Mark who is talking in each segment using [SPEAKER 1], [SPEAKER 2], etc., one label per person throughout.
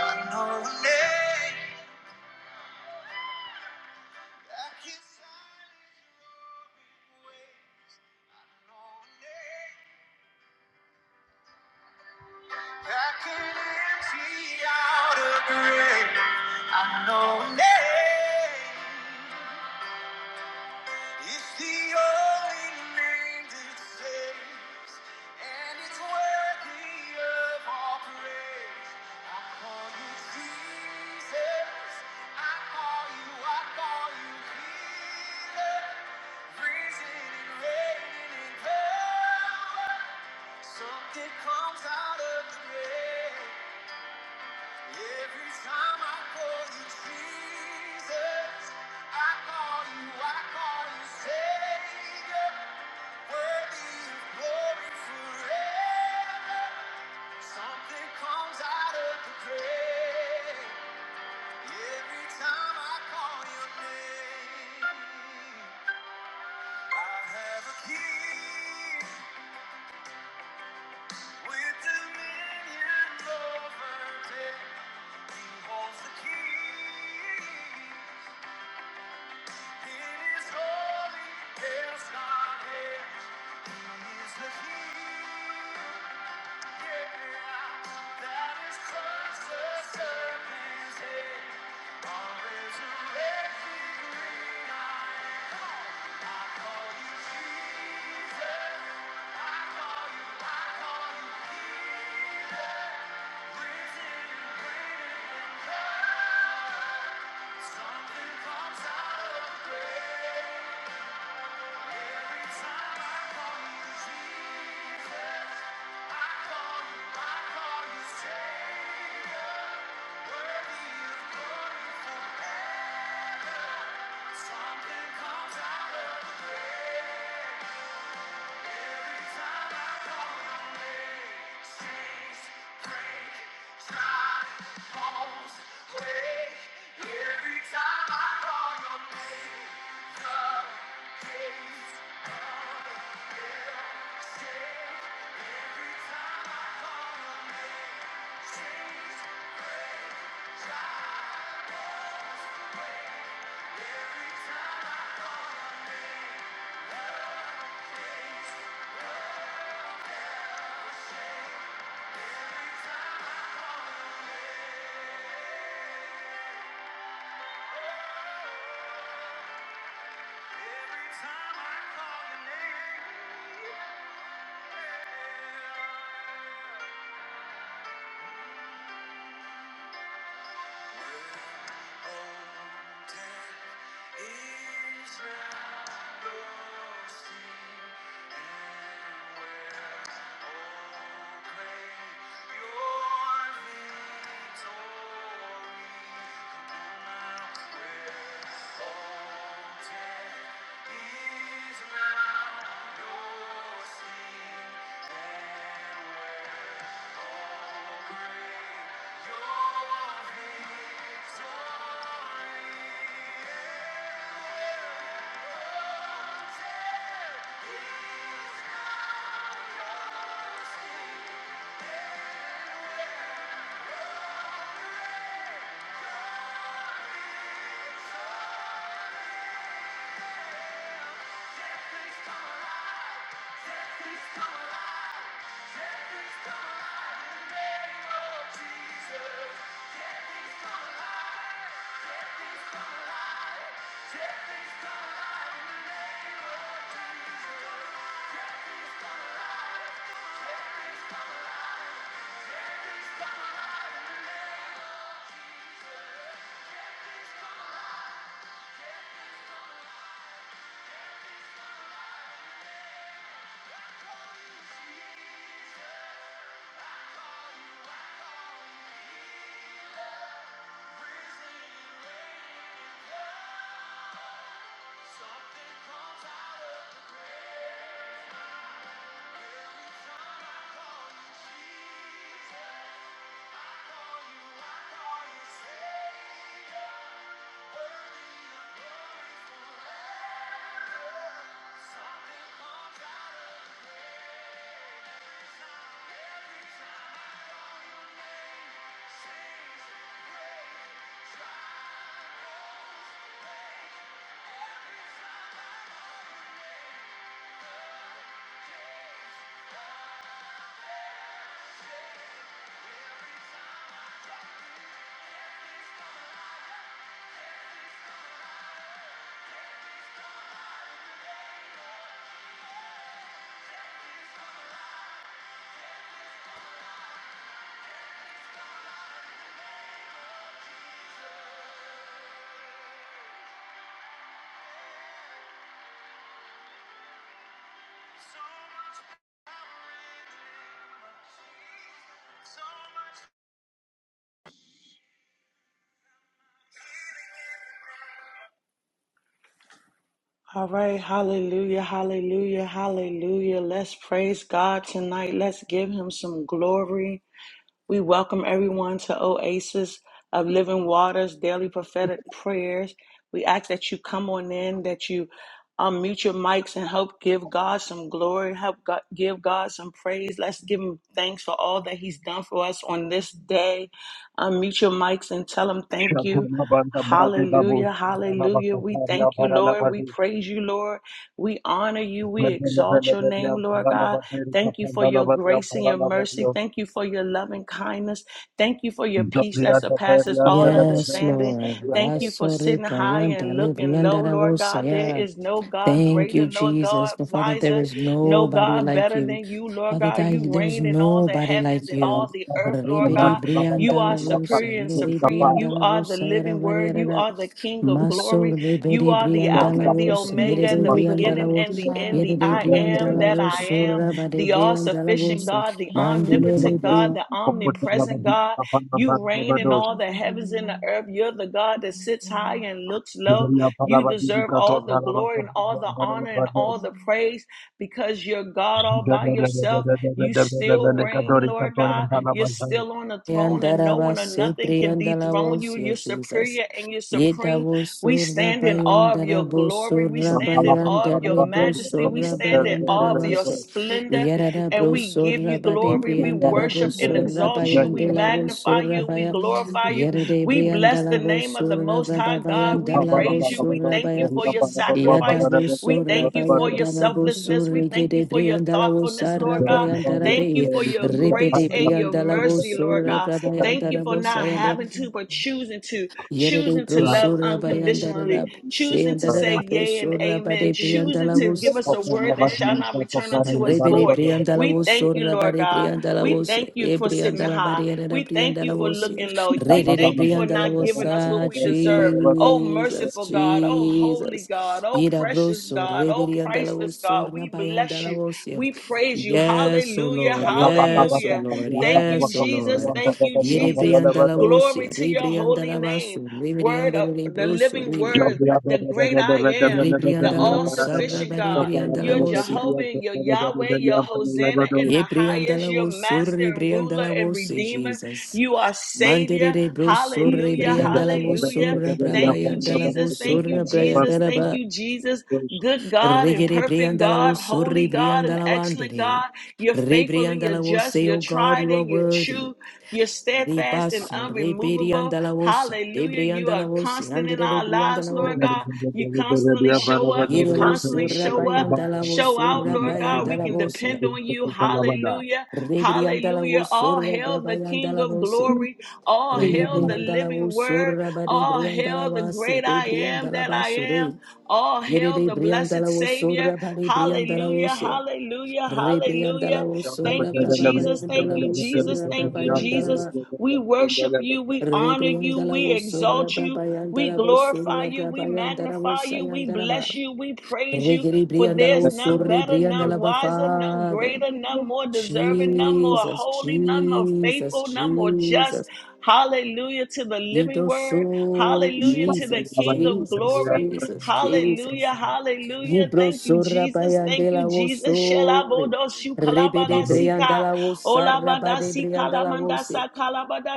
[SPEAKER 1] I know a name that can silence your way. I know a name that can empty out a grave. I know a name. It's the only name to save. And it's worthy of all praise. I call you Jesus. I call you, I call you healer. Risen and reigning in power. Something comes out of the grave. Every time I call you Jesus. I call you, I call you Savior. Holy, there's not him. He is the key. Jesus. I call you, I call you Savior. Every Every every time time I I call on your name, every time I out of Thank you Every time I call your name, oh, take Israel, your seed, and will proclaim your victory. Where, oh, So much All right, hallelujah, hallelujah, hallelujah. Let's praise God tonight. Let's give him some glory. We welcome everyone to Oasis of Living Waters Daily Prophetic Prayers. We ask that you come on in, that you unmute your mics and help give God some glory, help God, give God some praise. Let's give Him thanks for all that He's done for us on this day. Unmute your mics and tell Him thank you.
[SPEAKER 2] Shatarabanda Brade Dabus,
[SPEAKER 1] Hallelujah, hallelujah. We
[SPEAKER 2] Alabataria
[SPEAKER 1] thank you, Lord. We
[SPEAKER 2] Paralabadus,
[SPEAKER 1] praise you, Lord. We honor you. We exalt your name,
[SPEAKER 2] Mendelebelebelia
[SPEAKER 1] Lord God.
[SPEAKER 2] Paralabatir,
[SPEAKER 1] Thank you for your
[SPEAKER 2] Kapandalabadia
[SPEAKER 1] grace and your mercy.
[SPEAKER 2] Paralabadio,
[SPEAKER 1] Thank you for your loving kindness. Thank you for your peace that
[SPEAKER 2] Zabria
[SPEAKER 1] surpasses
[SPEAKER 2] Taperia,
[SPEAKER 1] all
[SPEAKER 3] Yes,
[SPEAKER 2] Telegaberia,
[SPEAKER 1] understanding.
[SPEAKER 3] Lord.
[SPEAKER 1] Thank you for
[SPEAKER 3] Wasore
[SPEAKER 1] sitting high and
[SPEAKER 3] prayandale
[SPEAKER 1] looking low, Lord God. There
[SPEAKER 3] priyandaravosaya.
[SPEAKER 1] is no God
[SPEAKER 3] Thank
[SPEAKER 1] greater,
[SPEAKER 3] you,
[SPEAKER 1] no
[SPEAKER 3] Jesus.
[SPEAKER 1] God
[SPEAKER 3] But Father, there
[SPEAKER 1] wiser,
[SPEAKER 3] is
[SPEAKER 1] no
[SPEAKER 3] nobody
[SPEAKER 1] God
[SPEAKER 3] like
[SPEAKER 1] better
[SPEAKER 3] you.
[SPEAKER 1] than you, Lord
[SPEAKER 3] Father,
[SPEAKER 1] God.
[SPEAKER 3] thy-
[SPEAKER 1] You
[SPEAKER 3] there is
[SPEAKER 1] reign in all the
[SPEAKER 3] nobody
[SPEAKER 1] heavens
[SPEAKER 3] like
[SPEAKER 1] and
[SPEAKER 3] you.
[SPEAKER 1] all
[SPEAKER 2] Zabanda
[SPEAKER 1] the earth, Lord
[SPEAKER 3] Rebede
[SPEAKER 1] God. You are
[SPEAKER 2] Babatia,
[SPEAKER 3] briandalavosaya,
[SPEAKER 1] superior and
[SPEAKER 3] rebede
[SPEAKER 2] Patakurika
[SPEAKER 1] supreme.
[SPEAKER 2] Pass,
[SPEAKER 1] You are the
[SPEAKER 3] briandalavosaya,
[SPEAKER 1] living word. You
[SPEAKER 3] ravariyarara.
[SPEAKER 1] are the King of
[SPEAKER 3] Maso
[SPEAKER 1] glory. You
[SPEAKER 3] rebede
[SPEAKER 1] are the Alpha
[SPEAKER 2] Zorga
[SPEAKER 1] and the
[SPEAKER 3] briandalavosaya,
[SPEAKER 4] There's
[SPEAKER 1] Omega,
[SPEAKER 3] yerede
[SPEAKER 1] the
[SPEAKER 2] Patakurika
[SPEAKER 4] nobody like
[SPEAKER 1] beginning
[SPEAKER 3] briandalavo-
[SPEAKER 1] and
[SPEAKER 4] you,
[SPEAKER 1] the end,
[SPEAKER 4] love.
[SPEAKER 1] the
[SPEAKER 3] yerede
[SPEAKER 1] I
[SPEAKER 4] and we just
[SPEAKER 1] am
[SPEAKER 4] thank
[SPEAKER 1] that
[SPEAKER 4] you
[SPEAKER 1] I
[SPEAKER 4] for
[SPEAKER 1] am
[SPEAKER 4] the
[SPEAKER 3] briandalavosorabade
[SPEAKER 1] the
[SPEAKER 4] grace
[SPEAKER 1] all sufficient
[SPEAKER 4] and the
[SPEAKER 3] briandalavosaya.
[SPEAKER 1] God,
[SPEAKER 4] thank
[SPEAKER 1] the
[SPEAKER 4] you for
[SPEAKER 1] omnipotent
[SPEAKER 3] Mandele
[SPEAKER 1] God, the
[SPEAKER 4] the thank
[SPEAKER 1] omnipresent God. You reign in all
[SPEAKER 4] you
[SPEAKER 1] the
[SPEAKER 4] for who
[SPEAKER 1] heavens
[SPEAKER 4] you
[SPEAKER 1] and the
[SPEAKER 4] are,
[SPEAKER 1] earth. You're the God that sits
[SPEAKER 4] and
[SPEAKER 1] high
[SPEAKER 4] the
[SPEAKER 1] and looks low. You deserve all the glory and all the honor and
[SPEAKER 2] Pass,
[SPEAKER 1] all the praise because you're God all by
[SPEAKER 2] Thank
[SPEAKER 1] yourself. You still reign, Lord God. You're still on the throne,
[SPEAKER 4] thank you
[SPEAKER 1] and
[SPEAKER 4] for
[SPEAKER 1] no
[SPEAKER 4] the
[SPEAKER 3] Yandaraba
[SPEAKER 1] one or nothing can
[SPEAKER 4] thank you
[SPEAKER 1] dethrone you.
[SPEAKER 3] Sepriandalavos,
[SPEAKER 1] You're
[SPEAKER 3] your Jesus.
[SPEAKER 1] superior and you're supreme.
[SPEAKER 3] Yetavos
[SPEAKER 1] We stand in awe of your
[SPEAKER 3] Surabayandarabos
[SPEAKER 1] glory. We
[SPEAKER 4] for the
[SPEAKER 1] stand in
[SPEAKER 4] thank you
[SPEAKER 1] awe of
[SPEAKER 4] for
[SPEAKER 1] your
[SPEAKER 3] Surabayandarabos
[SPEAKER 4] the
[SPEAKER 1] majesty. We stand
[SPEAKER 4] thank
[SPEAKER 1] in
[SPEAKER 4] you.
[SPEAKER 1] awe of your
[SPEAKER 3] Surabayandarabas
[SPEAKER 4] Thank you
[SPEAKER 1] splendor.
[SPEAKER 4] for the thank you
[SPEAKER 1] And
[SPEAKER 3] Yaradabros
[SPEAKER 4] for the
[SPEAKER 1] we give
[SPEAKER 4] thank you for the
[SPEAKER 1] you
[SPEAKER 3] Surabade
[SPEAKER 1] glory. We worship
[SPEAKER 4] thank
[SPEAKER 3] Briandarabos
[SPEAKER 1] and exalt you. We
[SPEAKER 3] Surabayandalavos
[SPEAKER 1] magnify you. We
[SPEAKER 3] Surabaya
[SPEAKER 4] you
[SPEAKER 1] glorify
[SPEAKER 4] for
[SPEAKER 1] you.
[SPEAKER 3] Yarade
[SPEAKER 4] the
[SPEAKER 1] We bless the
[SPEAKER 3] Briandalavos
[SPEAKER 1] name of the Most High God. We
[SPEAKER 3] Surababayandalavos
[SPEAKER 1] praise you. We thank you
[SPEAKER 3] Surabaya
[SPEAKER 1] for your sacrifice.
[SPEAKER 3] Yadabos
[SPEAKER 1] We thank you for your
[SPEAKER 3] Surabayandarabos
[SPEAKER 1] selflessness. We thank you
[SPEAKER 3] Surigede
[SPEAKER 1] for your
[SPEAKER 3] Briandalavos
[SPEAKER 1] thoughtfulness, Lord God. Thank
[SPEAKER 3] Sarabayandarabe
[SPEAKER 1] you for your grace
[SPEAKER 3] Repete
[SPEAKER 1] and your
[SPEAKER 4] thank
[SPEAKER 3] Priandala
[SPEAKER 4] you.
[SPEAKER 1] mercy, Lord
[SPEAKER 3] Bosura
[SPEAKER 1] God. Thank you
[SPEAKER 3] Brabayandara
[SPEAKER 1] for
[SPEAKER 4] Rete
[SPEAKER 1] not
[SPEAKER 3] Bosayanda
[SPEAKER 1] having to, but choosing to,
[SPEAKER 3] Yerede
[SPEAKER 1] choosing to love
[SPEAKER 3] Brosura Bayandara
[SPEAKER 1] unconditionally, choosing to
[SPEAKER 3] Sayandara
[SPEAKER 1] say yea and
[SPEAKER 3] Brosura
[SPEAKER 1] amen,
[SPEAKER 3] Bade
[SPEAKER 1] choosing
[SPEAKER 3] Priandala
[SPEAKER 1] to
[SPEAKER 3] Bos
[SPEAKER 1] give us a word that shall not return unto us
[SPEAKER 3] Rebere
[SPEAKER 1] void.
[SPEAKER 3] Briandala
[SPEAKER 1] We
[SPEAKER 3] was
[SPEAKER 1] thank
[SPEAKER 3] so
[SPEAKER 1] you, Lord
[SPEAKER 3] rabare
[SPEAKER 1] God.
[SPEAKER 3] Briandala
[SPEAKER 1] We
[SPEAKER 3] was
[SPEAKER 1] thank you
[SPEAKER 3] a
[SPEAKER 1] for sitting
[SPEAKER 3] Briandala
[SPEAKER 1] high.
[SPEAKER 3] barrier and a
[SPEAKER 1] We thank you
[SPEAKER 3] Briandala
[SPEAKER 1] for
[SPEAKER 3] was
[SPEAKER 1] looking low. We
[SPEAKER 3] Rede
[SPEAKER 1] thank you for
[SPEAKER 3] Briandala
[SPEAKER 1] not
[SPEAKER 3] was
[SPEAKER 1] giving us what we deserve. Oh,
[SPEAKER 2] you.
[SPEAKER 3] Jesus,
[SPEAKER 1] merciful God. Oh, holy
[SPEAKER 3] Jesus.
[SPEAKER 1] God. Oh,
[SPEAKER 3] Yida
[SPEAKER 1] precious
[SPEAKER 3] broso,
[SPEAKER 1] God. Oh,
[SPEAKER 3] Reberiandala
[SPEAKER 1] priceless
[SPEAKER 3] was so
[SPEAKER 1] God. We bless
[SPEAKER 3] rabayandala
[SPEAKER 1] you.
[SPEAKER 3] was
[SPEAKER 1] We praise you.
[SPEAKER 3] Yes, O
[SPEAKER 1] Hallelujah.
[SPEAKER 3] Lord, yes, O
[SPEAKER 1] Hallelujah.
[SPEAKER 3] Lord,
[SPEAKER 1] Thank you,
[SPEAKER 3] yes, O
[SPEAKER 1] Jesus.
[SPEAKER 3] Lord.
[SPEAKER 1] Thank you,
[SPEAKER 3] Yere
[SPEAKER 1] Jesus.
[SPEAKER 3] Briandala was
[SPEAKER 1] Glory to your holy
[SPEAKER 3] Rebriandala
[SPEAKER 1] name.
[SPEAKER 3] basu,
[SPEAKER 1] Word of
[SPEAKER 3] Reberiandala
[SPEAKER 1] the living
[SPEAKER 3] broso,
[SPEAKER 1] word, the great I am, the
[SPEAKER 3] Rebriandala
[SPEAKER 1] all
[SPEAKER 3] was
[SPEAKER 1] sufficient
[SPEAKER 3] Sarabari
[SPEAKER 1] God. You're
[SPEAKER 3] Briandala
[SPEAKER 1] Jehovah and you're Yahweh, you're Hosanna in the
[SPEAKER 3] Ye
[SPEAKER 1] highest,
[SPEAKER 3] briandala
[SPEAKER 1] you're
[SPEAKER 3] wo
[SPEAKER 1] master
[SPEAKER 3] surri
[SPEAKER 1] and ruler
[SPEAKER 3] briandala
[SPEAKER 1] and
[SPEAKER 3] wo say
[SPEAKER 1] redeemer.
[SPEAKER 3] Jesus.
[SPEAKER 1] You are Savior.
[SPEAKER 3] Mandere bro surri
[SPEAKER 1] Hallelujah,
[SPEAKER 3] briandala wo
[SPEAKER 1] hallelujah.
[SPEAKER 3] surra
[SPEAKER 1] Thank you,
[SPEAKER 3] brabayandala wo
[SPEAKER 1] Jesus. Thank
[SPEAKER 3] surra
[SPEAKER 1] you, Jesus.
[SPEAKER 3] brayandala
[SPEAKER 1] Thank
[SPEAKER 3] ba.
[SPEAKER 1] you, Jesus.
[SPEAKER 2] Yeah.
[SPEAKER 1] Good God and
[SPEAKER 3] Rigere
[SPEAKER 1] perfect
[SPEAKER 3] briandala wo
[SPEAKER 1] God,
[SPEAKER 3] surri
[SPEAKER 1] holy God and
[SPEAKER 3] briandala
[SPEAKER 1] excellent
[SPEAKER 3] wandere.
[SPEAKER 1] God. You're faithful and you're
[SPEAKER 3] Rebriandala wo
[SPEAKER 1] just.
[SPEAKER 3] say,
[SPEAKER 1] You're
[SPEAKER 3] O God,
[SPEAKER 1] tried
[SPEAKER 3] you are
[SPEAKER 1] and you're
[SPEAKER 3] worthy.
[SPEAKER 1] true. You're steadfast and
[SPEAKER 3] Rebaso,
[SPEAKER 1] unremovable.
[SPEAKER 3] rebriandala wo sa,
[SPEAKER 1] Hallelujah. You
[SPEAKER 3] debriandala
[SPEAKER 1] are
[SPEAKER 3] wo say,
[SPEAKER 1] constant in
[SPEAKER 3] andere
[SPEAKER 1] our lives,
[SPEAKER 3] rebriandala
[SPEAKER 1] Lord
[SPEAKER 3] wo.
[SPEAKER 1] God. You constantly show up. You
[SPEAKER 3] Yere wo
[SPEAKER 1] constantly
[SPEAKER 3] surra
[SPEAKER 1] show up.
[SPEAKER 3] bayandala wo
[SPEAKER 1] Show out,
[SPEAKER 3] surra
[SPEAKER 1] Lord God. We
[SPEAKER 3] brayandala
[SPEAKER 1] can
[SPEAKER 3] wo sa.
[SPEAKER 1] depend on you. Hallelujah.
[SPEAKER 3] Rebriandala wo
[SPEAKER 1] Hallelujah. All
[SPEAKER 3] surra
[SPEAKER 1] hail the King
[SPEAKER 3] brabayandala
[SPEAKER 1] of
[SPEAKER 3] wo
[SPEAKER 1] glory. All hail the
[SPEAKER 3] Rebriandala
[SPEAKER 1] living
[SPEAKER 3] wo
[SPEAKER 1] word.
[SPEAKER 3] sora bade
[SPEAKER 1] All
[SPEAKER 3] briandala
[SPEAKER 1] hail the
[SPEAKER 3] wa se
[SPEAKER 1] great
[SPEAKER 3] de
[SPEAKER 1] I am
[SPEAKER 3] briandala
[SPEAKER 1] that
[SPEAKER 3] ba
[SPEAKER 1] I
[SPEAKER 3] sore.
[SPEAKER 1] am. Oh,
[SPEAKER 3] Yere
[SPEAKER 1] hail
[SPEAKER 3] de
[SPEAKER 1] the blessed
[SPEAKER 3] briandala wo
[SPEAKER 1] Savior.
[SPEAKER 3] sora bade briandala wo
[SPEAKER 1] Hallelujah,
[SPEAKER 3] se.
[SPEAKER 1] hallelujah, hallelujah.
[SPEAKER 3] Rebriandala wo
[SPEAKER 1] Thank
[SPEAKER 3] sora
[SPEAKER 1] you,
[SPEAKER 3] braba
[SPEAKER 1] Jesus. Thank
[SPEAKER 3] bayandala
[SPEAKER 1] you,
[SPEAKER 3] wo
[SPEAKER 1] Jesus.
[SPEAKER 3] sora
[SPEAKER 1] Thank
[SPEAKER 3] braba
[SPEAKER 1] you,
[SPEAKER 3] yandala
[SPEAKER 1] Jesus.
[SPEAKER 3] ba.
[SPEAKER 1] We worship you. We honor you.
[SPEAKER 3] Rebriandala
[SPEAKER 1] We
[SPEAKER 3] wo sora
[SPEAKER 1] exalt you.
[SPEAKER 3] braba
[SPEAKER 1] We
[SPEAKER 3] yandala ba
[SPEAKER 1] glorify
[SPEAKER 3] sora
[SPEAKER 1] you. We
[SPEAKER 3] braba yandala wo
[SPEAKER 1] magnify you. We
[SPEAKER 3] sayandala ba.
[SPEAKER 1] bless you. We praise you.
[SPEAKER 3] Regere
[SPEAKER 1] For
[SPEAKER 3] briandala wo
[SPEAKER 1] there's none
[SPEAKER 3] sora
[SPEAKER 1] better, none
[SPEAKER 3] briandala ba
[SPEAKER 1] wiser, none
[SPEAKER 3] father.
[SPEAKER 1] greater, none more deserving, none more
[SPEAKER 3] Jesus,
[SPEAKER 1] holy, none more
[SPEAKER 3] Jesus,
[SPEAKER 1] faithful, none more just.
[SPEAKER 3] Jesus.
[SPEAKER 1] Hallelujah to the living
[SPEAKER 3] Yido
[SPEAKER 1] word.
[SPEAKER 3] so,
[SPEAKER 2] Thank
[SPEAKER 1] Hallelujah
[SPEAKER 2] you.
[SPEAKER 1] to the
[SPEAKER 3] Jesus,
[SPEAKER 1] King of
[SPEAKER 3] Jesus,
[SPEAKER 1] glory.
[SPEAKER 3] Jesus,
[SPEAKER 1] Hallelujah.
[SPEAKER 3] Jesus.
[SPEAKER 1] Hallelujah. Thank you,
[SPEAKER 3] Ibrosora
[SPEAKER 1] Jesus. Thank you,
[SPEAKER 3] bayandela
[SPEAKER 1] Jesus.
[SPEAKER 3] osore.
[SPEAKER 1] Shelabodoshu
[SPEAKER 3] Rebede
[SPEAKER 1] kalabadasika.
[SPEAKER 3] briandala osara bade
[SPEAKER 1] Olabadasi
[SPEAKER 3] briandala wo
[SPEAKER 1] kalamandasa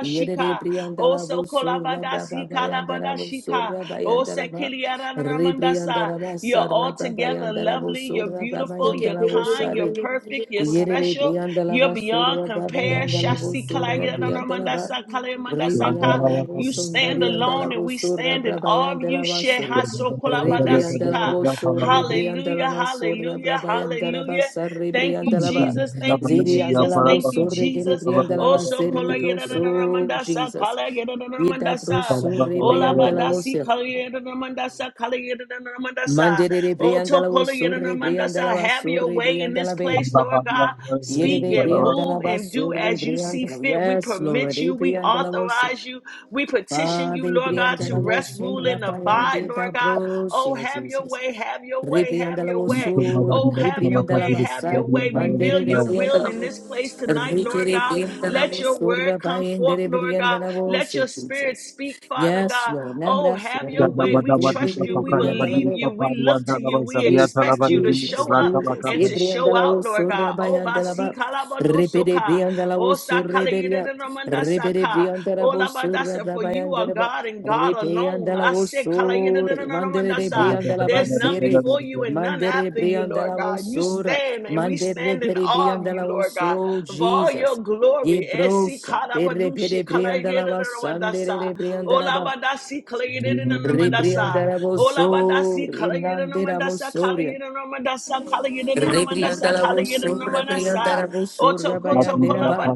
[SPEAKER 3] Yere Briandala
[SPEAKER 1] Oso
[SPEAKER 3] Bosura Brava
[SPEAKER 1] kolabadasi
[SPEAKER 3] Bayandara
[SPEAKER 1] kalabadashika.
[SPEAKER 3] Bosura
[SPEAKER 1] Ose
[SPEAKER 3] Bayandaraba
[SPEAKER 1] kiliaranamandasa.
[SPEAKER 3] Rebriandara
[SPEAKER 1] You're
[SPEAKER 3] Basara
[SPEAKER 1] altogether
[SPEAKER 3] Brabayandara
[SPEAKER 1] lovely. You're
[SPEAKER 3] Bosura
[SPEAKER 1] beautiful. You're
[SPEAKER 3] Brabayandara
[SPEAKER 1] kind. You're
[SPEAKER 3] Bosari
[SPEAKER 1] perfect. You're
[SPEAKER 3] Yere
[SPEAKER 1] special.
[SPEAKER 3] Briandala
[SPEAKER 1] You're beyond
[SPEAKER 3] Basura
[SPEAKER 1] compare.
[SPEAKER 3] Brabayandala
[SPEAKER 1] Shasi
[SPEAKER 3] Bosura Briandalaba
[SPEAKER 1] kalayanaramandasa kalayamandasaka.
[SPEAKER 3] Rebriandala
[SPEAKER 1] You
[SPEAKER 3] Bosunda
[SPEAKER 1] stand alone
[SPEAKER 3] Riandala
[SPEAKER 1] and we stand
[SPEAKER 3] Bosura
[SPEAKER 1] understanding All of you.
[SPEAKER 3] Brabayandala Basuri Rebriandala
[SPEAKER 1] Shehasokolabadasika.
[SPEAKER 3] Bosura Rebriandala
[SPEAKER 1] Hallelujah,
[SPEAKER 3] Masura
[SPEAKER 1] hallelujah,
[SPEAKER 3] Brabayandara
[SPEAKER 1] hallelujah.
[SPEAKER 3] Basari
[SPEAKER 1] Thank you,
[SPEAKER 3] Briandalaba
[SPEAKER 1] Jesus. Thank you,
[SPEAKER 3] Ziri
[SPEAKER 1] Jesus.
[SPEAKER 3] andalavo
[SPEAKER 1] Thank you,
[SPEAKER 3] sorre kere
[SPEAKER 1] Jesus.
[SPEAKER 3] pri
[SPEAKER 1] Oh,
[SPEAKER 3] andalava
[SPEAKER 1] so
[SPEAKER 3] serri
[SPEAKER 1] kola yeda da da mandasa.
[SPEAKER 3] proso
[SPEAKER 1] manda sa,
[SPEAKER 3] Jesus.
[SPEAKER 1] kala yeda da da
[SPEAKER 3] Ita
[SPEAKER 1] manda sa.
[SPEAKER 3] proso re pri
[SPEAKER 1] Ola bada
[SPEAKER 3] andalavo
[SPEAKER 1] si
[SPEAKER 3] ser.
[SPEAKER 1] kala yeda da mandasa. sa, kala yeda da da mandasa. sa.
[SPEAKER 3] Mandere re pri
[SPEAKER 1] Oh, to
[SPEAKER 3] andalavo
[SPEAKER 1] kola yeda da
[SPEAKER 3] sorre pri
[SPEAKER 1] manda
[SPEAKER 3] andalava
[SPEAKER 1] Have your
[SPEAKER 3] sorre
[SPEAKER 1] way
[SPEAKER 3] pri
[SPEAKER 1] in this
[SPEAKER 3] andalave.
[SPEAKER 1] place, Lord God.
[SPEAKER 3] Yere
[SPEAKER 1] Speak
[SPEAKER 3] re
[SPEAKER 1] and
[SPEAKER 3] pri
[SPEAKER 1] move
[SPEAKER 3] andalava
[SPEAKER 1] and do
[SPEAKER 3] sorre
[SPEAKER 1] as
[SPEAKER 3] pri
[SPEAKER 1] you see
[SPEAKER 3] andalava.
[SPEAKER 1] fit. We
[SPEAKER 3] Yes, Lord.
[SPEAKER 1] permit
[SPEAKER 3] Re
[SPEAKER 1] you.
[SPEAKER 3] pri
[SPEAKER 1] We
[SPEAKER 3] andalavo
[SPEAKER 1] authorize you you. We petition
[SPEAKER 3] Father,
[SPEAKER 1] you, Lord God, to
[SPEAKER 3] Briandala
[SPEAKER 1] rest,
[SPEAKER 3] was so
[SPEAKER 1] rule, and
[SPEAKER 3] Raphael
[SPEAKER 1] abide,
[SPEAKER 3] de
[SPEAKER 1] Lord God. Oh,
[SPEAKER 3] Dabrosio,
[SPEAKER 1] have your
[SPEAKER 3] Jesus.
[SPEAKER 1] way, have your way, have
[SPEAKER 3] Ribriandala
[SPEAKER 1] your
[SPEAKER 3] was
[SPEAKER 1] way.
[SPEAKER 3] so
[SPEAKER 1] Oh, have your
[SPEAKER 3] Ribriandala
[SPEAKER 1] way, have
[SPEAKER 3] Bassa,
[SPEAKER 1] your way. Reveal
[SPEAKER 3] Mandere
[SPEAKER 1] your will
[SPEAKER 3] Ribriandala
[SPEAKER 1] in this place
[SPEAKER 3] was
[SPEAKER 1] tonight, Lord God.
[SPEAKER 3] Ribriandala
[SPEAKER 1] Let
[SPEAKER 3] was
[SPEAKER 1] your
[SPEAKER 3] so
[SPEAKER 1] word come
[SPEAKER 3] Raphael de
[SPEAKER 1] forth, Lord God.
[SPEAKER 3] Ribriandala was
[SPEAKER 1] Let your spirit
[SPEAKER 3] Jesus.
[SPEAKER 1] speak, Father
[SPEAKER 3] Yes,
[SPEAKER 1] God.
[SPEAKER 3] Lord,
[SPEAKER 1] Oh,
[SPEAKER 3] Nambras,
[SPEAKER 1] have your way.
[SPEAKER 3] Ribriandala
[SPEAKER 1] We trust you. We believe you. We look to you. We
[SPEAKER 3] Jesus,
[SPEAKER 1] expect you to
[SPEAKER 3] Jesus,
[SPEAKER 1] show up
[SPEAKER 3] Jesus.
[SPEAKER 1] and to show
[SPEAKER 3] Ebriandala o
[SPEAKER 1] out, Lord
[SPEAKER 3] sorra
[SPEAKER 1] God. Oh,
[SPEAKER 3] bayandala
[SPEAKER 1] basi
[SPEAKER 3] ba. Repede
[SPEAKER 1] kalabadosoka.
[SPEAKER 3] briandala o
[SPEAKER 1] Oh,
[SPEAKER 3] sorre
[SPEAKER 1] sakala
[SPEAKER 3] beria. Repede
[SPEAKER 1] Saka.
[SPEAKER 3] briandala o sorra
[SPEAKER 1] Olabadasa, for you are
[SPEAKER 3] brabayandala ba.
[SPEAKER 1] God and God alone.
[SPEAKER 3] Repeandala
[SPEAKER 1] I
[SPEAKER 3] o
[SPEAKER 1] say,
[SPEAKER 3] sorre. Mandere de
[SPEAKER 1] Kalayidadadadadadadasa.
[SPEAKER 3] briandala ba
[SPEAKER 1] there's none
[SPEAKER 3] sere.
[SPEAKER 1] before you and none
[SPEAKER 3] Mandere
[SPEAKER 1] after you, Lord
[SPEAKER 3] briandala o
[SPEAKER 1] God. You
[SPEAKER 3] sorra.
[SPEAKER 1] stand and we
[SPEAKER 3] Mandere
[SPEAKER 1] stand in
[SPEAKER 3] beri
[SPEAKER 1] awe of you,
[SPEAKER 3] briandala o
[SPEAKER 1] Lord God,
[SPEAKER 3] so
[SPEAKER 1] of all your
[SPEAKER 3] Jesus. Ye
[SPEAKER 1] glory. Esi
[SPEAKER 3] brosa. Bere bere
[SPEAKER 1] kalabadushi,
[SPEAKER 3] briandala ba
[SPEAKER 1] kalayidadadadadadadasa.
[SPEAKER 3] sandere de briandala ba.
[SPEAKER 1] Olabadasi, kalayidadadadadadadasa.
[SPEAKER 3] Repriandaraboso,
[SPEAKER 1] Olabadasi, kalayidadadadadadasa,
[SPEAKER 3] Rimanderabosoria,
[SPEAKER 1] kalayidadadadadadasa, kalayidadadadadadasa,
[SPEAKER 3] Repriandaraboso, Repriandaraboso,
[SPEAKER 1] kalayidadadadadadasa.
[SPEAKER 2] Yeah,
[SPEAKER 3] Rabayanderaba,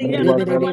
[SPEAKER 3] Ribere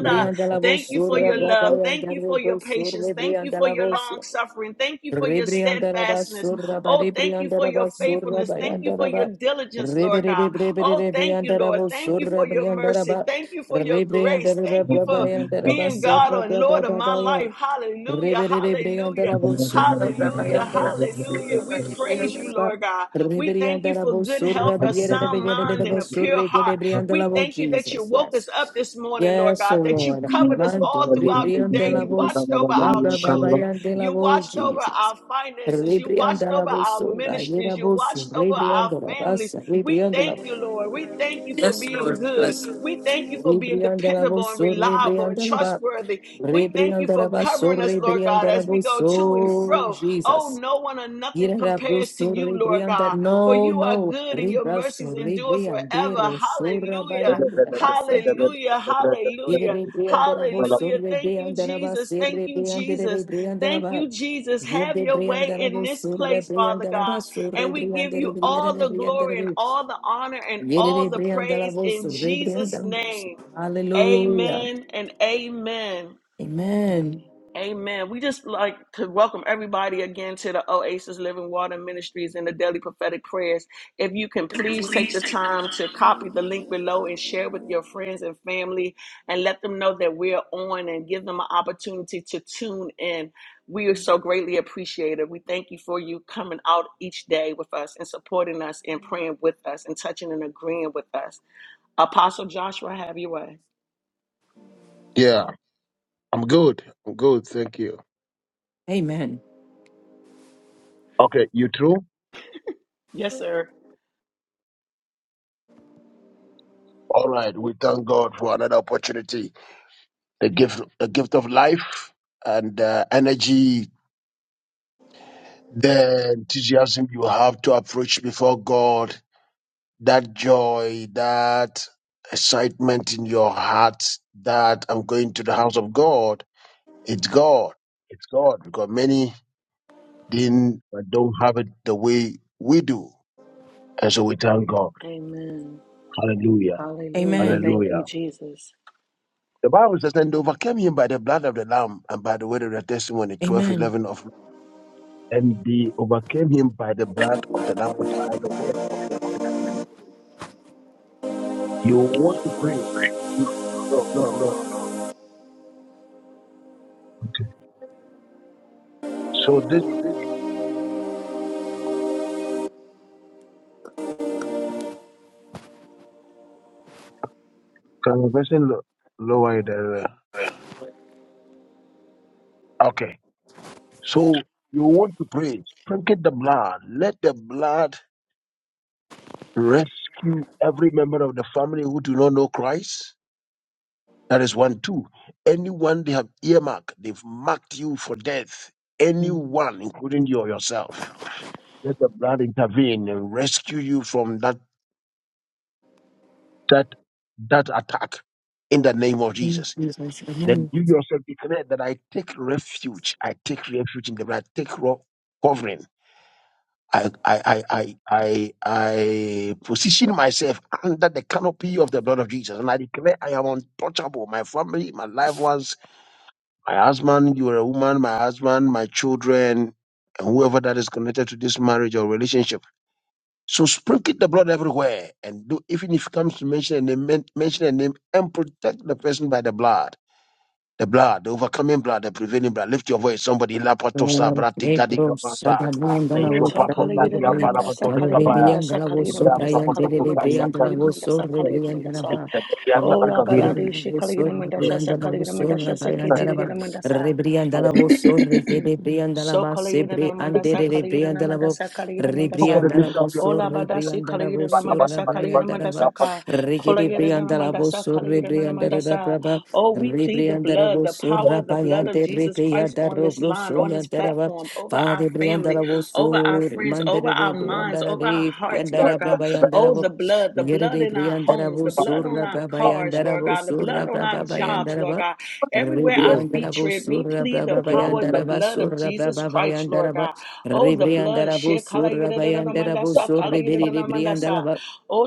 [SPEAKER 1] Thank you
[SPEAKER 3] Briandaraboso,
[SPEAKER 1] for your love. Thank you for your
[SPEAKER 3] Rabayandarabo,
[SPEAKER 1] patience. Thank you for your
[SPEAKER 3] Rebriandaraboso,
[SPEAKER 1] long suffering. Thank you for your
[SPEAKER 3] Rebriandaraba
[SPEAKER 1] steadfastness.
[SPEAKER 3] Suraba
[SPEAKER 1] Oh, thank you for
[SPEAKER 3] Rebriandaraba
[SPEAKER 1] your faithfulness.
[SPEAKER 3] Suraba
[SPEAKER 1] Thank you for your
[SPEAKER 3] Yandaraba
[SPEAKER 1] diligence, Lord God. Oh, thank you, Lord.
[SPEAKER 3] Rebriandaraba
[SPEAKER 1] Thank you
[SPEAKER 3] Suraba
[SPEAKER 1] for your
[SPEAKER 3] Briandaraba
[SPEAKER 1] mercy. Thank you for your grace. Thank you
[SPEAKER 3] Rebriandaraba
[SPEAKER 1] for
[SPEAKER 3] Yandaraba
[SPEAKER 1] being God
[SPEAKER 3] Sadra
[SPEAKER 1] and
[SPEAKER 3] Braba
[SPEAKER 1] Lord of my
[SPEAKER 3] Babaya
[SPEAKER 1] life. Hallelujah. Hallelujah.
[SPEAKER 3] Rebriandaraba Suraba
[SPEAKER 1] Hallelujah.
[SPEAKER 3] Yandaraba
[SPEAKER 1] Hallelujah. We praise you, Lord God. We thank you for
[SPEAKER 3] Rebriandaraba
[SPEAKER 1] good health,
[SPEAKER 3] Suraba
[SPEAKER 1] a sound sound mind and
[SPEAKER 3] Yandaraba
[SPEAKER 1] a pure heart. We
[SPEAKER 3] Suraba
[SPEAKER 1] thank you that you
[SPEAKER 3] Jesus,
[SPEAKER 1] woke us up
[SPEAKER 3] yes.
[SPEAKER 1] this morning, Lord
[SPEAKER 3] Yes,
[SPEAKER 1] God,
[SPEAKER 3] O
[SPEAKER 1] that you
[SPEAKER 3] Lord.
[SPEAKER 1] covered us
[SPEAKER 3] Manto
[SPEAKER 1] all throughout the
[SPEAKER 3] ribrion de
[SPEAKER 1] day.
[SPEAKER 3] la
[SPEAKER 1] You
[SPEAKER 3] voz,
[SPEAKER 1] watched over our
[SPEAKER 3] rabba
[SPEAKER 1] children.
[SPEAKER 3] babayan de la
[SPEAKER 1] You
[SPEAKER 3] voz,
[SPEAKER 1] watched over
[SPEAKER 3] Jesus.
[SPEAKER 1] our finances. You
[SPEAKER 3] Ribrion
[SPEAKER 1] watched
[SPEAKER 3] de la
[SPEAKER 1] over
[SPEAKER 3] voz,
[SPEAKER 1] our
[SPEAKER 3] rayera
[SPEAKER 1] ministries. You
[SPEAKER 3] voz,
[SPEAKER 1] watched over
[SPEAKER 3] ribrion
[SPEAKER 1] our
[SPEAKER 3] de la
[SPEAKER 1] families.
[SPEAKER 3] basa,
[SPEAKER 1] We
[SPEAKER 3] ribrion de la
[SPEAKER 1] thank you, Lord. We thank you for
[SPEAKER 3] Yes,
[SPEAKER 1] being
[SPEAKER 3] Lord,
[SPEAKER 1] good.
[SPEAKER 3] bless.
[SPEAKER 1] We thank you for being
[SPEAKER 3] Ribrion de la
[SPEAKER 1] dependable
[SPEAKER 3] voz,
[SPEAKER 1] and reliable
[SPEAKER 3] ribrion
[SPEAKER 1] and
[SPEAKER 3] de la ba,
[SPEAKER 1] trustworthy. We thank
[SPEAKER 3] ribrion
[SPEAKER 1] you
[SPEAKER 3] de la
[SPEAKER 1] for
[SPEAKER 3] baso,
[SPEAKER 1] covering us, Lord
[SPEAKER 3] ribrion
[SPEAKER 1] God,
[SPEAKER 3] de la
[SPEAKER 1] as we
[SPEAKER 3] voz,
[SPEAKER 1] go to and
[SPEAKER 3] oh,
[SPEAKER 1] fro. Oh,
[SPEAKER 3] Jesus.
[SPEAKER 1] no one or nothing
[SPEAKER 3] Irera
[SPEAKER 1] compares to
[SPEAKER 3] bruso
[SPEAKER 1] you, Lord
[SPEAKER 3] ribrion de
[SPEAKER 1] God for
[SPEAKER 3] no,
[SPEAKER 1] you are
[SPEAKER 3] no,
[SPEAKER 1] good and your mercies
[SPEAKER 3] ribraso
[SPEAKER 1] endure forever.
[SPEAKER 3] ribrion de rosura
[SPEAKER 1] Hallelujah.
[SPEAKER 3] bayan de la basa,
[SPEAKER 1] Hallelujah. Hallelujah.
[SPEAKER 3] Yerebe briandarabo
[SPEAKER 1] Hallelujah.
[SPEAKER 3] sorre
[SPEAKER 1] Thank you,
[SPEAKER 3] briandaraba
[SPEAKER 1] Jesus. Thank
[SPEAKER 3] serre
[SPEAKER 1] you,
[SPEAKER 3] briandere
[SPEAKER 1] Jesus. Thank
[SPEAKER 3] briandaraba.
[SPEAKER 1] you, Jesus. Have
[SPEAKER 3] Yerde
[SPEAKER 1] your way in
[SPEAKER 3] briandarabo
[SPEAKER 1] this
[SPEAKER 3] surre
[SPEAKER 1] place, Father God.
[SPEAKER 3] briandaraba sorre
[SPEAKER 1] And we give
[SPEAKER 3] briandere
[SPEAKER 1] you all
[SPEAKER 3] briandere
[SPEAKER 1] the glory and
[SPEAKER 3] briandere.
[SPEAKER 1] all the honor and all
[SPEAKER 3] Yerere
[SPEAKER 1] the praise
[SPEAKER 3] briandarabo
[SPEAKER 1] in
[SPEAKER 3] sorre
[SPEAKER 1] Jesus'
[SPEAKER 3] briandarabo.
[SPEAKER 1] name.
[SPEAKER 3] Hallelujah.
[SPEAKER 1] Amen and amen.
[SPEAKER 3] Amen.
[SPEAKER 1] Amen. We just like to welcome everybody again to the Oasis Living Water Ministries and the Daily Prophetic Prayers. If you can please take the time to copy the link below and share with your friends and family and let them know that we're on and give them an opportunity to tune in. We are so greatly appreciated. We thank you for you coming out each day with us and supporting us and praying with us and touching and agreeing with us. Apostle Joshua, have your way.
[SPEAKER 2] I'm good. I'm good. Thank you.
[SPEAKER 3] Amen.
[SPEAKER 2] Okay, you too?
[SPEAKER 1] Yes, sir.
[SPEAKER 2] All right. We thank God for another opportunity, the gift, the gift of life and uh, energy the enthusiasm you have to approach before God, that joy, that excitement in your heart that I'm going to the house of God, it's God. It's God because many didn't don't have it the way we do. And so we thank God.
[SPEAKER 1] Amen.
[SPEAKER 2] Hallelujah.
[SPEAKER 1] Hallelujah.
[SPEAKER 3] Amen.
[SPEAKER 1] Thank
[SPEAKER 2] Hallelujah.
[SPEAKER 1] you, Jesus.
[SPEAKER 2] The Bible says, and they overcame him by the blood of the Lamb and by the word of the testimony, Twelve,
[SPEAKER 3] Amen.
[SPEAKER 2] 11 of. And they overcame him by the blood of the Lamb and by the word of their testimony. You want to pray. No, no, no. no. So this conversation lo- lower the okay. So you want to pray. Sprinkle the blood. Let the blood rescue every member of the family who do not know Christ. That is one, two. Anyone they have earmarked, they've marked you for death.
[SPEAKER 3] Mm.
[SPEAKER 2] Anyone, including you or yourself. Let the blood intervene and rescue you from that that that attack in the name of
[SPEAKER 3] Amen.
[SPEAKER 2] Jesus.
[SPEAKER 3] Jesus. Amen.
[SPEAKER 2] Then you yourself declare that I take refuge. I take refuge in the blood. I take rock covering. I, I, I, I, I, I position myself under the canopy of the blood of Jesus. And I declare I am untouchable. My family, my loved ones, my husband, you are a woman, my husband, my children, and whoever that is connected to this marriage or relationship. So sprinkle the blood everywhere. And do, even if it comes to mention a name, men- mention a name and protect the person by the blood the blood, the overcoming blood, the prevailing blood. Lift your voice, somebody. La patosa, bratika di
[SPEAKER 3] Ebro
[SPEAKER 2] kapasa.
[SPEAKER 3] Sadaman
[SPEAKER 2] Le
[SPEAKER 1] Oh,
[SPEAKER 3] Dalavos
[SPEAKER 1] ta
[SPEAKER 2] shopa posa
[SPEAKER 1] kaligida
[SPEAKER 2] dia
[SPEAKER 1] namandasa,
[SPEAKER 2] parabato de
[SPEAKER 1] kaligida
[SPEAKER 2] kabaya.
[SPEAKER 3] Malavian
[SPEAKER 1] mandasa,
[SPEAKER 3] Dalavos
[SPEAKER 1] kaligida
[SPEAKER 3] so
[SPEAKER 2] Ibrasta
[SPEAKER 1] mandasa,
[SPEAKER 3] Brian
[SPEAKER 2] posa
[SPEAKER 1] kaligida
[SPEAKER 3] Dele
[SPEAKER 1] mandasa,
[SPEAKER 3] Brian
[SPEAKER 2] sukalianta.
[SPEAKER 1] kaligida
[SPEAKER 3] Dalavos so
[SPEAKER 1] mandasa, kaligida
[SPEAKER 3] Rebrian
[SPEAKER 1] mandasa.
[SPEAKER 2] It's
[SPEAKER 3] Dalava
[SPEAKER 2] a kia
[SPEAKER 1] Oh,
[SPEAKER 2] sana
[SPEAKER 1] la
[SPEAKER 2] kaviri.
[SPEAKER 1] badadi shi kaligida
[SPEAKER 3] so
[SPEAKER 1] mandasha,
[SPEAKER 3] Rebrian Dalavos
[SPEAKER 1] kaligida
[SPEAKER 3] so
[SPEAKER 1] mandasha,
[SPEAKER 3] Rabayan Dalava
[SPEAKER 1] kitiligida
[SPEAKER 3] Rebrian Dalavos so
[SPEAKER 1] mandasa.
[SPEAKER 3] Rebrian
[SPEAKER 1] So
[SPEAKER 3] Dalava
[SPEAKER 1] kalayina
[SPEAKER 3] Sebri and
[SPEAKER 1] namandasa
[SPEAKER 3] Dele
[SPEAKER 1] kalayina
[SPEAKER 3] Brian Dalavo
[SPEAKER 1] namandasa kalayina
[SPEAKER 3] Rebrian
[SPEAKER 2] Somebody
[SPEAKER 1] mandasa.
[SPEAKER 2] lift
[SPEAKER 3] Dalavos
[SPEAKER 2] up your
[SPEAKER 3] so
[SPEAKER 1] Ola badasi
[SPEAKER 3] Rebrian
[SPEAKER 1] kalayina
[SPEAKER 3] Dalavos so
[SPEAKER 1] namandasa kalayina
[SPEAKER 3] Rabayan
[SPEAKER 1] mandasa ka.
[SPEAKER 3] Rigidi
[SPEAKER 1] Kalayina
[SPEAKER 3] Briandala
[SPEAKER 1] namandasa
[SPEAKER 3] Bosu
[SPEAKER 1] kalayina
[SPEAKER 3] Ribriandara
[SPEAKER 1] namandasa.
[SPEAKER 3] Braba
[SPEAKER 1] Oh, we plead the
[SPEAKER 3] Ribriandara
[SPEAKER 1] blood, the
[SPEAKER 3] Bosu
[SPEAKER 1] power of the
[SPEAKER 3] Rabaya
[SPEAKER 1] blood of
[SPEAKER 3] de
[SPEAKER 1] Jesus
[SPEAKER 3] Ripia
[SPEAKER 1] Christ
[SPEAKER 3] da
[SPEAKER 1] on this line,
[SPEAKER 3] Robrusu
[SPEAKER 1] on this
[SPEAKER 3] Yandarava
[SPEAKER 1] platform, over our
[SPEAKER 3] Father
[SPEAKER 1] family,
[SPEAKER 3] Briandala
[SPEAKER 1] over our
[SPEAKER 3] Bosu
[SPEAKER 1] friends, over
[SPEAKER 3] Mandere
[SPEAKER 1] our minds,
[SPEAKER 3] Briandara
[SPEAKER 1] over our
[SPEAKER 3] de
[SPEAKER 1] hearts, Lord
[SPEAKER 3] Yandara
[SPEAKER 1] God.
[SPEAKER 3] Braba Yandara
[SPEAKER 1] Oh, the
[SPEAKER 3] Bo
[SPEAKER 1] blood, the blood
[SPEAKER 3] Yerede
[SPEAKER 1] in our
[SPEAKER 3] Briandara
[SPEAKER 1] homes, the
[SPEAKER 3] Bosu
[SPEAKER 1] blood on our
[SPEAKER 3] Rababa
[SPEAKER 1] cars,
[SPEAKER 3] Yandara
[SPEAKER 1] Lord God, the the
[SPEAKER 3] Bosu
[SPEAKER 1] blood on our
[SPEAKER 3] Rababa
[SPEAKER 1] jobs,
[SPEAKER 3] Yandara
[SPEAKER 1] Lord
[SPEAKER 3] Bo
[SPEAKER 1] God. Everywhere our
[SPEAKER 3] Ribriandara
[SPEAKER 1] feet tread,
[SPEAKER 3] Bosu
[SPEAKER 1] we plead the
[SPEAKER 3] Rababa
[SPEAKER 1] power, of the
[SPEAKER 3] Yandara
[SPEAKER 1] blood
[SPEAKER 3] Basu
[SPEAKER 1] of Jesus
[SPEAKER 3] Rababa
[SPEAKER 1] Christ, Lord
[SPEAKER 3] Yandara Bo
[SPEAKER 1] God. Oh, the blood.
[SPEAKER 3] Ribriandara Bosu Rabayandara
[SPEAKER 1] Shekalayidadanamandasa,
[SPEAKER 3] Bosu Ribri
[SPEAKER 1] kalayidadanamandasa. Oh,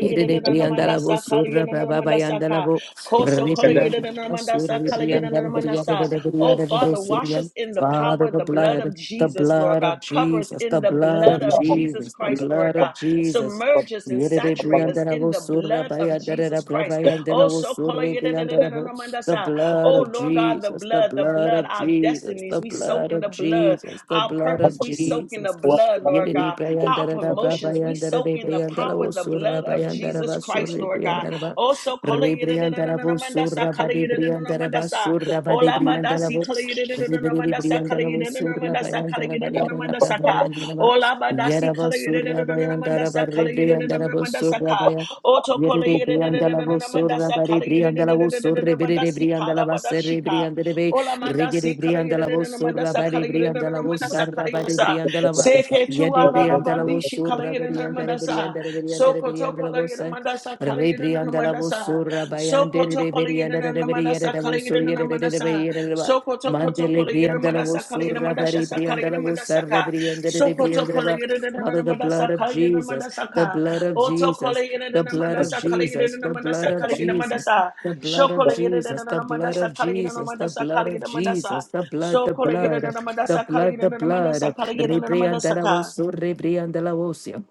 [SPEAKER 3] Yere priyandala bo surra baba
[SPEAKER 1] kalayidadanamandasa,
[SPEAKER 3] bayandala
[SPEAKER 1] ka.
[SPEAKER 3] bo ripriyandala surra
[SPEAKER 1] Kosokolayidadanamandasa,
[SPEAKER 3] ripriyandala briyade
[SPEAKER 1] kalayidadanamandasa.
[SPEAKER 3] de
[SPEAKER 1] Oh,
[SPEAKER 3] briyade de
[SPEAKER 1] Father, wash
[SPEAKER 3] surya.
[SPEAKER 1] us in the power,
[SPEAKER 3] Father,
[SPEAKER 1] of
[SPEAKER 3] the
[SPEAKER 1] the blood of
[SPEAKER 3] blood, the
[SPEAKER 1] Jesus, Lord
[SPEAKER 3] blood
[SPEAKER 1] God.
[SPEAKER 3] of
[SPEAKER 1] Cover us
[SPEAKER 3] Jesus,
[SPEAKER 1] in
[SPEAKER 3] the
[SPEAKER 1] the
[SPEAKER 3] blood
[SPEAKER 1] blood
[SPEAKER 3] of
[SPEAKER 1] of Jesus
[SPEAKER 3] Jesus, the
[SPEAKER 1] Christ, Lord. Lord
[SPEAKER 3] blood of
[SPEAKER 1] God.
[SPEAKER 3] Jesus.
[SPEAKER 1] Submerge us and
[SPEAKER 3] Yere
[SPEAKER 1] saturate us
[SPEAKER 3] priyandala bo
[SPEAKER 1] in the
[SPEAKER 3] surra
[SPEAKER 1] blood of
[SPEAKER 3] bayandala
[SPEAKER 1] Jesus Christ.
[SPEAKER 3] brabayandala
[SPEAKER 1] Oh,
[SPEAKER 3] bo
[SPEAKER 1] so Oh,
[SPEAKER 3] surra priyandala bo the blood of
[SPEAKER 1] Lord God, the
[SPEAKER 3] Jesus, the
[SPEAKER 1] blood, the
[SPEAKER 3] blood
[SPEAKER 1] blood,
[SPEAKER 3] of
[SPEAKER 1] our
[SPEAKER 3] Jesus,
[SPEAKER 1] destinies,
[SPEAKER 3] the
[SPEAKER 1] we soak
[SPEAKER 3] blood
[SPEAKER 1] in the
[SPEAKER 3] of
[SPEAKER 1] blood.
[SPEAKER 3] Jesus, the
[SPEAKER 1] Our
[SPEAKER 3] blood
[SPEAKER 1] purpose,
[SPEAKER 3] of
[SPEAKER 1] we soak in the
[SPEAKER 3] Jesus.
[SPEAKER 1] blood, Lord
[SPEAKER 3] Yedidi
[SPEAKER 1] God. Our
[SPEAKER 3] prayandara da brava
[SPEAKER 1] promotions, we
[SPEAKER 3] yandara
[SPEAKER 1] soak
[SPEAKER 3] de
[SPEAKER 1] in the
[SPEAKER 3] prayandara
[SPEAKER 1] power, the
[SPEAKER 3] osura
[SPEAKER 1] blood of
[SPEAKER 3] bayandara
[SPEAKER 1] Jesus Christ,
[SPEAKER 3] basuri
[SPEAKER 1] Lord God.
[SPEAKER 3] prayandara ba.
[SPEAKER 1] Oh, so
[SPEAKER 3] Rebriandara bosura badi prayandara basura badi
[SPEAKER 1] oh,
[SPEAKER 3] prayandara bos.
[SPEAKER 1] Ola
[SPEAKER 3] Rebridi
[SPEAKER 1] badasi kala
[SPEAKER 3] prayandara bosura
[SPEAKER 1] mandasa
[SPEAKER 3] bayandara bariyara da brava yandara ba. Yara basura bayandara barre
[SPEAKER 1] kala
[SPEAKER 3] prayandara
[SPEAKER 1] mandasa ka.
[SPEAKER 3] bosura
[SPEAKER 1] Oto kola
[SPEAKER 3] Yere briandala vo
[SPEAKER 1] mandasa
[SPEAKER 3] bari
[SPEAKER 1] kala
[SPEAKER 3] briandala vo surre bere
[SPEAKER 1] badasi
[SPEAKER 3] briandala
[SPEAKER 1] kala
[SPEAKER 3] baserre
[SPEAKER 1] badashi ka.
[SPEAKER 3] briandere be
[SPEAKER 1] Ola
[SPEAKER 3] regere
[SPEAKER 1] mandasi kala
[SPEAKER 3] briandala vo
[SPEAKER 1] mandasa
[SPEAKER 3] bari
[SPEAKER 1] kala
[SPEAKER 3] briandala vo
[SPEAKER 1] mandasa
[SPEAKER 3] sarra
[SPEAKER 1] kala
[SPEAKER 3] bari
[SPEAKER 1] sa.
[SPEAKER 3] briandala va
[SPEAKER 1] Seke tu
[SPEAKER 3] yere
[SPEAKER 1] ala
[SPEAKER 2] voice.
[SPEAKER 3] briandala vo
[SPEAKER 1] rabadishi kala
[SPEAKER 3] surra briandere
[SPEAKER 1] mandasa.
[SPEAKER 3] briandere briandere
[SPEAKER 1] Soko to
[SPEAKER 3] briandala
[SPEAKER 1] kala
[SPEAKER 3] vo
[SPEAKER 1] mandasa
[SPEAKER 3] re
[SPEAKER 1] kala
[SPEAKER 3] briandala vo
[SPEAKER 1] manasa.
[SPEAKER 3] surra
[SPEAKER 1] Soko
[SPEAKER 3] bayandere
[SPEAKER 1] to
[SPEAKER 3] re
[SPEAKER 1] kolegere
[SPEAKER 3] briandere
[SPEAKER 1] na
[SPEAKER 3] re
[SPEAKER 1] manasa
[SPEAKER 3] briandere vo
[SPEAKER 1] kolegere
[SPEAKER 3] surre
[SPEAKER 1] na
[SPEAKER 3] re re re
[SPEAKER 1] manasa.
[SPEAKER 3] briandere va
[SPEAKER 1] Soko to koto
[SPEAKER 3] mandele
[SPEAKER 1] kolegere
[SPEAKER 3] briandala vo
[SPEAKER 1] manasa kolegere manasa
[SPEAKER 3] bari
[SPEAKER 1] sa kolegere
[SPEAKER 3] briandala vo
[SPEAKER 1] manasa ka.
[SPEAKER 3] briandere re
[SPEAKER 1] Soko to
[SPEAKER 3] briandere va
[SPEAKER 1] kolegere
[SPEAKER 3] Father
[SPEAKER 1] na
[SPEAKER 3] the blood
[SPEAKER 1] manasa
[SPEAKER 3] of
[SPEAKER 1] kolegere na
[SPEAKER 3] Jesus
[SPEAKER 1] manasa
[SPEAKER 3] the
[SPEAKER 1] ka.
[SPEAKER 3] blood of
[SPEAKER 1] Oto
[SPEAKER 3] Jesus
[SPEAKER 1] kolegere
[SPEAKER 3] the
[SPEAKER 1] na
[SPEAKER 3] blood of
[SPEAKER 1] manasa
[SPEAKER 3] Jesus,
[SPEAKER 1] kolegere na
[SPEAKER 3] the blood
[SPEAKER 1] manasa
[SPEAKER 3] of
[SPEAKER 1] kolegere
[SPEAKER 3] Jesus,
[SPEAKER 1] manasa.
[SPEAKER 3] the blood
[SPEAKER 1] Shoko
[SPEAKER 3] of
[SPEAKER 1] kolegere
[SPEAKER 3] Jesus, the
[SPEAKER 1] na
[SPEAKER 3] blood
[SPEAKER 1] manasa
[SPEAKER 3] of
[SPEAKER 1] kolegere na
[SPEAKER 3] Jesus, the
[SPEAKER 1] manasa
[SPEAKER 3] blood of
[SPEAKER 1] kolegere manasa.
[SPEAKER 3] Jesus, the blood, the
[SPEAKER 1] Soko kolegere
[SPEAKER 3] blood,
[SPEAKER 1] na
[SPEAKER 3] the
[SPEAKER 1] manasa
[SPEAKER 3] blood,
[SPEAKER 1] kolegere
[SPEAKER 3] the
[SPEAKER 1] na
[SPEAKER 3] blood.
[SPEAKER 1] manasa kolegere na manasa
[SPEAKER 3] Rebriandala
[SPEAKER 1] ka.
[SPEAKER 3] vosso, rebriandala vocio.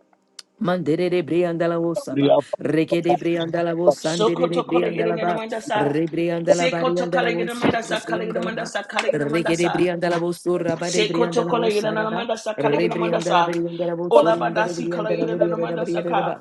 [SPEAKER 3] Mandere de briandala wosaba, reke de briandala wosandere de
[SPEAKER 1] Sokoto kolegere
[SPEAKER 3] briandala
[SPEAKER 1] na
[SPEAKER 3] ba,
[SPEAKER 1] mandasa.
[SPEAKER 3] rebriandala
[SPEAKER 1] Sekoto
[SPEAKER 3] bariandala
[SPEAKER 1] kolegere na sa, kolegere
[SPEAKER 3] wosandala
[SPEAKER 1] na
[SPEAKER 3] ba,
[SPEAKER 1] sa, kolegere na
[SPEAKER 3] reke de
[SPEAKER 1] mandasa.
[SPEAKER 3] briandala wosura ba de
[SPEAKER 1] Sekoto
[SPEAKER 3] briandala
[SPEAKER 1] kolegere
[SPEAKER 3] wosara
[SPEAKER 1] na
[SPEAKER 3] ba,
[SPEAKER 1] manda sa, kolegere na
[SPEAKER 3] rebriandala
[SPEAKER 1] sa,
[SPEAKER 3] briandala
[SPEAKER 1] Ola
[SPEAKER 3] wosura indere
[SPEAKER 1] badasi
[SPEAKER 3] briandala
[SPEAKER 1] kolegere na
[SPEAKER 3] briere da
[SPEAKER 1] manda sa
[SPEAKER 3] briere da
[SPEAKER 1] ka.
[SPEAKER 3] ba,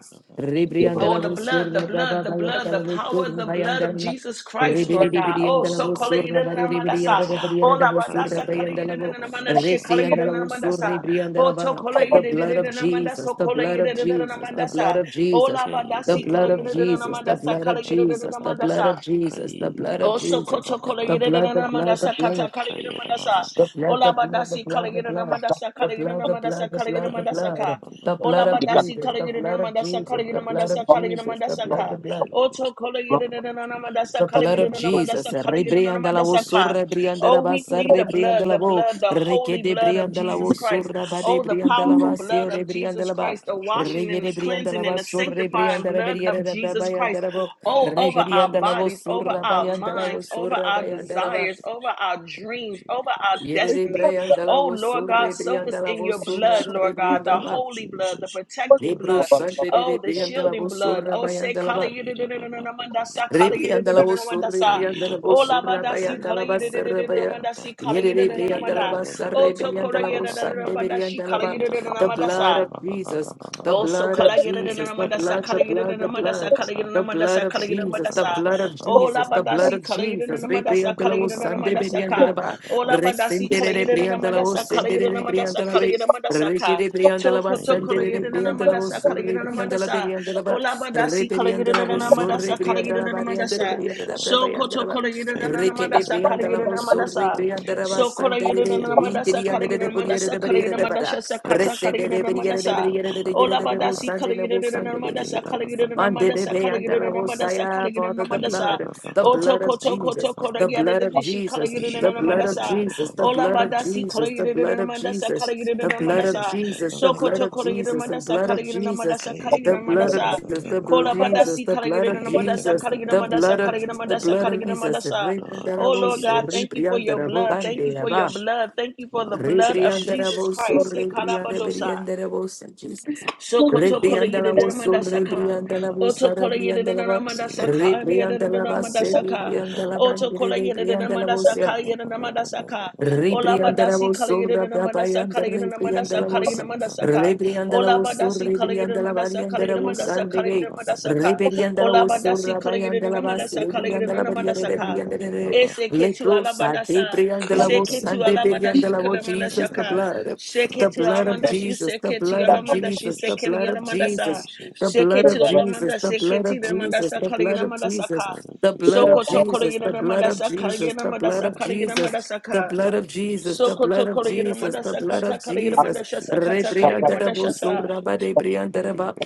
[SPEAKER 1] Oh,
[SPEAKER 3] rebriandala
[SPEAKER 1] the blood, the
[SPEAKER 3] wosura ba ba
[SPEAKER 1] blood, the
[SPEAKER 3] ba
[SPEAKER 1] blood, the
[SPEAKER 3] yandala
[SPEAKER 1] power,
[SPEAKER 3] wosura
[SPEAKER 1] the
[SPEAKER 3] ba
[SPEAKER 1] blood
[SPEAKER 3] yandala
[SPEAKER 1] of
[SPEAKER 3] ba,
[SPEAKER 1] Jesus Christ, Lord
[SPEAKER 3] rebiri de
[SPEAKER 5] Kayada
[SPEAKER 1] God.
[SPEAKER 5] ba
[SPEAKER 1] Oh,
[SPEAKER 5] ba
[SPEAKER 3] briandala
[SPEAKER 5] ba
[SPEAKER 1] so
[SPEAKER 5] ba
[SPEAKER 1] color
[SPEAKER 5] ba
[SPEAKER 1] you
[SPEAKER 3] wosura ba
[SPEAKER 1] didn't
[SPEAKER 3] de
[SPEAKER 5] ba ba ba ba
[SPEAKER 1] amandasa.
[SPEAKER 5] ba.
[SPEAKER 3] briandala
[SPEAKER 1] Oh,
[SPEAKER 3] briere da
[SPEAKER 1] la
[SPEAKER 3] wosura
[SPEAKER 1] mandasa
[SPEAKER 3] ba
[SPEAKER 5] Kayada
[SPEAKER 1] color
[SPEAKER 5] ba
[SPEAKER 1] you
[SPEAKER 3] yandala
[SPEAKER 1] didn't
[SPEAKER 5] ba
[SPEAKER 3] wo,
[SPEAKER 5] ba ba ba ba
[SPEAKER 1] amandasa.
[SPEAKER 3] resi
[SPEAKER 1] Color you
[SPEAKER 5] ba ba
[SPEAKER 3] yandala
[SPEAKER 1] didn't
[SPEAKER 5] ba ba
[SPEAKER 3] wosura
[SPEAKER 1] amandasa. Oh,
[SPEAKER 3] briandala
[SPEAKER 1] to
[SPEAKER 3] ba
[SPEAKER 1] color you
[SPEAKER 3] the
[SPEAKER 1] didn't
[SPEAKER 5] Kayada
[SPEAKER 3] blood of
[SPEAKER 5] ba ba ba ba ba
[SPEAKER 3] Jesus,
[SPEAKER 1] amandasa.
[SPEAKER 5] ba
[SPEAKER 3] the
[SPEAKER 5] ba
[SPEAKER 1] Color
[SPEAKER 5] ba
[SPEAKER 3] blood
[SPEAKER 1] you
[SPEAKER 3] of
[SPEAKER 1] didn't
[SPEAKER 5] ba
[SPEAKER 3] Jesus,
[SPEAKER 5] ba
[SPEAKER 3] the
[SPEAKER 5] ba ba
[SPEAKER 3] blood
[SPEAKER 5] ba.
[SPEAKER 1] amandasa.
[SPEAKER 3] of
[SPEAKER 1] Oh,
[SPEAKER 3] Jesus,
[SPEAKER 1] la
[SPEAKER 3] the
[SPEAKER 1] mandasi color
[SPEAKER 3] blood
[SPEAKER 1] you
[SPEAKER 3] of
[SPEAKER 1] didn't
[SPEAKER 5] ba ba
[SPEAKER 3] Jesus, the
[SPEAKER 5] ba
[SPEAKER 1] amandasa.
[SPEAKER 5] ba
[SPEAKER 3] blood
[SPEAKER 5] ba
[SPEAKER 3] of
[SPEAKER 1] Color
[SPEAKER 5] ba
[SPEAKER 1] you didn't
[SPEAKER 5] ba
[SPEAKER 3] Jesus,
[SPEAKER 5] ba ba
[SPEAKER 3] the
[SPEAKER 5] ba.
[SPEAKER 3] blood
[SPEAKER 1] amandasa.
[SPEAKER 3] of Jesus, the blood of
[SPEAKER 5] ba
[SPEAKER 1] Oso
[SPEAKER 5] ba
[SPEAKER 3] Jesus,
[SPEAKER 5] ba
[SPEAKER 1] koto
[SPEAKER 5] ba
[SPEAKER 1] kola
[SPEAKER 5] ba
[SPEAKER 3] the
[SPEAKER 5] ba
[SPEAKER 1] yere
[SPEAKER 5] ba
[SPEAKER 3] blood,
[SPEAKER 1] na
[SPEAKER 3] the
[SPEAKER 5] ba
[SPEAKER 1] na
[SPEAKER 5] ba
[SPEAKER 3] blood, the
[SPEAKER 1] mandasa
[SPEAKER 3] blood,
[SPEAKER 1] kata
[SPEAKER 3] the blood,
[SPEAKER 1] kala yere
[SPEAKER 5] Kayada ba
[SPEAKER 1] mandasa.
[SPEAKER 5] ba ba ba
[SPEAKER 1] Ola
[SPEAKER 3] the
[SPEAKER 5] ba
[SPEAKER 3] blood,
[SPEAKER 5] ba
[SPEAKER 3] the
[SPEAKER 1] badasi
[SPEAKER 5] ba
[SPEAKER 1] kala
[SPEAKER 5] ba
[SPEAKER 3] blood, the
[SPEAKER 5] ba.
[SPEAKER 1] yere na
[SPEAKER 3] blood.
[SPEAKER 1] mandasa
[SPEAKER 3] The
[SPEAKER 1] kala yere na
[SPEAKER 3] blood, the
[SPEAKER 1] mandasa
[SPEAKER 3] blood, the
[SPEAKER 1] kala yere
[SPEAKER 3] blood, the
[SPEAKER 1] mandasa
[SPEAKER 5] Kaliyada ba-
[SPEAKER 1] ka.
[SPEAKER 3] blood,
[SPEAKER 5] ba- ba-
[SPEAKER 3] the
[SPEAKER 5] ba-
[SPEAKER 1] Ola
[SPEAKER 3] blood
[SPEAKER 5] ba-
[SPEAKER 3] of
[SPEAKER 5] ba- ba-
[SPEAKER 1] badasi
[SPEAKER 5] ba-
[SPEAKER 3] Jesus,
[SPEAKER 1] kala
[SPEAKER 5] ba-
[SPEAKER 3] the
[SPEAKER 5] ba.
[SPEAKER 1] yere na
[SPEAKER 3] blood of
[SPEAKER 1] mandasa kala
[SPEAKER 3] Jesus,
[SPEAKER 1] yere
[SPEAKER 5] Lord
[SPEAKER 3] the
[SPEAKER 5] of
[SPEAKER 3] blood
[SPEAKER 1] mandasa
[SPEAKER 3] of
[SPEAKER 1] kala
[SPEAKER 5] Jesus,
[SPEAKER 1] yere
[SPEAKER 3] Jesus, the
[SPEAKER 1] mandasa
[SPEAKER 3] blood,
[SPEAKER 5] Lord
[SPEAKER 3] the
[SPEAKER 1] ka.
[SPEAKER 5] of
[SPEAKER 3] blood,
[SPEAKER 5] Jesus,
[SPEAKER 1] Oto kola yere na
[SPEAKER 5] Lord of
[SPEAKER 1] na na mandasa
[SPEAKER 5] Jesus,
[SPEAKER 3] the
[SPEAKER 1] kala
[SPEAKER 3] blood
[SPEAKER 1] yere
[SPEAKER 3] of
[SPEAKER 1] na
[SPEAKER 5] Lord of
[SPEAKER 3] Jesus.
[SPEAKER 1] mandasa kala
[SPEAKER 5] Jesus,
[SPEAKER 1] yere na
[SPEAKER 3] Rebriandalawo
[SPEAKER 5] Lord
[SPEAKER 1] mandasa
[SPEAKER 5] of
[SPEAKER 1] ka.
[SPEAKER 3] surra
[SPEAKER 5] Jesus,
[SPEAKER 1] Oh,
[SPEAKER 3] briandalaba
[SPEAKER 1] we
[SPEAKER 5] Lord
[SPEAKER 1] plead
[SPEAKER 3] sarre
[SPEAKER 5] of Jesus, Lord of
[SPEAKER 1] the blood, the
[SPEAKER 5] Jesus,
[SPEAKER 1] blood, the holy blood
[SPEAKER 3] Rekede
[SPEAKER 1] blood
[SPEAKER 5] Lord
[SPEAKER 1] of
[SPEAKER 5] of
[SPEAKER 1] Jesus
[SPEAKER 3] briandalawo
[SPEAKER 1] Christ.
[SPEAKER 3] surra
[SPEAKER 5] Jesus,
[SPEAKER 3] bade
[SPEAKER 1] Oh, the
[SPEAKER 5] Lord of
[SPEAKER 1] powerful
[SPEAKER 3] briandalaba
[SPEAKER 1] blood
[SPEAKER 5] Jesus,
[SPEAKER 3] seore
[SPEAKER 1] of Jesus
[SPEAKER 3] briandalaba.
[SPEAKER 1] Christ,
[SPEAKER 5] Lord of
[SPEAKER 1] the
[SPEAKER 5] Jesus, Lord of Jesus, Lord of Jesus,
[SPEAKER 1] washing and
[SPEAKER 3] Regede
[SPEAKER 1] the cleansing
[SPEAKER 5] Lord
[SPEAKER 3] briandalaba
[SPEAKER 1] and the
[SPEAKER 5] of
[SPEAKER 3] surre
[SPEAKER 5] Jesus,
[SPEAKER 1] sanctifying
[SPEAKER 3] briandala
[SPEAKER 1] blood
[SPEAKER 5] Lord
[SPEAKER 3] beriere
[SPEAKER 5] of
[SPEAKER 1] of
[SPEAKER 5] Jesus, Lord of Jesus, Lord
[SPEAKER 3] da
[SPEAKER 5] of Jesus,
[SPEAKER 1] Jesus Christ.
[SPEAKER 5] Lord
[SPEAKER 1] Oh,
[SPEAKER 5] of
[SPEAKER 1] over
[SPEAKER 5] Jesus,
[SPEAKER 1] our bodies, over
[SPEAKER 3] surra
[SPEAKER 1] our
[SPEAKER 3] bayandalawo
[SPEAKER 1] minds, over
[SPEAKER 3] surra
[SPEAKER 1] our
[SPEAKER 5] Lord
[SPEAKER 3] bayandalaba.
[SPEAKER 1] desires, over our dreams, over our
[SPEAKER 3] Yere
[SPEAKER 1] destinies. Oh,
[SPEAKER 3] briandalawo
[SPEAKER 1] Lord God,
[SPEAKER 3] surre
[SPEAKER 1] soak us in
[SPEAKER 3] briandalawo
[SPEAKER 1] your
[SPEAKER 3] surra
[SPEAKER 1] blood,
[SPEAKER 3] bade
[SPEAKER 1] Lord God, the
[SPEAKER 3] briandalaba.
[SPEAKER 5] of
[SPEAKER 1] holy blood, the
[SPEAKER 5] Jesus,
[SPEAKER 1] protecting
[SPEAKER 5] Lord
[SPEAKER 3] Hebrew
[SPEAKER 5] of
[SPEAKER 1] blood.
[SPEAKER 5] Jesus,
[SPEAKER 3] Sunday
[SPEAKER 1] Oh, the shielding
[SPEAKER 3] briandalawo
[SPEAKER 1] blood.
[SPEAKER 3] surra
[SPEAKER 1] Oh, say, kala
[SPEAKER 3] bayandalaba.
[SPEAKER 5] Kayira ba ba ba ba ba
[SPEAKER 1] yidididididididamandasa,
[SPEAKER 5] ba
[SPEAKER 1] kala
[SPEAKER 5] ba ba? ba
[SPEAKER 3] Rebriandala osu,
[SPEAKER 1] yidididididididamandasa.
[SPEAKER 5] Kayira
[SPEAKER 3] rebriandala
[SPEAKER 5] ba
[SPEAKER 1] Oh,
[SPEAKER 5] ba
[SPEAKER 3] osu,
[SPEAKER 5] ba ba ba ba
[SPEAKER 1] labadasi,
[SPEAKER 5] ba
[SPEAKER 1] kala
[SPEAKER 3] rabayandala
[SPEAKER 5] ba
[SPEAKER 3] basa,
[SPEAKER 5] ba ba
[SPEAKER 3] rabaya.
[SPEAKER 5] ba? ba
[SPEAKER 1] yidididididididamandasi, kala
[SPEAKER 3] Yere
[SPEAKER 5] Kayira ba
[SPEAKER 3] rebriandala
[SPEAKER 1] yididididididamanda.
[SPEAKER 5] ba
[SPEAKER 3] basa,
[SPEAKER 5] ba ba ba
[SPEAKER 1] Oh,
[SPEAKER 5] ba ba ba
[SPEAKER 1] tokora
[SPEAKER 3] rebriandala osa,
[SPEAKER 5] ba ba
[SPEAKER 1] yididididididamandasi,
[SPEAKER 3] rebriandala
[SPEAKER 1] kala
[SPEAKER 3] ba.
[SPEAKER 5] Kayira ba?
[SPEAKER 3] The
[SPEAKER 5] ba ba ba ba
[SPEAKER 3] blood
[SPEAKER 1] yididididididamandasa.
[SPEAKER 3] of
[SPEAKER 5] ba ba ba
[SPEAKER 3] Jesus,
[SPEAKER 5] ba ba
[SPEAKER 3] the
[SPEAKER 1] Oh,
[SPEAKER 5] ba
[SPEAKER 1] so
[SPEAKER 3] blood of
[SPEAKER 1] kala yere de na
[SPEAKER 3] Jesus,
[SPEAKER 5] Kayira
[SPEAKER 3] the
[SPEAKER 5] ba
[SPEAKER 1] madasa
[SPEAKER 5] ba? ba ba
[SPEAKER 3] blood, the
[SPEAKER 1] kala yere
[SPEAKER 3] blood,
[SPEAKER 1] na
[SPEAKER 3] the
[SPEAKER 5] ba ba ba
[SPEAKER 1] madasa
[SPEAKER 5] ba
[SPEAKER 3] blood.
[SPEAKER 5] ba
[SPEAKER 1] kala
[SPEAKER 5] ba
[SPEAKER 1] na
[SPEAKER 3] The blood
[SPEAKER 1] madasa
[SPEAKER 3] of
[SPEAKER 1] kala na
[SPEAKER 5] Kayira ba
[SPEAKER 3] Jesus, the
[SPEAKER 1] madasa.
[SPEAKER 5] ba ba
[SPEAKER 3] blood of
[SPEAKER 5] ba?
[SPEAKER 1] Oh,
[SPEAKER 5] ba
[SPEAKER 1] la
[SPEAKER 3] Jesus, the
[SPEAKER 5] ba ba
[SPEAKER 3] blood
[SPEAKER 1] badasi
[SPEAKER 3] of
[SPEAKER 5] ba
[SPEAKER 1] kala yere
[SPEAKER 3] Jesus.
[SPEAKER 1] na
[SPEAKER 5] Kayira ba ba
[SPEAKER 1] madasa
[SPEAKER 5] ba
[SPEAKER 1] kala
[SPEAKER 3] Rebriandala
[SPEAKER 5] ba ba
[SPEAKER 1] yere na
[SPEAKER 3] osa,
[SPEAKER 5] ba ba ba?
[SPEAKER 1] madasa
[SPEAKER 5] ba
[SPEAKER 3] rebriandala
[SPEAKER 1] ka.
[SPEAKER 3] ba.
[SPEAKER 1] Oh,
[SPEAKER 5] ba
[SPEAKER 1] la badasi kala
[SPEAKER 3] Resendere
[SPEAKER 5] Kayira
[SPEAKER 1] yere de
[SPEAKER 5] ba ba
[SPEAKER 1] na
[SPEAKER 3] rebriandala
[SPEAKER 5] ba ba
[SPEAKER 1] madasa
[SPEAKER 3] osa,
[SPEAKER 1] kala
[SPEAKER 5] ba ba ba
[SPEAKER 1] na
[SPEAKER 5] ba
[SPEAKER 1] madasa
[SPEAKER 3] rebriandala ba.
[SPEAKER 1] kala na madasa ka.
[SPEAKER 3] Rekere rebriandala
[SPEAKER 1] Toko
[SPEAKER 3] basa,
[SPEAKER 5] Kayira
[SPEAKER 1] toko la yere
[SPEAKER 5] ba ba? ba
[SPEAKER 1] na
[SPEAKER 3] rebriandala
[SPEAKER 5] ba
[SPEAKER 1] madasa
[SPEAKER 5] ba ba ba
[SPEAKER 3] osu,
[SPEAKER 1] kala na
[SPEAKER 5] ba
[SPEAKER 3] rebriandala
[SPEAKER 1] madasa.
[SPEAKER 3] beriandala
[SPEAKER 1] Oh,
[SPEAKER 3] ba.
[SPEAKER 1] la badasi kala yere
[SPEAKER 3] Rebrianda la
[SPEAKER 1] de na
[SPEAKER 3] voz,
[SPEAKER 5] Kayira ba
[SPEAKER 1] madasa
[SPEAKER 5] ba
[SPEAKER 1] kala
[SPEAKER 5] ba
[SPEAKER 3] rebrianda
[SPEAKER 1] yere
[SPEAKER 5] ba
[SPEAKER 3] la
[SPEAKER 1] na
[SPEAKER 5] ba
[SPEAKER 3] variante,
[SPEAKER 1] madasa.
[SPEAKER 5] ba?
[SPEAKER 3] rebrianda
[SPEAKER 5] ba
[SPEAKER 3] la
[SPEAKER 5] ba
[SPEAKER 1] So
[SPEAKER 5] ba?
[SPEAKER 3] variante,
[SPEAKER 1] koto kala yere na
[SPEAKER 5] Kayuda
[SPEAKER 3] requete
[SPEAKER 1] madasa kala
[SPEAKER 3] brianda la
[SPEAKER 1] na
[SPEAKER 3] voz,
[SPEAKER 1] madasa madasa.
[SPEAKER 3] rebrianda la
[SPEAKER 1] So kora
[SPEAKER 3] basante,
[SPEAKER 1] yuna na na madasa kara
[SPEAKER 3] rebrianda
[SPEAKER 1] yuna
[SPEAKER 3] de buriere
[SPEAKER 1] madasa
[SPEAKER 3] de
[SPEAKER 1] kara
[SPEAKER 3] buriere
[SPEAKER 1] yuna
[SPEAKER 3] de
[SPEAKER 1] madasa
[SPEAKER 3] bara,
[SPEAKER 1] sakata kara
[SPEAKER 3] resende
[SPEAKER 1] yuna
[SPEAKER 3] de buriere de
[SPEAKER 1] madasa.
[SPEAKER 3] buriere de buriere
[SPEAKER 1] Ola
[SPEAKER 3] de
[SPEAKER 1] badasi
[SPEAKER 3] bosande
[SPEAKER 1] kara
[SPEAKER 3] de
[SPEAKER 1] yuna na na
[SPEAKER 3] bosande de
[SPEAKER 1] madasa
[SPEAKER 3] buriere.
[SPEAKER 1] kara yuna na
[SPEAKER 3] mande de
[SPEAKER 1] madasa kara
[SPEAKER 3] beanda la
[SPEAKER 1] yuna na
[SPEAKER 3] voz, I
[SPEAKER 1] madasa kara
[SPEAKER 3] have
[SPEAKER 1] yuna
[SPEAKER 3] all
[SPEAKER 1] na
[SPEAKER 3] the
[SPEAKER 1] madasa.
[SPEAKER 3] blood the
[SPEAKER 1] Oto
[SPEAKER 3] blood of
[SPEAKER 1] koto koto
[SPEAKER 3] Jesus,
[SPEAKER 1] kora
[SPEAKER 3] the
[SPEAKER 1] yada
[SPEAKER 3] blood of
[SPEAKER 1] dishi kara
[SPEAKER 3] Jesus,
[SPEAKER 1] yuna
[SPEAKER 3] the
[SPEAKER 1] na na
[SPEAKER 3] blood of
[SPEAKER 1] madasa.
[SPEAKER 3] Jesus, the
[SPEAKER 1] Ola
[SPEAKER 3] blood of
[SPEAKER 1] badasi kara
[SPEAKER 3] Jesus, the
[SPEAKER 1] yuna na
[SPEAKER 3] blood
[SPEAKER 1] na
[SPEAKER 3] of
[SPEAKER 1] madasa
[SPEAKER 3] Jesus,
[SPEAKER 1] kara yuna
[SPEAKER 3] the
[SPEAKER 1] na
[SPEAKER 3] blood of
[SPEAKER 1] madasa.
[SPEAKER 3] Jesus, the
[SPEAKER 1] So
[SPEAKER 3] blood
[SPEAKER 1] koto
[SPEAKER 3] of
[SPEAKER 1] kora yuna
[SPEAKER 3] Jesus, the
[SPEAKER 1] madasa
[SPEAKER 3] blood
[SPEAKER 1] kara
[SPEAKER 3] of
[SPEAKER 1] yuna na
[SPEAKER 3] Jesus.
[SPEAKER 1] madasa kara
[SPEAKER 3] The
[SPEAKER 1] yuna
[SPEAKER 3] blood of
[SPEAKER 1] madasa.
[SPEAKER 3] Jesus, the blood of
[SPEAKER 1] Kola
[SPEAKER 3] Jesus,
[SPEAKER 1] badasi
[SPEAKER 3] the
[SPEAKER 1] kara
[SPEAKER 3] blood
[SPEAKER 1] yuna na
[SPEAKER 3] of
[SPEAKER 1] na madasa
[SPEAKER 3] Jesus,
[SPEAKER 1] kara yuna
[SPEAKER 3] the
[SPEAKER 1] madasa
[SPEAKER 3] blood
[SPEAKER 1] kara
[SPEAKER 3] of
[SPEAKER 1] yuna
[SPEAKER 3] the
[SPEAKER 1] madasa
[SPEAKER 3] blood
[SPEAKER 1] kara yuna madasa.
[SPEAKER 5] Lord of
[SPEAKER 1] Oh Lord God,
[SPEAKER 5] Jesus,
[SPEAKER 1] thank you for your
[SPEAKER 5] Lord
[SPEAKER 1] blood.
[SPEAKER 5] of
[SPEAKER 3] of
[SPEAKER 1] Thank you for
[SPEAKER 3] Jesus.
[SPEAKER 1] your
[SPEAKER 5] Jesus.
[SPEAKER 1] blood. Thank you for
[SPEAKER 5] Oh,
[SPEAKER 1] the blood of
[SPEAKER 3] Rebriandera
[SPEAKER 5] Jesus.
[SPEAKER 1] Jesus
[SPEAKER 3] vos, so
[SPEAKER 1] Christ.
[SPEAKER 5] Oh,
[SPEAKER 3] Rebriandaraboso,
[SPEAKER 5] Jesus. Oh,
[SPEAKER 3] rebriandarabosa, Jesus.
[SPEAKER 1] Sokoto kola
[SPEAKER 3] Rebriandela
[SPEAKER 1] yedidida
[SPEAKER 3] vos, so
[SPEAKER 1] mandasaka. Oto
[SPEAKER 3] Rebriandalaboso, rebriandalabosa,
[SPEAKER 1] kola yedidida
[SPEAKER 3] rebriandalaba,
[SPEAKER 1] mandasaka. Yedidida
[SPEAKER 3] rebriandalabase,
[SPEAKER 1] mandasaka. Oto
[SPEAKER 3] rebriandalabandere,
[SPEAKER 1] kola yedidida
[SPEAKER 3] rebriandalabosa.
[SPEAKER 1] mandasaka. Yedidida mandasaka. Ola
[SPEAKER 3] Ribrianda la
[SPEAKER 1] badasi
[SPEAKER 3] voz,
[SPEAKER 1] kola
[SPEAKER 3] sorra,
[SPEAKER 1] yedidida
[SPEAKER 3] brapa y
[SPEAKER 1] mandasaka.
[SPEAKER 3] anda,
[SPEAKER 1] Yedidida
[SPEAKER 3] ribrianda la
[SPEAKER 1] mandasaka. Yedidida
[SPEAKER 3] voz,
[SPEAKER 1] mandasaka.
[SPEAKER 3] ribrianda la
[SPEAKER 1] Ola
[SPEAKER 3] voz, sorra,
[SPEAKER 1] badasi kola yedidida
[SPEAKER 3] ribrianda la
[SPEAKER 1] mandasaka.
[SPEAKER 3] varianda la
[SPEAKER 1] Yedidida
[SPEAKER 3] voz, ande
[SPEAKER 1] mandasaka. Yedidida mandasaka. Ola badasi
[SPEAKER 3] Ribriandalawosurra
[SPEAKER 1] kola
[SPEAKER 3] brabayanda
[SPEAKER 1] yedidida
[SPEAKER 3] ribriandalawosa. Ribriandalawosur ribriandalavariandalawosa and the way. Ribriandalawosurra
[SPEAKER 1] mandasaka. Yedidida
[SPEAKER 3] bayandalavas. Ribriandalavaria
[SPEAKER 1] mandasaka.
[SPEAKER 3] rebriandalare.
[SPEAKER 5] Baba.
[SPEAKER 1] Ese ketu
[SPEAKER 3] Leprosa
[SPEAKER 1] alabadasa,
[SPEAKER 5] Blood of Jesus,
[SPEAKER 1] se
[SPEAKER 3] debriandalawos
[SPEAKER 5] blood
[SPEAKER 3] la
[SPEAKER 1] ketu alabadashi
[SPEAKER 3] debriandalawo.
[SPEAKER 1] kalamana
[SPEAKER 3] Jesus the
[SPEAKER 1] shaka.
[SPEAKER 3] blood the
[SPEAKER 1] Sheketi
[SPEAKER 5] of
[SPEAKER 3] blood of
[SPEAKER 1] alamanda she
[SPEAKER 5] Jesus,
[SPEAKER 3] Jesus, the
[SPEAKER 1] seketi
[SPEAKER 5] blood
[SPEAKER 3] blood
[SPEAKER 5] of
[SPEAKER 3] of
[SPEAKER 1] alamanda she
[SPEAKER 3] Jesus, the
[SPEAKER 5] Jesus,
[SPEAKER 1] sekeli
[SPEAKER 3] blood of
[SPEAKER 5] blood
[SPEAKER 1] alamanda
[SPEAKER 5] of
[SPEAKER 1] sa
[SPEAKER 3] Jesus,
[SPEAKER 5] Jesus,
[SPEAKER 3] the blood
[SPEAKER 1] sheketi
[SPEAKER 3] of
[SPEAKER 5] blood of
[SPEAKER 3] Jesus,
[SPEAKER 1] alamanda
[SPEAKER 3] the
[SPEAKER 5] Jesus,
[SPEAKER 3] blood
[SPEAKER 1] sheketi
[SPEAKER 3] of
[SPEAKER 5] blood of
[SPEAKER 1] alamanda
[SPEAKER 3] Jesus,
[SPEAKER 1] sa
[SPEAKER 3] the
[SPEAKER 1] kali
[SPEAKER 3] blood
[SPEAKER 5] Jesus,
[SPEAKER 3] of
[SPEAKER 1] alamanda sa
[SPEAKER 3] Jesus,
[SPEAKER 1] ka
[SPEAKER 5] blood of
[SPEAKER 3] the blood of
[SPEAKER 1] soko
[SPEAKER 5] Jesus,
[SPEAKER 1] to
[SPEAKER 3] Jesus,
[SPEAKER 1] kali
[SPEAKER 3] the
[SPEAKER 5] blood of
[SPEAKER 3] blood
[SPEAKER 1] alamanda
[SPEAKER 3] of
[SPEAKER 1] sa kali
[SPEAKER 5] Jesus,
[SPEAKER 3] Jesus, the
[SPEAKER 1] alamanda
[SPEAKER 3] blood
[SPEAKER 5] blood
[SPEAKER 1] sa
[SPEAKER 3] of
[SPEAKER 5] of
[SPEAKER 1] kali
[SPEAKER 3] Jesus.
[SPEAKER 1] alamanda
[SPEAKER 5] Jesus,
[SPEAKER 1] sa
[SPEAKER 3] The
[SPEAKER 1] ka
[SPEAKER 5] blood
[SPEAKER 3] blood of
[SPEAKER 5] of
[SPEAKER 3] Jesus, the
[SPEAKER 5] Jesus,
[SPEAKER 1] soko
[SPEAKER 3] blood
[SPEAKER 1] to
[SPEAKER 3] of
[SPEAKER 1] kali
[SPEAKER 5] blood of
[SPEAKER 3] Jesus,
[SPEAKER 1] alamanda
[SPEAKER 3] the
[SPEAKER 1] sa
[SPEAKER 3] blood
[SPEAKER 1] kata
[SPEAKER 3] of
[SPEAKER 1] kali alamanda
[SPEAKER 3] Jesus.
[SPEAKER 1] sa sa kata
[SPEAKER 5] Jesus,
[SPEAKER 1] kali alamanda
[SPEAKER 3] Rebriandarabo
[SPEAKER 5] blood of
[SPEAKER 1] sa
[SPEAKER 3] suraba
[SPEAKER 5] Jesus.
[SPEAKER 3] de briandaraba,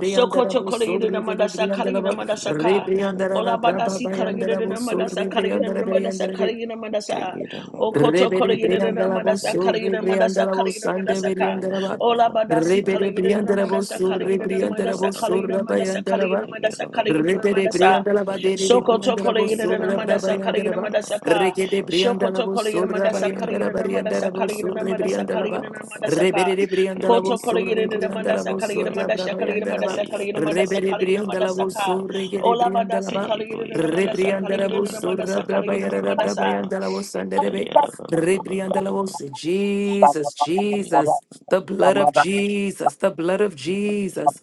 [SPEAKER 1] Sokoto Kolegina
[SPEAKER 3] surri de
[SPEAKER 1] Mandasa Kaligina
[SPEAKER 3] briandaraba,
[SPEAKER 1] Mandasaka.
[SPEAKER 3] rebriandaraba
[SPEAKER 1] Ola
[SPEAKER 3] braba
[SPEAKER 1] badasi
[SPEAKER 3] bayandarabo
[SPEAKER 1] kaligina
[SPEAKER 5] blood
[SPEAKER 1] mandasa
[SPEAKER 3] surri
[SPEAKER 1] kaligina
[SPEAKER 5] of Jesus.
[SPEAKER 1] mandasa
[SPEAKER 3] briandarabriandarabi,
[SPEAKER 1] kaligina mandasa okoto
[SPEAKER 5] Hey,
[SPEAKER 3] Rebede
[SPEAKER 1] kaligina
[SPEAKER 3] Briandalabo
[SPEAKER 1] madasa
[SPEAKER 3] Surri
[SPEAKER 1] kaligina mandasa
[SPEAKER 3] Briandalabo
[SPEAKER 1] kaligina
[SPEAKER 3] Sande
[SPEAKER 1] mandasa ka
[SPEAKER 3] Briandaraba
[SPEAKER 1] ola badasi
[SPEAKER 3] Rebede
[SPEAKER 1] kaligina
[SPEAKER 3] Briandarabo
[SPEAKER 1] madasa
[SPEAKER 3] Surri
[SPEAKER 1] kaligina
[SPEAKER 3] Briandarabo
[SPEAKER 1] mandasa kaligina
[SPEAKER 3] Surra
[SPEAKER 1] madasa kaligina
[SPEAKER 3] Bayandaraba
[SPEAKER 1] mandasa kaligina
[SPEAKER 3] Rebede
[SPEAKER 1] madasa.
[SPEAKER 3] Briandalaba de
[SPEAKER 1] Soko tokole
[SPEAKER 3] Briandalabo
[SPEAKER 1] yina na
[SPEAKER 3] Surra
[SPEAKER 1] madasa kala yina
[SPEAKER 3] Brabayandaraba
[SPEAKER 1] madasa ka.
[SPEAKER 3] Regede
[SPEAKER 1] Shoko
[SPEAKER 3] Briandalabo
[SPEAKER 1] tokole yina
[SPEAKER 3] Surra
[SPEAKER 1] madasa kala yina
[SPEAKER 3] Bayandaraba
[SPEAKER 1] na madasa
[SPEAKER 3] Riandarabo
[SPEAKER 1] kala yina na
[SPEAKER 3] Surri
[SPEAKER 1] madasa kala
[SPEAKER 3] Briandalaba
[SPEAKER 1] yina na madasa ka.
[SPEAKER 3] Rebede Briandalabo
[SPEAKER 1] Koto kole
[SPEAKER 3] Surri
[SPEAKER 1] yina na madasa
[SPEAKER 3] Briandalabo
[SPEAKER 1] kala yina
[SPEAKER 3] Surra
[SPEAKER 1] madasa kala yina
[SPEAKER 3] Brabayandaraba
[SPEAKER 1] madasa kala yina madasa
[SPEAKER 3] Rebede
[SPEAKER 1] kala yina madasa
[SPEAKER 3] Briandalabo
[SPEAKER 1] ka.
[SPEAKER 3] Surri Gede
[SPEAKER 1] Ola madasi
[SPEAKER 3] Briandalaba
[SPEAKER 1] kala yina na madasa kala yina
[SPEAKER 3] Rebriandarabo
[SPEAKER 1] na
[SPEAKER 3] Surra
[SPEAKER 1] madasa kala yina na
[SPEAKER 3] Brabayara
[SPEAKER 1] madasa.
[SPEAKER 3] Brabayandalabo Sanderebe
[SPEAKER 5] Kayada ba ba ba ba ba ba ba.
[SPEAKER 3] Ribriandalavos, Jesus,
[SPEAKER 5] Kayada
[SPEAKER 3] Jesus, the blood of Jesus, the blood of Jesus,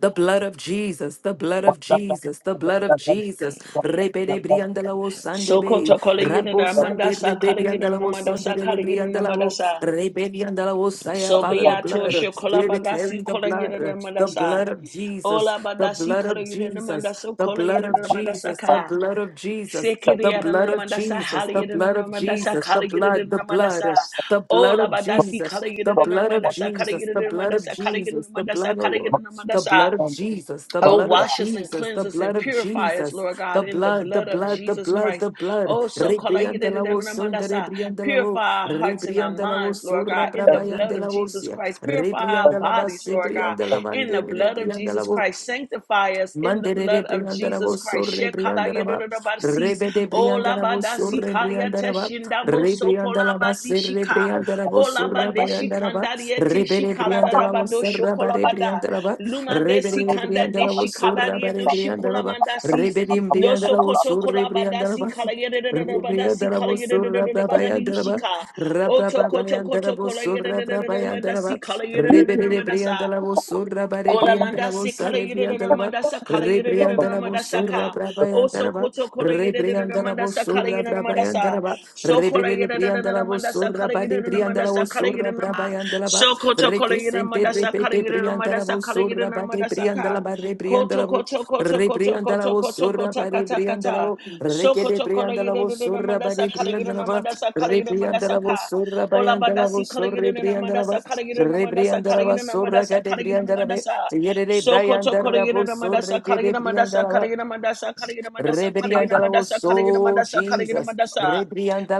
[SPEAKER 3] the blood of Jesus, the blood of Jesus, the blood of Jesus. Repede briandalavos
[SPEAKER 1] Soko
[SPEAKER 3] sandebe,
[SPEAKER 1] tokole yina
[SPEAKER 3] Rambo
[SPEAKER 1] na
[SPEAKER 3] sande
[SPEAKER 1] madasa kala yina na
[SPEAKER 3] rebriandalavos sonde
[SPEAKER 1] madasa kala yina na
[SPEAKER 3] rebriandalavos,
[SPEAKER 1] madasa.
[SPEAKER 3] rebriandalavos saya,
[SPEAKER 1] So
[SPEAKER 3] Father, the
[SPEAKER 1] beato
[SPEAKER 3] blood. We're
[SPEAKER 1] shokolabadasi
[SPEAKER 3] declaring the blood, the
[SPEAKER 1] kolagidamadasa.
[SPEAKER 3] blood of Jesus,
[SPEAKER 1] Ola
[SPEAKER 3] the
[SPEAKER 1] badasi
[SPEAKER 3] blood of Jesus.
[SPEAKER 1] kolagirana
[SPEAKER 3] Jesus,
[SPEAKER 1] mandasa
[SPEAKER 3] the blood of
[SPEAKER 1] kolagirana mandasa
[SPEAKER 3] Jesus, the
[SPEAKER 1] ka. kolagidamadasa kolagidamadasaka.
[SPEAKER 3] blood of Jesus, the blood of
[SPEAKER 1] Sekiriyadanamandasa
[SPEAKER 3] Jesus, the blood of
[SPEAKER 1] haliyadanamandasa
[SPEAKER 3] Jesus, the blood, the blood,
[SPEAKER 1] kalagidamadasa.
[SPEAKER 3] the blood
[SPEAKER 1] Ola
[SPEAKER 3] of
[SPEAKER 1] badasi
[SPEAKER 3] Jesus, the blood of
[SPEAKER 1] kalagidamadasa
[SPEAKER 3] Jesus, the blood of
[SPEAKER 1] kalagidamadasa
[SPEAKER 3] Jesus, the
[SPEAKER 1] kalagidamadasa
[SPEAKER 3] blood, oh Lord, the
[SPEAKER 1] kalagidamadasa.
[SPEAKER 3] blood of Jesus, the
[SPEAKER 1] Oh,
[SPEAKER 3] blood of
[SPEAKER 1] wash us and
[SPEAKER 3] Jesus,
[SPEAKER 1] cleanse
[SPEAKER 3] the
[SPEAKER 1] us and
[SPEAKER 3] blood of
[SPEAKER 1] purify us,
[SPEAKER 3] Jesus,
[SPEAKER 1] Lord
[SPEAKER 3] the
[SPEAKER 1] God, in the
[SPEAKER 3] blood, the
[SPEAKER 1] blood of
[SPEAKER 3] blood, the
[SPEAKER 1] Jesus
[SPEAKER 3] blood,
[SPEAKER 1] Christ.
[SPEAKER 3] the blood.
[SPEAKER 1] Oh, so call I-
[SPEAKER 3] Rebrianda la voz, sonda, rebrianda la voz,
[SPEAKER 1] purify our hearts and our
[SPEAKER 3] rebrianda la
[SPEAKER 1] minds,
[SPEAKER 3] voz,
[SPEAKER 1] Lord
[SPEAKER 3] sorra,
[SPEAKER 1] God, in the blood
[SPEAKER 3] brabayanda
[SPEAKER 1] of
[SPEAKER 3] la voz,
[SPEAKER 1] Jesus Christ. Purify our
[SPEAKER 3] rebrianda la
[SPEAKER 1] bodies,
[SPEAKER 3] base,
[SPEAKER 1] Lord God,
[SPEAKER 3] brianda la
[SPEAKER 1] in the
[SPEAKER 3] mande,
[SPEAKER 1] blood of
[SPEAKER 3] rebrianda la
[SPEAKER 1] Jesus
[SPEAKER 3] voz.
[SPEAKER 1] Christ. Sanctify us in the
[SPEAKER 3] Mandere de
[SPEAKER 1] blood of Jesus
[SPEAKER 3] Briandarabo,
[SPEAKER 1] Christ.
[SPEAKER 3] Sorre
[SPEAKER 1] Shekala
[SPEAKER 3] Briandaraba,
[SPEAKER 1] yedododobasi.
[SPEAKER 3] Rebe de
[SPEAKER 1] Oh,
[SPEAKER 3] Briandarabo,
[SPEAKER 1] labadasi
[SPEAKER 3] Sorre
[SPEAKER 1] kaya
[SPEAKER 3] Briandaraba,
[SPEAKER 1] teshindabo
[SPEAKER 3] Rebriandalaba, Serre
[SPEAKER 1] sokolabadishika.
[SPEAKER 3] Briandarabo, Sorra
[SPEAKER 1] Olabade
[SPEAKER 3] Bayandaraba,
[SPEAKER 1] shikanda dieti
[SPEAKER 3] Rebe de
[SPEAKER 1] shikalada
[SPEAKER 3] Briandalabo,
[SPEAKER 1] rabado
[SPEAKER 3] Serra Bare
[SPEAKER 1] shokolabada.
[SPEAKER 3] Briandaraba,
[SPEAKER 1] Luma de
[SPEAKER 3] Rebe de
[SPEAKER 1] sikanda de
[SPEAKER 3] Briandalabo,
[SPEAKER 1] shikala
[SPEAKER 3] Sorra Bare
[SPEAKER 1] dieto
[SPEAKER 3] Briandaraba,
[SPEAKER 1] shikolamanda si.
[SPEAKER 3] Rebe de
[SPEAKER 1] No
[SPEAKER 3] Briandalabo,
[SPEAKER 1] sokoto
[SPEAKER 3] Sorre
[SPEAKER 1] kolabada si
[SPEAKER 3] Briandaraba,
[SPEAKER 1] kala yede
[SPEAKER 3] Rebriandala
[SPEAKER 1] de de de bada si kala yede de de de de di shika. Oto koto koto kola yede de de de de de si kala yede de de de de sa. Ola manda se kala yede de de manda sa kala yede de de manda sa ka. O so koto kola yede de de manda sa kala yede de manda sa. So kola yede de de manda sa kala yede de manda sa kala yede de ma. So koto kola yede de
[SPEAKER 3] Requesente
[SPEAKER 1] manda sa kala
[SPEAKER 3] repete
[SPEAKER 1] yede de
[SPEAKER 3] brianda
[SPEAKER 1] manda
[SPEAKER 3] la
[SPEAKER 1] sa
[SPEAKER 3] voz,
[SPEAKER 1] kala yede de
[SPEAKER 3] sorra pate
[SPEAKER 1] manda sa
[SPEAKER 3] brianda la
[SPEAKER 1] ka.
[SPEAKER 3] barre brianda
[SPEAKER 1] Koto
[SPEAKER 3] la voz,
[SPEAKER 1] koto koto koto
[SPEAKER 3] rebrianda la
[SPEAKER 1] koto koto
[SPEAKER 3] voz,
[SPEAKER 1] Toko
[SPEAKER 3] sorra
[SPEAKER 1] taka
[SPEAKER 3] pate
[SPEAKER 1] taka
[SPEAKER 3] brianda la
[SPEAKER 1] ta.
[SPEAKER 3] voz,
[SPEAKER 1] Soko
[SPEAKER 3] requete
[SPEAKER 1] toko la
[SPEAKER 3] brianda la
[SPEAKER 1] yere de
[SPEAKER 3] voz,
[SPEAKER 1] de na
[SPEAKER 3] sorra
[SPEAKER 1] mandasa
[SPEAKER 3] pate
[SPEAKER 1] kala
[SPEAKER 3] brianda
[SPEAKER 1] yere
[SPEAKER 3] la
[SPEAKER 1] na
[SPEAKER 3] voz,
[SPEAKER 1] mandasa kala yere
[SPEAKER 3] rebrianda
[SPEAKER 1] mandasa
[SPEAKER 3] la voz,
[SPEAKER 1] ka.
[SPEAKER 3] sorra
[SPEAKER 1] Ola
[SPEAKER 3] payanda la
[SPEAKER 1] badasi
[SPEAKER 3] voz,
[SPEAKER 1] kala yere
[SPEAKER 3] sorre
[SPEAKER 1] na
[SPEAKER 3] brianda la
[SPEAKER 1] mandasa kala
[SPEAKER 3] voz,
[SPEAKER 1] yere na mandasa
[SPEAKER 3] rebrianda
[SPEAKER 1] kala
[SPEAKER 3] la
[SPEAKER 1] yere
[SPEAKER 3] voz,
[SPEAKER 1] na
[SPEAKER 3] sorra
[SPEAKER 1] mandasa
[SPEAKER 3] cate
[SPEAKER 1] kala yere na
[SPEAKER 3] brianda la voz,
[SPEAKER 1] mandasa.
[SPEAKER 3] yere
[SPEAKER 1] Soko
[SPEAKER 3] brianda
[SPEAKER 1] toko la
[SPEAKER 3] la
[SPEAKER 1] yere
[SPEAKER 3] voz,
[SPEAKER 1] na mandasa
[SPEAKER 3] sorre
[SPEAKER 1] kala
[SPEAKER 3] quete
[SPEAKER 1] yere mandasa
[SPEAKER 3] brianda la
[SPEAKER 1] kala
[SPEAKER 3] voz.
[SPEAKER 1] yere mandasa kala yere
[SPEAKER 3] Rebriandala
[SPEAKER 1] mandasa kala yere
[SPEAKER 3] so
[SPEAKER 1] mandasa kala yere mandasa kala yere
[SPEAKER 3] Jesus.
[SPEAKER 1] mandasa.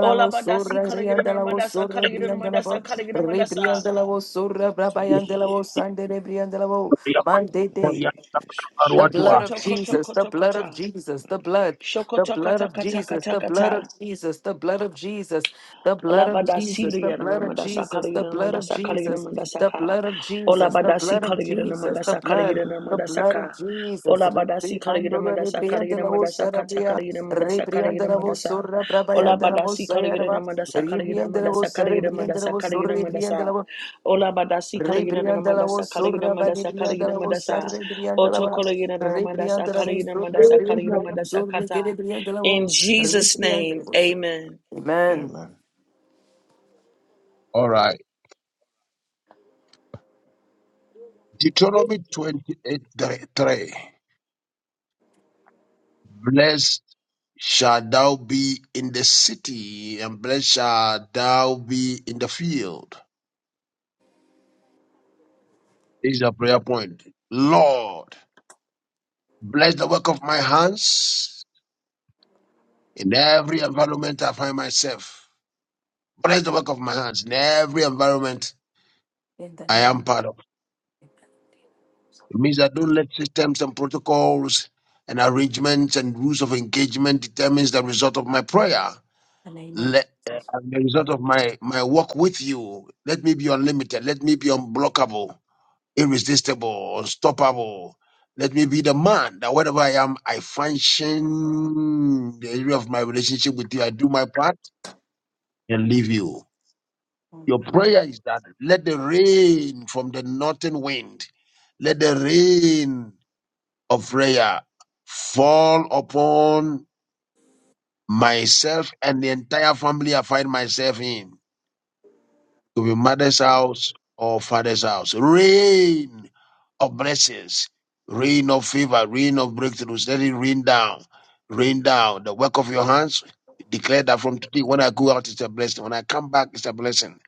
[SPEAKER 1] Ola badasi
[SPEAKER 3] sora
[SPEAKER 1] kala yere na
[SPEAKER 3] rebriandala so
[SPEAKER 1] mandasa kala yere na
[SPEAKER 3] rebriandala
[SPEAKER 1] mandasa
[SPEAKER 3] bo
[SPEAKER 5] ba
[SPEAKER 1] kala yere mandasa.
[SPEAKER 3] rebriandala so rabayandala
[SPEAKER 5] Kayada
[SPEAKER 3] sande rebriandala bo mandete
[SPEAKER 5] Jesus.
[SPEAKER 3] the blood of
[SPEAKER 1] Koto koto
[SPEAKER 3] Jesus, the
[SPEAKER 1] koto
[SPEAKER 3] blood of
[SPEAKER 1] kota.
[SPEAKER 3] Jesus, the blood,
[SPEAKER 1] Shoko
[SPEAKER 3] the
[SPEAKER 1] taka
[SPEAKER 3] blood of
[SPEAKER 1] taka taka
[SPEAKER 3] Jesus, the
[SPEAKER 1] taka
[SPEAKER 3] blood of
[SPEAKER 1] ta.
[SPEAKER 3] Jesus, the blood of Jesus, the
[SPEAKER 1] Ola
[SPEAKER 3] blood of
[SPEAKER 1] badasi
[SPEAKER 3] Jesus, the blood of Jesus, the blood of Jesus, the blood of Jesus, the
[SPEAKER 1] Olabadasi Olabadasi
[SPEAKER 3] blood of
[SPEAKER 1] kaligida
[SPEAKER 3] Jesus, the
[SPEAKER 1] mandasa
[SPEAKER 3] blood.
[SPEAKER 1] kaligida
[SPEAKER 3] The
[SPEAKER 1] mandasa
[SPEAKER 3] blood of
[SPEAKER 1] ka.
[SPEAKER 3] Jesus,
[SPEAKER 1] Olabadasi kaligida
[SPEAKER 3] Ribriandura,
[SPEAKER 1] mandasa kaligida
[SPEAKER 3] Ribriandela,
[SPEAKER 1] mandasa kata
[SPEAKER 3] Osarabia,
[SPEAKER 1] kaligida mandasa kaligida
[SPEAKER 3] Ribriandela,
[SPEAKER 1] mandasa.
[SPEAKER 3] Osura, Brabayandela,
[SPEAKER 1] Olabadasi kaligida
[SPEAKER 3] Osayarava,
[SPEAKER 1] mandasa kaligida
[SPEAKER 3] Ribriandela,
[SPEAKER 1] mandasa
[SPEAKER 3] Osara,
[SPEAKER 1] kaligida
[SPEAKER 3] Ribriandela,
[SPEAKER 1] mandasa kaligida mandasa.
[SPEAKER 3] Osura,
[SPEAKER 1] Olabadasi kaligida
[SPEAKER 3] Rebriandala
[SPEAKER 1] mandasa
[SPEAKER 3] was
[SPEAKER 1] kaligida
[SPEAKER 3] Sura Badi
[SPEAKER 1] mandasa kaligida
[SPEAKER 3] Briandala was Sarre
[SPEAKER 1] mandasa. Oto
[SPEAKER 3] Briandala
[SPEAKER 1] kaligida mandasa
[SPEAKER 3] Rebriandala was
[SPEAKER 1] kaligida
[SPEAKER 3] Sura
[SPEAKER 1] mandasa kaligida
[SPEAKER 3] Briandala
[SPEAKER 1] mandasa
[SPEAKER 3] Sura Gede
[SPEAKER 1] kata.
[SPEAKER 3] Briandala
[SPEAKER 1] In Jesus'
[SPEAKER 3] Rebriandala
[SPEAKER 1] name,
[SPEAKER 3] was
[SPEAKER 1] amen.
[SPEAKER 3] Amen.
[SPEAKER 5] Amen.
[SPEAKER 2] All right. Deuteronomy 28 3. Bless Shall thou be in the city, and blessed shall thou be in the field. This is our prayer point. Lord, bless the work of my hands in every environment I find myself. Bless the work of my hands in every environment I am part of. It means that don't let systems and protocols and arrangements and rules of engagement determines the result of my prayer. Let uh, and the result of my, my work with you. Let me be unlimited. Let me be unblockable irresistible, unstoppable. Let me be the man that wherever I am, I function the area of my relationship with you. I do my part and leave you. Your prayer is that let the rain from the northern wind, let the rain of prayer fall upon myself and the entire family I find myself in. to your mother's house or father's house. Rain of blessings, rain of favor, rain of breakthroughs. Let it rain down, rain down. The work of your hands, declare that from today, when I go out, it's a blessing. When I come back, it's a blessing.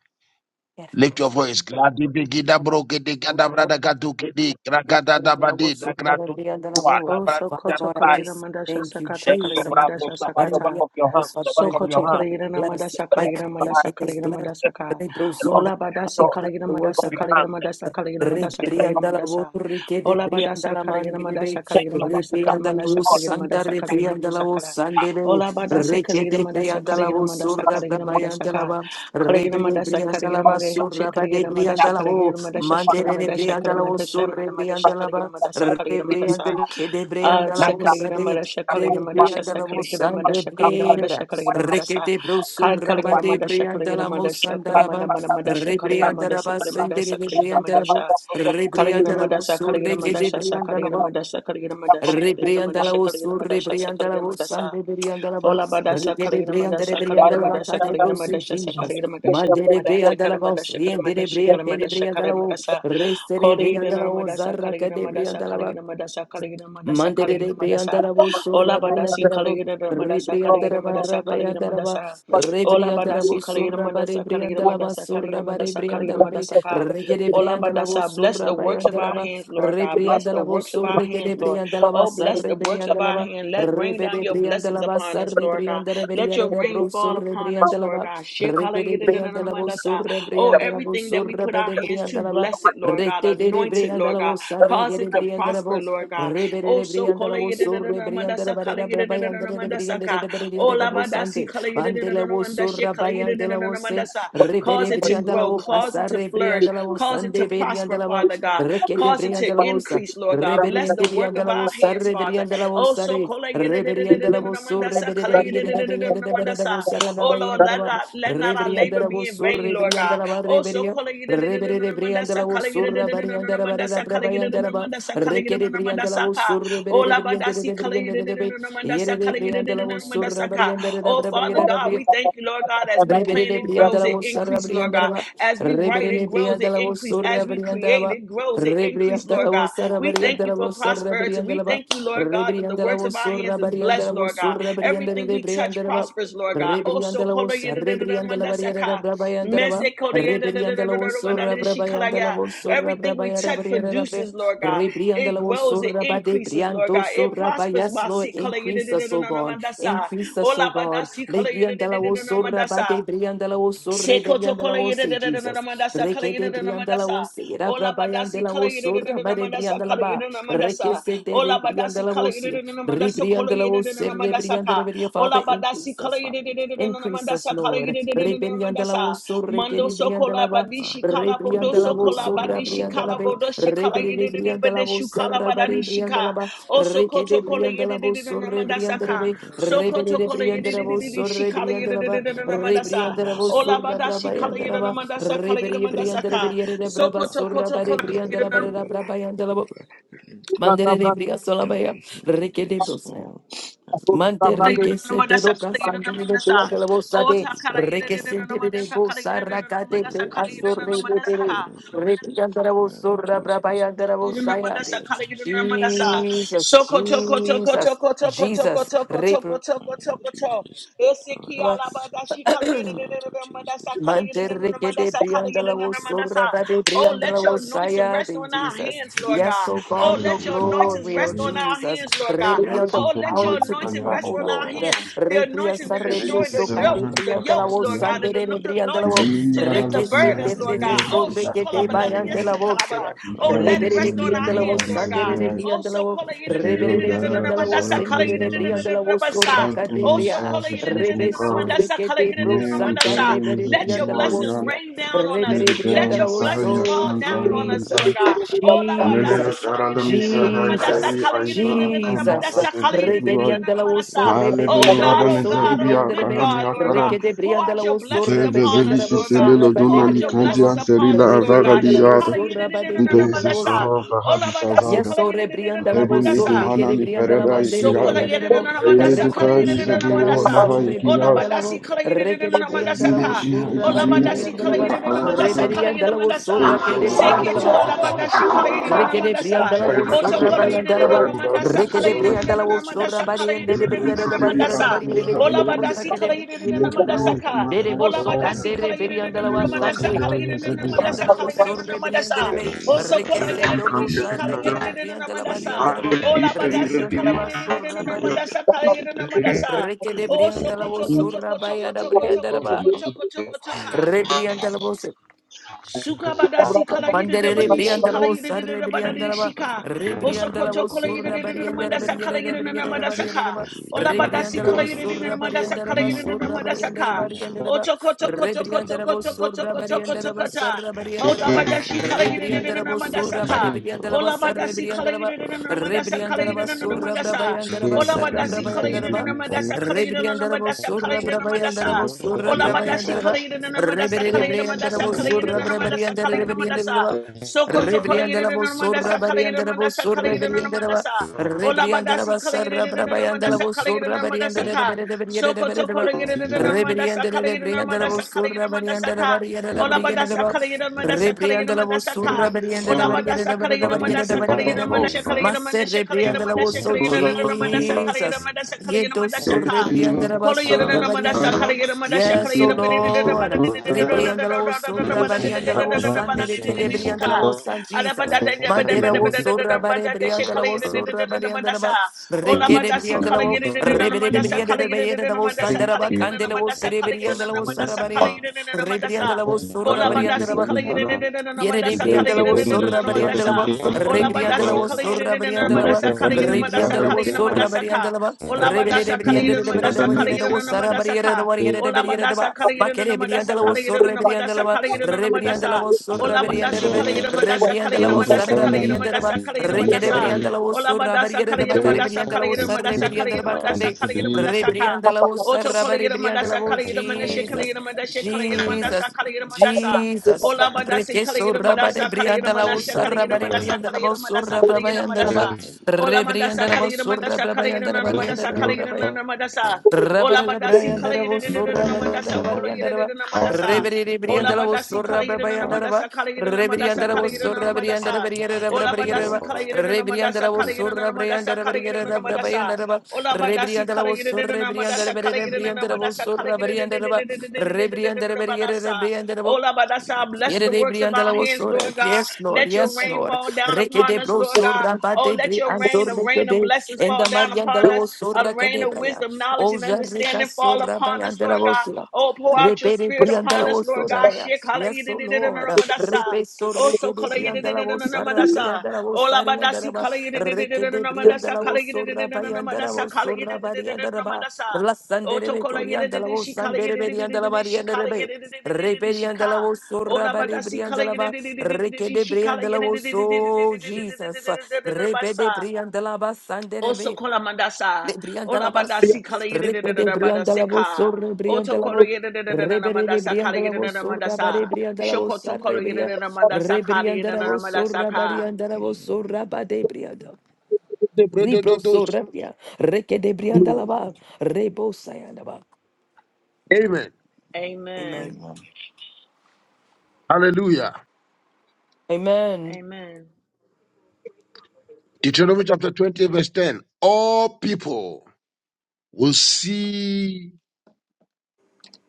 [SPEAKER 2] Lift your voice. Gladi bigi da
[SPEAKER 3] Yes,
[SPEAKER 2] bro gidi gada brada gadu gidi gragada da badi da gradu dua da
[SPEAKER 1] Oh,
[SPEAKER 2] brada
[SPEAKER 3] Father
[SPEAKER 2] da
[SPEAKER 1] Sokoto
[SPEAKER 3] God, I
[SPEAKER 2] bai.
[SPEAKER 1] Kaligina
[SPEAKER 3] just say
[SPEAKER 1] Mandasha
[SPEAKER 3] thank you,
[SPEAKER 1] Sakata
[SPEAKER 2] Yes, so
[SPEAKER 1] Kaligina
[SPEAKER 3] Jesus.
[SPEAKER 2] bravo,
[SPEAKER 1] Mandasha
[SPEAKER 2] so bravo. The work
[SPEAKER 1] Sakata.
[SPEAKER 3] Maria
[SPEAKER 2] of your hands,
[SPEAKER 3] was Father,
[SPEAKER 2] the work
[SPEAKER 3] my
[SPEAKER 2] of your
[SPEAKER 1] Sokoto
[SPEAKER 3] going
[SPEAKER 2] hands,
[SPEAKER 3] out is
[SPEAKER 1] Kaligina
[SPEAKER 3] blessed,
[SPEAKER 1] Mandasa
[SPEAKER 2] the
[SPEAKER 3] my
[SPEAKER 2] work of
[SPEAKER 1] Kaligina
[SPEAKER 2] your
[SPEAKER 3] coming
[SPEAKER 1] Mandasa
[SPEAKER 3] in
[SPEAKER 2] hands,
[SPEAKER 3] is
[SPEAKER 1] Kaligina
[SPEAKER 3] blessed.
[SPEAKER 1] Mandasa Ka.
[SPEAKER 3] Rebro
[SPEAKER 2] the Lord
[SPEAKER 3] Sunda,
[SPEAKER 1] Ola Badasi
[SPEAKER 3] Father,
[SPEAKER 2] God,
[SPEAKER 3] bless
[SPEAKER 1] Kaligina
[SPEAKER 3] the works
[SPEAKER 1] Mandasa
[SPEAKER 3] of my
[SPEAKER 1] Kaligina Mandasa
[SPEAKER 3] hands.
[SPEAKER 1] Kaligina Mandasa
[SPEAKER 2] the work of your
[SPEAKER 1] Kaligina
[SPEAKER 3] Rebriandala wo
[SPEAKER 1] Mandasa.
[SPEAKER 3] rike de
[SPEAKER 1] Ola Badasa
[SPEAKER 3] briandala
[SPEAKER 1] Kaligina
[SPEAKER 3] mandelebe
[SPEAKER 1] Mandasa Kaligina Mandasa Kaligina
[SPEAKER 3] rebriandala
[SPEAKER 1] Mandasa
[SPEAKER 3] wo
[SPEAKER 1] Kaligina
[SPEAKER 3] santa
[SPEAKER 1] Mandasa Kaligina
[SPEAKER 3] rebriandala
[SPEAKER 1] Mandasa
[SPEAKER 3] wo
[SPEAKER 1] Kala.
[SPEAKER 3] sandebe
[SPEAKER 1] Ola badasa
[SPEAKER 3] rike
[SPEAKER 1] kaligida
[SPEAKER 3] de
[SPEAKER 1] madasa
[SPEAKER 3] briandala
[SPEAKER 1] kaligida
[SPEAKER 3] wo
[SPEAKER 1] madasa
[SPEAKER 3] surra
[SPEAKER 1] kaligida madasa
[SPEAKER 3] brabayandala
[SPEAKER 1] ka
[SPEAKER 3] ba
[SPEAKER 1] kaligida madasa kaligida
[SPEAKER 3] rebriandala ba
[SPEAKER 1] madasa
[SPEAKER 3] surra ba de
[SPEAKER 1] kaligida madasa
[SPEAKER 3] briandala wo.
[SPEAKER 1] kaligida madasa shikala
[SPEAKER 3] Mandere de
[SPEAKER 1] madasa
[SPEAKER 3] brianda
[SPEAKER 1] kaligida
[SPEAKER 3] la osu
[SPEAKER 1] madasa
[SPEAKER 3] re
[SPEAKER 1] mana madasa
[SPEAKER 3] brianda la
[SPEAKER 1] kaligida
[SPEAKER 3] ba
[SPEAKER 1] madasa
[SPEAKER 3] re
[SPEAKER 1] kaligida
[SPEAKER 3] brianda
[SPEAKER 1] madasa
[SPEAKER 3] le ke de
[SPEAKER 1] ah
[SPEAKER 3] brianda la osa
[SPEAKER 1] shikaligida
[SPEAKER 3] de
[SPEAKER 1] madasa
[SPEAKER 3] re
[SPEAKER 1] kaligida
[SPEAKER 3] de
[SPEAKER 1] madasa
[SPEAKER 3] brianda la
[SPEAKER 1] shikaligida
[SPEAKER 3] osa de
[SPEAKER 1] madasa kaligida madasa
[SPEAKER 3] bera
[SPEAKER 1] kaligida
[SPEAKER 3] re ke
[SPEAKER 1] madasa
[SPEAKER 3] de brosu
[SPEAKER 1] ka
[SPEAKER 3] ramba
[SPEAKER 1] kaligida
[SPEAKER 3] de
[SPEAKER 1] madasa
[SPEAKER 3] brianda
[SPEAKER 1] kaligida
[SPEAKER 3] la osa
[SPEAKER 1] madasa
[SPEAKER 3] da
[SPEAKER 1] kaligida mana
[SPEAKER 3] ba
[SPEAKER 1] mana madasa
[SPEAKER 3] re
[SPEAKER 2] hands.
[SPEAKER 1] kaligida
[SPEAKER 3] brianda la
[SPEAKER 1] madasa
[SPEAKER 3] ba
[SPEAKER 1] kaligida madasa
[SPEAKER 3] sendere de brianda la bo re
[SPEAKER 1] kaligida
[SPEAKER 3] brianda la
[SPEAKER 1] madasa kaligida madasa
[SPEAKER 3] osu
[SPEAKER 1] kaligida
[SPEAKER 3] re ke de
[SPEAKER 1] madasa
[SPEAKER 3] brianda la
[SPEAKER 1] kaligida
[SPEAKER 3] ba
[SPEAKER 1] madasa kaligida madasa kaligida
[SPEAKER 3] Rebrianda la
[SPEAKER 1] madasa kaligida
[SPEAKER 3] osso,
[SPEAKER 1] madasa
[SPEAKER 3] rebrianda
[SPEAKER 1] kaligida
[SPEAKER 3] la ossa,
[SPEAKER 1] madasa
[SPEAKER 3] rebrianda la ba,
[SPEAKER 1] Ola badasha
[SPEAKER 3] rebrianda
[SPEAKER 1] kaligina
[SPEAKER 3] rebrianda
[SPEAKER 1] madasha
[SPEAKER 3] rebrianda
[SPEAKER 1] kaligina
[SPEAKER 3] la
[SPEAKER 1] madasha
[SPEAKER 3] vaca de
[SPEAKER 1] kaligina
[SPEAKER 3] brosse
[SPEAKER 1] madasha
[SPEAKER 3] Jesus.
[SPEAKER 1] kaligina madasha then
[SPEAKER 3] Mande
[SPEAKER 1] madasha
[SPEAKER 3] rebrianda la
[SPEAKER 1] kaligina
[SPEAKER 3] voz,
[SPEAKER 1] madasha
[SPEAKER 3] riende rebrianda rebrianda
[SPEAKER 1] kaligina
[SPEAKER 3] la o,
[SPEAKER 1] madasha
[SPEAKER 3] reste
[SPEAKER 1] kaligina
[SPEAKER 3] rebrianda la ossa,
[SPEAKER 1] madasha
[SPEAKER 3] raca
[SPEAKER 1] kaligina
[SPEAKER 3] de
[SPEAKER 1] madasha
[SPEAKER 3] brianda la ba.
[SPEAKER 1] kaligina madasha kaligina madasha kaligina madasha kaligina madasha kaligina
[SPEAKER 3] Mandere
[SPEAKER 1] madasha
[SPEAKER 3] Briandarabo
[SPEAKER 1] Ola
[SPEAKER 3] Surra
[SPEAKER 1] badasi
[SPEAKER 3] Bayandarabo
[SPEAKER 1] kaligina madasha kaligina
[SPEAKER 3] Rebriandaraba
[SPEAKER 1] madasha kaligina
[SPEAKER 3] Rabayandaraba
[SPEAKER 1] madasha Ola
[SPEAKER 3] Rebriandarabo
[SPEAKER 1] badasi kaligina
[SPEAKER 3] Surra Bare
[SPEAKER 1] mandasa kaligina
[SPEAKER 3] Briandalaba
[SPEAKER 1] mandasa kaligina
[SPEAKER 3] Surra Bare
[SPEAKER 1] mandasa kaligina
[SPEAKER 3] Briandalabe
[SPEAKER 1] mandasa ka.
[SPEAKER 3] Regede
[SPEAKER 1] Ola
[SPEAKER 3] Briandalabo
[SPEAKER 1] badasa. Bless
[SPEAKER 3] Surra
[SPEAKER 1] the works of our
[SPEAKER 3] Bayandaraba
[SPEAKER 1] hands, Lord God. Bless the
[SPEAKER 3] Rebriandalabo
[SPEAKER 1] works of our hands,
[SPEAKER 3] Surregede
[SPEAKER 1] Lord.
[SPEAKER 3] Briandalaba
[SPEAKER 1] Oh, bless the
[SPEAKER 3] Sarre
[SPEAKER 1] works of our
[SPEAKER 3] Briandalaba
[SPEAKER 1] hand. Let rain down
[SPEAKER 3] Rebede
[SPEAKER 1] your
[SPEAKER 3] brianda
[SPEAKER 1] blessings
[SPEAKER 3] la
[SPEAKER 1] upon
[SPEAKER 3] bassa,
[SPEAKER 1] us, Lord God.
[SPEAKER 3] rebrianda la
[SPEAKER 1] Let
[SPEAKER 3] veriere
[SPEAKER 1] your
[SPEAKER 3] de
[SPEAKER 1] rain
[SPEAKER 3] brusso,
[SPEAKER 1] fall upon us,
[SPEAKER 3] rebrianda la
[SPEAKER 1] Lord
[SPEAKER 3] ba,
[SPEAKER 1] God. Shit,
[SPEAKER 3] rebede
[SPEAKER 1] kaligina
[SPEAKER 3] brianda
[SPEAKER 1] dadadada
[SPEAKER 3] la bosso,
[SPEAKER 1] mandasa. Oh,
[SPEAKER 3] rebrianda la
[SPEAKER 1] everything that
[SPEAKER 3] bosso,
[SPEAKER 1] we put our
[SPEAKER 3] rebede
[SPEAKER 1] hands
[SPEAKER 3] brianda
[SPEAKER 1] to,
[SPEAKER 3] la ba,
[SPEAKER 1] bless it, Lord God.
[SPEAKER 3] rete de
[SPEAKER 1] Anoint it,
[SPEAKER 3] brianda
[SPEAKER 1] Lord
[SPEAKER 3] la
[SPEAKER 1] God.
[SPEAKER 3] bossa,
[SPEAKER 1] Cause
[SPEAKER 3] regede
[SPEAKER 1] it to to
[SPEAKER 3] brianda la
[SPEAKER 1] prosper,
[SPEAKER 3] bo,
[SPEAKER 1] Lord God.
[SPEAKER 3] rebede
[SPEAKER 1] Oh,
[SPEAKER 3] de
[SPEAKER 1] so
[SPEAKER 3] brianda la
[SPEAKER 1] kola
[SPEAKER 3] bosso,
[SPEAKER 1] yedadadada
[SPEAKER 3] rebrianda la
[SPEAKER 1] mandasa kala
[SPEAKER 3] barra
[SPEAKER 1] yedadadada
[SPEAKER 3] brabayanda de
[SPEAKER 1] mandasa
[SPEAKER 3] brianda
[SPEAKER 1] ka.
[SPEAKER 3] de
[SPEAKER 1] Oh,
[SPEAKER 3] beriere de
[SPEAKER 1] labadasi
[SPEAKER 3] bossante,
[SPEAKER 1] kala
[SPEAKER 3] ante la
[SPEAKER 1] yedadadada
[SPEAKER 3] bosso,
[SPEAKER 1] mandashi kala
[SPEAKER 3] rabayanda la
[SPEAKER 1] yedadadada
[SPEAKER 3] bosse,
[SPEAKER 1] mandasa. Cause
[SPEAKER 3] rebede
[SPEAKER 1] it to
[SPEAKER 3] brianda la
[SPEAKER 1] grow,
[SPEAKER 3] bo,
[SPEAKER 1] cause it to
[SPEAKER 3] passare
[SPEAKER 1] flourish,
[SPEAKER 3] brianda la
[SPEAKER 1] cause it to prosper,
[SPEAKER 3] Briandalava,
[SPEAKER 1] Father God.
[SPEAKER 3] Rekete
[SPEAKER 1] Cause it to
[SPEAKER 3] Briandalavosa,
[SPEAKER 1] increase, Lord God. Bless
[SPEAKER 3] Reberiente
[SPEAKER 1] the work of our
[SPEAKER 3] Diandalavosa,
[SPEAKER 1] hands, Father. Oh,
[SPEAKER 3] Reberiandalavosa,
[SPEAKER 1] so kola yedadadada
[SPEAKER 3] Reberiandalavoso,
[SPEAKER 1] mandasa kala yedadadada mandasa.
[SPEAKER 3] Reberiandalavosa,
[SPEAKER 1] Oh, Lord, let
[SPEAKER 3] Rabayanava,
[SPEAKER 1] not, let not our labor be in
[SPEAKER 3] Reberiandalavoso,
[SPEAKER 1] vain, Lord God.
[SPEAKER 3] Reberiandalava,
[SPEAKER 1] Oh, so
[SPEAKER 3] Reberia.
[SPEAKER 1] call it.
[SPEAKER 3] Rebere de
[SPEAKER 6] Thank
[SPEAKER 3] briandala
[SPEAKER 1] Mandasa
[SPEAKER 3] wo
[SPEAKER 1] call it.
[SPEAKER 3] surra bariandara barada
[SPEAKER 1] Mandasa call it.
[SPEAKER 3] brabayandara ba
[SPEAKER 1] Mandasa call it.
[SPEAKER 3] rekere briandala
[SPEAKER 1] Mandasa
[SPEAKER 3] wo
[SPEAKER 1] ka.
[SPEAKER 3] surre
[SPEAKER 1] Oh,
[SPEAKER 3] bere
[SPEAKER 1] la
[SPEAKER 3] briandere
[SPEAKER 1] badasi call it.
[SPEAKER 3] briandere be yere
[SPEAKER 1] Mandasa
[SPEAKER 3] de
[SPEAKER 1] call
[SPEAKER 3] briandala wo
[SPEAKER 1] it.
[SPEAKER 3] surra
[SPEAKER 1] Mandasa ka.
[SPEAKER 3] bariandara
[SPEAKER 1] Oh, Father God,
[SPEAKER 3] brabayandara
[SPEAKER 1] we thank you, Lord God, as we plant
[SPEAKER 3] Rebere
[SPEAKER 1] it grows,
[SPEAKER 3] Briandala
[SPEAKER 1] it
[SPEAKER 3] was Sarah
[SPEAKER 1] increase, Lord God.
[SPEAKER 3] Briandala,
[SPEAKER 1] As we write it
[SPEAKER 3] Rebere
[SPEAKER 1] grows, it
[SPEAKER 3] Briandala was
[SPEAKER 1] increase.
[SPEAKER 3] Sura
[SPEAKER 1] As we create
[SPEAKER 3] Briandala,
[SPEAKER 1] it grows, it increase, Lord
[SPEAKER 3] Rebriandala
[SPEAKER 1] God.
[SPEAKER 3] was Sarah
[SPEAKER 1] We thank you you
[SPEAKER 3] Briandala
[SPEAKER 1] for
[SPEAKER 3] was Sarah
[SPEAKER 1] prosperity. We
[SPEAKER 3] Briandala,
[SPEAKER 1] thank you, Lord God, that the
[SPEAKER 3] Rebriandala
[SPEAKER 1] works of
[SPEAKER 3] was
[SPEAKER 1] our
[SPEAKER 3] Sura
[SPEAKER 1] hands is blessed,
[SPEAKER 3] Briandala was
[SPEAKER 1] Lord God.
[SPEAKER 3] Sura Briandala
[SPEAKER 1] Everything
[SPEAKER 3] de
[SPEAKER 1] we touch
[SPEAKER 3] Briandala,
[SPEAKER 1] prospers, Lord God. Oh, so
[SPEAKER 3] Rebriandala
[SPEAKER 1] kola
[SPEAKER 3] was
[SPEAKER 1] yada da da da
[SPEAKER 3] Rebriandala
[SPEAKER 1] manda saka.
[SPEAKER 3] Barriera Brabayandalaba,
[SPEAKER 1] Mese kola yada da da da
[SPEAKER 3] Rebriandala
[SPEAKER 1] da da
[SPEAKER 3] was
[SPEAKER 1] da da da
[SPEAKER 3] Sura
[SPEAKER 1] da shi kala
[SPEAKER 3] Brabayandala
[SPEAKER 1] ya.
[SPEAKER 3] was Sura
[SPEAKER 1] Everything we
[SPEAKER 3] Brabaya
[SPEAKER 1] touch
[SPEAKER 3] rabri
[SPEAKER 1] produces, Lord God. It
[SPEAKER 3] Rebriandala was
[SPEAKER 1] grows, it
[SPEAKER 3] Sura Bade
[SPEAKER 1] increases, Lord
[SPEAKER 3] Briando
[SPEAKER 1] God. It
[SPEAKER 3] Sura
[SPEAKER 1] prospers.
[SPEAKER 3] Bayas, Lord,
[SPEAKER 1] Wasi kola yada
[SPEAKER 3] increase
[SPEAKER 1] da da
[SPEAKER 3] us,
[SPEAKER 1] da
[SPEAKER 3] O
[SPEAKER 1] da da
[SPEAKER 3] God,
[SPEAKER 1] manda sa.
[SPEAKER 3] increase us,
[SPEAKER 1] Ola
[SPEAKER 3] O
[SPEAKER 1] ba da
[SPEAKER 3] God.
[SPEAKER 1] si kola yada da da
[SPEAKER 3] Rebriandala
[SPEAKER 1] da da
[SPEAKER 3] was
[SPEAKER 1] da
[SPEAKER 3] Sura
[SPEAKER 1] manda sa.
[SPEAKER 3] Bade Briandala was Sura
[SPEAKER 6] you.
[SPEAKER 1] Sekoto
[SPEAKER 3] Rebriandala
[SPEAKER 1] kola
[SPEAKER 3] was
[SPEAKER 1] yede de de de de
[SPEAKER 3] Jesus.
[SPEAKER 1] namandasa kala
[SPEAKER 3] Reke de
[SPEAKER 1] yede de
[SPEAKER 3] Briandala
[SPEAKER 1] namandasa.
[SPEAKER 3] was Sira
[SPEAKER 1] Ola badasi
[SPEAKER 3] Brabayandala
[SPEAKER 1] kala
[SPEAKER 3] was
[SPEAKER 1] yede de de
[SPEAKER 3] Sura
[SPEAKER 1] de
[SPEAKER 3] Bade
[SPEAKER 1] namandasa
[SPEAKER 3] Briandala
[SPEAKER 1] kala
[SPEAKER 3] Ba,
[SPEAKER 1] yede
[SPEAKER 3] Reke
[SPEAKER 1] namandasa.
[SPEAKER 3] se de
[SPEAKER 1] Ola badasi
[SPEAKER 3] Rebriandala
[SPEAKER 1] kala
[SPEAKER 3] was
[SPEAKER 1] yede de de namandasa kala
[SPEAKER 3] Rebriandala
[SPEAKER 1] yede
[SPEAKER 3] was
[SPEAKER 1] de
[SPEAKER 3] Sir
[SPEAKER 1] namandasa ka.
[SPEAKER 3] Rebriandala, Father,
[SPEAKER 1] Ola badasi
[SPEAKER 3] increase
[SPEAKER 1] kala
[SPEAKER 3] us,
[SPEAKER 1] yede
[SPEAKER 3] Father.
[SPEAKER 1] de de de
[SPEAKER 3] Increase
[SPEAKER 1] namandasa
[SPEAKER 3] us,
[SPEAKER 1] kala
[SPEAKER 3] Lord.
[SPEAKER 1] yede de de
[SPEAKER 3] Rebriandala
[SPEAKER 1] namandasa.
[SPEAKER 3] oso
[SPEAKER 1] Mando
[SPEAKER 3] regedi
[SPEAKER 1] sokola
[SPEAKER 3] briandala ba.
[SPEAKER 1] badishi kala bodo
[SPEAKER 5] Kayada
[SPEAKER 3] Rebriandala
[SPEAKER 5] ba ba
[SPEAKER 1] sokola
[SPEAKER 3] oso
[SPEAKER 5] ba ba ba
[SPEAKER 1] badishi
[SPEAKER 5] ba ba
[SPEAKER 1] kala
[SPEAKER 3] rabriandala
[SPEAKER 5] ba.
[SPEAKER 3] be.
[SPEAKER 6] I
[SPEAKER 1] bodo
[SPEAKER 6] am
[SPEAKER 1] shi kala
[SPEAKER 3] Reberi
[SPEAKER 5] Kayada
[SPEAKER 1] yede de de
[SPEAKER 3] briandala
[SPEAKER 1] badeshu
[SPEAKER 3] osa
[SPEAKER 1] kala
[SPEAKER 3] rabari
[SPEAKER 1] badadishi ka.
[SPEAKER 3] briandala ba.
[SPEAKER 1] Oso kotokola yede
[SPEAKER 3] Rekedebriandala
[SPEAKER 1] de de de
[SPEAKER 3] oso
[SPEAKER 1] namandasa
[SPEAKER 3] rebriandala
[SPEAKER 1] ka.
[SPEAKER 3] be.
[SPEAKER 5] ba for
[SPEAKER 3] Reberi
[SPEAKER 5] composed
[SPEAKER 1] Sokotokola yede de
[SPEAKER 3] briandala
[SPEAKER 5] wisdom
[SPEAKER 1] de de de
[SPEAKER 3] oso
[SPEAKER 5] and
[SPEAKER 1] shi kala
[SPEAKER 5] in
[SPEAKER 1] yede
[SPEAKER 3] rebriandala
[SPEAKER 1] de
[SPEAKER 5] the
[SPEAKER 1] de
[SPEAKER 3] ba.
[SPEAKER 1] de
[SPEAKER 5] moment I
[SPEAKER 1] namandasa.
[SPEAKER 5] find
[SPEAKER 3] Rebriandala oso
[SPEAKER 5] myself.
[SPEAKER 1] Ola badashi kala
[SPEAKER 5] Kayada
[SPEAKER 3] rabrabayandala
[SPEAKER 1] yira
[SPEAKER 5] ba
[SPEAKER 1] na
[SPEAKER 3] ba.
[SPEAKER 5] ba ba.
[SPEAKER 1] mandasa kala yira mandasa
[SPEAKER 5] Kayada
[SPEAKER 3] Rebriandala
[SPEAKER 5] ba
[SPEAKER 1] ka.
[SPEAKER 5] ba
[SPEAKER 3] beriere
[SPEAKER 5] ba ba
[SPEAKER 3] braba
[SPEAKER 1] Soko
[SPEAKER 5] ba.
[SPEAKER 1] to
[SPEAKER 3] so
[SPEAKER 1] koto kola kala
[SPEAKER 5] Kayada
[SPEAKER 1] yira
[SPEAKER 5] ba
[SPEAKER 3] briandala
[SPEAKER 1] na
[SPEAKER 5] ba ba.
[SPEAKER 3] barabra bayandala ba. Mandere bria solabaya.
[SPEAKER 5] Amazing that is
[SPEAKER 3] Rekedebrosa.
[SPEAKER 5] all
[SPEAKER 3] Mante
[SPEAKER 1] kala yira na
[SPEAKER 3] requesente
[SPEAKER 1] mandasa
[SPEAKER 3] no
[SPEAKER 5] mighty
[SPEAKER 1] kala
[SPEAKER 5] name
[SPEAKER 1] yira
[SPEAKER 5] of
[SPEAKER 3] brasando
[SPEAKER 1] na
[SPEAKER 3] no
[SPEAKER 5] Jesus
[SPEAKER 3] pega
[SPEAKER 1] mandasa.
[SPEAKER 3] de la
[SPEAKER 5] Christ.
[SPEAKER 3] bolsa de
[SPEAKER 1] Ota
[SPEAKER 5] Hallelujah,
[SPEAKER 1] kala
[SPEAKER 5] ba,
[SPEAKER 1] yira
[SPEAKER 5] ba,
[SPEAKER 1] na na
[SPEAKER 5] ba,
[SPEAKER 1] na
[SPEAKER 3] requesente
[SPEAKER 5] ba.
[SPEAKER 3] de
[SPEAKER 1] mandasa kala
[SPEAKER 3] bolsa
[SPEAKER 1] yira na na
[SPEAKER 3] racate
[SPEAKER 5] Lord
[SPEAKER 1] mandasa
[SPEAKER 3] de
[SPEAKER 5] of
[SPEAKER 1] kala yira na
[SPEAKER 3] azorre
[SPEAKER 1] na
[SPEAKER 5] Jesus,
[SPEAKER 3] de
[SPEAKER 1] mandasa
[SPEAKER 3] pere
[SPEAKER 5] Lord
[SPEAKER 1] ka.
[SPEAKER 5] of Jesus,
[SPEAKER 3] retirando la
[SPEAKER 5] Lord
[SPEAKER 3] bolsa
[SPEAKER 5] of Jesus,
[SPEAKER 3] rapayando la
[SPEAKER 5] Lord
[SPEAKER 3] bolsa
[SPEAKER 5] of
[SPEAKER 3] ya
[SPEAKER 1] Yidunamadasa,
[SPEAKER 3] de
[SPEAKER 5] Jesus,
[SPEAKER 6] the master
[SPEAKER 5] Lord of
[SPEAKER 6] of my
[SPEAKER 1] kaligidunamadasa.
[SPEAKER 5] Jesus,
[SPEAKER 3] Jesus
[SPEAKER 1] Soko
[SPEAKER 5] Lord of
[SPEAKER 1] toko toko
[SPEAKER 5] Jesus,
[SPEAKER 3] Jesus
[SPEAKER 1] toko toko toko
[SPEAKER 3] Jesus
[SPEAKER 1] toko
[SPEAKER 3] rep
[SPEAKER 1] toko toko
[SPEAKER 5] Lord of
[SPEAKER 1] toko to.
[SPEAKER 5] Jesus, Lord
[SPEAKER 1] Esiki
[SPEAKER 5] of Jesus,
[SPEAKER 1] alabadashi
[SPEAKER 5] Lord of
[SPEAKER 1] kaligidunamadasa,
[SPEAKER 5] Jesus, Lord of
[SPEAKER 3] Manterekete
[SPEAKER 1] kaligidunamadasa,
[SPEAKER 5] Jesus, Lord of Jesus,
[SPEAKER 3] priandalavo
[SPEAKER 1] kaligidunamadasa.
[SPEAKER 5] Lord
[SPEAKER 3] surabade
[SPEAKER 1] Oh, let your
[SPEAKER 5] of
[SPEAKER 1] anointing
[SPEAKER 5] Jesus,
[SPEAKER 3] saya
[SPEAKER 1] rest
[SPEAKER 3] de
[SPEAKER 1] on our
[SPEAKER 5] Lord
[SPEAKER 3] Jesus.
[SPEAKER 1] hands,
[SPEAKER 5] of
[SPEAKER 7] جایی
[SPEAKER 1] Lord
[SPEAKER 5] Jesus,
[SPEAKER 3] Yes,
[SPEAKER 1] God.
[SPEAKER 3] O
[SPEAKER 1] Oh,
[SPEAKER 3] God, your
[SPEAKER 1] let your anointings
[SPEAKER 3] glory, O
[SPEAKER 1] rest on our
[SPEAKER 3] Jesus.
[SPEAKER 1] hands, Lord God.
[SPEAKER 7] از
[SPEAKER 3] Rebriand the
[SPEAKER 1] Oh,
[SPEAKER 7] سمت
[SPEAKER 1] let
[SPEAKER 3] power
[SPEAKER 1] your
[SPEAKER 7] زنی
[SPEAKER 3] to
[SPEAKER 7] که
[SPEAKER 5] Blood
[SPEAKER 1] anointing
[SPEAKER 3] become,
[SPEAKER 5] of
[SPEAKER 7] جانی
[SPEAKER 3] O
[SPEAKER 1] rest on
[SPEAKER 7] دارم
[SPEAKER 1] our
[SPEAKER 3] Lord.
[SPEAKER 1] hands
[SPEAKER 5] Jesus,
[SPEAKER 7] تنگ،
[SPEAKER 1] the
[SPEAKER 5] blood of
[SPEAKER 3] Rebriand
[SPEAKER 1] anointing to
[SPEAKER 7] اگری
[SPEAKER 5] Jesus,
[SPEAKER 1] destroy the
[SPEAKER 3] sarebruso
[SPEAKER 5] blood of
[SPEAKER 1] yokes,
[SPEAKER 3] kade
[SPEAKER 7] می‌سوزونم
[SPEAKER 1] the
[SPEAKER 7] که
[SPEAKER 5] Jesus,
[SPEAKER 7] روی
[SPEAKER 1] yokes,
[SPEAKER 3] priandalavo
[SPEAKER 1] Lord God,
[SPEAKER 5] blood
[SPEAKER 1] and
[SPEAKER 7] دیوارش،
[SPEAKER 5] of
[SPEAKER 1] the
[SPEAKER 3] sandere
[SPEAKER 1] ano-
[SPEAKER 5] Jesus,
[SPEAKER 1] anointing
[SPEAKER 3] priandalavo
[SPEAKER 1] to
[SPEAKER 7] دیوانی آلا
[SPEAKER 1] lift the
[SPEAKER 7] لاتون
[SPEAKER 3] rekeshe
[SPEAKER 5] blood
[SPEAKER 7] را
[SPEAKER 1] burdens, Lord
[SPEAKER 5] of
[SPEAKER 1] God.
[SPEAKER 7] تیریده
[SPEAKER 3] derefeso
[SPEAKER 1] Oh,
[SPEAKER 5] Jesus,
[SPEAKER 1] so
[SPEAKER 7] بیشتر
[SPEAKER 1] call
[SPEAKER 3] rekete
[SPEAKER 1] up
[SPEAKER 5] blood
[SPEAKER 1] another.
[SPEAKER 5] of
[SPEAKER 7] بگان.
[SPEAKER 1] Yes, he call
[SPEAKER 3] bayandelavo
[SPEAKER 1] up
[SPEAKER 5] Jesus,
[SPEAKER 1] another.
[SPEAKER 3] sea.
[SPEAKER 5] blood
[SPEAKER 1] Oh,
[SPEAKER 5] of
[SPEAKER 1] let it
[SPEAKER 3] Rebere de
[SPEAKER 1] rest
[SPEAKER 7] امروزون
[SPEAKER 1] on
[SPEAKER 5] Jesus,
[SPEAKER 1] our
[SPEAKER 3] priandalavo
[SPEAKER 1] hands,
[SPEAKER 7] میارم
[SPEAKER 5] blood
[SPEAKER 1] Lord
[SPEAKER 5] of
[SPEAKER 1] God.
[SPEAKER 3] sandere
[SPEAKER 7] سریع،
[SPEAKER 5] Jesus,
[SPEAKER 1] Oh, so
[SPEAKER 3] priandalavo
[SPEAKER 1] call
[SPEAKER 5] blood of
[SPEAKER 7] که
[SPEAKER 3] rebere
[SPEAKER 5] Jesus,
[SPEAKER 3] de
[SPEAKER 7] وادارتی
[SPEAKER 1] it.
[SPEAKER 3] priandalavo
[SPEAKER 7] شد
[SPEAKER 5] blood
[SPEAKER 7] که
[SPEAKER 5] of
[SPEAKER 3] sendere
[SPEAKER 7] لیالان،
[SPEAKER 5] Jesus,
[SPEAKER 3] priandalavo
[SPEAKER 6] destiny.
[SPEAKER 5] blood of Jesus, blood of Jesus, blood of
[SPEAKER 7] آن
[SPEAKER 1] Oh,
[SPEAKER 5] Jesus,
[SPEAKER 1] so
[SPEAKER 3] surra
[SPEAKER 5] blood
[SPEAKER 7] کمیساتشون
[SPEAKER 5] of Jesus, blood of
[SPEAKER 7] کم
[SPEAKER 5] Jesus,
[SPEAKER 3] Rebeso
[SPEAKER 7] کار،
[SPEAKER 1] call
[SPEAKER 5] blood of Jesus, blood of Jesus, blood of Jesus, blood of Jesus,
[SPEAKER 1] it.
[SPEAKER 5] blood
[SPEAKER 3] regede bro
[SPEAKER 7] نه
[SPEAKER 3] santa
[SPEAKER 7] انتظاری
[SPEAKER 3] rebere
[SPEAKER 1] Let
[SPEAKER 7] میذاریم
[SPEAKER 1] your
[SPEAKER 3] brianda la
[SPEAKER 1] blessings
[SPEAKER 7] آیا
[SPEAKER 3] osia.
[SPEAKER 1] rain down on
[SPEAKER 7] نه
[SPEAKER 3] Rebere
[SPEAKER 1] us.
[SPEAKER 7] ریپه
[SPEAKER 1] Let
[SPEAKER 3] brianda
[SPEAKER 1] your
[SPEAKER 3] la
[SPEAKER 7] میسازی
[SPEAKER 1] blessings
[SPEAKER 3] oso.
[SPEAKER 1] fall
[SPEAKER 7] اگر
[SPEAKER 1] down
[SPEAKER 7] کار
[SPEAKER 1] on us,
[SPEAKER 7] میزد؟
[SPEAKER 1] Lord
[SPEAKER 3] Jesus,
[SPEAKER 1] God. Oh, la ba da
[SPEAKER 7] Menene
[SPEAKER 1] si
[SPEAKER 3] Jesus,
[SPEAKER 1] kala yi
[SPEAKER 7] tarala
[SPEAKER 1] da da da da da
[SPEAKER 7] misa
[SPEAKER 1] na ma
[SPEAKER 7] hai
[SPEAKER 1] da sa
[SPEAKER 3] Jesus,
[SPEAKER 7] jai
[SPEAKER 1] kala yi da da da
[SPEAKER 7] aiba
[SPEAKER 1] da da na ma
[SPEAKER 7] akamba
[SPEAKER 1] da
[SPEAKER 3] Jesus.
[SPEAKER 1] sa
[SPEAKER 7] saven
[SPEAKER 1] kala yi da da da da
[SPEAKER 7] cheduai.
[SPEAKER 5] of
[SPEAKER 1] da
[SPEAKER 3] Reberianda
[SPEAKER 1] na
[SPEAKER 3] la
[SPEAKER 1] ma da sa.
[SPEAKER 3] oso,
[SPEAKER 5] Jesus,
[SPEAKER 7] Maale
[SPEAKER 1] Oh
[SPEAKER 5] blood
[SPEAKER 7] velo
[SPEAKER 3] reberianda la
[SPEAKER 5] of
[SPEAKER 1] God,
[SPEAKER 6] Mandaya
[SPEAKER 7] vadane
[SPEAKER 1] oh
[SPEAKER 5] Jesus.
[SPEAKER 3] oso,
[SPEAKER 1] God, oh
[SPEAKER 7] zahia
[SPEAKER 3] reberianda
[SPEAKER 1] good
[SPEAKER 5] Blood
[SPEAKER 3] rebe.
[SPEAKER 7] kahami
[SPEAKER 5] of
[SPEAKER 1] God, Lord God.
[SPEAKER 7] ataran.
[SPEAKER 5] Jesus.
[SPEAKER 3] Rekede
[SPEAKER 1] Pour
[SPEAKER 3] brianda
[SPEAKER 1] out
[SPEAKER 3] la
[SPEAKER 1] your
[SPEAKER 3] oso,
[SPEAKER 1] blessings
[SPEAKER 7] Nke
[SPEAKER 1] upon
[SPEAKER 3] reberianda
[SPEAKER 7] vezevi
[SPEAKER 3] la
[SPEAKER 1] us, Lord
[SPEAKER 5] Blood
[SPEAKER 3] osa,
[SPEAKER 1] God.
[SPEAKER 5] of
[SPEAKER 7] siselelo
[SPEAKER 5] Jesus.
[SPEAKER 1] Pour
[SPEAKER 3] rabade
[SPEAKER 1] out
[SPEAKER 7] donali
[SPEAKER 1] your
[SPEAKER 3] brianda la
[SPEAKER 7] kandi
[SPEAKER 1] blessings
[SPEAKER 3] oso.
[SPEAKER 1] upon
[SPEAKER 7] anserila
[SPEAKER 1] us,
[SPEAKER 5] Blood
[SPEAKER 1] Lord
[SPEAKER 7] avara
[SPEAKER 1] God.
[SPEAKER 3] Rebrianda la
[SPEAKER 1] She kala
[SPEAKER 7] diata.
[SPEAKER 5] of
[SPEAKER 3] oso,
[SPEAKER 1] yi da da
[SPEAKER 5] Jesus.
[SPEAKER 1] da
[SPEAKER 3] rabade
[SPEAKER 1] da da
[SPEAKER 7] Mpe
[SPEAKER 1] na
[SPEAKER 3] brianda
[SPEAKER 1] ma
[SPEAKER 3] la
[SPEAKER 7] ise
[SPEAKER 1] da
[SPEAKER 3] osia.
[SPEAKER 1] sa.
[SPEAKER 7] shoho
[SPEAKER 6] Bhakashiki
[SPEAKER 1] Oh,
[SPEAKER 7] fahadi
[SPEAKER 1] la ba da si
[SPEAKER 3] Yes,
[SPEAKER 7] shazada.
[SPEAKER 1] kala
[SPEAKER 3] so
[SPEAKER 1] yi da da da da
[SPEAKER 3] rebrianda
[SPEAKER 1] da
[SPEAKER 3] la
[SPEAKER 1] na
[SPEAKER 7] Nke
[SPEAKER 1] ma
[SPEAKER 3] voz,
[SPEAKER 1] da
[SPEAKER 7] dili
[SPEAKER 3] so
[SPEAKER 5] Blood
[SPEAKER 1] sa.
[SPEAKER 5] of
[SPEAKER 7] duhana
[SPEAKER 3] regere
[SPEAKER 7] ni
[SPEAKER 5] Jesus.
[SPEAKER 3] brianda la
[SPEAKER 7] pereda
[SPEAKER 3] bandere
[SPEAKER 1] Sokola
[SPEAKER 7] ikijaza.
[SPEAKER 3] brianda la
[SPEAKER 1] yedede
[SPEAKER 3] voz,
[SPEAKER 1] na
[SPEAKER 5] Blood of
[SPEAKER 7] Zaili
[SPEAKER 1] namandasa kala
[SPEAKER 7] dukai
[SPEAKER 3] requete
[SPEAKER 5] Jesus,
[SPEAKER 1] yedede na
[SPEAKER 3] brianda
[SPEAKER 7] mizedi
[SPEAKER 3] la
[SPEAKER 5] blood
[SPEAKER 7] o
[SPEAKER 1] namandasa.
[SPEAKER 5] of
[SPEAKER 3] voz, so
[SPEAKER 5] Jesus,
[SPEAKER 7] naha
[SPEAKER 1] Ola
[SPEAKER 7] ikijaza.
[SPEAKER 3] rebrianda la
[SPEAKER 1] badasi
[SPEAKER 3] voz,
[SPEAKER 5] blood
[SPEAKER 1] kala
[SPEAKER 5] of
[SPEAKER 1] yedede na
[SPEAKER 3] regere
[SPEAKER 5] Jesus,
[SPEAKER 3] brianda
[SPEAKER 1] namandasa
[SPEAKER 3] la
[SPEAKER 5] blood
[SPEAKER 7] Kajina
[SPEAKER 5] of
[SPEAKER 3] voz,
[SPEAKER 1] ka.
[SPEAKER 3] so
[SPEAKER 7] shia
[SPEAKER 1] Ola
[SPEAKER 5] Jesus,
[SPEAKER 3] rabare
[SPEAKER 7] izulia
[SPEAKER 1] badasi
[SPEAKER 3] brianda
[SPEAKER 5] blood
[SPEAKER 3] la
[SPEAKER 1] kala
[SPEAKER 7] fakire
[SPEAKER 5] of
[SPEAKER 3] voz,
[SPEAKER 1] yedede na
[SPEAKER 5] Jesus,
[SPEAKER 7] bahada.
[SPEAKER 1] namandasa kala
[SPEAKER 5] blood
[SPEAKER 1] yedede
[SPEAKER 3] rebrianda la
[SPEAKER 5] of
[SPEAKER 3] voz, so
[SPEAKER 1] namandasa.
[SPEAKER 5] Jesus,
[SPEAKER 7] Sese
[SPEAKER 3] raquete
[SPEAKER 5] blood of
[SPEAKER 1] Seke tu
[SPEAKER 3] brianda
[SPEAKER 1] ala
[SPEAKER 5] Jesus,
[SPEAKER 1] badashi
[SPEAKER 5] blood
[SPEAKER 1] kala
[SPEAKER 5] of
[SPEAKER 7] vahada.
[SPEAKER 1] yedede na
[SPEAKER 3] Rekede
[SPEAKER 5] Jesus,
[SPEAKER 1] namandasa.
[SPEAKER 3] Briandala
[SPEAKER 7] Jai
[SPEAKER 5] blood
[SPEAKER 3] was
[SPEAKER 5] of
[SPEAKER 3] so
[SPEAKER 1] Oto
[SPEAKER 7] vakura
[SPEAKER 3] rabbi
[SPEAKER 1] kola
[SPEAKER 5] Jesus,
[SPEAKER 3] and
[SPEAKER 1] yedede na
[SPEAKER 3] daraba.
[SPEAKER 5] blood
[SPEAKER 7] nakai
[SPEAKER 5] of
[SPEAKER 1] namandasa
[SPEAKER 7] vadane
[SPEAKER 1] kala
[SPEAKER 5] Jesus,
[SPEAKER 3] Rekede
[SPEAKER 7] shazada.
[SPEAKER 1] yedede na
[SPEAKER 3] Briandala
[SPEAKER 5] blood of
[SPEAKER 3] was so
[SPEAKER 1] namandasa
[SPEAKER 3] rabbi
[SPEAKER 5] Jesus.
[SPEAKER 3] and the
[SPEAKER 5] Ayi
[SPEAKER 3] Briada the
[SPEAKER 5] boya
[SPEAKER 7] भी
[SPEAKER 5] da
[SPEAKER 3] Barriera
[SPEAKER 5] da
[SPEAKER 3] the
[SPEAKER 7] काम
[SPEAKER 5] da
[SPEAKER 1] madasa.
[SPEAKER 3] Barriera
[SPEAKER 5] da da
[SPEAKER 3] the
[SPEAKER 5] da
[SPEAKER 3] Barriera
[SPEAKER 5] da
[SPEAKER 1] Ola
[SPEAKER 3] the
[SPEAKER 5] da da da
[SPEAKER 1] badasi
[SPEAKER 3] Bosaka de
[SPEAKER 1] kala
[SPEAKER 5] da.
[SPEAKER 1] yidana
[SPEAKER 5] Kayi
[SPEAKER 1] madasa
[SPEAKER 3] Briandala.
[SPEAKER 5] da da da da
[SPEAKER 3] Dere
[SPEAKER 5] da da da
[SPEAKER 1] Ola
[SPEAKER 5] da da
[SPEAKER 3] Boso
[SPEAKER 5] da
[SPEAKER 1] badasi
[SPEAKER 5] da
[SPEAKER 3] Candere
[SPEAKER 1] kala
[SPEAKER 5] da da da.
[SPEAKER 3] Briandala
[SPEAKER 1] yidana
[SPEAKER 3] was
[SPEAKER 1] madasa
[SPEAKER 3] Sunday.
[SPEAKER 5] da
[SPEAKER 1] kala
[SPEAKER 5] da da
[SPEAKER 1] yidana
[SPEAKER 5] da da da
[SPEAKER 1] madasa
[SPEAKER 5] da
[SPEAKER 3] Briandala
[SPEAKER 5] da
[SPEAKER 1] kala
[SPEAKER 3] was
[SPEAKER 5] da
[SPEAKER 3] so
[SPEAKER 5] da
[SPEAKER 1] yidana
[SPEAKER 5] da da.
[SPEAKER 1] madasa.
[SPEAKER 3] rebriandere.
[SPEAKER 5] Kayi
[SPEAKER 1] Oso
[SPEAKER 5] da
[SPEAKER 3] Reke
[SPEAKER 5] da
[SPEAKER 1] kola
[SPEAKER 5] da da
[SPEAKER 3] Sento
[SPEAKER 5] da da
[SPEAKER 1] yidana
[SPEAKER 5] da
[SPEAKER 1] shi
[SPEAKER 3] Losa
[SPEAKER 5] da
[SPEAKER 1] kala
[SPEAKER 5] da da da.
[SPEAKER 3] Rekede
[SPEAKER 1] yidana
[SPEAKER 3] Briandala
[SPEAKER 1] madasa.
[SPEAKER 5] da
[SPEAKER 3] Barriandala.
[SPEAKER 5] da da da
[SPEAKER 1] Ola
[SPEAKER 5] da da da
[SPEAKER 1] badasi
[SPEAKER 5] da
[SPEAKER 1] kala
[SPEAKER 3] Rebriandala
[SPEAKER 5] da.
[SPEAKER 3] was so
[SPEAKER 1] yidana
[SPEAKER 3] rabbi.
[SPEAKER 5] Kayıda
[SPEAKER 1] madasa kala yidana madasa.
[SPEAKER 3] Rekede
[SPEAKER 1] Oso
[SPEAKER 3] Briandala
[SPEAKER 1] koto
[SPEAKER 3] was so
[SPEAKER 1] koto
[SPEAKER 3] rabbi
[SPEAKER 1] koto
[SPEAKER 3] and a
[SPEAKER 1] koto koto koto
[SPEAKER 3] Briandala.
[SPEAKER 1] koto koto koto koto.
[SPEAKER 3] Rebriandala was
[SPEAKER 1] Sukabadasi kala
[SPEAKER 3] Mandere
[SPEAKER 1] yidabadi
[SPEAKER 3] briandala
[SPEAKER 1] shikala
[SPEAKER 3] wo sarre
[SPEAKER 1] yidabadi
[SPEAKER 3] briandala ba
[SPEAKER 1] shika.
[SPEAKER 3] re briandala
[SPEAKER 1] Osokoto
[SPEAKER 3] wo
[SPEAKER 1] kala
[SPEAKER 3] surra briandala
[SPEAKER 1] yidabadasa kala
[SPEAKER 3] briere briere
[SPEAKER 1] yidabadasaka.
[SPEAKER 3] briere ba
[SPEAKER 5] I give the
[SPEAKER 3] re
[SPEAKER 5] blood of
[SPEAKER 1] Olabadasi
[SPEAKER 3] briandala
[SPEAKER 1] kala
[SPEAKER 3] ba surra
[SPEAKER 1] yidabadasa
[SPEAKER 3] briandala
[SPEAKER 1] kala
[SPEAKER 3] ba
[SPEAKER 5] Jesus,
[SPEAKER 3] surra
[SPEAKER 5] blood of
[SPEAKER 3] briandala ba
[SPEAKER 1] yidabadasaka.
[SPEAKER 3] briandala
[SPEAKER 5] Jesus,
[SPEAKER 3] ba
[SPEAKER 1] Otokoto
[SPEAKER 3] re
[SPEAKER 1] koto koto
[SPEAKER 3] briandala wo
[SPEAKER 1] koto koto
[SPEAKER 3] surra
[SPEAKER 5] blood
[SPEAKER 1] koto
[SPEAKER 5] of
[SPEAKER 1] koto
[SPEAKER 3] briandala ba
[SPEAKER 5] Jesus, blood of Jesus,
[SPEAKER 1] kata.
[SPEAKER 3] sarra
[SPEAKER 5] blood
[SPEAKER 3] briandala
[SPEAKER 5] of
[SPEAKER 3] ba
[SPEAKER 1] Olabadashi
[SPEAKER 5] Jesus,
[SPEAKER 1] kala
[SPEAKER 3] re briandala wo surra ba re
[SPEAKER 1] yidabadasaka.
[SPEAKER 5] blood
[SPEAKER 3] briandala ba
[SPEAKER 5] of
[SPEAKER 3] sarre
[SPEAKER 1] Olabadasi
[SPEAKER 5] Jesus,
[SPEAKER 1] kala
[SPEAKER 3] briandala ba
[SPEAKER 5] blood of Jesus, blood of
[SPEAKER 3] re
[SPEAKER 1] yidabadasa
[SPEAKER 5] Jesus,
[SPEAKER 1] kala
[SPEAKER 3] briandala ba
[SPEAKER 5] blood of
[SPEAKER 3] surra bra
[SPEAKER 1] yidabadasa.
[SPEAKER 5] Jesus,
[SPEAKER 3] briandala ba
[SPEAKER 5] blood of
[SPEAKER 3] sarra bra
[SPEAKER 1] Olabadasi kala
[SPEAKER 5] Jesus,
[SPEAKER 3] briandala ba
[SPEAKER 5] blood of Jesus, blood of
[SPEAKER 1] yidabadasa kala
[SPEAKER 3] re
[SPEAKER 5] Jesus,
[SPEAKER 3] briandala wo
[SPEAKER 1] yidabadasa
[SPEAKER 5] blood of Jesus, blood of Jesus, blood of Jesus, blood of
[SPEAKER 1] kala
[SPEAKER 3] surra bra
[SPEAKER 5] Jesus,
[SPEAKER 3] briandala
[SPEAKER 1] yidabadasa.
[SPEAKER 3] wo
[SPEAKER 5] blood
[SPEAKER 3] surra
[SPEAKER 5] of
[SPEAKER 3] bra
[SPEAKER 5] Jesus,
[SPEAKER 1] Madashi
[SPEAKER 3] briandala ba
[SPEAKER 5] blood
[SPEAKER 1] Kalayidana
[SPEAKER 3] so Jesus.
[SPEAKER 1] Madasa Kalayidana
[SPEAKER 5] of
[SPEAKER 1] Madasa Kalayidana Madasa Kalayidana
[SPEAKER 5] Jesus,
[SPEAKER 1] Madasa Sokoto Kalayidana Madasa Kalayidana Madasa Kalayidana Madasa Ola Badasi Kalayidana Madasa Kalayidana Madasa Ka Sokoto Kalayidana Madasa Kalayidana Madasa Kalayidana Madasa Ka Ola Badasa
[SPEAKER 5] blood of Jesus,
[SPEAKER 1] Kalayidana
[SPEAKER 5] blood
[SPEAKER 1] Madasa Kalayidana Madasa Ka Ola Badasa Kalayidana Madasa Kalayidana Madasa Kalayidana Madasa Kalayidana Madasa Kalayidana Madasa Kalayidana Madasa Kalayidana
[SPEAKER 3] Yendo
[SPEAKER 1] Madasa
[SPEAKER 3] so
[SPEAKER 1] Ka
[SPEAKER 3] rebrianda
[SPEAKER 1] Ola badasi kala yede de de de
[SPEAKER 3] la basura
[SPEAKER 1] na
[SPEAKER 3] varianda la
[SPEAKER 1] madasa kala
[SPEAKER 3] Yes, oh
[SPEAKER 1] yede de
[SPEAKER 3] Lord. Rebriandala wo
[SPEAKER 5] of
[SPEAKER 3] sorra bariandala wo sande de kende briandala wo san Jesus. Mandera wo sorra bare briandala wo
[SPEAKER 1] de
[SPEAKER 3] sorra
[SPEAKER 1] de na madasa.
[SPEAKER 3] bariandala ba.
[SPEAKER 1] Ola
[SPEAKER 3] Reke de
[SPEAKER 1] badasi
[SPEAKER 3] briandala
[SPEAKER 1] kala
[SPEAKER 3] wo
[SPEAKER 1] yede de de na
[SPEAKER 5] Jesus,
[SPEAKER 3] rebere de
[SPEAKER 1] madasa
[SPEAKER 5] blood
[SPEAKER 1] kala
[SPEAKER 3] briandala
[SPEAKER 5] of
[SPEAKER 1] yede
[SPEAKER 3] briandala wo
[SPEAKER 5] Jesus.
[SPEAKER 1] madasa
[SPEAKER 3] sandara ba
[SPEAKER 5] blood of
[SPEAKER 3] kandela wo sere
[SPEAKER 5] Jesus,
[SPEAKER 3] briandala
[SPEAKER 5] blood of
[SPEAKER 1] kala
[SPEAKER 5] Jesus, blood of
[SPEAKER 3] Rebriandala wo
[SPEAKER 5] Jesus,
[SPEAKER 3] sorra
[SPEAKER 5] blood
[SPEAKER 3] briandala
[SPEAKER 5] of Jesus, blood of Jesus,
[SPEAKER 3] Yerebriandela
[SPEAKER 1] yede
[SPEAKER 3] was
[SPEAKER 5] blood
[SPEAKER 3] so
[SPEAKER 5] of
[SPEAKER 3] rabariandelaba,
[SPEAKER 5] Jesus, blood
[SPEAKER 3] Rebriandela
[SPEAKER 5] of Jesus, blood of
[SPEAKER 3] was so
[SPEAKER 5] Jesus,
[SPEAKER 3] rabariandelaba,
[SPEAKER 5] blood of Jesus,
[SPEAKER 3] Rebriandela was
[SPEAKER 5] blood
[SPEAKER 3] so
[SPEAKER 5] of
[SPEAKER 1] madasa ka.
[SPEAKER 3] rabariandelaba,
[SPEAKER 1] Ola badasa Ola badasi kala yina madasa kala yina
[SPEAKER 3] Rebedibriandela was
[SPEAKER 1] madasa
[SPEAKER 3] Sarabariera, the Warrior, the Bediadaba,
[SPEAKER 1] kala yina madasa
[SPEAKER 3] Macarebriandela was
[SPEAKER 1] kala
[SPEAKER 3] so rebriandelaba,
[SPEAKER 5] Jesus, blood of
[SPEAKER 3] Rebriandela was so
[SPEAKER 5] Jesus. Hey,
[SPEAKER 3] rabariandelaba,
[SPEAKER 5] you da da da ba ba
[SPEAKER 3] Rebriandela
[SPEAKER 5] ba ba
[SPEAKER 3] was
[SPEAKER 5] ba ba ba.
[SPEAKER 3] Sarabariandelaba,
[SPEAKER 5] Tell you da ba ba ba
[SPEAKER 3] Recadebriandela
[SPEAKER 5] ba ba
[SPEAKER 3] was so
[SPEAKER 5] ba ba.
[SPEAKER 3] rabariera, the
[SPEAKER 1] yina
[SPEAKER 3] Macarebriandela was
[SPEAKER 5] Mwah, yeah, ba
[SPEAKER 3] Sarabariandela
[SPEAKER 5] ba
[SPEAKER 3] Cande,
[SPEAKER 5] ba ba ba ba ba ba ba
[SPEAKER 3] Rebriandela
[SPEAKER 5] ba
[SPEAKER 3] was
[SPEAKER 5] ba.
[SPEAKER 3] Sarabariandela,
[SPEAKER 5] Hey, you da ba
[SPEAKER 3] Jesus,
[SPEAKER 5] ba ba ba ba ba ba
[SPEAKER 3] Jesus.
[SPEAKER 5] ba ba. Hey,
[SPEAKER 3] Jesus,
[SPEAKER 5] you da ba ba
[SPEAKER 3] Reke
[SPEAKER 5] ba ba
[SPEAKER 3] sorra
[SPEAKER 5] ba ba.
[SPEAKER 3] bade brianda la
[SPEAKER 5] Hey, you
[SPEAKER 3] usarra bade
[SPEAKER 5] da ba
[SPEAKER 1] madasa
[SPEAKER 5] ba ba
[SPEAKER 3] brianda la
[SPEAKER 5] ba ba ba
[SPEAKER 3] basurra
[SPEAKER 5] ba.
[SPEAKER 1] kala yina
[SPEAKER 3] brabayanda la ba
[SPEAKER 5] to to to to to
[SPEAKER 1] madasa. Ola
[SPEAKER 3] re
[SPEAKER 1] mandasa
[SPEAKER 3] brianda la
[SPEAKER 1] kala yina
[SPEAKER 3] basurra
[SPEAKER 1] mandasa kala yina
[SPEAKER 3] brabayanda la
[SPEAKER 1] na
[SPEAKER 3] barianda
[SPEAKER 1] mandasa
[SPEAKER 3] la
[SPEAKER 1] kala yina
[SPEAKER 3] brabay
[SPEAKER 1] nana mandasa. Ola
[SPEAKER 3] rabara la
[SPEAKER 1] mandasi
[SPEAKER 3] brianda
[SPEAKER 1] kala
[SPEAKER 3] la
[SPEAKER 1] yina na
[SPEAKER 3] basurra
[SPEAKER 1] nana
[SPEAKER 3] barianda
[SPEAKER 1] mandasa
[SPEAKER 3] la
[SPEAKER 1] kola
[SPEAKER 3] barianda
[SPEAKER 1] yina
[SPEAKER 3] la
[SPEAKER 1] na
[SPEAKER 3] ba
[SPEAKER 1] nana mandasa.
[SPEAKER 3] re bri
[SPEAKER 1] Ola
[SPEAKER 3] brianda la
[SPEAKER 1] mandasi kala
[SPEAKER 3] basurra
[SPEAKER 1] yina na
[SPEAKER 3] brabayanda la ba
[SPEAKER 1] mandasa kala yina na
[SPEAKER 3] re brianda
[SPEAKER 1] mandasa
[SPEAKER 3] la
[SPEAKER 1] kala yina nana
[SPEAKER 3] basurra brianda la
[SPEAKER 1] mandasa.
[SPEAKER 3] barianda la
[SPEAKER 1] Ola
[SPEAKER 3] brabayanda la
[SPEAKER 1] badasi,
[SPEAKER 3] ba
[SPEAKER 1] kala yina
[SPEAKER 3] re
[SPEAKER 1] na
[SPEAKER 3] brianda la
[SPEAKER 1] mandasa kala yina
[SPEAKER 3] basurra
[SPEAKER 1] na mandasa
[SPEAKER 3] brianda la
[SPEAKER 1] kala yina
[SPEAKER 3] barianda
[SPEAKER 1] nana
[SPEAKER 3] la
[SPEAKER 1] mandasa.
[SPEAKER 3] brabayanda la ba
[SPEAKER 1] Ola
[SPEAKER 3] re
[SPEAKER 1] badasi,
[SPEAKER 3] brianda la
[SPEAKER 1] kala yina
[SPEAKER 3] basurra
[SPEAKER 1] na
[SPEAKER 3] brianda la
[SPEAKER 1] mandasa kala
[SPEAKER 3] barianda la
[SPEAKER 1] yina na mandasa kala
[SPEAKER 3] basurra
[SPEAKER 1] yina
[SPEAKER 3] barianda la ba
[SPEAKER 5] to
[SPEAKER 3] re brianda la
[SPEAKER 1] nana mandasa.
[SPEAKER 3] barianda la
[SPEAKER 1] Ola badasa, bless
[SPEAKER 3] Yere
[SPEAKER 1] the
[SPEAKER 3] de
[SPEAKER 1] works of our hands,
[SPEAKER 3] Yeredebriandalawosora.
[SPEAKER 1] Lord God.
[SPEAKER 3] Yes, Lord.
[SPEAKER 1] Let your
[SPEAKER 3] Yes,
[SPEAKER 1] rain
[SPEAKER 3] Lord.
[SPEAKER 1] fall down
[SPEAKER 3] Reke
[SPEAKER 1] upon
[SPEAKER 3] de
[SPEAKER 1] us,
[SPEAKER 3] bro
[SPEAKER 1] Lord
[SPEAKER 3] so
[SPEAKER 1] God.
[SPEAKER 3] raba
[SPEAKER 1] Oh,
[SPEAKER 3] de
[SPEAKER 1] let
[SPEAKER 3] Rekedebroso rabadebri
[SPEAKER 1] your rain a rain of
[SPEAKER 3] antorrekede.
[SPEAKER 1] blessings fall
[SPEAKER 3] Enda
[SPEAKER 1] down upon us. A
[SPEAKER 3] mariandalawosora
[SPEAKER 1] rain of
[SPEAKER 3] kadebraya.
[SPEAKER 1] wisdom, knowledge, and
[SPEAKER 3] Oja
[SPEAKER 1] understanding fall
[SPEAKER 3] rekasora
[SPEAKER 1] upon us, Lord God.
[SPEAKER 3] bayandalawosora.
[SPEAKER 1] Oh, pour out your
[SPEAKER 3] Repere
[SPEAKER 1] spirit upon us, Lord
[SPEAKER 3] briandalawosora
[SPEAKER 1] God.
[SPEAKER 3] baya. Yes, O Lord. Repeso
[SPEAKER 1] Oh, so
[SPEAKER 3] rekede
[SPEAKER 1] call it.
[SPEAKER 3] briandalawosara briandalawosari andaraba. Rekede briandalawosora bayandalawosora bariandaraba. Lasanderebe koriandalawosanderebe riandalabariandarebe. Reberiandela wo so
[SPEAKER 1] Oh, la
[SPEAKER 3] rabade
[SPEAKER 1] badasi.
[SPEAKER 3] briandela ba rekede briandela wo so Jesus rebede briandela ba sandere
[SPEAKER 1] Oso
[SPEAKER 3] be
[SPEAKER 1] kola mandasa.
[SPEAKER 3] de
[SPEAKER 1] Ola
[SPEAKER 3] briandela ba
[SPEAKER 1] badasi,
[SPEAKER 3] sia
[SPEAKER 1] kala yede de de de
[SPEAKER 3] rekede
[SPEAKER 1] de mandase
[SPEAKER 3] briandela wo so
[SPEAKER 1] ka. Oto
[SPEAKER 3] rebriandela
[SPEAKER 1] kolo
[SPEAKER 3] wo
[SPEAKER 1] yede de de de de de
[SPEAKER 3] rebere de
[SPEAKER 1] mandasa kala
[SPEAKER 3] briandala
[SPEAKER 1] yede
[SPEAKER 3] wo
[SPEAKER 1] de de
[SPEAKER 3] so rabade
[SPEAKER 1] mandasa.
[SPEAKER 3] briandela wo
[SPEAKER 1] Shoko to kolo
[SPEAKER 3] sarre
[SPEAKER 1] yede
[SPEAKER 3] bria
[SPEAKER 1] de de mandasa kala yede de
[SPEAKER 3] rebriandela wo
[SPEAKER 1] de
[SPEAKER 3] so
[SPEAKER 1] mandasa ka.
[SPEAKER 3] rabariandela wo so rabade briandela Libro so rabia rekede briandela ba rebo sayandaba
[SPEAKER 2] Amen.
[SPEAKER 1] Amen.
[SPEAKER 3] Amen
[SPEAKER 2] Hallelujah.
[SPEAKER 3] Amen
[SPEAKER 1] Amen.
[SPEAKER 2] Deuteronomy chapter 20, verse 10. All people will see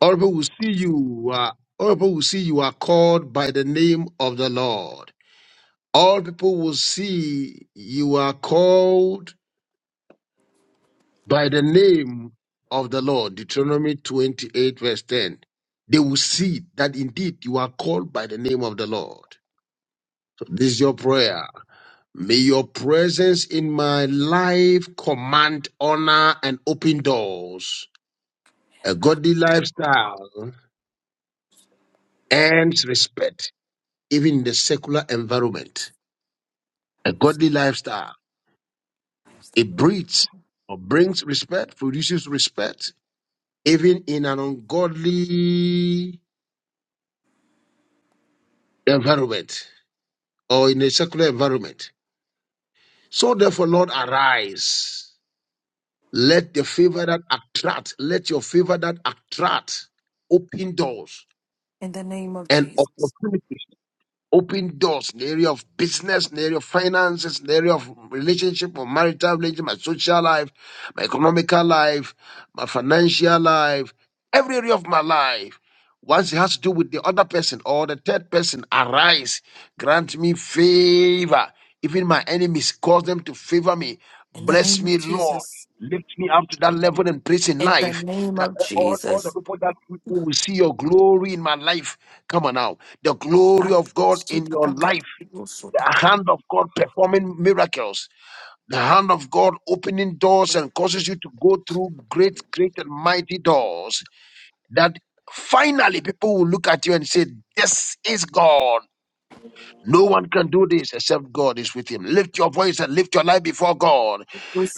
[SPEAKER 2] all people will see you uh, or people will see you are called by the name of the Lord. All people will see you are called by the name of the Lord. Deuteronomy 28, verse 10. They will see that indeed you are called by the name of the Lord. So this is your prayer. May your presence in my life command honor and open doors, a godly lifestyle, and respect. even in the secular environment. A godly lifestyle, it breeds or brings respect, produces respect, even in an ungodly environment or in a secular environment. So therefore, Lord, arise. Let the favor that attract, let your favor that attract open doors
[SPEAKER 3] in the name of
[SPEAKER 2] and
[SPEAKER 3] Jesus
[SPEAKER 2] opportunities Open doors in the area of business, in the area of finances, in the area of relationship or marital relationship, my social life, my economical life, my financial life, every area of my life. Once it has to do with the other person or the third person, arise, grant me favor. Even my enemies, cause them to favor me.
[SPEAKER 3] In the
[SPEAKER 2] Bless
[SPEAKER 3] name
[SPEAKER 2] me,
[SPEAKER 3] of
[SPEAKER 2] Lord.
[SPEAKER 3] Jesus.
[SPEAKER 2] Lift me up to that level and place in
[SPEAKER 3] In the
[SPEAKER 2] life
[SPEAKER 3] name
[SPEAKER 2] that
[SPEAKER 3] of
[SPEAKER 2] all, all the
[SPEAKER 3] Jesus.
[SPEAKER 2] people that who will see your glory in my life. Come on now. The glory of God in your life. The hand of God performing miracles. The hand of God opening doors and causes you to go through great, great and mighty doors that finally people will look at you and say, This is God. No one can do this except God is with him. Lift your voice and lift your life before God.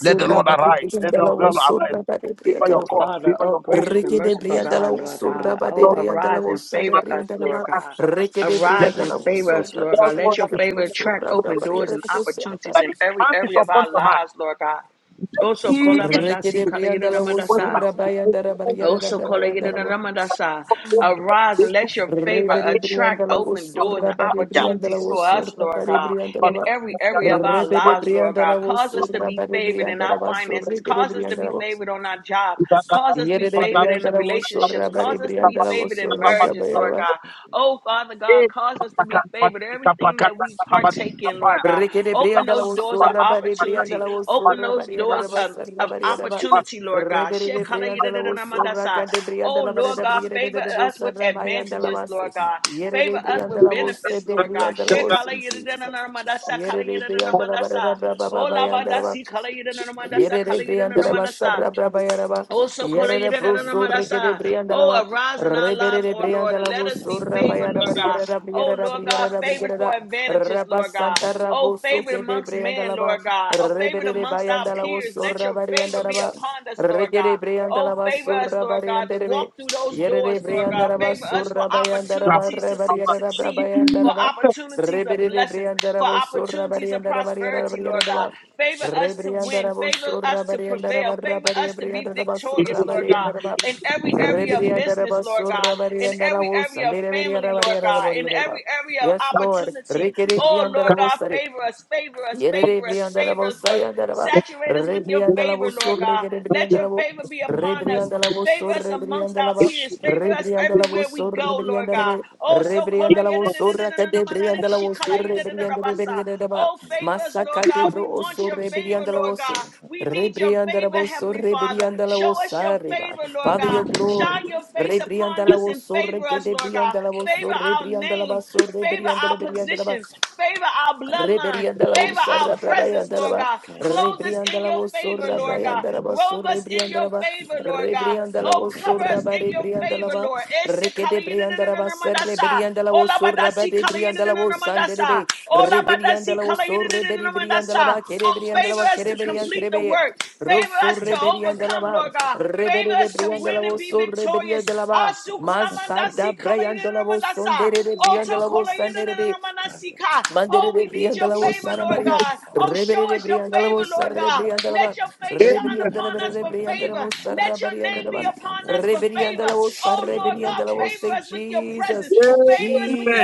[SPEAKER 2] Let the Lord
[SPEAKER 3] bade
[SPEAKER 2] arise. Let the
[SPEAKER 3] briandala
[SPEAKER 2] Lord arise.
[SPEAKER 3] usurra bade
[SPEAKER 2] Favor your
[SPEAKER 3] briandala
[SPEAKER 1] Oh,
[SPEAKER 2] cause.
[SPEAKER 1] Father,
[SPEAKER 2] Favor
[SPEAKER 1] oh,
[SPEAKER 2] your cause.
[SPEAKER 1] gracious
[SPEAKER 2] Favor
[SPEAKER 1] and
[SPEAKER 3] Reke de
[SPEAKER 1] merciful
[SPEAKER 3] briandala
[SPEAKER 1] God, Lord
[SPEAKER 3] usurra
[SPEAKER 1] God.
[SPEAKER 3] bade
[SPEAKER 1] Oh,
[SPEAKER 2] your cause.
[SPEAKER 3] briandala
[SPEAKER 1] arise and
[SPEAKER 3] usa de
[SPEAKER 1] favor us,
[SPEAKER 3] briandala
[SPEAKER 1] Lord
[SPEAKER 3] ba
[SPEAKER 1] God.
[SPEAKER 3] Reke de
[SPEAKER 2] Let
[SPEAKER 1] Arise and
[SPEAKER 3] briandala
[SPEAKER 1] favor us,
[SPEAKER 3] usurra
[SPEAKER 1] Lord
[SPEAKER 2] the
[SPEAKER 1] God.
[SPEAKER 3] bade
[SPEAKER 2] Lord
[SPEAKER 1] Let your
[SPEAKER 3] briandala
[SPEAKER 2] arise.
[SPEAKER 1] favor track
[SPEAKER 3] usurra bade
[SPEAKER 1] open doors and
[SPEAKER 3] briandala usurra
[SPEAKER 1] opportunities
[SPEAKER 2] that
[SPEAKER 1] in
[SPEAKER 2] it
[SPEAKER 1] every
[SPEAKER 2] can't be
[SPEAKER 1] area of
[SPEAKER 2] upon
[SPEAKER 1] our
[SPEAKER 2] your mind.
[SPEAKER 1] lives, Lord God.
[SPEAKER 2] Let's
[SPEAKER 1] Also,
[SPEAKER 2] see if
[SPEAKER 3] Reke
[SPEAKER 1] kolabadasi
[SPEAKER 3] de briandala
[SPEAKER 1] kalayidamadasa.
[SPEAKER 3] usurra bayandara barriera
[SPEAKER 1] Also,
[SPEAKER 3] da
[SPEAKER 1] kalayidamadasa. Arise and let your favor
[SPEAKER 3] Rebede
[SPEAKER 1] attract
[SPEAKER 3] Briandala was
[SPEAKER 1] open doors and
[SPEAKER 3] Rabade
[SPEAKER 2] Yeah.
[SPEAKER 3] Briandala
[SPEAKER 1] opportunities for
[SPEAKER 3] was
[SPEAKER 1] us, Lord
[SPEAKER 3] Rabade
[SPEAKER 1] God,
[SPEAKER 2] what-
[SPEAKER 3] Briandala
[SPEAKER 1] in
[SPEAKER 2] that's what-
[SPEAKER 3] ba-
[SPEAKER 1] every
[SPEAKER 2] that's what-
[SPEAKER 1] area of
[SPEAKER 2] that's
[SPEAKER 1] our
[SPEAKER 3] Rebede
[SPEAKER 2] what-
[SPEAKER 1] lives, Lord God.
[SPEAKER 3] Briandala was
[SPEAKER 1] Cause us to be
[SPEAKER 3] Rabade
[SPEAKER 1] favored in our
[SPEAKER 3] Briandala was
[SPEAKER 1] finances.
[SPEAKER 3] Rigede
[SPEAKER 1] Cause us to
[SPEAKER 3] Briandala
[SPEAKER 1] be
[SPEAKER 3] was
[SPEAKER 1] favored on our job. Cause us to
[SPEAKER 3] Yere
[SPEAKER 1] be favored
[SPEAKER 2] that's
[SPEAKER 1] in the
[SPEAKER 3] Briandala was
[SPEAKER 1] relationships.
[SPEAKER 3] Rabade
[SPEAKER 1] Cause us to be
[SPEAKER 3] Briandala
[SPEAKER 1] favored
[SPEAKER 3] was
[SPEAKER 1] in marriages, Lord
[SPEAKER 3] Rabade
[SPEAKER 1] God. Oh, Father God,
[SPEAKER 2] Eh,
[SPEAKER 1] cause us to be favored. Everything everything that we partake in, Lord God.
[SPEAKER 3] Rikede
[SPEAKER 1] Open
[SPEAKER 3] Briandala
[SPEAKER 1] those
[SPEAKER 3] was
[SPEAKER 1] doors of
[SPEAKER 3] Surabari
[SPEAKER 1] opportunity.
[SPEAKER 3] Briandala was
[SPEAKER 1] Open those
[SPEAKER 3] Surabari and
[SPEAKER 1] doors of,
[SPEAKER 3] Erebus and
[SPEAKER 1] of
[SPEAKER 3] Rabari and Ebus.
[SPEAKER 1] opportunity, Lord God.
[SPEAKER 3] Reberi de Briandala was Suraka de
[SPEAKER 1] Oh,
[SPEAKER 3] Briandala
[SPEAKER 1] Lord
[SPEAKER 3] Barada
[SPEAKER 1] God,
[SPEAKER 3] Briere
[SPEAKER 1] favor
[SPEAKER 3] de
[SPEAKER 1] us
[SPEAKER 3] Bosa
[SPEAKER 1] with
[SPEAKER 3] Ramaya and
[SPEAKER 1] advantages, Lord
[SPEAKER 3] Dalavasi.
[SPEAKER 1] God.
[SPEAKER 3] Yere
[SPEAKER 1] Favor
[SPEAKER 3] de
[SPEAKER 1] us with
[SPEAKER 3] Briandala was
[SPEAKER 1] benefits,
[SPEAKER 3] said de
[SPEAKER 1] Lord God.
[SPEAKER 3] Briandala was in Jesus.
[SPEAKER 1] Shekalayyadadadadamandasa,
[SPEAKER 3] Yere de Briandala Barada
[SPEAKER 1] kalayyadadadamandasa. Oh,
[SPEAKER 3] Brababa
[SPEAKER 1] labadasi, kalayyadadadamandasa,
[SPEAKER 3] Yerere briandala
[SPEAKER 1] kalayyadadadamandasa.
[SPEAKER 3] basarra brabayaraba.
[SPEAKER 1] Also, oh,
[SPEAKER 3] Yerere brusurri
[SPEAKER 5] to
[SPEAKER 3] kere briandala ba.
[SPEAKER 5] to to
[SPEAKER 1] arise in our lives,
[SPEAKER 3] Reberere
[SPEAKER 1] oh
[SPEAKER 5] Favor,
[SPEAKER 1] Lord, and
[SPEAKER 3] briandala
[SPEAKER 1] let us be
[SPEAKER 3] busurra
[SPEAKER 1] favored,
[SPEAKER 3] bayana
[SPEAKER 1] Lord God.
[SPEAKER 3] barigera
[SPEAKER 1] Oh,
[SPEAKER 3] rabriera
[SPEAKER 1] Lord God,
[SPEAKER 3] rabriera
[SPEAKER 1] favored for
[SPEAKER 3] rabriera
[SPEAKER 1] advantages, Lord God.
[SPEAKER 3] rabasanta
[SPEAKER 1] Oh,
[SPEAKER 3] rabusu
[SPEAKER 1] favored
[SPEAKER 3] kede
[SPEAKER 1] amongst men,
[SPEAKER 3] briandala ba.
[SPEAKER 1] Lord God. Oh, favored
[SPEAKER 3] Reberere
[SPEAKER 1] amongst our
[SPEAKER 3] bayandala
[SPEAKER 1] peers. Let
[SPEAKER 3] busurra
[SPEAKER 1] your favor
[SPEAKER 3] bariandala
[SPEAKER 1] be
[SPEAKER 3] ba.
[SPEAKER 1] upon us, Lord God.
[SPEAKER 3] Regere
[SPEAKER 1] Oh,
[SPEAKER 3] briandala
[SPEAKER 1] favor us,
[SPEAKER 3] basurra
[SPEAKER 1] Lord God, to
[SPEAKER 3] bariandere
[SPEAKER 1] walk
[SPEAKER 3] be.
[SPEAKER 1] through those doors,
[SPEAKER 3] Yerere
[SPEAKER 1] Lord God.
[SPEAKER 3] briandala
[SPEAKER 1] Favor us for
[SPEAKER 3] basurra bayandala ba
[SPEAKER 1] opportunities to su-
[SPEAKER 3] rebariera
[SPEAKER 1] succeed, for
[SPEAKER 3] rabrabayandala ba.
[SPEAKER 1] opportunities of
[SPEAKER 3] Reberere
[SPEAKER 1] blessings
[SPEAKER 3] briandala
[SPEAKER 1] for
[SPEAKER 3] busurra
[SPEAKER 1] opportunities and
[SPEAKER 3] bariandala bariera
[SPEAKER 1] prosperity, Lord
[SPEAKER 3] rabriera
[SPEAKER 1] God.
[SPEAKER 3] ba.
[SPEAKER 1] Favor us to
[SPEAKER 3] Yes,
[SPEAKER 1] win, favor us to prevail, favor us to be victorious, Lord God, in every area of business, Lord God, in every area of family, Lord God, in every area of
[SPEAKER 3] Lord.
[SPEAKER 1] opportunity. Oh, Lord God,
[SPEAKER 3] Yes, Lord.
[SPEAKER 1] favor us, favor us,
[SPEAKER 3] Yere
[SPEAKER 1] favor us,
[SPEAKER 3] brianda la
[SPEAKER 1] favor us,
[SPEAKER 3] bossa
[SPEAKER 1] Lord.
[SPEAKER 3] yanda la ba.
[SPEAKER 1] Saturate us
[SPEAKER 3] Re
[SPEAKER 1] with your
[SPEAKER 3] brianda la
[SPEAKER 1] favor,
[SPEAKER 3] bosso
[SPEAKER 1] Lord
[SPEAKER 3] re
[SPEAKER 1] God.
[SPEAKER 3] gere
[SPEAKER 1] Let
[SPEAKER 3] brianda la
[SPEAKER 1] your
[SPEAKER 3] bo.
[SPEAKER 1] favor be
[SPEAKER 3] Re
[SPEAKER 1] upon us.
[SPEAKER 3] brianda la
[SPEAKER 1] Favor
[SPEAKER 3] bosso
[SPEAKER 1] us
[SPEAKER 3] re
[SPEAKER 1] amongst
[SPEAKER 3] brianda
[SPEAKER 1] our
[SPEAKER 3] la ba.
[SPEAKER 1] peers. Favor
[SPEAKER 3] Re
[SPEAKER 1] us
[SPEAKER 3] brianda la
[SPEAKER 1] everywhere
[SPEAKER 3] bosso
[SPEAKER 1] we
[SPEAKER 3] re
[SPEAKER 1] go, Lord
[SPEAKER 3] brianda la
[SPEAKER 1] God.
[SPEAKER 3] be.
[SPEAKER 1] Oh,
[SPEAKER 3] Re
[SPEAKER 1] so kola
[SPEAKER 3] brianda la
[SPEAKER 1] yada da
[SPEAKER 3] bosso
[SPEAKER 1] da da
[SPEAKER 3] re
[SPEAKER 1] da da da
[SPEAKER 3] kade
[SPEAKER 1] ma na na
[SPEAKER 3] brianda la
[SPEAKER 1] shi kala
[SPEAKER 3] bosso re
[SPEAKER 1] yada da da da
[SPEAKER 3] brianda be
[SPEAKER 1] ba sa.
[SPEAKER 3] brianda da ba.
[SPEAKER 1] Oh, favor us,
[SPEAKER 3] Masaka
[SPEAKER 1] Lord
[SPEAKER 3] de
[SPEAKER 1] God.
[SPEAKER 3] bro
[SPEAKER 1] We want
[SPEAKER 3] osso
[SPEAKER 1] your
[SPEAKER 3] re
[SPEAKER 1] favor,
[SPEAKER 3] brianda la
[SPEAKER 1] Lord
[SPEAKER 3] bosse.
[SPEAKER 1] God. We
[SPEAKER 3] Re
[SPEAKER 1] need your
[SPEAKER 3] brianda la
[SPEAKER 1] favor,
[SPEAKER 3] bosso
[SPEAKER 1] Heavenly
[SPEAKER 3] re
[SPEAKER 1] Father.
[SPEAKER 3] brianda la
[SPEAKER 1] Show us your
[SPEAKER 3] bossa re ba.
[SPEAKER 1] favor, Lord
[SPEAKER 3] Father
[SPEAKER 1] God.
[SPEAKER 3] your
[SPEAKER 1] Shine
[SPEAKER 3] glory.
[SPEAKER 1] your face
[SPEAKER 3] Re brianda
[SPEAKER 1] upon
[SPEAKER 3] la
[SPEAKER 1] us and
[SPEAKER 3] bosso re
[SPEAKER 1] favor us,
[SPEAKER 3] kade
[SPEAKER 1] Lord
[SPEAKER 3] brianda
[SPEAKER 1] God
[SPEAKER 3] la bosso
[SPEAKER 1] favor
[SPEAKER 3] re
[SPEAKER 1] our
[SPEAKER 3] brianda la
[SPEAKER 1] name,
[SPEAKER 3] basso re
[SPEAKER 1] favor
[SPEAKER 3] brianda la
[SPEAKER 1] our
[SPEAKER 3] brianda la ba.
[SPEAKER 1] position, favor our bloodline.
[SPEAKER 3] Rebrianda la
[SPEAKER 1] Favor
[SPEAKER 3] ursa
[SPEAKER 1] our presence,
[SPEAKER 3] rabayanda la
[SPEAKER 1] Lord
[SPEAKER 3] ba
[SPEAKER 1] God. Clothe us
[SPEAKER 3] rebrianda
[SPEAKER 1] in
[SPEAKER 3] la
[SPEAKER 1] your favor,
[SPEAKER 3] vosorra
[SPEAKER 1] Lord God.
[SPEAKER 3] brayanda la vosso
[SPEAKER 1] Robe us in
[SPEAKER 3] rebrianda
[SPEAKER 1] your
[SPEAKER 3] la ba
[SPEAKER 1] favor, Lord God.
[SPEAKER 3] rebrianda la
[SPEAKER 1] Oh, cover us
[SPEAKER 3] vosorra ba
[SPEAKER 1] in your
[SPEAKER 3] rebrianda la
[SPEAKER 1] favor,
[SPEAKER 3] ba
[SPEAKER 1] Lord. Ese kala
[SPEAKER 3] rekede
[SPEAKER 1] yida da
[SPEAKER 3] brianda
[SPEAKER 1] da
[SPEAKER 3] la
[SPEAKER 1] da
[SPEAKER 3] ba
[SPEAKER 1] na
[SPEAKER 3] ser
[SPEAKER 5] Thank
[SPEAKER 1] mandasa.
[SPEAKER 3] rebrianda la
[SPEAKER 1] Ola
[SPEAKER 3] vosorra ba
[SPEAKER 1] badasi kala yida
[SPEAKER 3] rebrianda
[SPEAKER 1] da
[SPEAKER 3] la
[SPEAKER 1] da na
[SPEAKER 3] vosande de
[SPEAKER 1] mandasa.
[SPEAKER 3] be
[SPEAKER 1] Ola
[SPEAKER 3] rebrianda
[SPEAKER 1] badasi
[SPEAKER 3] la
[SPEAKER 1] kala yida da
[SPEAKER 3] vosorre
[SPEAKER 1] da na
[SPEAKER 3] rebrianda
[SPEAKER 1] mandasa
[SPEAKER 3] la
[SPEAKER 1] ah.
[SPEAKER 3] ba kere
[SPEAKER 1] Oh,
[SPEAKER 3] brianda la
[SPEAKER 1] favor
[SPEAKER 3] ba
[SPEAKER 1] us
[SPEAKER 3] kere
[SPEAKER 1] to
[SPEAKER 3] brianda
[SPEAKER 1] complete the
[SPEAKER 3] krebe
[SPEAKER 1] work. Favor
[SPEAKER 3] Rosso
[SPEAKER 1] us to
[SPEAKER 3] rebrianda la
[SPEAKER 1] overcome,
[SPEAKER 3] ba
[SPEAKER 1] Lord God.
[SPEAKER 3] rebere
[SPEAKER 1] Favor us to
[SPEAKER 3] brianda la
[SPEAKER 1] win and be
[SPEAKER 3] vosorre
[SPEAKER 1] victorious.
[SPEAKER 3] rebrianda la ba
[SPEAKER 1] Asu
[SPEAKER 3] Masada
[SPEAKER 1] kolamandasi
[SPEAKER 5] you.
[SPEAKER 3] brayanda la
[SPEAKER 1] kalayidinamandasa.
[SPEAKER 3] vosondere rebrianda
[SPEAKER 1] Oto
[SPEAKER 3] la vosande de be
[SPEAKER 1] kolayidinamandasika. Oh,
[SPEAKER 3] Mandere de
[SPEAKER 1] we need your
[SPEAKER 3] briandala wo
[SPEAKER 1] favor,
[SPEAKER 3] sara
[SPEAKER 1] Lord
[SPEAKER 3] maria,
[SPEAKER 1] God. Oh, show
[SPEAKER 3] rebere de
[SPEAKER 1] us your
[SPEAKER 3] briandala wo
[SPEAKER 1] favor,
[SPEAKER 3] sara
[SPEAKER 1] Lord
[SPEAKER 3] de
[SPEAKER 1] God.
[SPEAKER 3] briandala
[SPEAKER 1] Let
[SPEAKER 3] ba,
[SPEAKER 1] your face shine
[SPEAKER 3] rebere andala
[SPEAKER 1] upon
[SPEAKER 3] bere
[SPEAKER 1] us
[SPEAKER 3] de
[SPEAKER 1] for
[SPEAKER 3] briandala
[SPEAKER 1] favor.
[SPEAKER 3] wo sara
[SPEAKER 1] Let your name
[SPEAKER 3] briandala ba,
[SPEAKER 1] be
[SPEAKER 3] rebere andala wo sara
[SPEAKER 5] Lord of
[SPEAKER 3] briandala wo say
[SPEAKER 5] Jesus, Lord of
[SPEAKER 3] Jesus,
[SPEAKER 5] Jesus,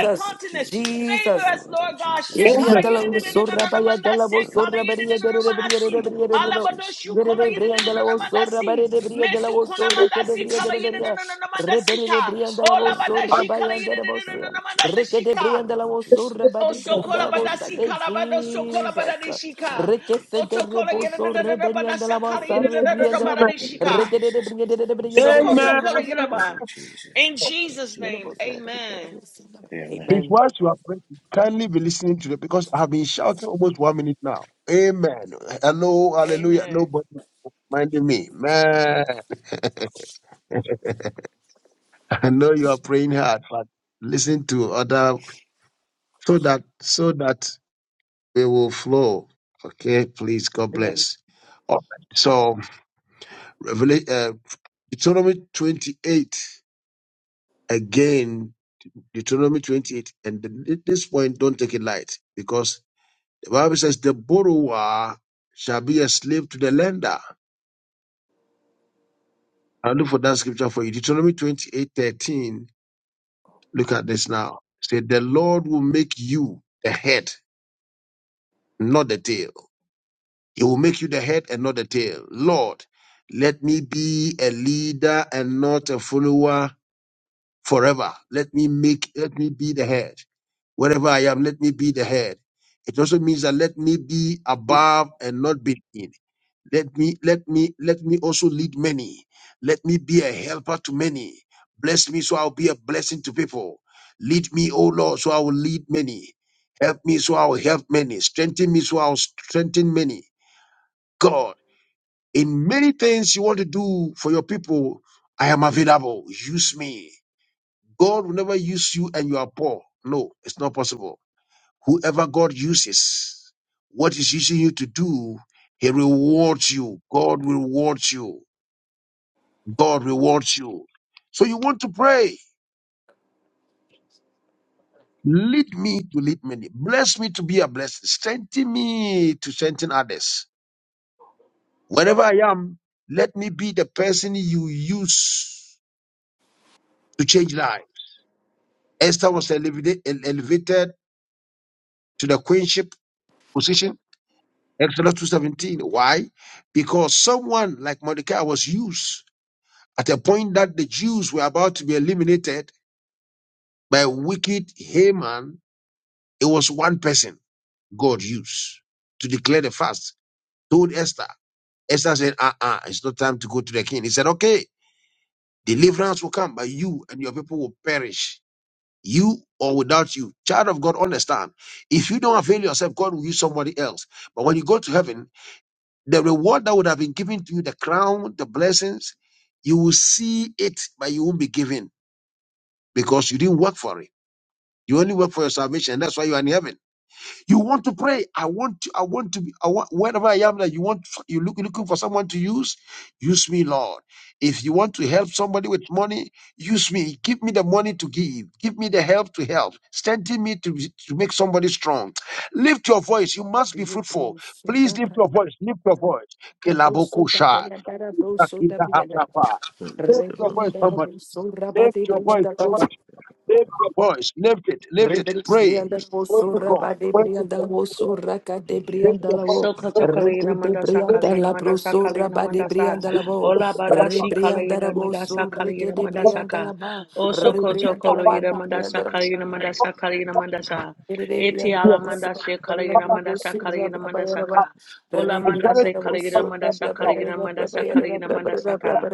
[SPEAKER 5] Lord of Jesus,
[SPEAKER 3] Jesus,
[SPEAKER 5] Lord of Jesus,
[SPEAKER 2] Amen. Amen.
[SPEAKER 3] Ebriandala
[SPEAKER 5] Lord
[SPEAKER 3] was
[SPEAKER 5] of
[SPEAKER 3] sorra by
[SPEAKER 5] Jesus,
[SPEAKER 3] Adela was
[SPEAKER 5] Lord
[SPEAKER 3] sorra
[SPEAKER 5] of
[SPEAKER 3] beria de rebria
[SPEAKER 5] Jesus,
[SPEAKER 3] de
[SPEAKER 5] Lord
[SPEAKER 3] rebria
[SPEAKER 5] of
[SPEAKER 3] de rebo.
[SPEAKER 5] Jesus,
[SPEAKER 3] Vere
[SPEAKER 5] Lord of Jesus, Lord of
[SPEAKER 3] briandala was sorra by de bria de la was
[SPEAKER 5] Jesus,
[SPEAKER 3] sorra que de
[SPEAKER 5] Lord of
[SPEAKER 3] bria de
[SPEAKER 5] Jesus,
[SPEAKER 3] reberia. Rebere de
[SPEAKER 5] Blood
[SPEAKER 3] briandala was
[SPEAKER 5] of
[SPEAKER 3] sorra by
[SPEAKER 5] Jesus, blood
[SPEAKER 3] anderebosia.
[SPEAKER 5] of Jesus,
[SPEAKER 3] Reke de
[SPEAKER 5] blood
[SPEAKER 3] briandala
[SPEAKER 5] of
[SPEAKER 3] was
[SPEAKER 5] Jesus,
[SPEAKER 3] sorra by de
[SPEAKER 5] blood
[SPEAKER 3] briandala
[SPEAKER 5] of Jesus,
[SPEAKER 3] bosa de
[SPEAKER 5] blood of Jesus,
[SPEAKER 3] Jesus.
[SPEAKER 5] blood of
[SPEAKER 3] Reke se
[SPEAKER 5] Jesus,
[SPEAKER 3] de
[SPEAKER 5] blood of
[SPEAKER 3] reboso
[SPEAKER 5] Jesus,
[SPEAKER 3] reberiandala
[SPEAKER 5] blood
[SPEAKER 3] bosa
[SPEAKER 5] of Jesus,
[SPEAKER 3] rebriandala bo.
[SPEAKER 5] blood of
[SPEAKER 3] Reke de
[SPEAKER 5] Jesus,
[SPEAKER 3] bria de
[SPEAKER 5] blood
[SPEAKER 3] bria
[SPEAKER 5] of
[SPEAKER 3] de bria
[SPEAKER 2] Amen.
[SPEAKER 3] de
[SPEAKER 5] Jesus,
[SPEAKER 3] bosa.
[SPEAKER 5] blood
[SPEAKER 1] Sokotokolegiraba.
[SPEAKER 5] of Jesus,
[SPEAKER 1] In
[SPEAKER 5] blood of
[SPEAKER 1] Jesus' name,
[SPEAKER 5] Jesus.
[SPEAKER 1] amen.
[SPEAKER 5] Amen.
[SPEAKER 2] Please,
[SPEAKER 3] Amen.
[SPEAKER 2] whilst you are praying, kindly be listening to it because I've been shouting almost one minute now. Amen. Hello, hallelujah.
[SPEAKER 1] Amen.
[SPEAKER 2] Nobody minding me. Man, I know you are praying hard, but listen to other so that so that we will flow. Okay, please, God
[SPEAKER 3] Amen.
[SPEAKER 2] bless. All right. So, Revelation uh, Deuteronomy twenty-eight again. Deuteronomy twenty-eight, and th- th- this point, don't take it light because the Bible says the borrower shall be a slave to the lender. I'll look for that scripture for you. Deuteronomy twenty-eight thirteen. Look at this now. Say the Lord will make you the head, not the tail. He will make you the head and not the tail. Lord, let me be a leader and not a follower forever. Let me make, let me be the head. Wherever I am, let me be the head. It also means that let me be above and not beneath. Let me, let me, let me also lead many. Let me be a helper to many. Bless me so I'll be a blessing to people. Lead me, O Lord, so I will lead many. Help me so I will help many. Strengthen me so I will strengthen many. God in many things you want to do for your people, I am available. Use me. God will never use you and you are poor. No, it's not possible. Whoever God uses, what is using you to do, He rewards you. God will reward you. God rewards you. So you want to pray. Lead me to lead many. Bless me to be a blessing. Strengthen me to strengthen others. Wherever I am, let me be the person you use to change lives. Esther was elevated, elevated to the queenship position, Exodus 2.17. Why? Because someone like Mordecai was used at a point that the Jews were about to be eliminated by wicked Haman. It was one person God used to declare the fast, told Esther. Esther said, uh-uh, it's not time to go to the king. He said, okay, deliverance will come, but you and your people will perish you or without you. Child of God, understand. If you don't avail yourself, God will use somebody else. But when you go to heaven, the reward that would have been given to you, the crown, the blessings, you will see it, but you won't be given because you didn't work for it. You only work for your salvation. That's why you are in heaven. You want to pray. I want to, I want to be, I want, wherever I am that you want, you look, looking for someone to use, use me, Lord. If you want to help somebody with money, use me. Give me the money to give. Give me the help to help. Strengthen me to, to make somebody strong. Lift your voice. You must be fruitful. Please lift your
[SPEAKER 3] Amen.
[SPEAKER 2] voice. Lift your voice.
[SPEAKER 3] Da broso da
[SPEAKER 2] Kelabokusha.
[SPEAKER 3] brianda da broso da brianda da bo.
[SPEAKER 2] Itakitahasapa.
[SPEAKER 5] Praise
[SPEAKER 2] Lift
[SPEAKER 5] the
[SPEAKER 2] your
[SPEAKER 5] Lord.
[SPEAKER 2] voice,
[SPEAKER 3] Rebrianda da
[SPEAKER 2] somebody.
[SPEAKER 3] broso
[SPEAKER 2] Lift
[SPEAKER 3] rabade
[SPEAKER 2] your voice,
[SPEAKER 3] brianda bo.
[SPEAKER 2] somebody. Lift your voice. Lift it. Lift it. Pray.
[SPEAKER 3] Rebrianda
[SPEAKER 5] Praise
[SPEAKER 2] Pray
[SPEAKER 3] broso
[SPEAKER 2] to
[SPEAKER 5] the
[SPEAKER 2] God.
[SPEAKER 5] Lord.
[SPEAKER 3] rabade
[SPEAKER 2] Pray to God.
[SPEAKER 3] brianda la bo so raka de
[SPEAKER 5] Praise
[SPEAKER 3] brianda
[SPEAKER 2] Encourage
[SPEAKER 3] la bo. Reke
[SPEAKER 1] Sokotokolegina
[SPEAKER 3] de
[SPEAKER 1] mandasa
[SPEAKER 3] brianda
[SPEAKER 1] kalegina
[SPEAKER 3] la
[SPEAKER 1] mandasa
[SPEAKER 3] broso
[SPEAKER 1] kalegina
[SPEAKER 3] rabade
[SPEAKER 1] mandasa.
[SPEAKER 3] brianda la bo.
[SPEAKER 1] Ola badashi
[SPEAKER 3] Rebrianda da
[SPEAKER 1] kalegina mandasa
[SPEAKER 3] broso reke
[SPEAKER 1] kalegina
[SPEAKER 3] de
[SPEAKER 1] mandasa
[SPEAKER 3] brianda la
[SPEAKER 1] ka.
[SPEAKER 3] ba.
[SPEAKER 1] O
[SPEAKER 5] the
[SPEAKER 3] Rebrianda la
[SPEAKER 1] sokotokolegina mandasa
[SPEAKER 3] ba
[SPEAKER 1] kalegina mandasa kalegina mandasa.
[SPEAKER 3] Rebriandra
[SPEAKER 1] Eti
[SPEAKER 5] Lord.
[SPEAKER 1] ala mandashe kalegina mandasa kalegina mandasa ka. Ola mandase kalegina mandasa kalegina mandasa kalegina mandasa ka.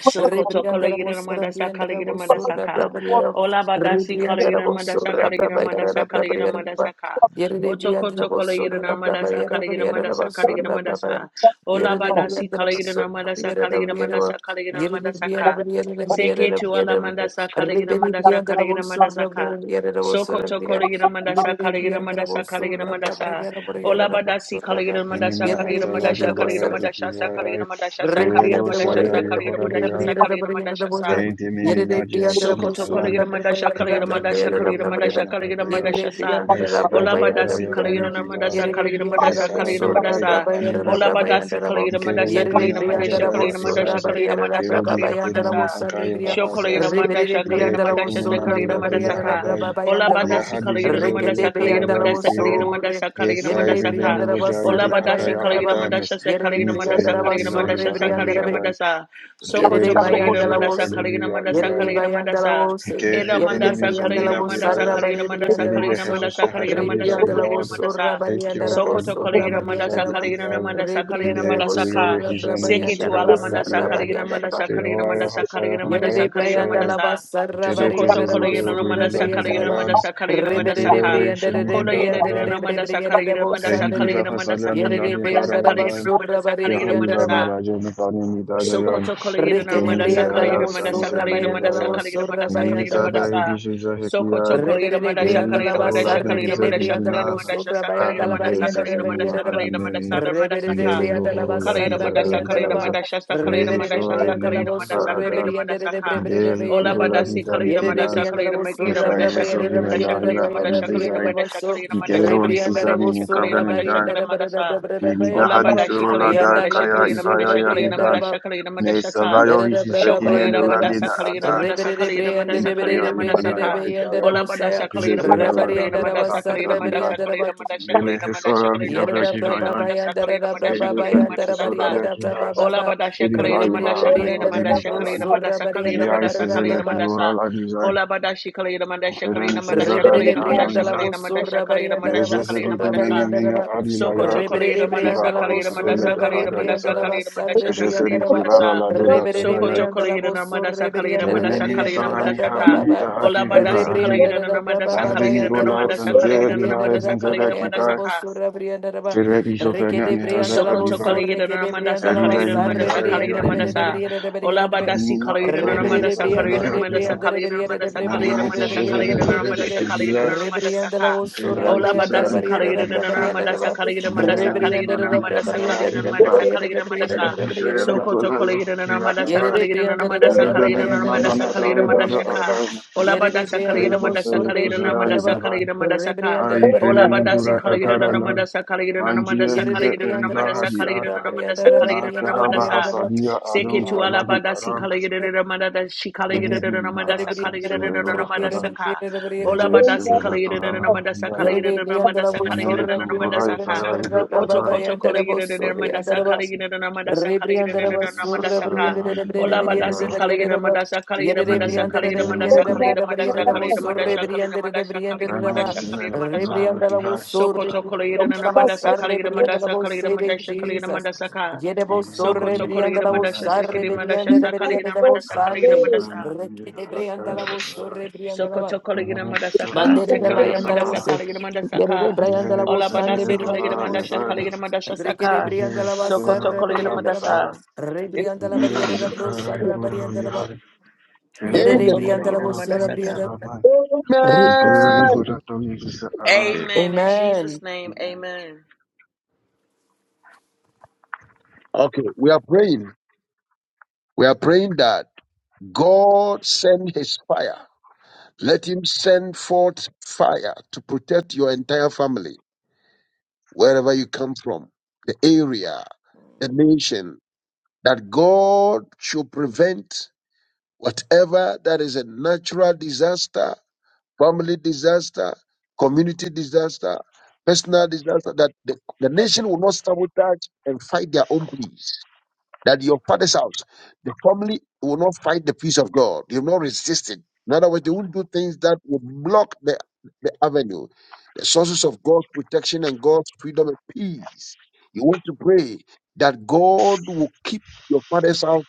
[SPEAKER 1] Sokoto kolegira mandasa kolegira mandasa ka. Ola badasi kolegira mandasa kolegira mandasa kolegira mandasa ka. Otoko to kolegira mandasa kolegira mandasa kolegira mandasa. Ola badasi kolegira mandasa kolegira mandasa kolegira mandasa ka. Seke tu ala mandasa kolegira
[SPEAKER 3] Ribeni
[SPEAKER 1] mandasa
[SPEAKER 3] Bria de la
[SPEAKER 1] kolegira mandasa
[SPEAKER 3] bolsura,
[SPEAKER 1] ka.
[SPEAKER 3] brianda la bolsura,
[SPEAKER 1] Sokoto Kolegira Mandasa Kalegira
[SPEAKER 3] brianda la
[SPEAKER 1] Mandasa Kalegira
[SPEAKER 3] bolsura, brianda la bolsura,
[SPEAKER 1] Mandasa
[SPEAKER 3] de la
[SPEAKER 1] Olabadasi Kalegira Mandasa
[SPEAKER 7] Minima
[SPEAKER 1] Kalegira
[SPEAKER 3] bolsura, de
[SPEAKER 7] atalati
[SPEAKER 1] Mandasa
[SPEAKER 3] la
[SPEAKER 1] Kalegira
[SPEAKER 3] bolsura,
[SPEAKER 7] darati
[SPEAKER 1] Mandasa Sa Kalegira
[SPEAKER 7] kivayai.
[SPEAKER 1] Mandasa Sa
[SPEAKER 3] Yere
[SPEAKER 1] Kalegira
[SPEAKER 7] Kelo
[SPEAKER 1] Mandasa
[SPEAKER 7] saya
[SPEAKER 1] Sa Kalegira Mandasa
[SPEAKER 7] yohora
[SPEAKER 1] Sa Kalegira Mandasa Sa
[SPEAKER 7] Deidemini Nadia Atani
[SPEAKER 1] Sokoto Kolegira
[SPEAKER 7] Alana
[SPEAKER 1] Mandasa Kalegira
[SPEAKER 7] Raman
[SPEAKER 1] Mandasa Kalegira
[SPEAKER 7] Zeredu
[SPEAKER 1] Mandasa
[SPEAKER 7] Harana
[SPEAKER 1] Kalegira
[SPEAKER 7] Adayan
[SPEAKER 1] Mandasa Sa
[SPEAKER 7] Nei Sevedu
[SPEAKER 1] Olabadasi
[SPEAKER 7] Valaya
[SPEAKER 1] Kalegira
[SPEAKER 7] Hariki
[SPEAKER 1] Mandasa
[SPEAKER 7] Gaza
[SPEAKER 1] Kalegira
[SPEAKER 7] Nei
[SPEAKER 1] Mandasa
[SPEAKER 7] Sara
[SPEAKER 1] Kalegira
[SPEAKER 7] Vivai
[SPEAKER 1] Mandasa
[SPEAKER 7] Ani Vizalai
[SPEAKER 1] Olabadasi Kalegira Mandasa
[SPEAKER 7] Nkerolo
[SPEAKER 1] Kalegira
[SPEAKER 7] Bina
[SPEAKER 1] Mandasa
[SPEAKER 7] Hajadaya
[SPEAKER 1] Kalegira Mandasa
[SPEAKER 7] Izaza
[SPEAKER 1] Kalegira Mandasa
[SPEAKER 7] Reudi
[SPEAKER 1] Kalegira
[SPEAKER 7] Hidemoni
[SPEAKER 1] Mandasa
[SPEAKER 7] Hankaya
[SPEAKER 1] Shokolegina
[SPEAKER 7] Vahazasa
[SPEAKER 1] Mandasha Kalegina
[SPEAKER 7] Beke
[SPEAKER 1] Mandasha
[SPEAKER 7] Kunu
[SPEAKER 1] Sa Kalegina
[SPEAKER 7] Nandula Dula
[SPEAKER 1] Mandasaka
[SPEAKER 7] Havaina
[SPEAKER 1] badasi
[SPEAKER 7] Yahadi
[SPEAKER 1] kalayira
[SPEAKER 7] Josere
[SPEAKER 1] mandasa kalayira
[SPEAKER 7] Lokula Gari
[SPEAKER 1] mandasa kalayira
[SPEAKER 7] Ien
[SPEAKER 1] mandasa
[SPEAKER 7] Nei
[SPEAKER 1] kalayira
[SPEAKER 7] Sai
[SPEAKER 3] de
[SPEAKER 1] mandasa
[SPEAKER 7] Ribeni
[SPEAKER 1] ka.
[SPEAKER 3] briandara
[SPEAKER 7] Bojari
[SPEAKER 1] Ola
[SPEAKER 7] De
[SPEAKER 3] basarra
[SPEAKER 1] badasi
[SPEAKER 7] Akaya
[SPEAKER 3] bayandara
[SPEAKER 1] kalayira
[SPEAKER 3] ba
[SPEAKER 1] mandasa
[SPEAKER 7] Atanas
[SPEAKER 1] sa
[SPEAKER 3] Yerere
[SPEAKER 7] Nizai
[SPEAKER 1] mandasa
[SPEAKER 3] bayandara
[SPEAKER 1] kalayira
[SPEAKER 7] Rudila
[SPEAKER 3] basurre
[SPEAKER 1] mandasa sa
[SPEAKER 3] briandara
[SPEAKER 1] kalayira
[SPEAKER 3] be.
[SPEAKER 1] mandasa.
[SPEAKER 5] Blood
[SPEAKER 7] که
[SPEAKER 5] of
[SPEAKER 7] در
[SPEAKER 1] Sokoto
[SPEAKER 3] Yerere
[SPEAKER 5] Jesus.
[SPEAKER 7] دستور
[SPEAKER 1] kalayira
[SPEAKER 3] bayandala
[SPEAKER 7] جرایر
[SPEAKER 1] mandasa
[SPEAKER 3] wose.
[SPEAKER 1] kalayira
[SPEAKER 7] هدیه
[SPEAKER 1] mandasa
[SPEAKER 3] Yerere
[SPEAKER 7] ایاله
[SPEAKER 1] kalayira
[SPEAKER 3] bayandala
[SPEAKER 1] mandasa.
[SPEAKER 7] که
[SPEAKER 3] wose.
[SPEAKER 1] Ela
[SPEAKER 3] Yerere
[SPEAKER 7] هدینیم
[SPEAKER 1] mandasa
[SPEAKER 7] از
[SPEAKER 3] briandala
[SPEAKER 1] kalayira
[SPEAKER 7] میان
[SPEAKER 1] mandasa
[SPEAKER 3] wosarra
[SPEAKER 7] بیرایی
[SPEAKER 1] kalayira
[SPEAKER 3] bare
[SPEAKER 1] mandasa
[SPEAKER 3] briandala
[SPEAKER 7] می‌دهیم
[SPEAKER 1] kalayira
[SPEAKER 3] woso.
[SPEAKER 1] mandasa
[SPEAKER 7] رسوب‌های
[SPEAKER 1] kalayira
[SPEAKER 3] Re
[SPEAKER 7] جاری را
[SPEAKER 1] mandasa
[SPEAKER 3] briandala
[SPEAKER 1] kalayira
[SPEAKER 7] یادداز،
[SPEAKER 1] mandasa.
[SPEAKER 3] wosorra
[SPEAKER 7] هیچیو
[SPEAKER 3] bariandara
[SPEAKER 1] Sokoto
[SPEAKER 7] فاجب
[SPEAKER 3] wosorra
[SPEAKER 1] kalayira
[SPEAKER 7] ماند
[SPEAKER 1] mandasa
[SPEAKER 3] bariandara
[SPEAKER 7] مزادی
[SPEAKER 3] ba.
[SPEAKER 1] kalayira
[SPEAKER 7] ایاله
[SPEAKER 3] Re
[SPEAKER 1] mandasa kalayira
[SPEAKER 7] نه
[SPEAKER 3] briandala
[SPEAKER 1] mandasa ka.
[SPEAKER 7] کویری
[SPEAKER 3] wosorra
[SPEAKER 7] هیجانی
[SPEAKER 1] Seke tu
[SPEAKER 3] bariandara
[SPEAKER 1] ala
[SPEAKER 7] مسرواله
[SPEAKER 1] mandasa
[SPEAKER 3] basarra
[SPEAKER 7] ایاله
[SPEAKER 1] kalayira
[SPEAKER 3] bariandara ba.
[SPEAKER 1] mandasa
[SPEAKER 7] که
[SPEAKER 1] kalayira
[SPEAKER 7] هوای
[SPEAKER 1] mandasa
[SPEAKER 7] حسای
[SPEAKER 1] kalayira mandasa
[SPEAKER 7] همراه
[SPEAKER 3] Yerere
[SPEAKER 1] kalayira
[SPEAKER 7] پیشایی
[SPEAKER 3] briandala
[SPEAKER 1] mandasa.
[SPEAKER 3] basarra
[SPEAKER 7] کرده
[SPEAKER 1] Sokoto
[SPEAKER 3] bariandara
[SPEAKER 7] تزیزی
[SPEAKER 1] Kolayana
[SPEAKER 7] دروگیری
[SPEAKER 3] wosorre
[SPEAKER 1] Madasa
[SPEAKER 7] لابی
[SPEAKER 3] briandara
[SPEAKER 1] Kalayana
[SPEAKER 3] ba.
[SPEAKER 7] نایان است،
[SPEAKER 1] Madasa Kalayana
[SPEAKER 3] Re berere
[SPEAKER 1] Madasaka
[SPEAKER 7] انگیروی
[SPEAKER 3] briandara de
[SPEAKER 7] شنیده
[SPEAKER 3] briandara
[SPEAKER 7] آغاز
[SPEAKER 1] Kolayana
[SPEAKER 3] de
[SPEAKER 1] Madasa
[SPEAKER 3] briandara
[SPEAKER 1] Kalayana Madasa
[SPEAKER 7] هیپی
[SPEAKER 3] wosandere.
[SPEAKER 7] و
[SPEAKER 1] Kalayana Madasa
[SPEAKER 7] خسالیان
[SPEAKER 3] Yerere
[SPEAKER 1] Kalayana Madasa
[SPEAKER 3] briandara
[SPEAKER 1] Kalayana
[SPEAKER 7] نادیداران
[SPEAKER 3] basurra
[SPEAKER 1] Madasa
[SPEAKER 3] bare
[SPEAKER 7] و
[SPEAKER 1] Kalayana
[SPEAKER 7] هایی
[SPEAKER 3] briandara
[SPEAKER 7] واقعی
[SPEAKER 3] ba.
[SPEAKER 1] Madasa
[SPEAKER 7] راجع مکانی می‌دانیان.
[SPEAKER 1] Sokoto kolegira na
[SPEAKER 3] Rekere
[SPEAKER 7] Ateni
[SPEAKER 1] mandasa
[SPEAKER 3] brianda la
[SPEAKER 1] kolegira
[SPEAKER 7] Vilaya,
[SPEAKER 1] madasa
[SPEAKER 7] Sanse
[SPEAKER 3] vosorra
[SPEAKER 1] kolegira
[SPEAKER 3] bayanda la
[SPEAKER 1] mandasa
[SPEAKER 7] Vilaya,
[SPEAKER 1] kolegira
[SPEAKER 3] vosorra
[SPEAKER 1] mandasa
[SPEAKER 7] Mimi
[SPEAKER 1] kolegira
[SPEAKER 3] bayanda la
[SPEAKER 7] Sada
[SPEAKER 3] ba.
[SPEAKER 1] madasa
[SPEAKER 7] Hibishiza
[SPEAKER 1] Sokoto
[SPEAKER 7] Hekiada,
[SPEAKER 1] kolegira
[SPEAKER 3] Rebere de
[SPEAKER 1] madasa
[SPEAKER 3] brianda
[SPEAKER 7] Eli
[SPEAKER 1] kolegira
[SPEAKER 3] la ba
[SPEAKER 7] Farula
[SPEAKER 1] mandasa kolegira
[SPEAKER 3] sarreke de
[SPEAKER 7] Kindiza
[SPEAKER 1] mandasa
[SPEAKER 3] brianda la
[SPEAKER 1] kolegira
[SPEAKER 7] Viginana,
[SPEAKER 1] madasa
[SPEAKER 3] vosorra
[SPEAKER 1] sa kolegira
[SPEAKER 3] bayanda la
[SPEAKER 7] Ampe
[SPEAKER 1] madasa
[SPEAKER 3] barianda de
[SPEAKER 1] kolegira
[SPEAKER 7] Sasani
[SPEAKER 3] barianda
[SPEAKER 1] mandasa
[SPEAKER 3] de ba.
[SPEAKER 1] kolegira mandasa
[SPEAKER 7] Mahadineri,
[SPEAKER 1] da mandasa
[SPEAKER 3] Rebere de
[SPEAKER 1] ka
[SPEAKER 7] Mbele
[SPEAKER 3] brianda la ba
[SPEAKER 7] Luhurula
[SPEAKER 1] kolegira
[SPEAKER 3] sarra
[SPEAKER 7] Gizada
[SPEAKER 1] madasa
[SPEAKER 3] barianda la
[SPEAKER 1] kolegira
[SPEAKER 3] ba.
[SPEAKER 7] Gizaza,
[SPEAKER 1] mandasa sa kolegira
[SPEAKER 7] Kehi
[SPEAKER 3] Rebere de
[SPEAKER 1] mandasa
[SPEAKER 7] Soa
[SPEAKER 1] sa
[SPEAKER 3] brianda la
[SPEAKER 1] kolegira
[SPEAKER 7] Eleni
[SPEAKER 1] mandasa
[SPEAKER 3] vosorre
[SPEAKER 1] kolegira
[SPEAKER 7] Vaadana,
[SPEAKER 3] berianda
[SPEAKER 1] mandasa
[SPEAKER 3] de
[SPEAKER 1] ka
[SPEAKER 3] brebere de
[SPEAKER 7] Mbele
[SPEAKER 1] Ola
[SPEAKER 3] bayanda de
[SPEAKER 7] Luhurula
[SPEAKER 3] ba.
[SPEAKER 1] badasi
[SPEAKER 7] Didani
[SPEAKER 1] kolegira
[SPEAKER 3] Yere de
[SPEAKER 1] madasa
[SPEAKER 7] Gidanza,
[SPEAKER 3] brianda la
[SPEAKER 1] kolegira magira
[SPEAKER 3] vosorra
[SPEAKER 7] Mesha
[SPEAKER 1] madasa
[SPEAKER 7] Izeso
[SPEAKER 3] brabayanda
[SPEAKER 1] kolegira
[SPEAKER 3] de
[SPEAKER 1] mandasa
[SPEAKER 3] brianda
[SPEAKER 7] Vilala
[SPEAKER 3] de
[SPEAKER 1] kolegira
[SPEAKER 7] Hila
[SPEAKER 3] bayanda de
[SPEAKER 1] mandasa kolegira
[SPEAKER 3] brianda de
[SPEAKER 7] Hamzizain,
[SPEAKER 3] ba
[SPEAKER 1] madasa
[SPEAKER 3] so.
[SPEAKER 1] kolegira mandasa
[SPEAKER 7] Mkeron
[SPEAKER 1] kolegira
[SPEAKER 3] Rebrianda la
[SPEAKER 7] Sizani
[SPEAKER 1] mandasa kolegira
[SPEAKER 3] vosorra
[SPEAKER 1] madasa
[SPEAKER 7] Nikanganidan,
[SPEAKER 3] barianda
[SPEAKER 1] kolegira
[SPEAKER 3] de bara da
[SPEAKER 1] mandasa
[SPEAKER 3] bara da
[SPEAKER 7] Mimi
[SPEAKER 1] Ola
[SPEAKER 3] bayanda de
[SPEAKER 7] Lahadi
[SPEAKER 3] ba.
[SPEAKER 1] bada shikala
[SPEAKER 7] Surula
[SPEAKER 1] yina
[SPEAKER 3] Ayanda
[SPEAKER 1] manda
[SPEAKER 3] la
[SPEAKER 1] shikala
[SPEAKER 7] Dakaya
[SPEAKER 1] yina manda
[SPEAKER 3] vosorra
[SPEAKER 7] Ivaya
[SPEAKER 1] shikala yina
[SPEAKER 3] brianda de
[SPEAKER 1] manda
[SPEAKER 7] Yadidan,
[SPEAKER 3] ba.
[SPEAKER 1] shikala yina manda
[SPEAKER 7] ليس
[SPEAKER 1] shata.
[SPEAKER 3] Yada
[SPEAKER 7] فالوريش
[SPEAKER 1] Shokala
[SPEAKER 7] السكينة
[SPEAKER 1] yina manda
[SPEAKER 7] للذين
[SPEAKER 1] sakala yina
[SPEAKER 7] أدانا
[SPEAKER 1] manda sakala yina manda
[SPEAKER 7] من
[SPEAKER 1] sakala yina
[SPEAKER 7] إياهم
[SPEAKER 1] manda
[SPEAKER 7] بنا
[SPEAKER 1] saka.
[SPEAKER 7] يحدايان
[SPEAKER 1] Ola bada sakala yina manda
[SPEAKER 7] لجزيرة
[SPEAKER 1] sakala
[SPEAKER 7] لنا
[SPEAKER 1] yina manda
[SPEAKER 7] بدارات
[SPEAKER 1] sakala yina manda
[SPEAKER 7] زديدان
[SPEAKER 1] sakala yina manda shikala yina
[SPEAKER 7] بليه
[SPEAKER 1] manda
[SPEAKER 7] صورة بيافاكي
[SPEAKER 1] shikala yina
[SPEAKER 7] غيان
[SPEAKER 1] manda shikala yina manda sakala yina manda
[SPEAKER 7] ليجي
[SPEAKER 1] shikala manda
[SPEAKER 7] زكيش
[SPEAKER 1] saka.
[SPEAKER 7] صورة لكي داس
[SPEAKER 1] Ola bada
[SPEAKER 7] إلي
[SPEAKER 1] shikala yina
[SPEAKER 7] باي
[SPEAKER 1] manda
[SPEAKER 7] بارا
[SPEAKER 1] shikala
[SPEAKER 7] من
[SPEAKER 1] yina manda
[SPEAKER 7] وزيمي
[SPEAKER 1] shikala yina
[SPEAKER 7] فالان
[SPEAKER 1] manda sakala yina manda
[SPEAKER 7] نياي
[SPEAKER 1] sakala yina
[SPEAKER 7] سزلكي
[SPEAKER 1] manda
[SPEAKER 7] لورا
[SPEAKER 1] sa.
[SPEAKER 7] العديزان
[SPEAKER 1] Ola bada shikala yina manda shikala yina
[SPEAKER 7] فلاني
[SPEAKER 1] manda shikala
[SPEAKER 7] سزخاني
[SPEAKER 3] Rebere
[SPEAKER 1] yina manda
[SPEAKER 7] خانا
[SPEAKER 3] brianda la
[SPEAKER 1] shikala
[SPEAKER 7] الجان
[SPEAKER 1] yina manda
[SPEAKER 3] bosurra
[SPEAKER 1] shikala yina
[SPEAKER 7] ما
[SPEAKER 3] varianda
[SPEAKER 1] manda
[SPEAKER 3] la
[SPEAKER 1] shikala yina
[SPEAKER 3] basurra
[SPEAKER 7] يززبيدو
[SPEAKER 1] manda
[SPEAKER 7] مني
[SPEAKER 1] sa.
[SPEAKER 3] varianda la
[SPEAKER 7] من
[SPEAKER 3] ba.
[SPEAKER 7] أري لا
[SPEAKER 1] Sokoto
[SPEAKER 7] يعطي
[SPEAKER 3] Rebere
[SPEAKER 1] Koleira
[SPEAKER 7] كيفا
[SPEAKER 3] brianda
[SPEAKER 1] Madasa
[SPEAKER 3] la
[SPEAKER 7] فاي
[SPEAKER 1] Kaleira
[SPEAKER 7] سبيلة
[SPEAKER 1] Madasa
[SPEAKER 3] bosurra vari
[SPEAKER 1] Kaleira
[SPEAKER 7] خادا
[SPEAKER 3] brianda
[SPEAKER 1] Madasa
[SPEAKER 3] la
[SPEAKER 7] يسايا
[SPEAKER 1] Kaleira
[SPEAKER 3] basa
[SPEAKER 1] Madasa
[SPEAKER 3] rebrianda
[SPEAKER 7] يجسري
[SPEAKER 1] Kaleira
[SPEAKER 3] la ba.
[SPEAKER 7] كيفا
[SPEAKER 1] Madasa
[SPEAKER 7] لا دودا
[SPEAKER 3] Rebere
[SPEAKER 7] كدايا
[SPEAKER 1] Sokoto
[SPEAKER 3] brianda la
[SPEAKER 1] Koleira Madasa
[SPEAKER 3] bosurra
[SPEAKER 1] Kaleira
[SPEAKER 3] brianda la
[SPEAKER 1] Madasa
[SPEAKER 7] كلمني
[SPEAKER 3] brianda
[SPEAKER 1] Kaleira
[SPEAKER 3] la
[SPEAKER 7] لساني
[SPEAKER 1] Madasa
[SPEAKER 3] ba ba
[SPEAKER 1] Ka
[SPEAKER 3] ba
[SPEAKER 7] حبمي
[SPEAKER 3] ba.
[SPEAKER 1] Ola
[SPEAKER 7] تحكي في
[SPEAKER 1] Badasi
[SPEAKER 3] Rebrianda
[SPEAKER 1] Kaleira
[SPEAKER 7] بعدينا
[SPEAKER 3] la ba ba
[SPEAKER 1] Madasa
[SPEAKER 7] لا
[SPEAKER 3] ba ba
[SPEAKER 1] Kaleira
[SPEAKER 7] بني
[SPEAKER 3] yanda la
[SPEAKER 7] ولا
[SPEAKER 1] Madasa
[SPEAKER 3] bosurra
[SPEAKER 1] Kaleira
[SPEAKER 7] تنتيالي
[SPEAKER 3] brianda
[SPEAKER 7] لا
[SPEAKER 3] la
[SPEAKER 1] Madasa
[SPEAKER 7] يدن
[SPEAKER 3] ba ba
[SPEAKER 1] Kaleira
[SPEAKER 7] زباكي
[SPEAKER 3] yanda la
[SPEAKER 1] Madasa
[SPEAKER 7] كاي
[SPEAKER 1] Ka
[SPEAKER 3] bosurra brianda la ba.
[SPEAKER 7] تربي
[SPEAKER 3] Rekede
[SPEAKER 7] سوفناني هذا
[SPEAKER 3] brianda la
[SPEAKER 7] هدي
[SPEAKER 1] Sokoto
[SPEAKER 7] فاي
[SPEAKER 3] bosurra
[SPEAKER 1] kolegira na
[SPEAKER 3] rekede
[SPEAKER 1] manda sa
[SPEAKER 3] brianda la
[SPEAKER 7] هدي زي
[SPEAKER 1] kolegira na
[SPEAKER 3] basa
[SPEAKER 7] لي
[SPEAKER 1] manda
[SPEAKER 7] زي
[SPEAKER 1] sa kolegira
[SPEAKER 3] rebrianda
[SPEAKER 1] na
[SPEAKER 7] زي
[SPEAKER 1] manda sa
[SPEAKER 7] إيجان
[SPEAKER 1] ola
[SPEAKER 3] la ba
[SPEAKER 1] bada si
[SPEAKER 7] أيمنا
[SPEAKER 3] Rebriandela
[SPEAKER 1] kolegira na
[SPEAKER 7] أكادن
[SPEAKER 1] manda sa
[SPEAKER 7] زي
[SPEAKER 1] kolegira na
[SPEAKER 7] لا
[SPEAKER 1] manda sa
[SPEAKER 7] يكيان
[SPEAKER 1] kolegira na manda sa
[SPEAKER 7] مني
[SPEAKER 1] kolegira na
[SPEAKER 7] متى
[SPEAKER 1] manda sa
[SPEAKER 7] زي زي
[SPEAKER 1] kolegira na manda
[SPEAKER 7] زي
[SPEAKER 1] sa
[SPEAKER 7] تبي
[SPEAKER 1] kolegira
[SPEAKER 7] لا
[SPEAKER 1] na manda sa ka
[SPEAKER 7] تلا
[SPEAKER 1] ola bada si
[SPEAKER 7] يسوسان
[SPEAKER 1] kolegira
[SPEAKER 7] حبي
[SPEAKER 1] na
[SPEAKER 7] فاي
[SPEAKER 1] manda sa kolegira na manda sa
[SPEAKER 7] جرلا
[SPEAKER 1] kolegira
[SPEAKER 7] مالا نتبلا
[SPEAKER 1] na manda
[SPEAKER 7] يموا
[SPEAKER 1] sa Kaligina Madasa,
[SPEAKER 7] يسوسان
[SPEAKER 1] Sokoto
[SPEAKER 7] بتولا
[SPEAKER 1] Kaligina
[SPEAKER 7] يكيان
[SPEAKER 1] Namadasa
[SPEAKER 7] فاي
[SPEAKER 1] Kaligina Namadasa
[SPEAKER 7] مردنا
[SPEAKER 1] Kaligina
[SPEAKER 7] لمانا
[SPEAKER 1] Namadasa Kaligina
[SPEAKER 7] نزايد
[SPEAKER 1] Madashaka,
[SPEAKER 7] رأكا
[SPEAKER 1] Olabadasa Kaligina
[SPEAKER 7] كيف
[SPEAKER 1] Madasa
[SPEAKER 7] سلتو
[SPEAKER 1] Kaligina
[SPEAKER 7] زرعي
[SPEAKER 1] Namadasa
[SPEAKER 7] ديران
[SPEAKER 1] Kaligina Madasaka,
[SPEAKER 7] أي فين لم
[SPEAKER 1] Olabadasi
[SPEAKER 7] تر
[SPEAKER 1] Kaligina
[SPEAKER 7] تكارا لان
[SPEAKER 1] Namadasa Kaligina
[SPEAKER 7] ما
[SPEAKER 1] Namadasa
[SPEAKER 7] نجيز إذا
[SPEAKER 1] Kaligina
[SPEAKER 7] إل ذا
[SPEAKER 1] Namadasa Kaligina
[SPEAKER 7] هدياتا
[SPEAKER 1] Namadasa Kaligina
[SPEAKER 7] لا كهابا
[SPEAKER 1] Namadasa
[SPEAKER 7] حسابيا
[SPEAKER 1] Seke
[SPEAKER 7] أدم
[SPEAKER 1] tu
[SPEAKER 7] تلاري
[SPEAKER 1] alabada si
[SPEAKER 7] أرام
[SPEAKER 1] kala yedera mandada si kala
[SPEAKER 3] Yere
[SPEAKER 1] yedera
[SPEAKER 7] فيني
[SPEAKER 1] namanda
[SPEAKER 3] de
[SPEAKER 1] sa
[SPEAKER 3] bir
[SPEAKER 1] kala
[SPEAKER 7] نهاسا
[SPEAKER 3] yandara bu
[SPEAKER 1] yedera
[SPEAKER 7] سيفرو
[SPEAKER 3] sorra bir
[SPEAKER 1] namanda
[SPEAKER 3] yandara
[SPEAKER 1] sa
[SPEAKER 7] أكران
[SPEAKER 1] ka. Ola
[SPEAKER 7] جاي
[SPEAKER 1] bada si kala
[SPEAKER 7] سيفرو
[SPEAKER 1] yedera
[SPEAKER 7] ترلانا
[SPEAKER 1] namanda sa kala
[SPEAKER 7] هجيان
[SPEAKER 1] yedera namanda sa kala
[SPEAKER 7] منين
[SPEAKER 1] yedera namanda sa
[SPEAKER 7] لترغاي
[SPEAKER 1] ka.
[SPEAKER 3] da bir
[SPEAKER 7] سايدي
[SPEAKER 3] yandara
[SPEAKER 1] Oto
[SPEAKER 3] baba
[SPEAKER 7] أدان
[SPEAKER 1] koto kala
[SPEAKER 3] yandara bu
[SPEAKER 1] yedera
[SPEAKER 3] sorra
[SPEAKER 1] namanda sa
[SPEAKER 3] yandara
[SPEAKER 1] kala yedera namanda sa kala
[SPEAKER 3] Rebriandara
[SPEAKER 1] yedera
[SPEAKER 7] منين
[SPEAKER 1] namanda
[SPEAKER 3] surra
[SPEAKER 1] sa
[SPEAKER 7] سسرعي
[SPEAKER 1] ka.
[SPEAKER 3] briandara
[SPEAKER 7] هادي
[SPEAKER 3] brede
[SPEAKER 1] Ola
[SPEAKER 7] كي
[SPEAKER 1] bada
[SPEAKER 3] briandara
[SPEAKER 1] si
[SPEAKER 7] أيلان
[SPEAKER 1] kala yedera
[SPEAKER 3] briandara
[SPEAKER 1] namanda kala yedera
[SPEAKER 3] Yere
[SPEAKER 1] namanda
[SPEAKER 7] فيني
[SPEAKER 3] briandara
[SPEAKER 7] زرولك
[SPEAKER 3] briandara
[SPEAKER 1] kala
[SPEAKER 3] brede
[SPEAKER 1] yedera namanda
[SPEAKER 3] briandara
[SPEAKER 1] kala
[SPEAKER 7] سايدي
[SPEAKER 1] yedera
[SPEAKER 3] was
[SPEAKER 1] namanda
[SPEAKER 3] surre
[SPEAKER 7] دجاج
[SPEAKER 1] kala yedera
[SPEAKER 3] briandara
[SPEAKER 1] namanda kala yedera
[SPEAKER 3] briandara
[SPEAKER 1] namanda
[SPEAKER 3] ba
[SPEAKER 7] فرنين
[SPEAKER 1] kala yedera namanda kala yedera
[SPEAKER 7] سيفرو
[SPEAKER 1] namanda
[SPEAKER 7] كي را
[SPEAKER 3] Rebriandara
[SPEAKER 7] كي خال.
[SPEAKER 3] was surre
[SPEAKER 1] Sokoto kala yedera
[SPEAKER 3] briandara ba
[SPEAKER 1] namanda kala
[SPEAKER 3] sarre
[SPEAKER 1] yedera namanda
[SPEAKER 3] briandara
[SPEAKER 1] kala
[SPEAKER 3] was
[SPEAKER 1] yedera
[SPEAKER 3] say
[SPEAKER 1] namanda kala yedera
[SPEAKER 3] Jesus
[SPEAKER 1] namanda ka.
[SPEAKER 3] Yere was surre
[SPEAKER 1] Sokoto
[SPEAKER 7] निर्मक
[SPEAKER 1] Kolegina
[SPEAKER 3] briandara was
[SPEAKER 1] Madasha
[SPEAKER 7] हमने
[SPEAKER 3] sarre
[SPEAKER 1] Sekiri
[SPEAKER 7] चलने से
[SPEAKER 1] Madasha
[SPEAKER 3] briandara
[SPEAKER 1] Sakaligina
[SPEAKER 3] briandara was
[SPEAKER 1] Madasa Kaligina
[SPEAKER 3] Sunday
[SPEAKER 7] आदिशिवल
[SPEAKER 1] Madasa
[SPEAKER 7] युग
[SPEAKER 3] Rekede
[SPEAKER 7] रखे
[SPEAKER 3] briandara was surre briandara
[SPEAKER 1] Sokoto Kolegina
[SPEAKER 7] यमनिक्तर
[SPEAKER 1] Madasaka
[SPEAKER 3] Mandere de
[SPEAKER 7] हकिया
[SPEAKER 1] Sekaligina
[SPEAKER 3] Bayandala
[SPEAKER 1] Madasa
[SPEAKER 3] was
[SPEAKER 7] सबना
[SPEAKER 3] say,
[SPEAKER 1] Kaligina
[SPEAKER 3] Yere de
[SPEAKER 1] Madasaka
[SPEAKER 7] ने
[SPEAKER 3] Briandala was
[SPEAKER 1] Ola
[SPEAKER 7] निश्चय
[SPEAKER 3] Sunday
[SPEAKER 7] ने
[SPEAKER 1] Badasi
[SPEAKER 7] होवा
[SPEAKER 1] Kaligina
[SPEAKER 3] Beriandala was
[SPEAKER 1] Madasha
[SPEAKER 7] यहाँ ना
[SPEAKER 3] Serve,
[SPEAKER 1] Kaligina Madasha
[SPEAKER 3] Rike de
[SPEAKER 1] Saka
[SPEAKER 7] ये
[SPEAKER 3] Briandala was
[SPEAKER 7] स्ते
[SPEAKER 1] Sokoto
[SPEAKER 3] Sarra
[SPEAKER 1] Kolegina
[SPEAKER 7] हरा
[SPEAKER 3] Briandalaba,
[SPEAKER 7] विशाल
[SPEAKER 1] Madasa
[SPEAKER 3] Rebriandala Barriere
[SPEAKER 7] मेरी
[SPEAKER 3] de Bro
[SPEAKER 7] जगह
[SPEAKER 3] Sarra
[SPEAKER 7] रहूँगा यहाँ
[SPEAKER 3] Bariandalaba, Yere de
[SPEAKER 7] केविनी
[SPEAKER 2] Amen.
[SPEAKER 1] Koto
[SPEAKER 7] निमा
[SPEAKER 3] Briandala
[SPEAKER 1] Kolegina
[SPEAKER 7] हो
[SPEAKER 3] was
[SPEAKER 7] कि
[SPEAKER 3] Sarra
[SPEAKER 1] Madasaka
[SPEAKER 3] Brianda,
[SPEAKER 7] मित्रान
[SPEAKER 3] Rico
[SPEAKER 7] क्यों
[SPEAKER 2] Amen.
[SPEAKER 3] Sam.
[SPEAKER 7] रिहुरा तो निज से
[SPEAKER 5] Amen.
[SPEAKER 7] Aradhana
[SPEAKER 1] Amen in Jesus
[SPEAKER 3] Amen.
[SPEAKER 1] name Amen
[SPEAKER 2] Okay, we are praying. We are praying that God send his fire. Let him send forth fire to protect your entire family, wherever you come from, the area, the nation, that God should prevent whatever that is a natural disaster family disaster, community disaster, personal disaster, that the, the nation will not sabotage and fight their own peace. That your father's house, the family will not fight the peace of God. You will not resist it. In other words, they won't do things that will block the, the avenue, the sources of God's protection and God's freedom and peace. You want to pray that God will keep your father's house,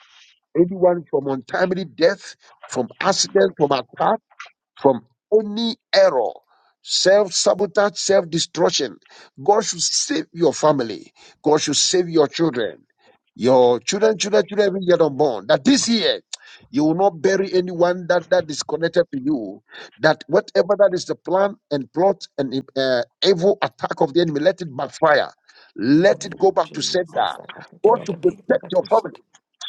[SPEAKER 2] anyone from untimely death, from accident, from attack from any error, self sabotage, self destruction. God should save your family. God should save your children, your children, children, children, even yet unborn. That this year you will not bury anyone that that is connected to you. That whatever that is the plan and plot and uh, evil attack of the enemy, let it backfire.
[SPEAKER 3] In the
[SPEAKER 2] Let
[SPEAKER 3] name
[SPEAKER 2] it go
[SPEAKER 3] of
[SPEAKER 2] back to sender.
[SPEAKER 3] Jesus, I have to get
[SPEAKER 2] God
[SPEAKER 3] out
[SPEAKER 2] should
[SPEAKER 3] of bed for
[SPEAKER 2] protect
[SPEAKER 3] that
[SPEAKER 2] your
[SPEAKER 3] person.
[SPEAKER 2] family.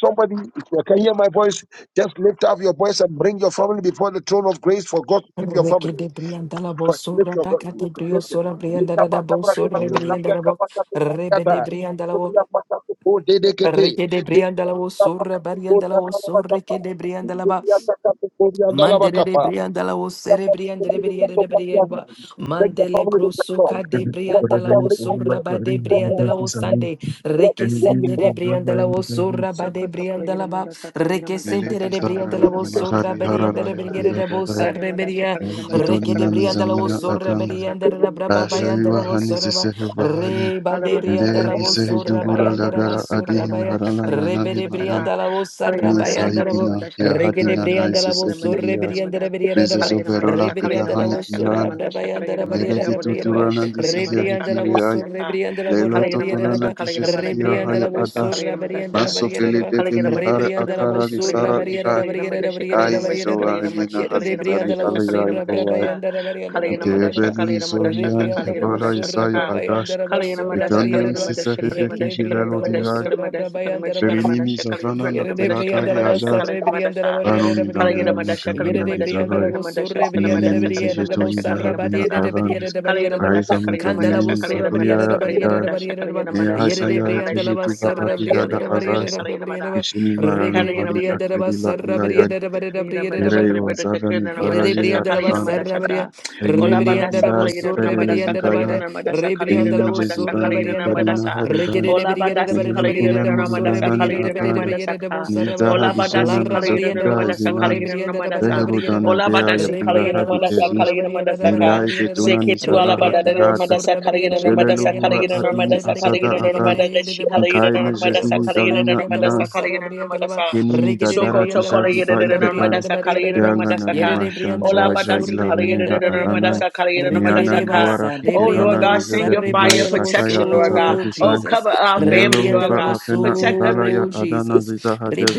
[SPEAKER 2] Somebody, if you can hear my voice, just lift up your voice and bring your family before the throne of grace for God to keep your family.
[SPEAKER 3] Rike de Brian
[SPEAKER 2] But
[SPEAKER 3] was
[SPEAKER 2] lift
[SPEAKER 3] Sorra
[SPEAKER 2] your voice,
[SPEAKER 3] Baca
[SPEAKER 7] शरण
[SPEAKER 3] de
[SPEAKER 2] lift it,
[SPEAKER 7] का
[SPEAKER 3] Brio
[SPEAKER 2] lift
[SPEAKER 7] शब्द
[SPEAKER 2] it.
[SPEAKER 3] Sorra
[SPEAKER 7] तारे
[SPEAKER 2] Lika
[SPEAKER 3] Briandala
[SPEAKER 2] ba ta bra de
[SPEAKER 3] Bosor
[SPEAKER 2] ba tu ta
[SPEAKER 7] अपने की
[SPEAKER 2] kia ka
[SPEAKER 3] Rebriandala
[SPEAKER 2] ba ta tu ta ta
[SPEAKER 3] Rebe
[SPEAKER 2] da.
[SPEAKER 3] de Briandala
[SPEAKER 2] Tukia pa ta tu po de de ke te.
[SPEAKER 3] Reke de
[SPEAKER 2] De
[SPEAKER 3] brianda la wo
[SPEAKER 2] ka pa
[SPEAKER 3] sorra
[SPEAKER 2] ta tu po
[SPEAKER 3] barianda la
[SPEAKER 2] ta
[SPEAKER 3] wo
[SPEAKER 2] ta la ba ta
[SPEAKER 3] sorre
[SPEAKER 2] pa.
[SPEAKER 3] ke de brianda la ba
[SPEAKER 2] Tukia ta ka tu po di anda la ba
[SPEAKER 3] Mandere
[SPEAKER 2] ka
[SPEAKER 3] de
[SPEAKER 2] pa.
[SPEAKER 3] brianda la
[SPEAKER 2] Ya
[SPEAKER 3] osere
[SPEAKER 2] pa tu
[SPEAKER 3] brianda de
[SPEAKER 2] tu tu ta
[SPEAKER 3] briere
[SPEAKER 2] tu
[SPEAKER 3] de
[SPEAKER 2] pa ki
[SPEAKER 3] briere
[SPEAKER 2] anda.
[SPEAKER 7] निर्मिति
[SPEAKER 2] Bring the
[SPEAKER 3] mandele
[SPEAKER 2] family to God.
[SPEAKER 3] brosoka de
[SPEAKER 2] Over for
[SPEAKER 3] brianda la
[SPEAKER 7] करेंगे
[SPEAKER 2] family
[SPEAKER 7] और
[SPEAKER 3] osora
[SPEAKER 2] confidence.
[SPEAKER 3] ba de
[SPEAKER 2] Bless
[SPEAKER 7] लगाएंगे
[SPEAKER 2] it,
[SPEAKER 3] brianda la
[SPEAKER 7] उदासी सामने
[SPEAKER 3] osande
[SPEAKER 2] bless
[SPEAKER 3] reke
[SPEAKER 2] it, bless
[SPEAKER 7] Elegiri
[SPEAKER 2] it,
[SPEAKER 3] sendere
[SPEAKER 2] bless
[SPEAKER 3] brianda
[SPEAKER 7] vizara
[SPEAKER 3] la osora ba
[SPEAKER 7] izavikali.
[SPEAKER 3] de
[SPEAKER 1] Sokoto
[SPEAKER 3] brianda
[SPEAKER 1] Kaligina
[SPEAKER 3] la ba
[SPEAKER 1] Madasa Kaligina
[SPEAKER 3] reke
[SPEAKER 1] Madasha
[SPEAKER 3] sendere
[SPEAKER 7] Meleti
[SPEAKER 3] de
[SPEAKER 1] Sakata
[SPEAKER 3] brianda
[SPEAKER 7] savrana
[SPEAKER 3] la
[SPEAKER 1] Kaligina Madasha
[SPEAKER 3] osora
[SPEAKER 7] imahari
[SPEAKER 1] Sakata
[SPEAKER 3] brianda
[SPEAKER 7] harala
[SPEAKER 3] de
[SPEAKER 1] Madasha Sa
[SPEAKER 7] yati
[SPEAKER 3] briere de bosa
[SPEAKER 7] zakadaya.
[SPEAKER 1] Kaligina Madasha
[SPEAKER 3] reberia
[SPEAKER 1] Kaligina
[SPEAKER 7] Meidi
[SPEAKER 1] Madasha
[SPEAKER 3] reke de
[SPEAKER 7] tonina
[SPEAKER 1] Kaligina
[SPEAKER 3] brianda
[SPEAKER 1] Madasha
[SPEAKER 3] la
[SPEAKER 7] mizamina
[SPEAKER 1] Kaligina
[SPEAKER 3] osora
[SPEAKER 7] akanga.
[SPEAKER 1] Madasha
[SPEAKER 3] brianda
[SPEAKER 1] Kaligina
[SPEAKER 3] la braba
[SPEAKER 1] Madasha Kaligina
[SPEAKER 3] bayanda la
[SPEAKER 7] Ashaiwa
[SPEAKER 1] Madasha
[SPEAKER 7] hani
[SPEAKER 1] Kaligina
[SPEAKER 3] osora ba
[SPEAKER 1] Madasha
[SPEAKER 7] sisehu
[SPEAKER 1] Sa
[SPEAKER 7] vahani.
[SPEAKER 3] re ba
[SPEAKER 1] Ala
[SPEAKER 3] de
[SPEAKER 1] Madasha
[SPEAKER 3] brianda la
[SPEAKER 7] Ndedi
[SPEAKER 1] Kaligina
[SPEAKER 7] sehi
[SPEAKER 1] Madasha
[SPEAKER 3] osora
[SPEAKER 1] Sa
[SPEAKER 7] dugura
[SPEAKER 1] Kaligina
[SPEAKER 3] bayanda la
[SPEAKER 1] Madasha
[SPEAKER 7] lagara
[SPEAKER 1] Sa
[SPEAKER 3] basura
[SPEAKER 1] Kaligina
[SPEAKER 7] adini
[SPEAKER 3] baya
[SPEAKER 1] Madasha
[SPEAKER 7] harala
[SPEAKER 1] Kaligina
[SPEAKER 3] rebe
[SPEAKER 7] nanami
[SPEAKER 3] de
[SPEAKER 1] Madasha Sa
[SPEAKER 7] mayan.
[SPEAKER 1] Ka
[SPEAKER 3] brianda la
[SPEAKER 1] Kaligina
[SPEAKER 3] osara
[SPEAKER 7] Ni
[SPEAKER 1] Madasha Kaligina
[SPEAKER 3] bayanda
[SPEAKER 7] sahidina
[SPEAKER 1] Madasha
[SPEAKER 7] kia
[SPEAKER 1] Kaligina
[SPEAKER 3] Regede
[SPEAKER 7] hadina
[SPEAKER 1] Purna
[SPEAKER 7] na
[SPEAKER 3] briandala bo
[SPEAKER 7] isiseki
[SPEAKER 1] Madasha
[SPEAKER 3] sorre
[SPEAKER 1] Kaligina
[SPEAKER 7] diyas.
[SPEAKER 3] briandala
[SPEAKER 1] Madasha
[SPEAKER 3] briandala ba.
[SPEAKER 7] Mezezo
[SPEAKER 1] Kaligina
[SPEAKER 3] Re
[SPEAKER 7] verola
[SPEAKER 1] Madasha Kaligina
[SPEAKER 3] briandala
[SPEAKER 7] tidahani
[SPEAKER 3] bo sorra
[SPEAKER 7] iyan.
[SPEAKER 3] bra
[SPEAKER 1] Madasha Kaligina
[SPEAKER 3] bayandala
[SPEAKER 1] Madasha
[SPEAKER 7] Nereli
[SPEAKER 3] briandala
[SPEAKER 1] Kaligina
[SPEAKER 3] briandala ba.
[SPEAKER 7] tuturana
[SPEAKER 1] Madasha
[SPEAKER 3] Re
[SPEAKER 1] Kaligina
[SPEAKER 7] ndisi
[SPEAKER 1] Madasha
[SPEAKER 3] briandala bo
[SPEAKER 1] Kaligina
[SPEAKER 3] sorre
[SPEAKER 1] Madasha
[SPEAKER 3] briandala bo
[SPEAKER 7] Lelo
[SPEAKER 3] ra
[SPEAKER 1] Kaligina
[SPEAKER 3] briandala
[SPEAKER 7] totonana
[SPEAKER 1] Madasha Kaligina Madasha Kaligina Madasha
[SPEAKER 3] ba.
[SPEAKER 1] Kaligina
[SPEAKER 3] Re
[SPEAKER 1] Madasha
[SPEAKER 7] dijasihira
[SPEAKER 1] Kaligina
[SPEAKER 7] haya
[SPEAKER 3] briandala bo
[SPEAKER 1] Madasha
[SPEAKER 7] adash.
[SPEAKER 1] Kaligina
[SPEAKER 3] sorra
[SPEAKER 1] Madasha
[SPEAKER 3] briandala
[SPEAKER 7] Maso
[SPEAKER 3] briandala
[SPEAKER 7] fele
[SPEAKER 3] ba.
[SPEAKER 7] de
[SPEAKER 3] Re
[SPEAKER 7] denihare
[SPEAKER 1] Kalagiramadasha,
[SPEAKER 3] briandala bo
[SPEAKER 7] akara
[SPEAKER 1] Kalagiramadasha,
[SPEAKER 7] lisara
[SPEAKER 3] sorra
[SPEAKER 7] sara
[SPEAKER 1] Kalagiramadasha,
[SPEAKER 3] briandala
[SPEAKER 7] igada.
[SPEAKER 3] briandala
[SPEAKER 1] Kalagiramadasha,
[SPEAKER 3] briandala
[SPEAKER 7] Aizi
[SPEAKER 3] briandala ba.
[SPEAKER 7] zoa hemena
[SPEAKER 1] Kalagiramadasha,
[SPEAKER 3] Yere de
[SPEAKER 7] hazizali
[SPEAKER 1] Kalagiramadasha,
[SPEAKER 3] briandala bo
[SPEAKER 7] alaya
[SPEAKER 3] sorra bra
[SPEAKER 1] Kalagiramadasha,
[SPEAKER 7] idoa.
[SPEAKER 1] Sa,
[SPEAKER 3] bayandala briandala
[SPEAKER 1] Kalagiramadasha,
[SPEAKER 3] briandala
[SPEAKER 1] Sa,
[SPEAKER 3] ba.
[SPEAKER 7] Ikebeli ni
[SPEAKER 1] Kalagiramadasha,
[SPEAKER 3] Re
[SPEAKER 1] Kalagiramadasha, Sa,
[SPEAKER 7] zohian
[SPEAKER 3] briandala bo
[SPEAKER 7] hevala
[SPEAKER 1] Kalagiramadasha, Sa,
[SPEAKER 3] sorra
[SPEAKER 7] isai
[SPEAKER 3] bra
[SPEAKER 1] Ka,
[SPEAKER 7] adash.
[SPEAKER 3] bayandala ba sorra
[SPEAKER 1] Kalagiramadasha,
[SPEAKER 7] Ikanyam
[SPEAKER 3] briandala ba.
[SPEAKER 1] Kalagiramadasha,
[SPEAKER 7] sisafe de
[SPEAKER 3] Yere de
[SPEAKER 7] kegidelo
[SPEAKER 3] briandala bo
[SPEAKER 7] dirai.
[SPEAKER 3] sorra bra
[SPEAKER 1] Kalagiramadasha,
[SPEAKER 3] bayandala ba.
[SPEAKER 7] Erinimi
[SPEAKER 1] Kalagiramadasha, Kalagiramadasha,
[SPEAKER 7] zavana
[SPEAKER 3] Yerede
[SPEAKER 7] naptilaka
[SPEAKER 3] priyanda
[SPEAKER 7] e
[SPEAKER 3] la
[SPEAKER 1] Kalagiramadasha, Kalagiramadasha, Kalagiramadasha,
[SPEAKER 7] adat.
[SPEAKER 3] basarre
[SPEAKER 1] Kalagiramadasha,
[SPEAKER 3] priyanda la boriyere de
[SPEAKER 7] Anoni
[SPEAKER 1] Kalagiramadasha,
[SPEAKER 3] priyere
[SPEAKER 7] dana ni
[SPEAKER 3] de
[SPEAKER 7] makangana
[SPEAKER 3] yerede
[SPEAKER 1] Kalagiramadasha,
[SPEAKER 3] priyanda la
[SPEAKER 7] dizarai.
[SPEAKER 1] Kalagiramadasha,
[SPEAKER 3] bosurre
[SPEAKER 1] Kalagiramadasha,
[SPEAKER 3] priyanda de
[SPEAKER 1] Kalagiramadasha,
[SPEAKER 7] Neneni
[SPEAKER 3] priyere de
[SPEAKER 7] zishetoni
[SPEAKER 1] Kalagiramadasha,
[SPEAKER 7] na
[SPEAKER 3] bosarra
[SPEAKER 7] habina
[SPEAKER 3] bariyere
[SPEAKER 1] Kalagiramadasha,
[SPEAKER 3] de priyere
[SPEAKER 7] avanas.
[SPEAKER 3] de
[SPEAKER 1] Kalayana
[SPEAKER 3] bariyere de
[SPEAKER 1] Madasha
[SPEAKER 7] Raivam na
[SPEAKER 1] Kalayana
[SPEAKER 3] kandala
[SPEAKER 1] Madasha
[SPEAKER 7] domeneni
[SPEAKER 1] Kalayana
[SPEAKER 3] bosura priyere
[SPEAKER 1] Madasha
[SPEAKER 3] de
[SPEAKER 1] Kalayana
[SPEAKER 3] bariyere
[SPEAKER 7] zaglia
[SPEAKER 3] de
[SPEAKER 1] Madasha
[SPEAKER 3] bariyere
[SPEAKER 7] Ne
[SPEAKER 3] de yerede
[SPEAKER 1] Kalayana
[SPEAKER 7] Isaiah
[SPEAKER 3] priyanda la
[SPEAKER 1] Madasha Kalayana Madasha Kalayana
[SPEAKER 7] Genetiva
[SPEAKER 3] basarra
[SPEAKER 1] Madasha
[SPEAKER 3] priyanda
[SPEAKER 7] Akidala
[SPEAKER 3] de
[SPEAKER 1] Kalayana
[SPEAKER 3] bariyere
[SPEAKER 1] Madasha
[SPEAKER 3] de
[SPEAKER 7] Azasa
[SPEAKER 1] Kalayana
[SPEAKER 3] priyere
[SPEAKER 7] Kishini
[SPEAKER 3] de
[SPEAKER 1] Madasha
[SPEAKER 7] Marano
[SPEAKER 3] rebre de
[SPEAKER 1] Kalayana
[SPEAKER 7] Hane
[SPEAKER 3] priyanda
[SPEAKER 1] Madasha
[SPEAKER 3] la
[SPEAKER 7] Akirila
[SPEAKER 3] basarra
[SPEAKER 7] Ilayan
[SPEAKER 3] priyere de
[SPEAKER 1] Kalina
[SPEAKER 3] bariyere
[SPEAKER 1] Madasha
[SPEAKER 3] de
[SPEAKER 7] Ereo
[SPEAKER 1] Kalibada
[SPEAKER 7] Zavani
[SPEAKER 1] Kalina Madasha
[SPEAKER 7] Pararia
[SPEAKER 1] Sakalina
[SPEAKER 7] Ivan
[SPEAKER 3] Yerebriandalamasarabaria,
[SPEAKER 1] Madasha Ola
[SPEAKER 7] Elimina
[SPEAKER 1] Badasi
[SPEAKER 7] Iva
[SPEAKER 1] Kalina
[SPEAKER 3] Rebriandarabosur,
[SPEAKER 7] Hipelele
[SPEAKER 1] Madasa Kalina
[SPEAKER 7] Zivaya
[SPEAKER 3] Rebriandarabada,
[SPEAKER 1] Madasa Kalina
[SPEAKER 7] Enimi
[SPEAKER 1] Madasa
[SPEAKER 7] Jesivanes
[SPEAKER 1] Kalina
[SPEAKER 3] Rebriandalabosurabriandaraba,
[SPEAKER 1] Madasa Ola Badasi Kalina
[SPEAKER 3] Rekedebriandabadabariadabosur,
[SPEAKER 1] Madasa Kalina
[SPEAKER 7] Nelana
[SPEAKER 1] Madasa Ka
[SPEAKER 3] Rebriandabadabariadabosarabaya,
[SPEAKER 1] Ola Badasi Kalina Madasa
[SPEAKER 3] Larabariandabosur,
[SPEAKER 7] Neones
[SPEAKER 1] Kalina Madasa
[SPEAKER 3] Rebriandabadabariadaba,
[SPEAKER 1] Ola Badasi Kalina Madasa
[SPEAKER 7] Rehis
[SPEAKER 1] Kalina Madasa Ka
[SPEAKER 3] Rebriandalabosurabriadabadabariadaba,
[SPEAKER 1] Seke tu Ala Badada
[SPEAKER 7] Nelka
[SPEAKER 1] Madasa Kalina Madasa Kalina Madasa Kalina Madasa Kalina
[SPEAKER 3] Rebriandalabosurabriadabariadabosuriandabariadaba,
[SPEAKER 7] Shishinkan
[SPEAKER 1] Madasa Kalina Madasa Kalina
[SPEAKER 3] Fabiadabosurabriandalabosarabriandalaba,
[SPEAKER 1] Madasa
[SPEAKER 7] Yenan
[SPEAKER 1] Soko to kola yada da da da madasa kala yada
[SPEAKER 3] Rekedebriandalabosurabriandabariadaba,
[SPEAKER 1] da madasa
[SPEAKER 3] Yere
[SPEAKER 1] ka.
[SPEAKER 3] de briandala
[SPEAKER 1] Ola
[SPEAKER 3] was
[SPEAKER 1] badasi
[SPEAKER 3] surre
[SPEAKER 1] kala yada da
[SPEAKER 3] briandala
[SPEAKER 1] da da
[SPEAKER 7] Yarai
[SPEAKER 3] barriera.
[SPEAKER 1] madasa kala yada da
[SPEAKER 7] Miran
[SPEAKER 3] Rikere de
[SPEAKER 1] madasa ka.
[SPEAKER 3] basa, de
[SPEAKER 1] Oh Lord
[SPEAKER 3] briandala
[SPEAKER 1] God,
[SPEAKER 3] was
[SPEAKER 1] send your
[SPEAKER 3] sarre
[SPEAKER 1] fire
[SPEAKER 3] briandala was
[SPEAKER 1] protection, Lord God.
[SPEAKER 3] so
[SPEAKER 1] Oh,
[SPEAKER 3] Jesus.
[SPEAKER 1] cover our
[SPEAKER 7] Neri
[SPEAKER 1] family, Lord
[SPEAKER 3] Rebriandala
[SPEAKER 1] God.
[SPEAKER 3] was
[SPEAKER 1] Protect us
[SPEAKER 3] so Jesus.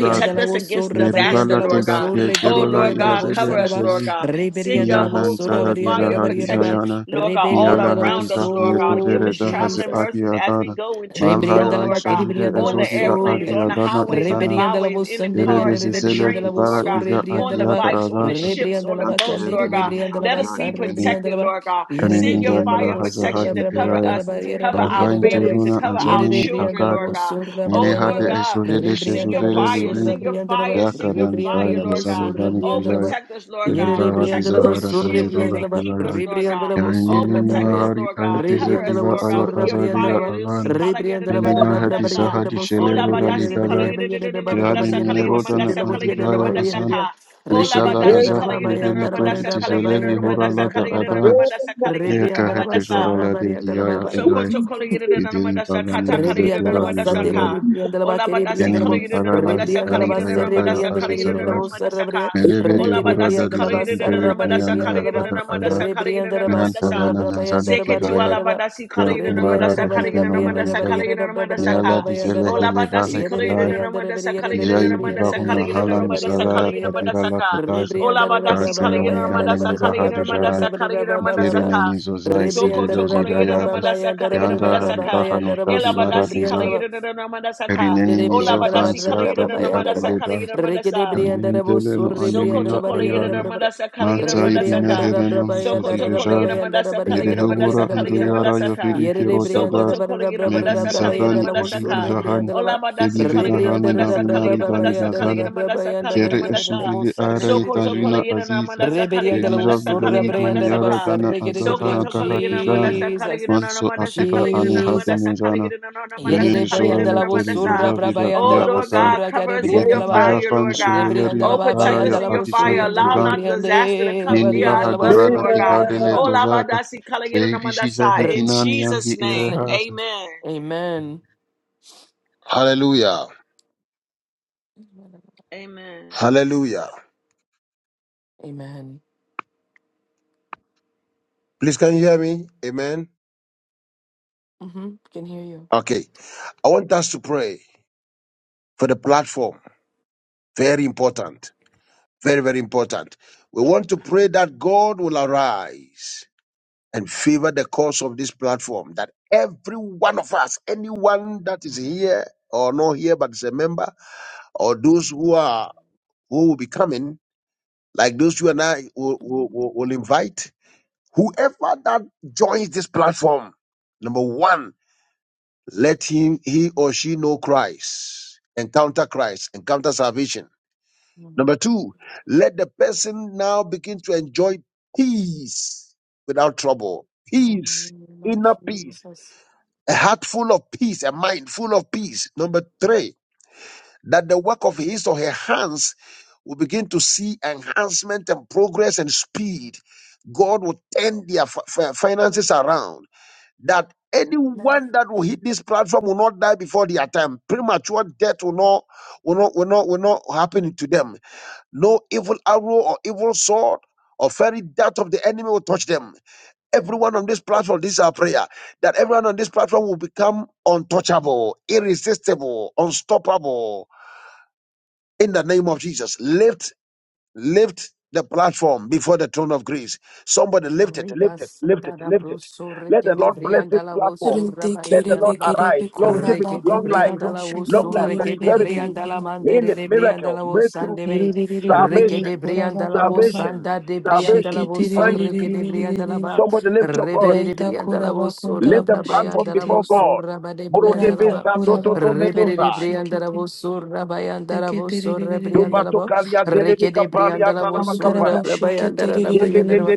[SPEAKER 1] Protect us
[SPEAKER 3] was so
[SPEAKER 1] against disaster,
[SPEAKER 3] rabariandala
[SPEAKER 1] Lord
[SPEAKER 3] was
[SPEAKER 1] God.
[SPEAKER 3] so
[SPEAKER 1] Oh,
[SPEAKER 3] regede
[SPEAKER 1] Lord
[SPEAKER 3] briandala
[SPEAKER 1] God,
[SPEAKER 3] was
[SPEAKER 1] cover us,
[SPEAKER 3] saraba.
[SPEAKER 1] Lord God. Send your
[SPEAKER 3] Rebriandala was
[SPEAKER 1] ho-
[SPEAKER 3] so
[SPEAKER 1] holy fire
[SPEAKER 3] rabariandala
[SPEAKER 1] of protection,
[SPEAKER 3] barriera.
[SPEAKER 7] Niana
[SPEAKER 1] Lord God,
[SPEAKER 7] Niana
[SPEAKER 1] all
[SPEAKER 3] Rebriandala was
[SPEAKER 1] around us, Lord God. Give
[SPEAKER 3] so
[SPEAKER 1] us traveling
[SPEAKER 3] Jesus.
[SPEAKER 1] mercies as we go and to and fro,
[SPEAKER 3] Rebrianda la
[SPEAKER 1] Lord God,
[SPEAKER 3] vaquera, brianda la
[SPEAKER 1] on the
[SPEAKER 3] voz,
[SPEAKER 1] airplanes, on the highways and the
[SPEAKER 7] Manan
[SPEAKER 3] rebrianda la
[SPEAKER 1] byways,
[SPEAKER 3] voz,
[SPEAKER 1] in the cars,
[SPEAKER 3] sanderianda,
[SPEAKER 1] in the
[SPEAKER 3] rebrianda la
[SPEAKER 1] trains,
[SPEAKER 3] voz,
[SPEAKER 1] Lord
[SPEAKER 7] Erara
[SPEAKER 1] God, on
[SPEAKER 3] rebrianda la
[SPEAKER 1] the
[SPEAKER 3] va,
[SPEAKER 1] bikes, on the
[SPEAKER 7] Tiataza
[SPEAKER 1] ships,
[SPEAKER 3] rebrianda
[SPEAKER 1] on
[SPEAKER 3] la
[SPEAKER 1] the
[SPEAKER 7] Ante
[SPEAKER 1] boats,
[SPEAKER 3] vacandere,
[SPEAKER 1] Lord God.
[SPEAKER 7] Ebimini
[SPEAKER 3] rebrianda la
[SPEAKER 1] Let us
[SPEAKER 7] Akia
[SPEAKER 3] vasa,
[SPEAKER 1] be
[SPEAKER 7] Ivenin
[SPEAKER 3] rebrianda
[SPEAKER 1] protected,
[SPEAKER 3] la va,
[SPEAKER 1] Lord God.
[SPEAKER 3] yere
[SPEAKER 1] Send your
[SPEAKER 7] Kaneninja
[SPEAKER 3] rebrianda la
[SPEAKER 1] fire
[SPEAKER 7] Iva
[SPEAKER 1] of
[SPEAKER 3] voz,
[SPEAKER 1] protection to cover
[SPEAKER 3] rabayada,
[SPEAKER 7] Hazahadi
[SPEAKER 3] da
[SPEAKER 1] us and to
[SPEAKER 3] barriera,
[SPEAKER 1] cover
[SPEAKER 3] da
[SPEAKER 1] our
[SPEAKER 3] barriera, da barriera,
[SPEAKER 1] families, to
[SPEAKER 7] Rafainteluna
[SPEAKER 1] cover our
[SPEAKER 3] yere
[SPEAKER 7] anzamini
[SPEAKER 3] rebrianda
[SPEAKER 1] children,
[SPEAKER 3] la
[SPEAKER 1] Lord
[SPEAKER 7] akada
[SPEAKER 3] voz,
[SPEAKER 1] God. Oh,
[SPEAKER 3] rabarianda la
[SPEAKER 1] Lord
[SPEAKER 7] minehade
[SPEAKER 3] va,
[SPEAKER 1] God.
[SPEAKER 7] esovele
[SPEAKER 1] Sing
[SPEAKER 3] rebrianda
[SPEAKER 1] your
[SPEAKER 3] la
[SPEAKER 7] shezuvele
[SPEAKER 3] voz,
[SPEAKER 1] fire,
[SPEAKER 7] libin
[SPEAKER 1] sing your
[SPEAKER 3] rabrianda la va,
[SPEAKER 1] fire, sing your
[SPEAKER 7] yakanan
[SPEAKER 3] rebrianda
[SPEAKER 1] fire,
[SPEAKER 7] bari
[SPEAKER 3] la
[SPEAKER 1] Lord
[SPEAKER 3] voz,
[SPEAKER 1] God.
[SPEAKER 7] misamidani
[SPEAKER 1] Oh,
[SPEAKER 3] rebrianda la
[SPEAKER 7] tijai
[SPEAKER 3] va,
[SPEAKER 1] protect us, Lord
[SPEAKER 3] yere
[SPEAKER 1] God.
[SPEAKER 7] elubara
[SPEAKER 3] rebrianda
[SPEAKER 1] Protect
[SPEAKER 3] la
[SPEAKER 1] us and
[SPEAKER 3] voz,
[SPEAKER 7] tizahara
[SPEAKER 1] shield us
[SPEAKER 3] rebrianda
[SPEAKER 7] tayurola
[SPEAKER 3] la
[SPEAKER 1] and
[SPEAKER 3] va,
[SPEAKER 1] keep
[SPEAKER 7] kivai
[SPEAKER 1] us,
[SPEAKER 7] ay
[SPEAKER 1] Lord
[SPEAKER 3] rebrianda
[SPEAKER 1] God.
[SPEAKER 3] la
[SPEAKER 1] Oh,
[SPEAKER 7] yanilini
[SPEAKER 1] protect us,
[SPEAKER 3] voz,
[SPEAKER 7] mahari
[SPEAKER 1] Lord God.
[SPEAKER 7] ayeteza
[SPEAKER 1] Cover us,
[SPEAKER 7] kiva
[SPEAKER 3] Rebriandalabo
[SPEAKER 1] Lord God,
[SPEAKER 7] aya
[SPEAKER 1] with
[SPEAKER 3] Sura
[SPEAKER 1] your
[SPEAKER 7] azadiya
[SPEAKER 3] Briandalaba,
[SPEAKER 1] fire. See,
[SPEAKER 7] alana
[SPEAKER 3] Rebriandalaba,
[SPEAKER 7] minimahati sahadi
[SPEAKER 3] Rabriandalabo Sura
[SPEAKER 7] shelelora litavan kihadi
[SPEAKER 3] Briandalaba, the most in
[SPEAKER 7] mimerotana
[SPEAKER 3] the Bari, the Bos, and the Lavodia, the
[SPEAKER 7] antivaya
[SPEAKER 3] Lavaria, and the
[SPEAKER 7] azan
[SPEAKER 3] Dia, Riki
[SPEAKER 7] yeshava
[SPEAKER 2] it.
[SPEAKER 7] azafi
[SPEAKER 3] Rebriandalaba,
[SPEAKER 7] vedeni
[SPEAKER 3] Bayandalaba,
[SPEAKER 7] tori tiseledi horalata
[SPEAKER 3] Rabrabayandalaba,
[SPEAKER 7] adanas
[SPEAKER 2] Amen.
[SPEAKER 7] Neka heke
[SPEAKER 3] Rebriandalaba,
[SPEAKER 7] zorala de
[SPEAKER 3] Sarabariandalaba,
[SPEAKER 7] kiaya
[SPEAKER 1] Sokoto kolegire na nama
[SPEAKER 7] Idin
[SPEAKER 1] dasa kata
[SPEAKER 7] babani bize
[SPEAKER 1] kolegire na
[SPEAKER 7] kura
[SPEAKER 3] Rebriandalaba
[SPEAKER 1] nama dasa
[SPEAKER 3] Sunday,
[SPEAKER 7] dizayan.
[SPEAKER 1] ka
[SPEAKER 3] Rebriandalaba
[SPEAKER 1] ola badasi
[SPEAKER 7] Yeni
[SPEAKER 3] Kerebriandalabo,
[SPEAKER 7] mi
[SPEAKER 1] kolegire na nama
[SPEAKER 7] palala
[SPEAKER 1] dasa
[SPEAKER 7] hitan
[SPEAKER 3] Rebriandalaba
[SPEAKER 1] kolegire na
[SPEAKER 7] daya
[SPEAKER 1] nama
[SPEAKER 7] daya
[SPEAKER 1] dasa
[SPEAKER 7] azize
[SPEAKER 1] kolegire na
[SPEAKER 3] Serebriandalabo
[SPEAKER 7] vaja.
[SPEAKER 1] nama dasa
[SPEAKER 3] Sarabria,
[SPEAKER 1] ka
[SPEAKER 7] Merebedi
[SPEAKER 1] ola
[SPEAKER 7] hura
[SPEAKER 1] badasi
[SPEAKER 7] da
[SPEAKER 3] Rekerebriandalaba
[SPEAKER 1] kolegire
[SPEAKER 7] dizaki
[SPEAKER 1] na
[SPEAKER 7] dere
[SPEAKER 1] nama dasa
[SPEAKER 7] tunani
[SPEAKER 1] kolegire
[SPEAKER 7] hata
[SPEAKER 1] na
[SPEAKER 3] Sarabarebriandalaba,
[SPEAKER 7] da
[SPEAKER 1] nama
[SPEAKER 7] ala.
[SPEAKER 1] dasa kolegire na
[SPEAKER 3] Rebriandalaba
[SPEAKER 1] nama
[SPEAKER 7] Nean
[SPEAKER 1] dasa
[SPEAKER 7] talana nanzani ki
[SPEAKER 1] Seketi
[SPEAKER 7] vaya.
[SPEAKER 1] ala
[SPEAKER 3] Surabrabayandarabaryandaraba,
[SPEAKER 1] badasi
[SPEAKER 7] Ya
[SPEAKER 1] kolegire na nama
[SPEAKER 7] kungara
[SPEAKER 1] dasa kolegire na
[SPEAKER 7] rehiten
[SPEAKER 1] nama
[SPEAKER 7] ona
[SPEAKER 1] dasa
[SPEAKER 7] nizama.
[SPEAKER 1] kolegire na nama dasa ka
[SPEAKER 7] Neala dizele
[SPEAKER 3] Rebriandarabarabariandarabarabarabrabayandaraba,
[SPEAKER 1] ola
[SPEAKER 7] hele
[SPEAKER 1] badasi
[SPEAKER 7] vahe
[SPEAKER 1] kolegire na
[SPEAKER 7] ilara.
[SPEAKER 1] nama dasa kolegire na
[SPEAKER 7] Ijai
[SPEAKER 1] nama dasa
[SPEAKER 7] vivahuna
[SPEAKER 1] kolegire na
[SPEAKER 7] hala
[SPEAKER 1] nama dasa
[SPEAKER 7] misalaya
[SPEAKER 1] kolegire na nama
[SPEAKER 3] Yerebriandarabriandarabriandarabriandarabriandarabriandarabriandara,
[SPEAKER 7] tadira
[SPEAKER 1] dasa
[SPEAKER 7] la
[SPEAKER 1] ka
[SPEAKER 7] kitaza.
[SPEAKER 1] ola badasi
[SPEAKER 7] Tase
[SPEAKER 1] kolegire na nama
[SPEAKER 7] yoindani
[SPEAKER 1] dasa kolegire na
[SPEAKER 7] mizahadi
[SPEAKER 1] nama dasa
[SPEAKER 7] jaran.
[SPEAKER 1] kolegire na nama dasa
[SPEAKER 7] Nkere
[SPEAKER 3] Rebriandarabrababayandarabrababrababrababrababa,
[SPEAKER 7] ne
[SPEAKER 1] ka
[SPEAKER 3] Rebriandara
[SPEAKER 7] mizozai
[SPEAKER 1] Soko to
[SPEAKER 7] sililo
[SPEAKER 1] kola yeda na
[SPEAKER 7] zirayadas.
[SPEAKER 1] mandasa kala yeda
[SPEAKER 7] Yanga
[SPEAKER 1] mandasa ka.
[SPEAKER 7] havivaha notali
[SPEAKER 1] Ela
[SPEAKER 7] mara
[SPEAKER 1] badasi kala yeda na mandasa ka.
[SPEAKER 7] Rinenimiĝo
[SPEAKER 1] kala
[SPEAKER 7] vansiata
[SPEAKER 1] yeda
[SPEAKER 7] di
[SPEAKER 1] na mandasa kala
[SPEAKER 7] apiledas,
[SPEAKER 1] yeda mandasa.
[SPEAKER 7] ganendeleno
[SPEAKER 1] Soko
[SPEAKER 7] anemia
[SPEAKER 1] toko yeda da
[SPEAKER 7] ayana,
[SPEAKER 1] mandasa kala yeda
[SPEAKER 7] mansa
[SPEAKER 1] mandasa
[SPEAKER 7] idina
[SPEAKER 1] ka.
[SPEAKER 7] hereno
[SPEAKER 1] Soko toko yeda
[SPEAKER 7] misesijejaz,
[SPEAKER 1] mandasa kala yeda
[SPEAKER 7] mirehubura
[SPEAKER 1] mandasa kala yeda
[SPEAKER 7] angliara
[SPEAKER 1] mandasa ka.
[SPEAKER 7] yofiri
[SPEAKER 1] Soko
[SPEAKER 7] kerotadas,
[SPEAKER 1] to yeda mandasa kala yeda
[SPEAKER 7] medisavani
[SPEAKER 1] mandasa
[SPEAKER 7] ejidi
[SPEAKER 1] ka.
[SPEAKER 7] jahani,
[SPEAKER 1] Ola mandasi kala yeda
[SPEAKER 7] edivenahani
[SPEAKER 1] mandasa kala yeda
[SPEAKER 7] navimari dani
[SPEAKER 1] mandasa kala yeda
[SPEAKER 7] mazana,
[SPEAKER 1] mandasa kala yeda
[SPEAKER 7] kere
[SPEAKER 1] mandasa.
[SPEAKER 7] esuvili ara
[SPEAKER 1] Soko toko
[SPEAKER 7] etajina
[SPEAKER 1] yeda na
[SPEAKER 7] aziz,
[SPEAKER 1] mandasa kala yeda
[SPEAKER 7] edija
[SPEAKER 1] mandasa kala
[SPEAKER 7] vidali
[SPEAKER 1] yeda mandasa
[SPEAKER 7] dumiara
[SPEAKER 1] ka.
[SPEAKER 7] dana azafa
[SPEAKER 1] Soko
[SPEAKER 3] Rebriandalabosurrebriandarabasarregedebrio,
[SPEAKER 1] toko yeda
[SPEAKER 7] akahati jana,
[SPEAKER 1] mandasa kala
[SPEAKER 3] Jesus,
[SPEAKER 1] yeda na
[SPEAKER 7] manso
[SPEAKER 1] mandasa
[SPEAKER 7] akiva
[SPEAKER 1] kala yeda
[SPEAKER 7] ane
[SPEAKER 1] na
[SPEAKER 3] Jesus.
[SPEAKER 1] mandasa kala
[SPEAKER 7] hatenezana,
[SPEAKER 1] yeda na mandasa
[SPEAKER 7] Leneni
[SPEAKER 1] kala
[SPEAKER 7] sora
[SPEAKER 1] yeda na
[SPEAKER 7] leteri
[SPEAKER 1] mandasa.
[SPEAKER 3] Yededebriandalabosurra
[SPEAKER 7] izavida
[SPEAKER 1] Oh
[SPEAKER 7] kia
[SPEAKER 1] Lord
[SPEAKER 7] atan.
[SPEAKER 1] God,
[SPEAKER 3] brabayandalabosura
[SPEAKER 1] cover us in your
[SPEAKER 7] Beti
[SPEAKER 3] gadebriandalaba.
[SPEAKER 1] fire,
[SPEAKER 7] kizafan
[SPEAKER 1] Lord God. Oh,
[SPEAKER 7] sulelerili
[SPEAKER 3] Rebriandalaba
[SPEAKER 1] protect us
[SPEAKER 7] araya
[SPEAKER 1] in your fire.
[SPEAKER 7] atishedi
[SPEAKER 3] bayandalabosuya
[SPEAKER 1] Allow
[SPEAKER 7] kizan.
[SPEAKER 1] not disaster to
[SPEAKER 3] dededebriande,
[SPEAKER 1] come near
[SPEAKER 7] Meniva
[SPEAKER 1] our
[SPEAKER 2] Amen.
[SPEAKER 1] dwelling,
[SPEAKER 7] hadorada
[SPEAKER 1] Lord God.
[SPEAKER 7] kikade
[SPEAKER 1] Oh,
[SPEAKER 3] abariandalabasurrebriandalaba.
[SPEAKER 2] Amen.
[SPEAKER 7] letozata.
[SPEAKER 1] labadasi
[SPEAKER 7] Feivisi
[SPEAKER 1] kalayedanamandasa.
[SPEAKER 3] R-
[SPEAKER 1] in
[SPEAKER 7] zahidinan yandi
[SPEAKER 1] Jesus'
[SPEAKER 3] Jesus'
[SPEAKER 1] name,
[SPEAKER 3] name.
[SPEAKER 7] irehasa.
[SPEAKER 1] amen.
[SPEAKER 3] Amen.
[SPEAKER 2] Hallelujah.
[SPEAKER 1] Amen.
[SPEAKER 2] Hallelujah.
[SPEAKER 3] Amen.
[SPEAKER 2] Please, can you hear me? Amen.
[SPEAKER 3] hmm Can hear you.
[SPEAKER 2] Okay. I want us to pray for the platform. Very important. Very, very important. We want to pray that God will arise and favor the cause of this platform, that every one of us, anyone that is here or not here but is a member, or those who are who will be coming, like those you and I will, will, will will invite, whoever that joins this platform, number one. Let him, he or she know Christ, encounter Christ, encounter salvation. Number two, let the person now begin to enjoy peace without trouble. Peace, inner peace, a heart full of peace, a mind full of peace. Number three, that the work of his or her hands will begin to see enhancement and progress and speed. God will turn their fi- fi- finances around that anyone that will hit this platform will not die before their time. Premature death will not will not will not will not happen to them. No evil arrow or evil sword or fairy dart of the enemy will touch them. Everyone on this platform, this is our prayer, that everyone on this platform will become untouchable, irresistible, unstoppable. In the name of Jesus, lift Lift the platform before the throne of grace. Somebody lift it, lift it, lift it,
[SPEAKER 3] Ribasandara
[SPEAKER 2] lift it.
[SPEAKER 3] broso
[SPEAKER 2] Let
[SPEAKER 3] reke
[SPEAKER 2] the
[SPEAKER 3] de
[SPEAKER 2] Lord bless this
[SPEAKER 3] briandala wo
[SPEAKER 2] platform.
[SPEAKER 3] surra
[SPEAKER 2] Let the
[SPEAKER 4] kerebe
[SPEAKER 2] Lord
[SPEAKER 3] bayandala ba
[SPEAKER 2] arise.
[SPEAKER 4] kerebe kora ba
[SPEAKER 2] Longevity,
[SPEAKER 3] reke de
[SPEAKER 2] long
[SPEAKER 4] kantara
[SPEAKER 2] life,
[SPEAKER 4] ba
[SPEAKER 3] briandala wo
[SPEAKER 4] sheke
[SPEAKER 2] long life,
[SPEAKER 3] surre
[SPEAKER 4] tere
[SPEAKER 3] ke
[SPEAKER 4] re re
[SPEAKER 3] de
[SPEAKER 4] re re
[SPEAKER 2] prosperity,
[SPEAKER 4] re
[SPEAKER 3] briandala
[SPEAKER 2] healing,
[SPEAKER 3] mandere de briandala
[SPEAKER 2] miracles,
[SPEAKER 3] wo
[SPEAKER 2] breakthroughs,
[SPEAKER 4] re re
[SPEAKER 3] sandebe
[SPEAKER 4] re re re re re
[SPEAKER 3] reke
[SPEAKER 4] re
[SPEAKER 3] de
[SPEAKER 2] salvation,
[SPEAKER 4] kora ba
[SPEAKER 3] briandala wo
[SPEAKER 4] kora ba
[SPEAKER 2] salvation,
[SPEAKER 3] sanda de
[SPEAKER 4] sheke
[SPEAKER 3] briandala
[SPEAKER 2] salvation,
[SPEAKER 3] wo
[SPEAKER 4] tere re
[SPEAKER 2] divine
[SPEAKER 4] re
[SPEAKER 3] surre
[SPEAKER 4] re re re
[SPEAKER 3] ke
[SPEAKER 2] speed.
[SPEAKER 3] de
[SPEAKER 4] re re
[SPEAKER 3] briandala
[SPEAKER 4] re
[SPEAKER 3] ba
[SPEAKER 2] Somebody lift your
[SPEAKER 3] rebe
[SPEAKER 2] voice.
[SPEAKER 3] de
[SPEAKER 4] raita kora
[SPEAKER 3] briandala wo
[SPEAKER 4] ba
[SPEAKER 3] surra
[SPEAKER 4] kantara
[SPEAKER 2] Lift the
[SPEAKER 4] ba
[SPEAKER 2] platform
[SPEAKER 4] sheke
[SPEAKER 3] brabayandala
[SPEAKER 4] te
[SPEAKER 3] wo
[SPEAKER 2] before God.
[SPEAKER 3] surra ba de briandala
[SPEAKER 2] Morodebe
[SPEAKER 4] raita
[SPEAKER 3] ba
[SPEAKER 2] Sato
[SPEAKER 4] kora ba
[SPEAKER 2] Toto
[SPEAKER 4] kantara
[SPEAKER 3] rebe
[SPEAKER 4] ba
[SPEAKER 3] de
[SPEAKER 2] Medosa.
[SPEAKER 4] sheke
[SPEAKER 3] briandala
[SPEAKER 4] te
[SPEAKER 3] wo surra bayandala
[SPEAKER 4] sheke
[SPEAKER 3] wo
[SPEAKER 4] tere re
[SPEAKER 3] surra
[SPEAKER 4] re re re
[SPEAKER 3] briandala
[SPEAKER 2] Dubato
[SPEAKER 3] ba
[SPEAKER 2] Kalia
[SPEAKER 3] reke
[SPEAKER 2] Delebe
[SPEAKER 3] de briandala wo
[SPEAKER 2] Kapalia
[SPEAKER 3] surra
[SPEAKER 4] Kondaraba shekete
[SPEAKER 3] brabayandala da
[SPEAKER 4] ririri.
[SPEAKER 3] briandala ba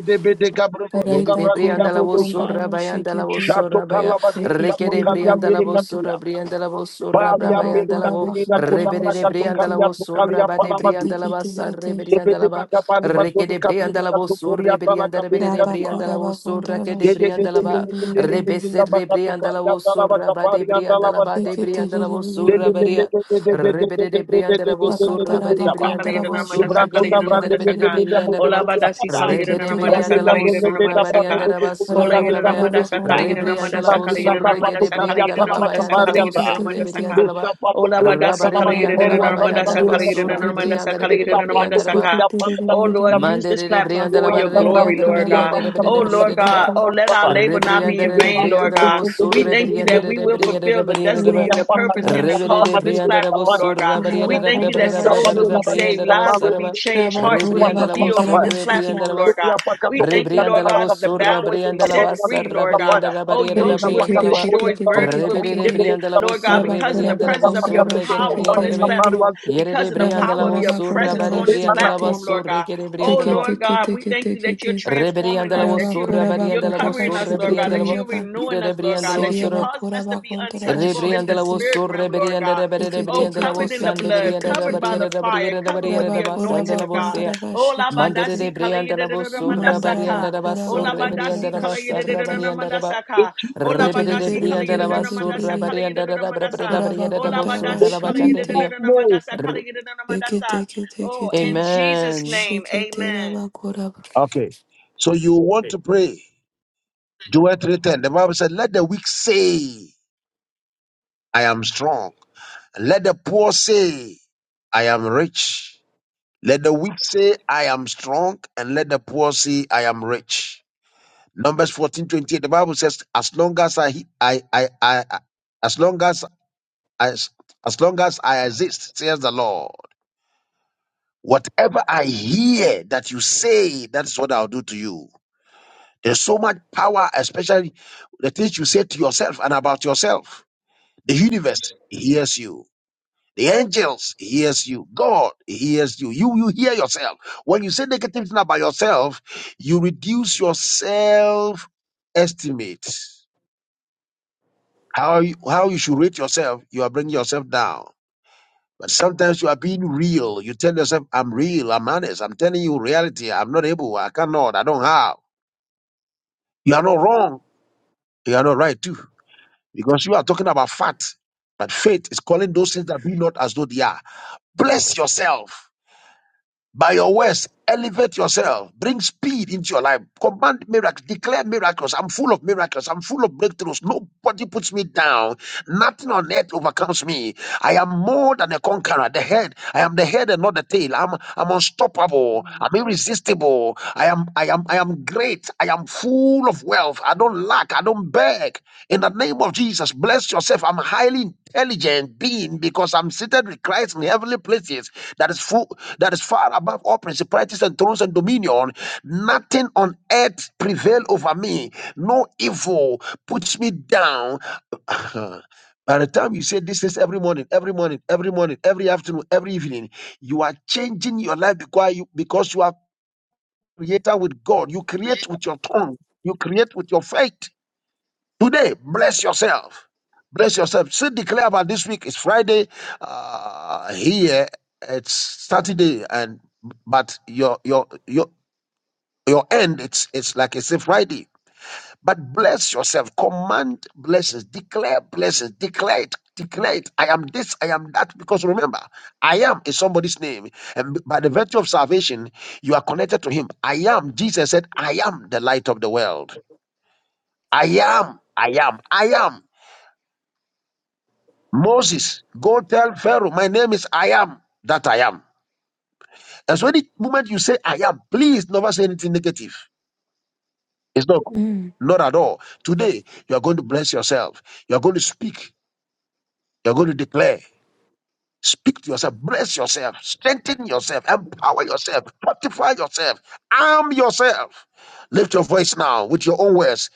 [SPEAKER 3] Yedide
[SPEAKER 4] Raita
[SPEAKER 3] brianda la
[SPEAKER 4] koraba
[SPEAKER 3] vosura
[SPEAKER 4] kondaraba
[SPEAKER 3] bayanda la
[SPEAKER 4] shekete.
[SPEAKER 3] vosura baya
[SPEAKER 4] Lekete
[SPEAKER 3] rekede
[SPEAKER 2] Shatokalabagirikatokalia
[SPEAKER 3] brianda la
[SPEAKER 4] ririri.
[SPEAKER 3] vosura brianda la vosura
[SPEAKER 2] Balia
[SPEAKER 4] Raba
[SPEAKER 3] brabayanda la
[SPEAKER 4] koraba
[SPEAKER 3] vo
[SPEAKER 2] pelekatirina
[SPEAKER 4] kondaraba
[SPEAKER 3] rebede de brianda
[SPEAKER 4] shekete.
[SPEAKER 3] la vosura
[SPEAKER 2] kotabrakatokalia
[SPEAKER 3] bade
[SPEAKER 4] Sekete
[SPEAKER 2] palamadu.
[SPEAKER 3] brianda la
[SPEAKER 4] kete
[SPEAKER 3] basa
[SPEAKER 4] kete.
[SPEAKER 3] rebrianda la ba
[SPEAKER 2] Sebedebakabali
[SPEAKER 3] reke
[SPEAKER 2] vadoni
[SPEAKER 3] de brianda
[SPEAKER 2] kabiri
[SPEAKER 3] la vosura
[SPEAKER 2] katokoria dala
[SPEAKER 3] brianda
[SPEAKER 2] kabiri
[SPEAKER 3] rebede de
[SPEAKER 4] Raba
[SPEAKER 2] katua.
[SPEAKER 3] brianda la
[SPEAKER 4] koraba
[SPEAKER 3] vosura ke
[SPEAKER 4] kondaraba
[SPEAKER 3] de brianda la
[SPEAKER 4] shekete
[SPEAKER 3] ba rebese
[SPEAKER 4] ririri.
[SPEAKER 3] briandala
[SPEAKER 2] Zedededebedekederebekabakatokalia dala
[SPEAKER 3] vosura bade
[SPEAKER 2] bakaparia dala
[SPEAKER 3] briandala
[SPEAKER 2] badua.
[SPEAKER 3] bade
[SPEAKER 4] Sekete
[SPEAKER 3] briandala vosura
[SPEAKER 4] ririri.
[SPEAKER 3] baria rebede de briandala vosura
[SPEAKER 4] Sakataraba
[SPEAKER 3] bade
[SPEAKER 2] Zedededededededededededededededededaba.
[SPEAKER 3] briandala
[SPEAKER 4] kondaraba
[SPEAKER 1] Kalayedanamandasa,
[SPEAKER 3] vosura
[SPEAKER 4] shekete
[SPEAKER 3] gede briandala bede de
[SPEAKER 1] kalayedanamandasa.
[SPEAKER 4] ririri.
[SPEAKER 3] briandala
[SPEAKER 1] Ola
[SPEAKER 3] ba
[SPEAKER 1] badasi
[SPEAKER 2] Ibratotabradededededededededaba.
[SPEAKER 1] kala yere na
[SPEAKER 3] rebede
[SPEAKER 4] Sekete
[SPEAKER 1] namada sa
[SPEAKER 3] briandala
[SPEAKER 2] Raketa
[SPEAKER 1] kala yere na
[SPEAKER 4] ririri.
[SPEAKER 3] vosura
[SPEAKER 2] breketa
[SPEAKER 1] namada sa ka.
[SPEAKER 2] braketa
[SPEAKER 3] briandala
[SPEAKER 2] kukuka
[SPEAKER 1] Kola
[SPEAKER 3] basura
[SPEAKER 4] Raba
[SPEAKER 1] yere
[SPEAKER 2] kaketa
[SPEAKER 1] na
[SPEAKER 3] brabaya
[SPEAKER 1] namada
[SPEAKER 4] koraba
[SPEAKER 1] sa kala
[SPEAKER 2] kukuka.
[SPEAKER 1] yere
[SPEAKER 4] kondaraba
[SPEAKER 1] na namada
[SPEAKER 3] rebriandala
[SPEAKER 1] sa kala
[SPEAKER 4] shekete.
[SPEAKER 2] Rapisha
[SPEAKER 1] yere na
[SPEAKER 3] vosura
[SPEAKER 1] namada
[SPEAKER 2] sapatu
[SPEAKER 3] gede
[SPEAKER 1] sa
[SPEAKER 2] kalia
[SPEAKER 3] briandala
[SPEAKER 1] na
[SPEAKER 2] salama
[SPEAKER 3] baba
[SPEAKER 1] namada
[SPEAKER 4] Sekete
[SPEAKER 1] sa
[SPEAKER 3] yandala
[SPEAKER 4] kete
[SPEAKER 2] kaparia sa.
[SPEAKER 1] na
[SPEAKER 4] kete
[SPEAKER 3] vosere
[SPEAKER 1] namada
[SPEAKER 4] kete.
[SPEAKER 1] ka.
[SPEAKER 3] briandala ba
[SPEAKER 2] Lisha patu
[SPEAKER 1] Ola
[SPEAKER 2] kuria
[SPEAKER 1] badasi
[SPEAKER 3] rabare
[SPEAKER 1] kala
[SPEAKER 2] salama
[SPEAKER 1] yere
[SPEAKER 3] briandala
[SPEAKER 1] na
[SPEAKER 4] Rabakora
[SPEAKER 2] kukoru
[SPEAKER 3] baba
[SPEAKER 2] asala
[SPEAKER 1] namada sa
[SPEAKER 3] yandala
[SPEAKER 4] bakantara
[SPEAKER 2] kabiri
[SPEAKER 1] kala yere na
[SPEAKER 2] kakua.
[SPEAKER 3] basura
[SPEAKER 1] namada
[SPEAKER 4] bashikete
[SPEAKER 1] sa
[SPEAKER 3] briandala
[SPEAKER 1] kala
[SPEAKER 3] bede
[SPEAKER 1] yere
[SPEAKER 3] de
[SPEAKER 2] Lisha
[SPEAKER 1] na namada
[SPEAKER 2] patu
[SPEAKER 3] briandala
[SPEAKER 1] sa
[SPEAKER 3] ba
[SPEAKER 1] ka.
[SPEAKER 2] kuria
[SPEAKER 4] tekete
[SPEAKER 2] patu
[SPEAKER 1] Oh
[SPEAKER 2] kabiri
[SPEAKER 1] Lord,
[SPEAKER 4] rerererere
[SPEAKER 1] use
[SPEAKER 2] kakua.
[SPEAKER 1] this
[SPEAKER 3] Mandere
[SPEAKER 1] platform
[SPEAKER 3] brianda la
[SPEAKER 1] for your
[SPEAKER 2] Umasa
[SPEAKER 3] barre
[SPEAKER 1] glory,
[SPEAKER 2] braku
[SPEAKER 3] brianda la
[SPEAKER 1] Lord
[SPEAKER 4] rabakora
[SPEAKER 2] kuwa
[SPEAKER 1] God.
[SPEAKER 3] brianda
[SPEAKER 2] salama
[SPEAKER 3] de bede
[SPEAKER 4] bakantara
[SPEAKER 1] Oh
[SPEAKER 3] de
[SPEAKER 2] kabiri kakua
[SPEAKER 1] Lord
[SPEAKER 3] bede de
[SPEAKER 1] God,
[SPEAKER 3] ba.
[SPEAKER 4] bashikete
[SPEAKER 1] oh
[SPEAKER 2] salama
[SPEAKER 1] let our
[SPEAKER 2] kapa.
[SPEAKER 1] labor not be
[SPEAKER 3] Rebrianda
[SPEAKER 1] in
[SPEAKER 4] tekete
[SPEAKER 3] de
[SPEAKER 1] vain,
[SPEAKER 2] Uprasu
[SPEAKER 4] kete
[SPEAKER 1] Lord
[SPEAKER 3] brianda la
[SPEAKER 1] God.
[SPEAKER 2] kutu
[SPEAKER 4] kete
[SPEAKER 3] wosur
[SPEAKER 1] We
[SPEAKER 4] kete
[SPEAKER 2] kubiri
[SPEAKER 1] thank you
[SPEAKER 3] rebrianda
[SPEAKER 4] kete
[SPEAKER 1] that
[SPEAKER 2] kutu
[SPEAKER 1] we
[SPEAKER 3] de
[SPEAKER 1] will
[SPEAKER 2] kutu.
[SPEAKER 3] brianda
[SPEAKER 1] fulfill
[SPEAKER 3] de
[SPEAKER 1] the
[SPEAKER 3] brianda de
[SPEAKER 4] riya
[SPEAKER 1] destiny
[SPEAKER 3] ba.
[SPEAKER 1] and
[SPEAKER 2] Kuria
[SPEAKER 1] the
[SPEAKER 2] pata
[SPEAKER 1] purpose
[SPEAKER 4] bakantara
[SPEAKER 1] and the
[SPEAKER 2] kuria
[SPEAKER 3] Rebede
[SPEAKER 2] salama
[SPEAKER 1] cause
[SPEAKER 3] de
[SPEAKER 1] of
[SPEAKER 4] bashikete
[SPEAKER 1] this
[SPEAKER 2] kabiri
[SPEAKER 3] brianda la
[SPEAKER 1] platform,
[SPEAKER 2] kapaya.
[SPEAKER 1] Lord
[SPEAKER 3] wosur
[SPEAKER 1] God.
[SPEAKER 4] riya
[SPEAKER 1] We
[SPEAKER 3] rebrianda de
[SPEAKER 1] thank you that
[SPEAKER 4] bakantara
[SPEAKER 3] brianda de
[SPEAKER 1] souls
[SPEAKER 3] brianda
[SPEAKER 1] will
[SPEAKER 2] Sapatu
[SPEAKER 3] de
[SPEAKER 2] la
[SPEAKER 1] be
[SPEAKER 4] bashikete
[SPEAKER 2] kabiri
[SPEAKER 1] saved,
[SPEAKER 3] brianda de
[SPEAKER 1] lives will
[SPEAKER 2] kapalu
[SPEAKER 1] be
[SPEAKER 3] wosaraba.
[SPEAKER 2] kabiri
[SPEAKER 1] changed,
[SPEAKER 2] kabiri
[SPEAKER 1] hearts will be
[SPEAKER 2] kuwa
[SPEAKER 4] rabakora
[SPEAKER 3] Rebrianda
[SPEAKER 1] be
[SPEAKER 3] la
[SPEAKER 2] salama
[SPEAKER 1] healed
[SPEAKER 4] bakantara
[SPEAKER 1] on
[SPEAKER 3] wosur
[SPEAKER 2] kapaya.
[SPEAKER 1] this
[SPEAKER 4] bashikete
[SPEAKER 1] platform,
[SPEAKER 3] rebrianda la was.
[SPEAKER 1] Lord God.
[SPEAKER 2] Kuria pakato
[SPEAKER 1] We thank you,
[SPEAKER 2] kuria
[SPEAKER 3] Rebrianda
[SPEAKER 1] Lord
[SPEAKER 2] salama
[SPEAKER 3] la
[SPEAKER 1] God, that the
[SPEAKER 2] kabiri
[SPEAKER 3] wosur
[SPEAKER 1] bound would
[SPEAKER 2] kabiri
[SPEAKER 1] be
[SPEAKER 3] rebrianda la
[SPEAKER 1] set
[SPEAKER 3] basar
[SPEAKER 1] free,
[SPEAKER 2] kabiri
[SPEAKER 1] Lord God.
[SPEAKER 3] rebrianda la
[SPEAKER 1] Oh,
[SPEAKER 3] barriera de
[SPEAKER 1] yokes would
[SPEAKER 4] rebeke
[SPEAKER 3] brianda
[SPEAKER 1] be
[SPEAKER 3] la
[SPEAKER 4] re
[SPEAKER 3] ba.
[SPEAKER 4] kete
[SPEAKER 1] destroyed, burdens
[SPEAKER 4] kete
[SPEAKER 1] would
[SPEAKER 3] Rebede
[SPEAKER 1] be
[SPEAKER 3] de
[SPEAKER 4] kere
[SPEAKER 1] lifted,
[SPEAKER 3] brianda la
[SPEAKER 1] Lord
[SPEAKER 3] wosur
[SPEAKER 1] God, because of
[SPEAKER 4] rabakora
[SPEAKER 1] the
[SPEAKER 3] rebrianda la
[SPEAKER 1] presence of your
[SPEAKER 4] bakantara
[SPEAKER 3] wosur
[SPEAKER 1] power
[SPEAKER 4] bashikete
[SPEAKER 1] on
[SPEAKER 3] rebrianda de
[SPEAKER 1] this
[SPEAKER 3] be.
[SPEAKER 4] rerere
[SPEAKER 1] platform,
[SPEAKER 3] Yere
[SPEAKER 1] because of the
[SPEAKER 3] briandala
[SPEAKER 1] power of
[SPEAKER 4] rabakora
[SPEAKER 1] your
[SPEAKER 3] was surra
[SPEAKER 4] bakantara
[SPEAKER 1] presence
[SPEAKER 3] bari
[SPEAKER 1] on this
[SPEAKER 3] briandala
[SPEAKER 4] bashikete
[SPEAKER 1] platform,
[SPEAKER 3] was
[SPEAKER 1] Lord
[SPEAKER 3] surre
[SPEAKER 1] God.
[SPEAKER 3] kere
[SPEAKER 1] Oh,
[SPEAKER 3] briandala
[SPEAKER 4] tekete
[SPEAKER 1] Lord God,
[SPEAKER 4] kete
[SPEAKER 1] we thank
[SPEAKER 4] kete
[SPEAKER 1] you that you're
[SPEAKER 4] kete
[SPEAKER 3] re
[SPEAKER 1] transforming
[SPEAKER 3] rebriandala
[SPEAKER 1] us,
[SPEAKER 3] was
[SPEAKER 1] that you're
[SPEAKER 3] surra
[SPEAKER 4] rabakora
[SPEAKER 1] you're
[SPEAKER 3] bariandala
[SPEAKER 4] bakota
[SPEAKER 3] was
[SPEAKER 1] covering us,
[SPEAKER 3] surre
[SPEAKER 1] Lord God,
[SPEAKER 3] briandala
[SPEAKER 1] that
[SPEAKER 3] was
[SPEAKER 1] you're
[SPEAKER 4] bashikete
[SPEAKER 1] renewing
[SPEAKER 3] yere
[SPEAKER 1] us, Lord God,
[SPEAKER 3] briandala was
[SPEAKER 1] that you're
[SPEAKER 4] Seria
[SPEAKER 3] surra
[SPEAKER 1] causing
[SPEAKER 4] bakura
[SPEAKER 1] us to be
[SPEAKER 4] bakontara
[SPEAKER 1] untouchable in the
[SPEAKER 3] rebriandala was
[SPEAKER 4] bashikete.
[SPEAKER 1] spirit realm,
[SPEAKER 3] surre
[SPEAKER 1] Lord God.
[SPEAKER 3] briandala bere
[SPEAKER 4] Sekete
[SPEAKER 1] Oh,
[SPEAKER 3] briandala
[SPEAKER 4] kete
[SPEAKER 1] covered
[SPEAKER 3] was
[SPEAKER 1] in
[SPEAKER 4] kete
[SPEAKER 1] the
[SPEAKER 3] sande
[SPEAKER 1] blood,
[SPEAKER 4] kete
[SPEAKER 3] briandala
[SPEAKER 1] covered by
[SPEAKER 3] bariere
[SPEAKER 4] kete.
[SPEAKER 1] the fire,
[SPEAKER 3] bariere
[SPEAKER 1] covered with the
[SPEAKER 3] bariere was
[SPEAKER 4] Rabakura
[SPEAKER 1] anointing
[SPEAKER 3] sandala
[SPEAKER 1] of
[SPEAKER 3] was
[SPEAKER 1] God.
[SPEAKER 3] sea
[SPEAKER 4] bakontara
[SPEAKER 1] Ola
[SPEAKER 3] mandere
[SPEAKER 4] bashikete.
[SPEAKER 1] badasi kala
[SPEAKER 3] briandala was
[SPEAKER 1] yedededede
[SPEAKER 3] surra
[SPEAKER 4] Mandara
[SPEAKER 1] mandasaka.
[SPEAKER 3] bariandala was
[SPEAKER 4] bakura
[SPEAKER 1] Ola
[SPEAKER 3] surre
[SPEAKER 4] bakontara
[SPEAKER 1] badasi
[SPEAKER 3] briandala
[SPEAKER 1] kala
[SPEAKER 3] was sarra
[SPEAKER 1] yedededede
[SPEAKER 4] bashikete.
[SPEAKER 3] bariandala was
[SPEAKER 1] mandasaka. Ola
[SPEAKER 3] Rebede
[SPEAKER 1] badasi kala
[SPEAKER 3] briandala
[SPEAKER 1] yedededede
[SPEAKER 3] was
[SPEAKER 1] mandasa
[SPEAKER 3] surra
[SPEAKER 4] Siririririririririririri.
[SPEAKER 1] kala yedededede
[SPEAKER 3] bariandala bere bere
[SPEAKER 1] mandasa.
[SPEAKER 4] Kura
[SPEAKER 3] bariere
[SPEAKER 1] Ola
[SPEAKER 3] was
[SPEAKER 4] bakontara
[SPEAKER 1] badasi
[SPEAKER 3] sundala
[SPEAKER 1] kala
[SPEAKER 3] bakande
[SPEAKER 4] bashikete.
[SPEAKER 3] bria.
[SPEAKER 1] yedededede mandasa kala yedededede mandasa.
[SPEAKER 4] Sekete kete
[SPEAKER 1] Oh,
[SPEAKER 4] kete.
[SPEAKER 1] in Jesus'
[SPEAKER 3] Amen.
[SPEAKER 1] name,
[SPEAKER 4] Shikete
[SPEAKER 1] amen.
[SPEAKER 4] rabakura.
[SPEAKER 2] Okay. So you want to pray. Joel 3.10. The Bible said, Let the weak say, I am strong. And let the poor say, I am rich. Let the weak say, I am strong. And let the poor say, I am rich. Numbers 14.28. The Bible says, As long as I, I, I, I as long as, as, as long as I exist, says the Lord. Whatever I hear that you say, that is what I'll do to you. There's so much power, especially the things you say to yourself and about yourself. The universe hears you. The angels hears you. God hears you. You you hear yourself. When you say negative thing about yourself, you reduce your self estimate. How you, how you should rate yourself, you are bringing yourself down. But sometimes you are being real. You tell yourself, I'm real, I'm honest, I'm telling you reality, I'm not able, I cannot, I don't have. You are not wrong, you are not right too, because you are talking about fact. But faith is calling those things that be not as though they are. Bless yourself. By your words, elevate yourself. Bring speed into your life. Command miracles. Declare miracles. I'm full of miracles. I'm full of breakthroughs. Nobody puts me down. Nothing on earth overcomes me. I am more than a conqueror. The head. I am the head and not the tail. I'm, I'm unstoppable. I'm irresistible. I am, I am, I am great. I am full of wealth. I don't lack. I don't beg. In the name of Jesus, bless yourself. I'm a highly intelligent being because I'm seated with Christ in heavenly places that is full, that is far above all principalities and thrones and dominion. Nothing on earth prevail over me. No evil puts me down. By the time you say this is every morning, every morning, every morning, every afternoon, every evening, you are changing your life because you because you are creator with God. You create with your tongue. You create with your faith. Today, bless yourself. Bless yourself. Still declare about this week. It's Friday uh, here. It's Saturday, and but your your your your end. It's it's like it's a Friday. But bless yourself. Command blessings. Declare blessings. Declare it. Declare it. I am this. I am that. Because remember, I am is somebody's name, and by the virtue of salvation, you are connected to Him. I am. Jesus said, "I am the light of the world. I am. I am. I am." Moses, go tell Pharaoh, my name is I am that I am. And so, the moment you say I am, please never say anything negative. It's not cool.
[SPEAKER 4] Mm.
[SPEAKER 2] Not at all. Today, you are going to bless yourself. You are going to speak. You are going to declare. Speak to yourself. Bless yourself. Strengthen yourself. Empower yourself. Fortify yourself. Arm yourself. Lift your voice now with your own words.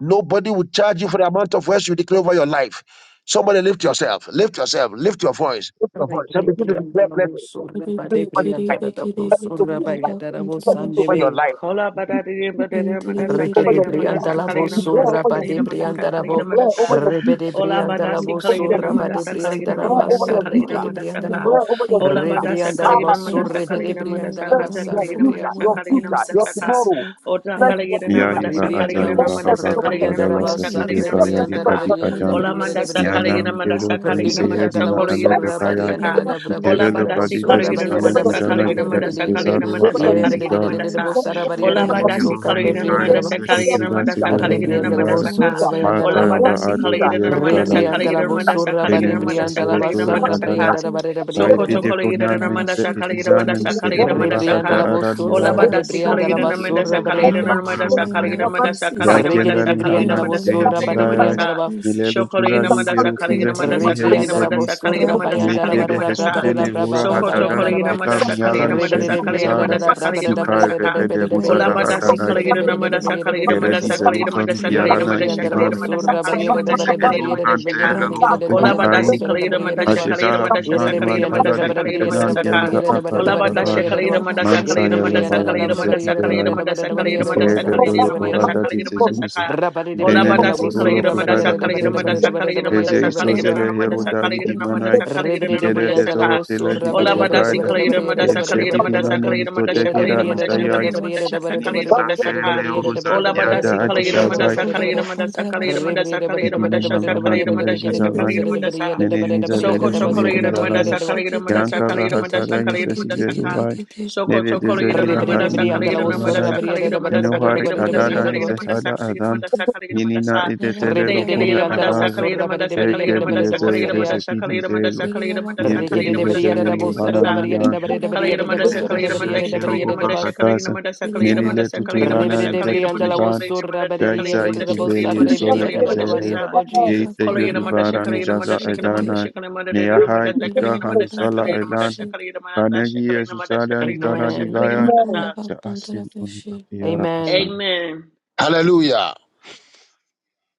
[SPEAKER 2] Nobody will charge you for the amount of words you declare over your life. Somebody lift yourself. Lift yourself. Lift your voice. Lift your voice.
[SPEAKER 3] Rike
[SPEAKER 2] And
[SPEAKER 3] de
[SPEAKER 2] begin to
[SPEAKER 3] brianda
[SPEAKER 2] declare
[SPEAKER 3] la
[SPEAKER 2] blessings.
[SPEAKER 3] voz surra ba de
[SPEAKER 2] Speak
[SPEAKER 4] Kete kiri bekiri
[SPEAKER 2] over your life. Over your
[SPEAKER 4] kara
[SPEAKER 2] life.
[SPEAKER 4] bakontara
[SPEAKER 2] Speak over your
[SPEAKER 4] bashikete.
[SPEAKER 2] life.
[SPEAKER 1] Kola
[SPEAKER 3] brianda
[SPEAKER 1] badadidi
[SPEAKER 4] And
[SPEAKER 1] badadidi madasa
[SPEAKER 2] Over your
[SPEAKER 1] kaligida
[SPEAKER 2] future.
[SPEAKER 1] madasa kaligida
[SPEAKER 2] Declare
[SPEAKER 1] madasa
[SPEAKER 2] over your
[SPEAKER 1] kaligida
[SPEAKER 2] future.
[SPEAKER 1] madasa
[SPEAKER 3] la
[SPEAKER 4] beautiful
[SPEAKER 1] kaligida
[SPEAKER 3] vo
[SPEAKER 2] Declare
[SPEAKER 4] image
[SPEAKER 2] over
[SPEAKER 1] madasa.
[SPEAKER 4] shape.
[SPEAKER 2] your
[SPEAKER 3] rebe
[SPEAKER 2] future.
[SPEAKER 3] de
[SPEAKER 4] I
[SPEAKER 1] Ola
[SPEAKER 3] brianda
[SPEAKER 4] am
[SPEAKER 3] la
[SPEAKER 1] badasi
[SPEAKER 3] voz
[SPEAKER 4] beautiful.
[SPEAKER 2] Over
[SPEAKER 4] I am
[SPEAKER 1] kaligida
[SPEAKER 2] your
[SPEAKER 3] surra ba de
[SPEAKER 2] future.
[SPEAKER 1] madasa
[SPEAKER 3] brianda
[SPEAKER 1] kaligida
[SPEAKER 4] irresistible.
[SPEAKER 3] la
[SPEAKER 4] I
[SPEAKER 2] Declare
[SPEAKER 4] am
[SPEAKER 2] over
[SPEAKER 1] madasa
[SPEAKER 3] bassa
[SPEAKER 2] your
[SPEAKER 4] lovable. I
[SPEAKER 1] kaligida
[SPEAKER 3] rike
[SPEAKER 2] future.
[SPEAKER 3] de
[SPEAKER 4] am
[SPEAKER 1] madasa
[SPEAKER 3] brianda la
[SPEAKER 4] funny.
[SPEAKER 1] ka.
[SPEAKER 3] vo
[SPEAKER 2] Declare over
[SPEAKER 4] I
[SPEAKER 2] your
[SPEAKER 4] am
[SPEAKER 1] Ola
[SPEAKER 3] re
[SPEAKER 2] future.
[SPEAKER 1] badasa
[SPEAKER 3] brianda
[SPEAKER 4] blessed.
[SPEAKER 3] la
[SPEAKER 2] Have a
[SPEAKER 1] kaligida
[SPEAKER 4] I am
[SPEAKER 1] madasa
[SPEAKER 3] vosurre
[SPEAKER 2] future.
[SPEAKER 4] full
[SPEAKER 3] de
[SPEAKER 4] of
[SPEAKER 1] kaligida
[SPEAKER 3] brianda
[SPEAKER 1] madasa
[SPEAKER 3] la
[SPEAKER 2] Bless
[SPEAKER 4] miracles. I
[SPEAKER 1] kata
[SPEAKER 4] am
[SPEAKER 3] basa
[SPEAKER 2] your
[SPEAKER 1] kaligida
[SPEAKER 4] full of
[SPEAKER 3] re
[SPEAKER 2] future.
[SPEAKER 1] madasa
[SPEAKER 2] Your
[SPEAKER 4] wealth. I
[SPEAKER 1] kaligida
[SPEAKER 4] am
[SPEAKER 2] future. Your
[SPEAKER 1] madasa ka.
[SPEAKER 2] tomorrow.
[SPEAKER 4] successful.
[SPEAKER 1] Ota
[SPEAKER 4] I
[SPEAKER 2] Bless
[SPEAKER 4] am
[SPEAKER 2] your
[SPEAKER 1] kaligida
[SPEAKER 3] Rebriandala
[SPEAKER 2] future.
[SPEAKER 4] beautiful.
[SPEAKER 1] madasa
[SPEAKER 7] Miahiva
[SPEAKER 4] I am
[SPEAKER 1] kaligida
[SPEAKER 2] Bless
[SPEAKER 7] azaiva
[SPEAKER 2] bless
[SPEAKER 1] madasa
[SPEAKER 2] over
[SPEAKER 4] irresistible.
[SPEAKER 2] your
[SPEAKER 1] kaligida
[SPEAKER 4] I
[SPEAKER 7] havakutadala
[SPEAKER 4] am
[SPEAKER 1] madasa
[SPEAKER 7] sasive
[SPEAKER 1] kaligida
[SPEAKER 2] declare
[SPEAKER 1] manda
[SPEAKER 7] kayadi
[SPEAKER 2] blessings
[SPEAKER 4] irresistible.
[SPEAKER 2] over
[SPEAKER 7] adi
[SPEAKER 2] your
[SPEAKER 4] I am
[SPEAKER 2] future.
[SPEAKER 7] ajana.
[SPEAKER 1] Ola manda saka
[SPEAKER 4] irresistible. I
[SPEAKER 7] Nyana
[SPEAKER 1] legina
[SPEAKER 4] am
[SPEAKER 1] manda
[SPEAKER 7] intero
[SPEAKER 1] saka legina
[SPEAKER 4] powerful
[SPEAKER 1] manda
[SPEAKER 7] fenisehedina
[SPEAKER 4] in
[SPEAKER 2] Bless
[SPEAKER 7] aleto
[SPEAKER 4] Christ.
[SPEAKER 7] kayai.
[SPEAKER 4] I am
[SPEAKER 2] declare
[SPEAKER 1] Ola
[SPEAKER 7] Ikerelo
[SPEAKER 4] beautiful.
[SPEAKER 1] badasi
[SPEAKER 4] I
[SPEAKER 7] padide
[SPEAKER 4] am
[SPEAKER 2] blessings
[SPEAKER 1] kalegina
[SPEAKER 7] sustanen
[SPEAKER 2] over
[SPEAKER 1] manda
[SPEAKER 2] your
[SPEAKER 1] saka
[SPEAKER 4] irresistible.
[SPEAKER 7] injana
[SPEAKER 4] I
[SPEAKER 2] future.
[SPEAKER 1] legina
[SPEAKER 7] jika
[SPEAKER 4] am
[SPEAKER 1] manda saka legina
[SPEAKER 7] itezaru
[SPEAKER 4] beautiful.
[SPEAKER 7] wa
[SPEAKER 1] manda
[SPEAKER 2] Over your
[SPEAKER 4] I am
[SPEAKER 2] future.
[SPEAKER 7] aizizala.
[SPEAKER 2] Declare
[SPEAKER 4] powerful.
[SPEAKER 2] blessings
[SPEAKER 4] I
[SPEAKER 1] Ola
[SPEAKER 2] over
[SPEAKER 4] am
[SPEAKER 2] your
[SPEAKER 7] Miahitinini
[SPEAKER 1] badasi
[SPEAKER 2] future.
[SPEAKER 7] hoveni
[SPEAKER 1] kalegina
[SPEAKER 7] kai
[SPEAKER 2] Bless
[SPEAKER 1] manda saka
[SPEAKER 2] yourself over
[SPEAKER 1] legina
[SPEAKER 2] your
[SPEAKER 4] influencer.
[SPEAKER 7] miseshekida
[SPEAKER 1] manda
[SPEAKER 2] future.
[SPEAKER 4] I
[SPEAKER 1] saka
[SPEAKER 7] segezo
[SPEAKER 4] am an
[SPEAKER 1] legina manda
[SPEAKER 7] hirirara.
[SPEAKER 2] Future.
[SPEAKER 4] influencer.
[SPEAKER 7] Marta
[SPEAKER 4] I
[SPEAKER 1] Ola
[SPEAKER 4] am a
[SPEAKER 2] Bless
[SPEAKER 1] badasi
[SPEAKER 7] agado
[SPEAKER 2] future.
[SPEAKER 4] leader.
[SPEAKER 1] kalegina
[SPEAKER 7] diero
[SPEAKER 4] I
[SPEAKER 1] manda
[SPEAKER 4] am a
[SPEAKER 7] calaio,
[SPEAKER 1] saka
[SPEAKER 4] leader, I
[SPEAKER 1] legina
[SPEAKER 4] am
[SPEAKER 1] manda
[SPEAKER 4] the
[SPEAKER 1] saka
[SPEAKER 4] head and
[SPEAKER 1] legina
[SPEAKER 4] not the
[SPEAKER 7] enemis
[SPEAKER 1] manda
[SPEAKER 4] tail. I
[SPEAKER 7] osiretura
[SPEAKER 2] Bless
[SPEAKER 4] am a
[SPEAKER 7] cadalas,
[SPEAKER 4] leader.
[SPEAKER 1] Soko
[SPEAKER 7] Caepe
[SPEAKER 1] to
[SPEAKER 4] Koraba
[SPEAKER 1] kolegira na
[SPEAKER 7] deponamen
[SPEAKER 4] gontaraba
[SPEAKER 1] manda
[SPEAKER 7] se
[SPEAKER 1] sa
[SPEAKER 4] shiki
[SPEAKER 2] future.
[SPEAKER 1] kolegira
[SPEAKER 4] ti- ti-
[SPEAKER 1] manda
[SPEAKER 4] ti-
[SPEAKER 7] etisanem
[SPEAKER 1] sa
[SPEAKER 4] ti-
[SPEAKER 7] se
[SPEAKER 4] ti-
[SPEAKER 1] kolegira
[SPEAKER 2] Bless
[SPEAKER 4] ti.
[SPEAKER 1] manda sa
[SPEAKER 4] I
[SPEAKER 7] ecuvacata
[SPEAKER 1] ka.
[SPEAKER 4] have
[SPEAKER 7] ara
[SPEAKER 4] peace,
[SPEAKER 1] Ola
[SPEAKER 4] I
[SPEAKER 7] livaja,
[SPEAKER 2] over
[SPEAKER 1] bada
[SPEAKER 4] have
[SPEAKER 1] si
[SPEAKER 2] your future.
[SPEAKER 4] joy.
[SPEAKER 1] kolegira na manda
[SPEAKER 7] idiele
[SPEAKER 1] sa
[SPEAKER 7] dolana
[SPEAKER 1] kolegira
[SPEAKER 7] mi
[SPEAKER 4] My
[SPEAKER 1] na manda
[SPEAKER 4] joy
[SPEAKER 7] parata
[SPEAKER 1] sa
[SPEAKER 4] and my
[SPEAKER 1] kolegira
[SPEAKER 7] daian,
[SPEAKER 1] manda sa
[SPEAKER 4] peace
[SPEAKER 7] ya
[SPEAKER 4] is
[SPEAKER 1] kolegira manda sa
[SPEAKER 7] kiengani
[SPEAKER 1] kolegira
[SPEAKER 7] hanan
[SPEAKER 1] manda
[SPEAKER 4] tangible.
[SPEAKER 7] se
[SPEAKER 1] sa
[SPEAKER 4] My
[SPEAKER 1] kolegira
[SPEAKER 4] joy and
[SPEAKER 1] manda sa.
[SPEAKER 7] hedivaias,
[SPEAKER 4] my peace
[SPEAKER 7] milelo
[SPEAKER 1] Shoko kolegira
[SPEAKER 7] tujari
[SPEAKER 4] is
[SPEAKER 1] manda sa
[SPEAKER 7] verutiza
[SPEAKER 1] kolegira manda
[SPEAKER 7] hite
[SPEAKER 1] sa
[SPEAKER 7] hedi
[SPEAKER 1] kolegira
[SPEAKER 4] contagious.
[SPEAKER 3] Rebriandara
[SPEAKER 1] manda sa
[SPEAKER 7] edis,
[SPEAKER 1] kolegira
[SPEAKER 3] bosura
[SPEAKER 1] manda
[SPEAKER 4] Raita
[SPEAKER 1] sa
[SPEAKER 3] bayandara
[SPEAKER 1] kolegira
[SPEAKER 7] nekede
[SPEAKER 4] koraba
[SPEAKER 3] barada
[SPEAKER 1] manda sa.
[SPEAKER 7] hesuvele
[SPEAKER 3] brabarada
[SPEAKER 4] gontaraba.
[SPEAKER 7] hura
[SPEAKER 3] brababa
[SPEAKER 1] Sokoto
[SPEAKER 7] hatada
[SPEAKER 4] Everybody
[SPEAKER 3] bayandara
[SPEAKER 1] Kolegina
[SPEAKER 3] ba.
[SPEAKER 7] rifeka
[SPEAKER 1] Madasa
[SPEAKER 4] notices me.
[SPEAKER 7] miala
[SPEAKER 1] Kaligina
[SPEAKER 3] Rebede
[SPEAKER 7] nisheri
[SPEAKER 1] Madasa Kaligina
[SPEAKER 4] Everybody
[SPEAKER 7] izada,
[SPEAKER 3] briandara
[SPEAKER 1] Madasa
[SPEAKER 4] notices
[SPEAKER 1] Kaligina
[SPEAKER 3] brabarada
[SPEAKER 4] me.
[SPEAKER 7] Mikae
[SPEAKER 3] briada
[SPEAKER 1] Madasaka
[SPEAKER 3] de
[SPEAKER 7] vete de
[SPEAKER 3] bede de
[SPEAKER 4] Everybody
[SPEAKER 7] hozada
[SPEAKER 3] bede
[SPEAKER 4] wants
[SPEAKER 3] de
[SPEAKER 4] to
[SPEAKER 1] Olabadasi
[SPEAKER 4] be
[SPEAKER 7] hatana,
[SPEAKER 3] bosura de
[SPEAKER 1] Kaligina
[SPEAKER 3] bede
[SPEAKER 4] around
[SPEAKER 3] de
[SPEAKER 4] me.
[SPEAKER 1] Madasa
[SPEAKER 3] bede de
[SPEAKER 1] Kaligina
[SPEAKER 4] Everybody
[SPEAKER 7] geredi
[SPEAKER 4] wants
[SPEAKER 1] Madasa
[SPEAKER 4] to
[SPEAKER 3] bosura.
[SPEAKER 1] Kaligina
[SPEAKER 4] talk
[SPEAKER 7] zelukan
[SPEAKER 4] to
[SPEAKER 1] Madasa
[SPEAKER 4] me.
[SPEAKER 3] Yede
[SPEAKER 1] Kaligina
[SPEAKER 3] de
[SPEAKER 7] piarana
[SPEAKER 1] Madasha
[SPEAKER 3] briandara
[SPEAKER 7] infimana,
[SPEAKER 1] Kaligina
[SPEAKER 4] Everybody
[SPEAKER 1] Madasa
[SPEAKER 3] bosura
[SPEAKER 4] wants me
[SPEAKER 3] barriera
[SPEAKER 4] in
[SPEAKER 3] de
[SPEAKER 7] Mintize
[SPEAKER 4] their
[SPEAKER 3] bede de
[SPEAKER 4] life.
[SPEAKER 1] Kaligina
[SPEAKER 7] elu
[SPEAKER 3] bede de
[SPEAKER 1] Madasha Kaligina
[SPEAKER 3] bede de
[SPEAKER 1] Madashaka
[SPEAKER 7] vanterelu
[SPEAKER 3] bede
[SPEAKER 4] Raita
[SPEAKER 3] de
[SPEAKER 7] agani
[SPEAKER 3] bede de
[SPEAKER 4] koraba
[SPEAKER 1] Olabadasi
[SPEAKER 7] ain.
[SPEAKER 3] bosura de
[SPEAKER 1] Kaligina
[SPEAKER 4] kontara
[SPEAKER 3] barriera de
[SPEAKER 1] Madasha
[SPEAKER 3] ba.
[SPEAKER 4] bashiki
[SPEAKER 1] Kaligina
[SPEAKER 7] Ajezaha
[SPEAKER 4] tiki
[SPEAKER 3] Yede
[SPEAKER 1] Madasha
[SPEAKER 3] de
[SPEAKER 4] kete
[SPEAKER 7] vimanu
[SPEAKER 1] Kaligina
[SPEAKER 4] tiki.
[SPEAKER 3] briandara
[SPEAKER 7] antala
[SPEAKER 3] de
[SPEAKER 1] Madasa
[SPEAKER 3] bede
[SPEAKER 1] Kaligina
[SPEAKER 3] briera de
[SPEAKER 7] likitenan
[SPEAKER 3] bede
[SPEAKER 1] Madasaka
[SPEAKER 4] kete
[SPEAKER 7] yanza
[SPEAKER 3] briera de
[SPEAKER 4] kete
[SPEAKER 7] aka
[SPEAKER 3] bede de
[SPEAKER 7] ya
[SPEAKER 4] tiki
[SPEAKER 3] bede de
[SPEAKER 4] tiki.
[SPEAKER 1] Olabadasha
[SPEAKER 7] avana.
[SPEAKER 3] barriera de
[SPEAKER 1] Kaligina
[SPEAKER 3] ba.
[SPEAKER 4] Raba
[SPEAKER 1] Madasa
[SPEAKER 3] Yede
[SPEAKER 7] Mansa
[SPEAKER 1] Kaligina
[SPEAKER 4] koraba
[SPEAKER 3] de
[SPEAKER 7] yele
[SPEAKER 1] Madasa
[SPEAKER 4] kontara
[SPEAKER 3] briandara de
[SPEAKER 1] Kaligina
[SPEAKER 3] bede
[SPEAKER 7] valamize
[SPEAKER 4] bashiki
[SPEAKER 1] Madasa
[SPEAKER 3] barriera de
[SPEAKER 4] tiki.
[SPEAKER 1] Kaligina
[SPEAKER 3] bede
[SPEAKER 7] didorai.
[SPEAKER 3] de bede
[SPEAKER 1] Madasa
[SPEAKER 3] de
[SPEAKER 1] Kaligina
[SPEAKER 3] barriera
[SPEAKER 4] Elias
[SPEAKER 7] Ike
[SPEAKER 3] de
[SPEAKER 1] Madasa
[SPEAKER 3] bosura de
[SPEAKER 1] Kaligina Sokoto Kalira
[SPEAKER 3] bede
[SPEAKER 4] realizes
[SPEAKER 7] evedolu
[SPEAKER 4] how
[SPEAKER 3] barriera de
[SPEAKER 1] Madasa
[SPEAKER 3] ba.
[SPEAKER 7] orada
[SPEAKER 4] lucky
[SPEAKER 1] Kalira
[SPEAKER 4] he
[SPEAKER 1] Madasa
[SPEAKER 4] is.
[SPEAKER 7] ditezuza.
[SPEAKER 3] Rabari de
[SPEAKER 7] Beneni
[SPEAKER 3] briandara
[SPEAKER 4] Elias
[SPEAKER 7] durulu
[SPEAKER 1] Kalira
[SPEAKER 3] bosura
[SPEAKER 4] realizes how
[SPEAKER 1] Madasa
[SPEAKER 3] barriera
[SPEAKER 7] kuvada
[SPEAKER 3] de bede
[SPEAKER 4] lucky
[SPEAKER 1] Kalira
[SPEAKER 3] de bede de
[SPEAKER 7] kijezish.
[SPEAKER 4] he
[SPEAKER 3] bede
[SPEAKER 4] is.
[SPEAKER 3] de barriera
[SPEAKER 7] Eze
[SPEAKER 3] de bede de ba.
[SPEAKER 4] Rata
[SPEAKER 7] isozele heroda
[SPEAKER 4] koraba kontara
[SPEAKER 7] yidimanai.
[SPEAKER 3] Rebriandala
[SPEAKER 4] bashiki tiki.
[SPEAKER 7] Ikele dezoro telali
[SPEAKER 4] kete
[SPEAKER 7] do
[SPEAKER 4] kete kete
[SPEAKER 7] orada.
[SPEAKER 4] kete tiki
[SPEAKER 7] Yenshedi
[SPEAKER 4] tiki.
[SPEAKER 7] bimani mitotegira
[SPEAKER 4] Koraba kontara
[SPEAKER 7] izayais.
[SPEAKER 4] bashiki tiki.
[SPEAKER 7] Enimiza fele oruzadiada
[SPEAKER 4] Raba
[SPEAKER 7] adishazai.
[SPEAKER 4] koraba kontara bashiki.
[SPEAKER 7] İkinin havana
[SPEAKER 4] Hallelujah.
[SPEAKER 7] Melenisa Velho
[SPEAKER 4] Bakora bakontara
[SPEAKER 7] Sovieti-Zalali,
[SPEAKER 4] bashekete kete
[SPEAKER 7] Yankava
[SPEAKER 4] kete
[SPEAKER 1] Madasa
[SPEAKER 7] Hasarai
[SPEAKER 4] kete
[SPEAKER 1] Kalira
[SPEAKER 4] kete
[SPEAKER 1] Madasa
[SPEAKER 4] kete
[SPEAKER 7] Sesivezuvai,
[SPEAKER 4] kete
[SPEAKER 1] Soko
[SPEAKER 7] Nele
[SPEAKER 1] tokolo yira na
[SPEAKER 7] Dezerila
[SPEAKER 4] Rabakora
[SPEAKER 1] mada sa kala
[SPEAKER 7] Hadimini
[SPEAKER 4] bakontara
[SPEAKER 7] Kivarai,
[SPEAKER 1] madasa, na
[SPEAKER 4] bashekete
[SPEAKER 1] madasa, sa
[SPEAKER 7] Enuhari
[SPEAKER 4] Kiriya
[SPEAKER 1] madasa,
[SPEAKER 7] Adada
[SPEAKER 1] yira
[SPEAKER 4] bakontara
[SPEAKER 1] madasa,
[SPEAKER 7] Isesada Adan,
[SPEAKER 4] bashekete
[SPEAKER 1] sa
[SPEAKER 7] Minina Idetele
[SPEAKER 4] Rabakora
[SPEAKER 1] madasa,
[SPEAKER 4] ba
[SPEAKER 7] Lokunga
[SPEAKER 1] yira mada sa
[SPEAKER 7] Avaza,
[SPEAKER 1] kala madasa, mada madasa,
[SPEAKER 7] Keke Diese
[SPEAKER 1] kala madasa,
[SPEAKER 7] Vesaki
[SPEAKER 1] mada madasa,
[SPEAKER 7] Dizelo,
[SPEAKER 1] kala
[SPEAKER 4] Kiriya
[SPEAKER 1] madasa,
[SPEAKER 7] Niente
[SPEAKER 4] bakontara
[SPEAKER 1] mada
[SPEAKER 7] di
[SPEAKER 1] madasa, te
[SPEAKER 7] Vegelino
[SPEAKER 4] bashekete
[SPEAKER 7] Vanani
[SPEAKER 1] madasa,
[SPEAKER 7] Yana,
[SPEAKER 4] Kura
[SPEAKER 1] yira madasa, sa madasa,
[SPEAKER 4] bakontara
[SPEAKER 7] Adete
[SPEAKER 1] yira madasa, sa madasa,
[SPEAKER 7] Sevekero
[SPEAKER 4] bashekete
[SPEAKER 1] yira madasa, sa
[SPEAKER 7] Hopakatasa,
[SPEAKER 1] madasa,
[SPEAKER 4] Kiriya
[SPEAKER 1] yira
[SPEAKER 7] Melile
[SPEAKER 1] madasa, sa madasa,
[SPEAKER 4] bakontara
[SPEAKER 1] yira madasa,
[SPEAKER 7] Tuturana
[SPEAKER 1] sa
[SPEAKER 3] Ribbidi-dibbidi,
[SPEAKER 7] Iveki
[SPEAKER 3] and the
[SPEAKER 4] bashekete
[SPEAKER 1] madasa, yira
[SPEAKER 7] Kivanas,
[SPEAKER 3] Surra
[SPEAKER 1] madasa, sa madasa,
[SPEAKER 3] Baridi
[SPEAKER 1] yira
[SPEAKER 3] and
[SPEAKER 7] Gaisa
[SPEAKER 3] the
[SPEAKER 1] mada sa
[SPEAKER 4] Tekete
[SPEAKER 1] kala yira mada sa kala yira mada sa kala yira mada sa kala yira
[SPEAKER 3] Bosa
[SPEAKER 7] Ituveli
[SPEAKER 4] kete kete
[SPEAKER 3] Ribbidi
[SPEAKER 7] Sole
[SPEAKER 3] and the
[SPEAKER 7] Isele
[SPEAKER 3] Body and the Jesus.
[SPEAKER 7] Yeite
[SPEAKER 4] Rabakora
[SPEAKER 1] Koleginamanda
[SPEAKER 7] Yudubarani
[SPEAKER 4] bakontara
[SPEAKER 1] Shakalinamanda
[SPEAKER 7] Jaza
[SPEAKER 1] Shakalamanda
[SPEAKER 4] bashekete
[SPEAKER 7] Edana
[SPEAKER 1] Shakalamanda
[SPEAKER 7] Neahai
[SPEAKER 1] Dinamanda
[SPEAKER 7] Kika
[SPEAKER 4] Kiriya
[SPEAKER 1] Takalinamanda
[SPEAKER 7] Halusala
[SPEAKER 4] bakontara
[SPEAKER 7] Elan
[SPEAKER 1] Sakalinamanda
[SPEAKER 4] bashe
[SPEAKER 1] Shakalinamanda
[SPEAKER 7] Kanegi
[SPEAKER 1] Shakalinamanda
[SPEAKER 7] Yesusala Nitara
[SPEAKER 1] Shakalinamanda
[SPEAKER 3] Amen.
[SPEAKER 7] Divaya
[SPEAKER 1] Shakalinamanda
[SPEAKER 4] Rabakora
[SPEAKER 1] Sa.
[SPEAKER 4] bakontara
[SPEAKER 7] Jaasintuni
[SPEAKER 4] bashe
[SPEAKER 7] Apiara
[SPEAKER 3] Amen.
[SPEAKER 7] Asana.
[SPEAKER 1] Amen.
[SPEAKER 2] Hallelujah.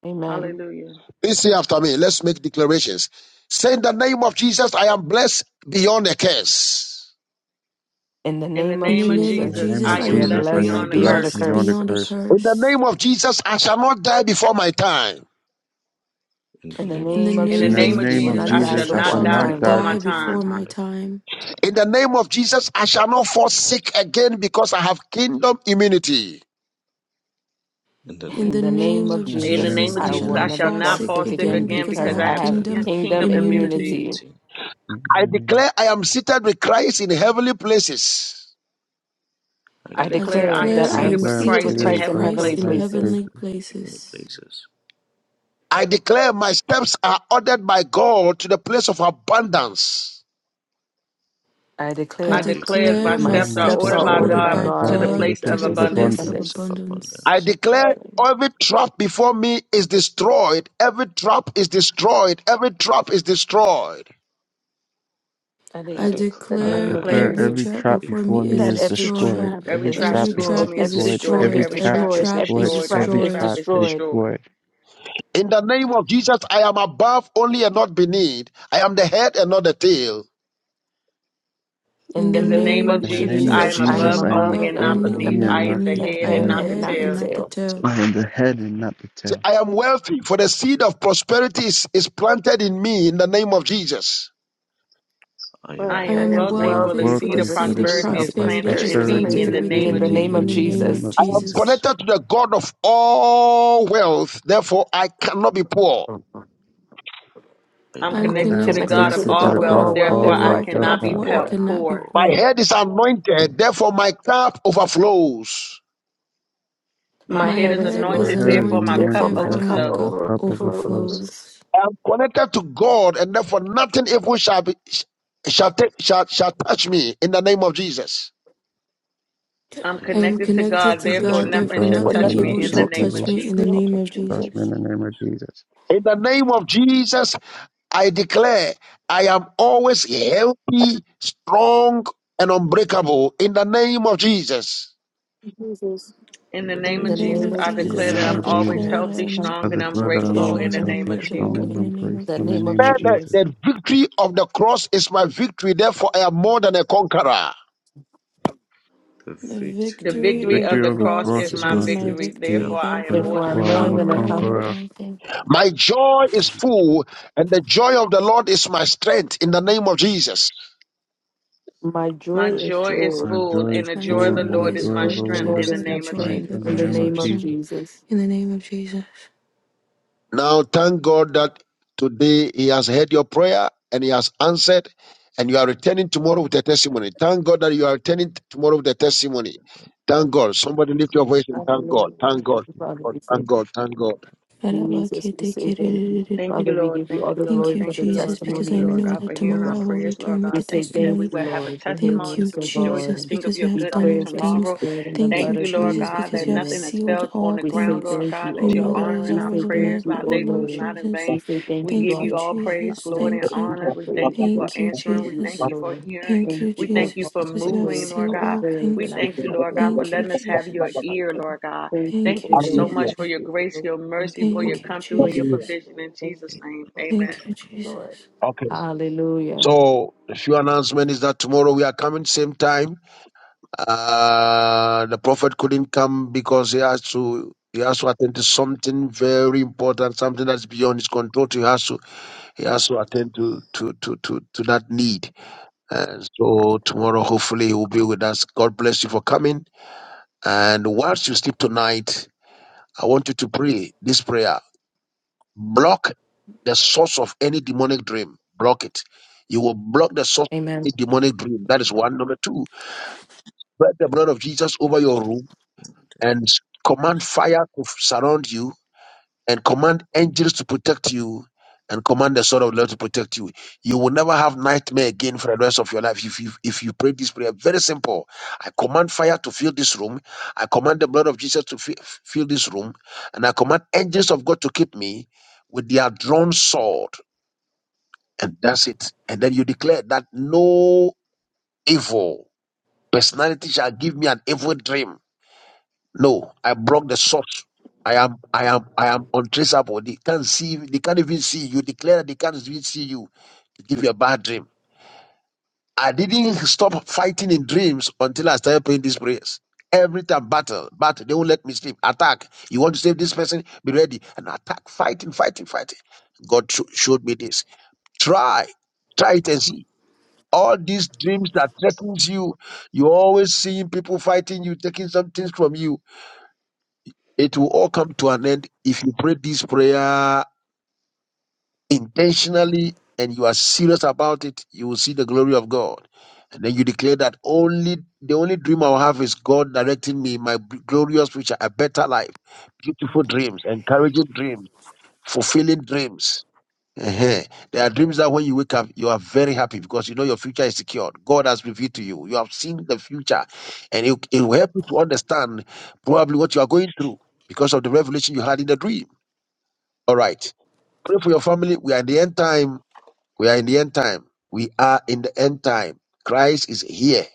[SPEAKER 3] Amen.
[SPEAKER 1] Hallelujah.
[SPEAKER 2] Please say after me. Let's make declarations. Say in the name of Jesus, I am blessed beyond a curse.
[SPEAKER 3] In the
[SPEAKER 1] In the
[SPEAKER 3] name of
[SPEAKER 4] In the
[SPEAKER 1] name of
[SPEAKER 4] name
[SPEAKER 7] In
[SPEAKER 4] of
[SPEAKER 7] the
[SPEAKER 3] Jesus,
[SPEAKER 1] Jesus,
[SPEAKER 7] name
[SPEAKER 4] Jesus,
[SPEAKER 1] I
[SPEAKER 4] I
[SPEAKER 7] of
[SPEAKER 3] we
[SPEAKER 1] am
[SPEAKER 3] are
[SPEAKER 5] Jesus,
[SPEAKER 4] am
[SPEAKER 7] Jesus,
[SPEAKER 1] blessed
[SPEAKER 7] I
[SPEAKER 4] ble-
[SPEAKER 7] am
[SPEAKER 3] blessed
[SPEAKER 1] beyond the
[SPEAKER 5] bless
[SPEAKER 3] beyond
[SPEAKER 7] blessed
[SPEAKER 3] a
[SPEAKER 5] the
[SPEAKER 1] curse.
[SPEAKER 4] blessed
[SPEAKER 5] young
[SPEAKER 7] beyond the
[SPEAKER 3] curse.
[SPEAKER 4] beyond a
[SPEAKER 7] curse.
[SPEAKER 5] person.
[SPEAKER 2] In the
[SPEAKER 4] curse.
[SPEAKER 2] name of Jesus, I shall not die before my time.
[SPEAKER 5] In
[SPEAKER 3] In
[SPEAKER 5] the
[SPEAKER 3] the
[SPEAKER 5] name
[SPEAKER 4] In
[SPEAKER 5] of
[SPEAKER 4] the
[SPEAKER 3] name of
[SPEAKER 1] In the
[SPEAKER 7] In
[SPEAKER 4] name
[SPEAKER 7] the
[SPEAKER 5] Jesus, I
[SPEAKER 1] name
[SPEAKER 3] Jesus,
[SPEAKER 1] of
[SPEAKER 4] of
[SPEAKER 3] we
[SPEAKER 7] name
[SPEAKER 3] will
[SPEAKER 5] shall
[SPEAKER 7] of
[SPEAKER 1] Jesus,
[SPEAKER 3] not
[SPEAKER 1] I
[SPEAKER 5] bless
[SPEAKER 3] die
[SPEAKER 4] Jesus,
[SPEAKER 1] shall
[SPEAKER 7] Jesus,
[SPEAKER 5] the
[SPEAKER 4] I
[SPEAKER 7] I
[SPEAKER 3] before
[SPEAKER 7] shall
[SPEAKER 1] not
[SPEAKER 5] young
[SPEAKER 4] shall
[SPEAKER 3] our
[SPEAKER 1] die
[SPEAKER 7] not
[SPEAKER 5] person.
[SPEAKER 4] not
[SPEAKER 3] time.
[SPEAKER 1] before
[SPEAKER 7] die
[SPEAKER 1] my
[SPEAKER 4] die
[SPEAKER 7] before my
[SPEAKER 4] before
[SPEAKER 1] time.
[SPEAKER 4] my
[SPEAKER 5] at
[SPEAKER 7] time.
[SPEAKER 4] time.
[SPEAKER 5] that time.
[SPEAKER 2] In the name of Jesus, I shall not fall sick again because I have kingdom immunity.
[SPEAKER 5] In the
[SPEAKER 4] In
[SPEAKER 3] In
[SPEAKER 4] the
[SPEAKER 5] name
[SPEAKER 3] the
[SPEAKER 5] of
[SPEAKER 3] name
[SPEAKER 4] name
[SPEAKER 5] Jesus,
[SPEAKER 3] of
[SPEAKER 5] I
[SPEAKER 4] of
[SPEAKER 7] In the
[SPEAKER 1] In the
[SPEAKER 3] Jesus,
[SPEAKER 5] shall
[SPEAKER 7] name
[SPEAKER 5] not
[SPEAKER 1] name
[SPEAKER 7] of
[SPEAKER 4] Jesus,
[SPEAKER 1] of
[SPEAKER 4] I
[SPEAKER 3] I
[SPEAKER 4] shall
[SPEAKER 1] Jesus,
[SPEAKER 3] will
[SPEAKER 1] I
[SPEAKER 4] not
[SPEAKER 7] Jesus,
[SPEAKER 5] forsake
[SPEAKER 3] never
[SPEAKER 1] shall
[SPEAKER 4] fall
[SPEAKER 5] it,
[SPEAKER 3] fall
[SPEAKER 1] not
[SPEAKER 4] sick
[SPEAKER 1] fall
[SPEAKER 3] sick
[SPEAKER 1] sick
[SPEAKER 4] again
[SPEAKER 3] again
[SPEAKER 1] again
[SPEAKER 4] because I
[SPEAKER 3] because
[SPEAKER 1] because I
[SPEAKER 4] have
[SPEAKER 7] um,
[SPEAKER 1] have
[SPEAKER 3] I
[SPEAKER 5] because
[SPEAKER 3] have
[SPEAKER 5] I
[SPEAKER 4] kingdom
[SPEAKER 1] kin-
[SPEAKER 5] have
[SPEAKER 3] kingdom
[SPEAKER 1] kingdom
[SPEAKER 5] kingdom
[SPEAKER 4] immunity.
[SPEAKER 1] immunity.
[SPEAKER 3] immunity.
[SPEAKER 5] immunity.
[SPEAKER 2] I declare I am seated with Christ in heavenly places.
[SPEAKER 5] I
[SPEAKER 1] I
[SPEAKER 3] I
[SPEAKER 4] I
[SPEAKER 1] declare
[SPEAKER 5] declare
[SPEAKER 1] I
[SPEAKER 3] declare
[SPEAKER 5] I
[SPEAKER 1] am
[SPEAKER 3] that
[SPEAKER 4] declare
[SPEAKER 7] I
[SPEAKER 3] I
[SPEAKER 4] I
[SPEAKER 3] am
[SPEAKER 1] seated
[SPEAKER 4] am
[SPEAKER 1] with
[SPEAKER 7] declare I'm
[SPEAKER 3] seated
[SPEAKER 1] Christ
[SPEAKER 3] with
[SPEAKER 4] seated
[SPEAKER 1] in
[SPEAKER 5] said
[SPEAKER 7] seated
[SPEAKER 4] with
[SPEAKER 7] with
[SPEAKER 3] Christ
[SPEAKER 5] it
[SPEAKER 3] in
[SPEAKER 1] heavenly
[SPEAKER 7] Christ
[SPEAKER 4] Christ
[SPEAKER 7] in
[SPEAKER 3] heavenly
[SPEAKER 4] in
[SPEAKER 7] high
[SPEAKER 1] places.
[SPEAKER 3] places.
[SPEAKER 4] heavenly
[SPEAKER 7] places
[SPEAKER 5] in heavenly
[SPEAKER 4] places.
[SPEAKER 5] places.
[SPEAKER 2] I declare my steps are ordered by God to the place of abundance.
[SPEAKER 3] I
[SPEAKER 4] I
[SPEAKER 5] I
[SPEAKER 1] I
[SPEAKER 3] declare
[SPEAKER 5] declare
[SPEAKER 7] and
[SPEAKER 1] declare my
[SPEAKER 4] declare
[SPEAKER 5] my
[SPEAKER 3] My
[SPEAKER 4] my
[SPEAKER 7] declare
[SPEAKER 1] steps
[SPEAKER 7] my
[SPEAKER 1] are
[SPEAKER 3] steps
[SPEAKER 4] steps
[SPEAKER 1] ordered
[SPEAKER 7] steps
[SPEAKER 3] are
[SPEAKER 4] are
[SPEAKER 7] are
[SPEAKER 1] by
[SPEAKER 3] ordered
[SPEAKER 4] ordered
[SPEAKER 7] ordered
[SPEAKER 3] by
[SPEAKER 1] God
[SPEAKER 7] by
[SPEAKER 4] by
[SPEAKER 1] to
[SPEAKER 3] God
[SPEAKER 1] the
[SPEAKER 7] God to
[SPEAKER 3] in
[SPEAKER 4] God
[SPEAKER 5] Lord,
[SPEAKER 7] the
[SPEAKER 1] place
[SPEAKER 3] the
[SPEAKER 4] to
[SPEAKER 1] of
[SPEAKER 7] place
[SPEAKER 4] the
[SPEAKER 7] of
[SPEAKER 3] place of the
[SPEAKER 5] the
[SPEAKER 4] place
[SPEAKER 1] abundance.
[SPEAKER 4] of
[SPEAKER 7] abundance.
[SPEAKER 5] place of
[SPEAKER 3] abundance.
[SPEAKER 4] abundance.
[SPEAKER 2] I
[SPEAKER 5] abundance.
[SPEAKER 2] declare
[SPEAKER 3] Children,
[SPEAKER 2] every trap before me is destroyed. Every trap is destroyed. Every trap is destroyed.
[SPEAKER 3] I
[SPEAKER 5] I
[SPEAKER 4] I
[SPEAKER 3] declare in the
[SPEAKER 7] I
[SPEAKER 1] I
[SPEAKER 3] name
[SPEAKER 4] declare
[SPEAKER 5] declare
[SPEAKER 3] of
[SPEAKER 1] declare
[SPEAKER 7] declare
[SPEAKER 4] every
[SPEAKER 5] every
[SPEAKER 7] every
[SPEAKER 3] Jesus
[SPEAKER 4] trap
[SPEAKER 5] tap
[SPEAKER 7] trap
[SPEAKER 4] before
[SPEAKER 5] before
[SPEAKER 4] me
[SPEAKER 7] before me
[SPEAKER 5] me
[SPEAKER 4] is
[SPEAKER 5] is
[SPEAKER 3] that
[SPEAKER 7] is
[SPEAKER 3] every
[SPEAKER 5] destroyed.
[SPEAKER 4] destroyed.
[SPEAKER 7] destroyed.
[SPEAKER 3] trap
[SPEAKER 1] every
[SPEAKER 7] Every
[SPEAKER 3] is
[SPEAKER 5] Every
[SPEAKER 1] trap
[SPEAKER 7] trap
[SPEAKER 4] Every
[SPEAKER 7] is
[SPEAKER 5] tap
[SPEAKER 1] before
[SPEAKER 3] destroyed.
[SPEAKER 4] trap
[SPEAKER 1] me
[SPEAKER 4] is
[SPEAKER 1] is
[SPEAKER 5] is
[SPEAKER 3] Every
[SPEAKER 7] destroyed.
[SPEAKER 5] destroyed.
[SPEAKER 1] destroyed.
[SPEAKER 3] trap
[SPEAKER 7] Every
[SPEAKER 3] is
[SPEAKER 4] destroyed.
[SPEAKER 1] Every
[SPEAKER 5] Every
[SPEAKER 7] trap
[SPEAKER 4] Every
[SPEAKER 1] trap
[SPEAKER 5] tap
[SPEAKER 1] is
[SPEAKER 3] destroyed.
[SPEAKER 4] trap
[SPEAKER 3] Every
[SPEAKER 5] is
[SPEAKER 4] is
[SPEAKER 7] destroyed.
[SPEAKER 1] destroyed.
[SPEAKER 5] destroyed.
[SPEAKER 3] trap
[SPEAKER 1] Every
[SPEAKER 7] Every
[SPEAKER 3] is
[SPEAKER 1] trap
[SPEAKER 4] destroyed.
[SPEAKER 7] trap
[SPEAKER 1] is
[SPEAKER 3] destroyed.
[SPEAKER 1] destroyed.
[SPEAKER 7] destroyed.
[SPEAKER 2] In the name of Jesus, I am above only and not beneath. I am the head and not the tail.
[SPEAKER 3] In
[SPEAKER 4] In
[SPEAKER 3] the
[SPEAKER 4] the
[SPEAKER 1] In
[SPEAKER 5] In
[SPEAKER 1] the
[SPEAKER 5] the
[SPEAKER 1] name
[SPEAKER 3] name
[SPEAKER 1] of
[SPEAKER 4] name
[SPEAKER 3] of
[SPEAKER 5] name
[SPEAKER 7] In
[SPEAKER 5] of
[SPEAKER 7] the
[SPEAKER 4] of
[SPEAKER 1] Jesus,
[SPEAKER 7] name of
[SPEAKER 1] I am
[SPEAKER 3] Jesus,
[SPEAKER 4] Jesus,
[SPEAKER 5] Jesus,
[SPEAKER 4] I
[SPEAKER 3] I
[SPEAKER 5] I
[SPEAKER 3] am
[SPEAKER 1] above
[SPEAKER 7] Jesus,
[SPEAKER 4] am
[SPEAKER 7] I am
[SPEAKER 3] above
[SPEAKER 1] only
[SPEAKER 4] above
[SPEAKER 1] and
[SPEAKER 3] and up
[SPEAKER 1] not
[SPEAKER 7] above
[SPEAKER 4] only
[SPEAKER 3] and up
[SPEAKER 1] beneath.
[SPEAKER 4] and
[SPEAKER 7] only
[SPEAKER 1] I
[SPEAKER 4] not
[SPEAKER 7] and
[SPEAKER 5] believe
[SPEAKER 3] beneath
[SPEAKER 1] am
[SPEAKER 7] not
[SPEAKER 1] the
[SPEAKER 4] beneath.
[SPEAKER 3] and
[SPEAKER 1] head
[SPEAKER 4] I
[SPEAKER 1] and
[SPEAKER 3] head
[SPEAKER 4] am
[SPEAKER 5] I'm
[SPEAKER 7] beneath.
[SPEAKER 1] not
[SPEAKER 5] the
[SPEAKER 1] the
[SPEAKER 3] and
[SPEAKER 4] ahead
[SPEAKER 3] not the
[SPEAKER 4] and
[SPEAKER 1] tail.
[SPEAKER 5] head and
[SPEAKER 4] not the
[SPEAKER 5] not
[SPEAKER 3] tail.
[SPEAKER 5] the
[SPEAKER 4] tail.
[SPEAKER 7] I
[SPEAKER 5] tail.
[SPEAKER 7] am the head and not the
[SPEAKER 2] Say,
[SPEAKER 7] tail.
[SPEAKER 2] I am wealthy, for the seed of prosperity is, is planted in me in the name of Jesus.
[SPEAKER 5] I am
[SPEAKER 3] But
[SPEAKER 1] I
[SPEAKER 4] I
[SPEAKER 1] am
[SPEAKER 5] well
[SPEAKER 3] I
[SPEAKER 4] am
[SPEAKER 3] am
[SPEAKER 5] filled.
[SPEAKER 7] I
[SPEAKER 1] wealthy,
[SPEAKER 7] am
[SPEAKER 1] for the
[SPEAKER 4] wealthy,
[SPEAKER 3] wealthy
[SPEAKER 4] for
[SPEAKER 1] seed
[SPEAKER 3] for
[SPEAKER 4] the
[SPEAKER 1] of
[SPEAKER 7] wealthy
[SPEAKER 3] the
[SPEAKER 7] for
[SPEAKER 4] seed
[SPEAKER 7] the
[SPEAKER 5] with
[SPEAKER 4] of
[SPEAKER 3] seed
[SPEAKER 1] prosperity
[SPEAKER 7] seed
[SPEAKER 5] Prosperity
[SPEAKER 1] is
[SPEAKER 3] of
[SPEAKER 7] of
[SPEAKER 4] prosperity
[SPEAKER 1] planted
[SPEAKER 5] is
[SPEAKER 4] is
[SPEAKER 3] prosperity
[SPEAKER 1] in
[SPEAKER 3] is
[SPEAKER 7] prosperity
[SPEAKER 1] me
[SPEAKER 5] planted
[SPEAKER 1] in
[SPEAKER 3] planted
[SPEAKER 7] is
[SPEAKER 4] planted
[SPEAKER 1] the
[SPEAKER 3] in me
[SPEAKER 5] in
[SPEAKER 1] name
[SPEAKER 3] in
[SPEAKER 1] of
[SPEAKER 7] given
[SPEAKER 5] me.
[SPEAKER 4] within
[SPEAKER 3] the
[SPEAKER 7] to
[SPEAKER 4] me
[SPEAKER 3] name
[SPEAKER 7] me
[SPEAKER 3] of
[SPEAKER 4] in
[SPEAKER 1] Jesus.
[SPEAKER 4] the
[SPEAKER 5] In
[SPEAKER 7] in
[SPEAKER 5] the
[SPEAKER 7] the
[SPEAKER 4] name
[SPEAKER 7] name
[SPEAKER 4] of
[SPEAKER 5] name
[SPEAKER 7] of
[SPEAKER 3] Jesus.
[SPEAKER 5] of
[SPEAKER 2] I am
[SPEAKER 7] Jesus.
[SPEAKER 5] Jesus.
[SPEAKER 4] Jesus.
[SPEAKER 2] connected to the God of all wealth, therefore I cannot be poor.
[SPEAKER 5] I
[SPEAKER 1] I'm
[SPEAKER 5] am
[SPEAKER 4] I
[SPEAKER 3] I
[SPEAKER 4] am
[SPEAKER 3] am
[SPEAKER 7] I
[SPEAKER 1] connected
[SPEAKER 5] connected
[SPEAKER 1] to
[SPEAKER 7] am
[SPEAKER 1] the
[SPEAKER 5] to
[SPEAKER 3] connected
[SPEAKER 4] connected
[SPEAKER 1] God of
[SPEAKER 3] to
[SPEAKER 4] to
[SPEAKER 3] the
[SPEAKER 7] connected
[SPEAKER 5] God
[SPEAKER 7] to
[SPEAKER 4] the
[SPEAKER 1] all
[SPEAKER 3] God
[SPEAKER 7] the
[SPEAKER 3] of
[SPEAKER 5] the
[SPEAKER 4] God
[SPEAKER 1] wealth,
[SPEAKER 7] God
[SPEAKER 3] all
[SPEAKER 4] of
[SPEAKER 7] of
[SPEAKER 3] wealth,
[SPEAKER 1] therefore,
[SPEAKER 7] all
[SPEAKER 4] all
[SPEAKER 1] I
[SPEAKER 3] therefore I
[SPEAKER 7] wealth,
[SPEAKER 4] wealth,
[SPEAKER 1] cannot
[SPEAKER 3] cannot
[SPEAKER 1] be
[SPEAKER 3] be
[SPEAKER 7] therefore
[SPEAKER 4] therefore
[SPEAKER 5] Father
[SPEAKER 7] I
[SPEAKER 4] I
[SPEAKER 3] poor.
[SPEAKER 7] do not
[SPEAKER 4] cannot be
[SPEAKER 1] poor.
[SPEAKER 5] God.
[SPEAKER 2] My
[SPEAKER 4] poor.
[SPEAKER 2] head is anointed,
[SPEAKER 7] want.
[SPEAKER 2] therefore my cup overflows.
[SPEAKER 5] My
[SPEAKER 1] My
[SPEAKER 3] My
[SPEAKER 4] My
[SPEAKER 1] head
[SPEAKER 3] head
[SPEAKER 1] is
[SPEAKER 5] head is
[SPEAKER 3] is
[SPEAKER 4] head
[SPEAKER 7] My
[SPEAKER 4] is
[SPEAKER 1] anointed,
[SPEAKER 7] head
[SPEAKER 3] anointed,
[SPEAKER 5] pointed
[SPEAKER 7] is
[SPEAKER 1] therefore, my
[SPEAKER 4] anointed,
[SPEAKER 1] cup
[SPEAKER 3] therefore
[SPEAKER 7] anointed,
[SPEAKER 3] my
[SPEAKER 4] therefore
[SPEAKER 5] that
[SPEAKER 4] my
[SPEAKER 3] cup
[SPEAKER 7] therefore
[SPEAKER 1] overflows.
[SPEAKER 7] my
[SPEAKER 4] cup
[SPEAKER 7] cup overflows.
[SPEAKER 3] overflows.
[SPEAKER 4] overflows.
[SPEAKER 2] I am connected to God, and therefore nothing evil shall be, shall, take, shall shall touch me. In the name of Jesus.
[SPEAKER 1] I'm
[SPEAKER 5] I am
[SPEAKER 4] I am
[SPEAKER 1] connected to
[SPEAKER 7] I
[SPEAKER 4] connected
[SPEAKER 1] God,
[SPEAKER 7] am
[SPEAKER 5] connected to
[SPEAKER 4] to
[SPEAKER 1] therefore,
[SPEAKER 7] connected
[SPEAKER 4] God,
[SPEAKER 7] to
[SPEAKER 1] nothing
[SPEAKER 4] therefore
[SPEAKER 7] God,
[SPEAKER 1] shall
[SPEAKER 3] For
[SPEAKER 4] nothing
[SPEAKER 7] therefore
[SPEAKER 1] touch
[SPEAKER 3] nothing
[SPEAKER 4] evil
[SPEAKER 1] me
[SPEAKER 5] the
[SPEAKER 1] in the
[SPEAKER 4] shall
[SPEAKER 7] nothing
[SPEAKER 3] evil
[SPEAKER 5] Son.
[SPEAKER 3] can
[SPEAKER 1] name of
[SPEAKER 4] touch
[SPEAKER 7] evil
[SPEAKER 4] me in
[SPEAKER 3] tempt
[SPEAKER 5] Shall
[SPEAKER 4] the
[SPEAKER 3] me
[SPEAKER 1] Jesus.
[SPEAKER 3] or
[SPEAKER 4] name
[SPEAKER 3] my
[SPEAKER 4] of
[SPEAKER 5] touch my
[SPEAKER 3] children.
[SPEAKER 7] Trust
[SPEAKER 5] name.
[SPEAKER 7] me
[SPEAKER 4] Jesus.
[SPEAKER 7] in the name of Jesus.
[SPEAKER 2] In the name of Jesus, I declare I am always healthy, strong, and unbreakable. In the name of Jesus.
[SPEAKER 3] Jesus,
[SPEAKER 1] In
[SPEAKER 5] In
[SPEAKER 1] the
[SPEAKER 5] the
[SPEAKER 1] name
[SPEAKER 3] in
[SPEAKER 1] of
[SPEAKER 3] the
[SPEAKER 4] In
[SPEAKER 5] name
[SPEAKER 4] the name
[SPEAKER 5] of
[SPEAKER 3] name
[SPEAKER 1] Jesus,
[SPEAKER 4] of
[SPEAKER 3] of
[SPEAKER 1] I
[SPEAKER 7] In the
[SPEAKER 3] Jesus,
[SPEAKER 1] declare
[SPEAKER 5] Jesus,
[SPEAKER 4] Jesus,
[SPEAKER 3] I
[SPEAKER 1] that
[SPEAKER 4] I
[SPEAKER 7] name
[SPEAKER 1] I'm
[SPEAKER 7] of
[SPEAKER 3] will I
[SPEAKER 1] always
[SPEAKER 7] Jesus.
[SPEAKER 4] declare that
[SPEAKER 3] was
[SPEAKER 1] healthy,
[SPEAKER 5] this
[SPEAKER 4] I'm
[SPEAKER 1] strong,
[SPEAKER 7] As
[SPEAKER 5] health
[SPEAKER 1] and
[SPEAKER 7] the
[SPEAKER 3] healthy,
[SPEAKER 5] is
[SPEAKER 7] God that
[SPEAKER 4] healthy,
[SPEAKER 7] I'm
[SPEAKER 1] unbreakable
[SPEAKER 3] strong,
[SPEAKER 1] in
[SPEAKER 7] always
[SPEAKER 4] strong,
[SPEAKER 1] the
[SPEAKER 4] and
[SPEAKER 3] and
[SPEAKER 1] name
[SPEAKER 7] healthy,
[SPEAKER 1] of
[SPEAKER 3] noble.
[SPEAKER 5] wake
[SPEAKER 7] strong,
[SPEAKER 1] Jesus.
[SPEAKER 5] up
[SPEAKER 4] unbreakable
[SPEAKER 7] and
[SPEAKER 4] in
[SPEAKER 3] In
[SPEAKER 5] in
[SPEAKER 4] the
[SPEAKER 7] I'm
[SPEAKER 5] the
[SPEAKER 4] name
[SPEAKER 5] name of
[SPEAKER 4] of
[SPEAKER 3] the
[SPEAKER 7] grateful in the
[SPEAKER 4] Jesus.
[SPEAKER 3] name of
[SPEAKER 5] Jesus.
[SPEAKER 7] name of
[SPEAKER 2] Declare
[SPEAKER 3] Jesus,
[SPEAKER 7] Jesus.
[SPEAKER 2] The victory of the cross is my victory, therefore I am more than a conqueror.
[SPEAKER 4] The
[SPEAKER 5] The
[SPEAKER 1] The
[SPEAKER 4] victory
[SPEAKER 5] victory
[SPEAKER 1] victory
[SPEAKER 4] of
[SPEAKER 5] of
[SPEAKER 1] of
[SPEAKER 4] the
[SPEAKER 7] Victory
[SPEAKER 5] the
[SPEAKER 1] the
[SPEAKER 7] over
[SPEAKER 1] cross
[SPEAKER 5] cross
[SPEAKER 4] cross
[SPEAKER 7] cross
[SPEAKER 1] is
[SPEAKER 5] is
[SPEAKER 7] is
[SPEAKER 1] my
[SPEAKER 7] my
[SPEAKER 5] my
[SPEAKER 4] is
[SPEAKER 3] because
[SPEAKER 4] my
[SPEAKER 7] victory.
[SPEAKER 1] victory.
[SPEAKER 5] victory.
[SPEAKER 4] victory,
[SPEAKER 1] Therefore, I
[SPEAKER 5] Therefore, I
[SPEAKER 1] am
[SPEAKER 5] am
[SPEAKER 4] therefore
[SPEAKER 1] more
[SPEAKER 3] therefore
[SPEAKER 1] than
[SPEAKER 7] Therefore,
[SPEAKER 3] I'm
[SPEAKER 1] a
[SPEAKER 5] more
[SPEAKER 7] I
[SPEAKER 5] than
[SPEAKER 4] I
[SPEAKER 3] more
[SPEAKER 5] a
[SPEAKER 7] am a
[SPEAKER 4] am
[SPEAKER 3] than a
[SPEAKER 5] conqueror.
[SPEAKER 1] conqueror.
[SPEAKER 4] more than a
[SPEAKER 3] conqueror.
[SPEAKER 7] conqueror.
[SPEAKER 4] conqueror.
[SPEAKER 2] My joy is full, and the joy of the Lord is my strength in the name of Jesus.
[SPEAKER 3] My
[SPEAKER 1] My
[SPEAKER 3] joy
[SPEAKER 5] My
[SPEAKER 3] is
[SPEAKER 1] joy
[SPEAKER 5] joy,
[SPEAKER 1] is
[SPEAKER 5] your
[SPEAKER 3] full.
[SPEAKER 7] My
[SPEAKER 1] full,
[SPEAKER 7] joy
[SPEAKER 1] and
[SPEAKER 7] is
[SPEAKER 1] the
[SPEAKER 4] My
[SPEAKER 1] joy of
[SPEAKER 7] full,
[SPEAKER 1] the
[SPEAKER 4] joy
[SPEAKER 7] and
[SPEAKER 3] Therefore,
[SPEAKER 7] the
[SPEAKER 1] Lord
[SPEAKER 4] is
[SPEAKER 1] is
[SPEAKER 3] the
[SPEAKER 1] my
[SPEAKER 7] joy
[SPEAKER 3] joy
[SPEAKER 7] of
[SPEAKER 3] of
[SPEAKER 7] the
[SPEAKER 4] full,
[SPEAKER 3] the
[SPEAKER 5] is
[SPEAKER 1] strength
[SPEAKER 7] Lord
[SPEAKER 1] in
[SPEAKER 3] Lord
[SPEAKER 7] is
[SPEAKER 1] the
[SPEAKER 4] therefore
[SPEAKER 3] is
[SPEAKER 7] my
[SPEAKER 4] the
[SPEAKER 3] my
[SPEAKER 5] sustained
[SPEAKER 1] name
[SPEAKER 5] in
[SPEAKER 1] of
[SPEAKER 4] joy
[SPEAKER 5] the
[SPEAKER 7] strength.
[SPEAKER 4] of
[SPEAKER 3] strength.
[SPEAKER 4] the
[SPEAKER 5] name
[SPEAKER 7] In
[SPEAKER 1] Jesus.
[SPEAKER 5] of
[SPEAKER 3] In
[SPEAKER 7] the
[SPEAKER 4] Lord
[SPEAKER 3] the
[SPEAKER 7] name
[SPEAKER 4] is my
[SPEAKER 7] of
[SPEAKER 3] name
[SPEAKER 5] Jesus.
[SPEAKER 3] of
[SPEAKER 4] strength.
[SPEAKER 7] Jesus.
[SPEAKER 3] Jesus,
[SPEAKER 4] In the name of Jesus.
[SPEAKER 2] Now, thank God that today He has heard your prayer and He has answered, and you are returning tomorrow with a testimony. Thank God that you are returning t- tomorrow with a testimony. Thank God. Somebody lift your voice and thank
[SPEAKER 3] Hallelujah.
[SPEAKER 2] God. Thank God.
[SPEAKER 7] Thank you.
[SPEAKER 3] Father,
[SPEAKER 2] God,
[SPEAKER 3] we say thank
[SPEAKER 2] Thank
[SPEAKER 3] you.
[SPEAKER 2] God. Thank God.
[SPEAKER 3] Jesus, we say thank you.
[SPEAKER 1] Thank you,
[SPEAKER 3] Father, we
[SPEAKER 1] Lord.
[SPEAKER 3] give you
[SPEAKER 1] Thank
[SPEAKER 3] all
[SPEAKER 1] you,
[SPEAKER 3] the
[SPEAKER 1] Lord.
[SPEAKER 4] Thank
[SPEAKER 3] glory
[SPEAKER 4] you,
[SPEAKER 3] for
[SPEAKER 1] Thank
[SPEAKER 3] the
[SPEAKER 1] you, Lord.
[SPEAKER 4] Jesus,
[SPEAKER 1] Thank
[SPEAKER 4] because
[SPEAKER 3] testimony
[SPEAKER 1] you,
[SPEAKER 4] I
[SPEAKER 3] in
[SPEAKER 1] Lord
[SPEAKER 4] know
[SPEAKER 3] advance,
[SPEAKER 1] God,
[SPEAKER 4] that
[SPEAKER 1] for
[SPEAKER 3] oh
[SPEAKER 1] hearing our
[SPEAKER 4] tomorrow I
[SPEAKER 3] God.
[SPEAKER 4] will
[SPEAKER 1] prayers, Lord
[SPEAKER 4] return with
[SPEAKER 3] We
[SPEAKER 1] God.
[SPEAKER 4] a
[SPEAKER 3] say
[SPEAKER 1] Thank you that
[SPEAKER 3] thank
[SPEAKER 1] we
[SPEAKER 4] testimony
[SPEAKER 3] you,
[SPEAKER 1] will have a
[SPEAKER 3] Lord, for
[SPEAKER 4] Thank
[SPEAKER 3] hearing
[SPEAKER 1] testimony
[SPEAKER 3] us,
[SPEAKER 4] you,
[SPEAKER 1] to
[SPEAKER 3] so
[SPEAKER 1] rejoice
[SPEAKER 3] God.
[SPEAKER 1] and
[SPEAKER 4] Jesus,
[SPEAKER 3] And
[SPEAKER 1] sing of
[SPEAKER 4] because
[SPEAKER 1] your
[SPEAKER 4] you have
[SPEAKER 3] these
[SPEAKER 4] done
[SPEAKER 1] goodness
[SPEAKER 4] all
[SPEAKER 3] prayers are
[SPEAKER 4] things.
[SPEAKER 1] tomorrow.
[SPEAKER 3] secured in the
[SPEAKER 4] Thank
[SPEAKER 1] Thank
[SPEAKER 3] blood
[SPEAKER 4] you,
[SPEAKER 1] you,
[SPEAKER 3] of
[SPEAKER 1] Lord
[SPEAKER 4] Jesus,
[SPEAKER 3] Jesus,
[SPEAKER 1] God,
[SPEAKER 3] O
[SPEAKER 4] because
[SPEAKER 1] that
[SPEAKER 4] you have
[SPEAKER 1] nothing
[SPEAKER 3] Lord.
[SPEAKER 1] has
[SPEAKER 4] sealed
[SPEAKER 1] fell on
[SPEAKER 4] all
[SPEAKER 1] the
[SPEAKER 3] We say
[SPEAKER 1] ground,
[SPEAKER 4] things.
[SPEAKER 1] Lord
[SPEAKER 3] thank
[SPEAKER 1] God,
[SPEAKER 3] you, O
[SPEAKER 4] You
[SPEAKER 1] that you're
[SPEAKER 4] know the
[SPEAKER 3] Lord.
[SPEAKER 1] honoring
[SPEAKER 3] We
[SPEAKER 1] our
[SPEAKER 4] desires
[SPEAKER 3] say
[SPEAKER 4] of
[SPEAKER 3] thank
[SPEAKER 4] my
[SPEAKER 1] prayers.
[SPEAKER 3] you,
[SPEAKER 1] Our
[SPEAKER 4] heart,
[SPEAKER 3] O
[SPEAKER 1] labor
[SPEAKER 4] Lord
[SPEAKER 1] was
[SPEAKER 3] Lord.
[SPEAKER 1] not in
[SPEAKER 4] Jesus.
[SPEAKER 3] We
[SPEAKER 1] vain.
[SPEAKER 3] say thank
[SPEAKER 1] We
[SPEAKER 3] you,
[SPEAKER 1] give
[SPEAKER 4] Thank
[SPEAKER 3] God,
[SPEAKER 4] you,
[SPEAKER 1] you
[SPEAKER 3] that
[SPEAKER 1] all
[SPEAKER 3] you have
[SPEAKER 1] praise,
[SPEAKER 4] Jesus.
[SPEAKER 3] honored
[SPEAKER 1] glory, and
[SPEAKER 4] Thank
[SPEAKER 3] what
[SPEAKER 4] you.
[SPEAKER 3] we
[SPEAKER 1] honor.
[SPEAKER 3] have
[SPEAKER 1] We
[SPEAKER 3] prayed
[SPEAKER 1] thank
[SPEAKER 3] and
[SPEAKER 1] you for
[SPEAKER 4] Thank
[SPEAKER 3] posted
[SPEAKER 4] you,
[SPEAKER 3] to
[SPEAKER 1] answering. We
[SPEAKER 3] you,
[SPEAKER 1] thank
[SPEAKER 3] O
[SPEAKER 4] Jesus.
[SPEAKER 1] you for
[SPEAKER 3] Lord.
[SPEAKER 1] hearing.
[SPEAKER 4] Thank
[SPEAKER 3] Thank
[SPEAKER 4] you,
[SPEAKER 1] We
[SPEAKER 3] you, O
[SPEAKER 1] thank you
[SPEAKER 3] God,
[SPEAKER 4] Jesus,
[SPEAKER 1] for
[SPEAKER 4] because
[SPEAKER 3] for
[SPEAKER 4] you have
[SPEAKER 1] moving,
[SPEAKER 3] hearing
[SPEAKER 1] Lord
[SPEAKER 4] sealed
[SPEAKER 3] our
[SPEAKER 1] God.
[SPEAKER 4] all
[SPEAKER 3] prayers
[SPEAKER 1] We
[SPEAKER 3] and
[SPEAKER 4] things.
[SPEAKER 3] our
[SPEAKER 1] thank you, Lord God,
[SPEAKER 3] supplications.
[SPEAKER 1] for
[SPEAKER 4] Thank
[SPEAKER 3] to
[SPEAKER 4] you,
[SPEAKER 1] letting us have your
[SPEAKER 3] you,
[SPEAKER 4] Jesus.
[SPEAKER 3] Father.
[SPEAKER 1] ear, Lord God.
[SPEAKER 3] Thank you,
[SPEAKER 1] Thank
[SPEAKER 3] O
[SPEAKER 4] Thank you,
[SPEAKER 1] you so
[SPEAKER 3] Lord.
[SPEAKER 4] Jesus.
[SPEAKER 2] Hallelujah.
[SPEAKER 1] much for
[SPEAKER 3] Thank
[SPEAKER 1] your
[SPEAKER 3] you, O
[SPEAKER 1] grace, your
[SPEAKER 3] Lord. Thank
[SPEAKER 1] mercy,
[SPEAKER 3] you,
[SPEAKER 1] for your
[SPEAKER 3] O
[SPEAKER 4] Thank you,
[SPEAKER 3] Lord.
[SPEAKER 1] come through and your
[SPEAKER 3] Thank you,
[SPEAKER 2] Hallelujah.
[SPEAKER 4] Jesus.
[SPEAKER 1] provision in
[SPEAKER 3] O Lord. Thank
[SPEAKER 1] Jesus'
[SPEAKER 3] you,
[SPEAKER 1] name.
[SPEAKER 3] O Lord. Thank
[SPEAKER 1] Amen.
[SPEAKER 4] Thank you,
[SPEAKER 3] you, Lord.
[SPEAKER 4] Jesus.
[SPEAKER 2] Okay.
[SPEAKER 3] Hallelujah.
[SPEAKER 2] So the few announcement is that tomorrow we are coming same time. Uh, the prophet couldn't come because he has to he has to attend to something very important, something that's beyond his control. He has to He also attend to to to to, to that need. Uh, so tomorrow, hopefully, he will be with us. God bless you for coming. And whilst you sleep tonight, I want you to pray this prayer: block the source of any demonic dream. Block it. You will block the source of
[SPEAKER 3] Amen.
[SPEAKER 2] any demonic dream. That is one. Number two, spread the blood of Jesus over your room and command fire to surround you and command angels to protect you and command the sword of the Lord to protect you. You will never have nightmare again for the rest of your life if you if you pray this prayer. Very simple. I command fire to fill this room. I command the blood of Jesus to fi- fill this room, and I command angels of God to keep me with their drawn sword. And that's it. And then you declare that no evil personality shall give me an evil dream no, I broke the source. I am, I am, I am untraceable. They can't see, they can't even see you. Declare that they can't even see you. They give you a bad dream. I didn't stop fighting in dreams until I started praying these prayers. Every time battle, battle, they won't let me sleep. Attack. You want to save this person? Be ready. And attack, fighting, fighting, fighting. God sho- showed me this. Try, try it and see. All these dreams that threatens you, you always seeing people fighting you, taking some things from you It will all come to an end if you pray this prayer intentionally and you are serious about it. You will see the glory of God. And then you declare that only the only dream I'll have is God directing me in my b- glorious future, a better life, beautiful dreams, encouraging dreams, fulfilling dreams. Uh-huh. There are dreams that when you wake up, you are very happy because you know your future is secured. God has revealed to you. You have seen the future, and it, it will help you to understand probably what you are going through because of the revelation you had in the dream. All right. Pray for your family. We are in the end time. We are in the end time. We are in the end time. Christ is here.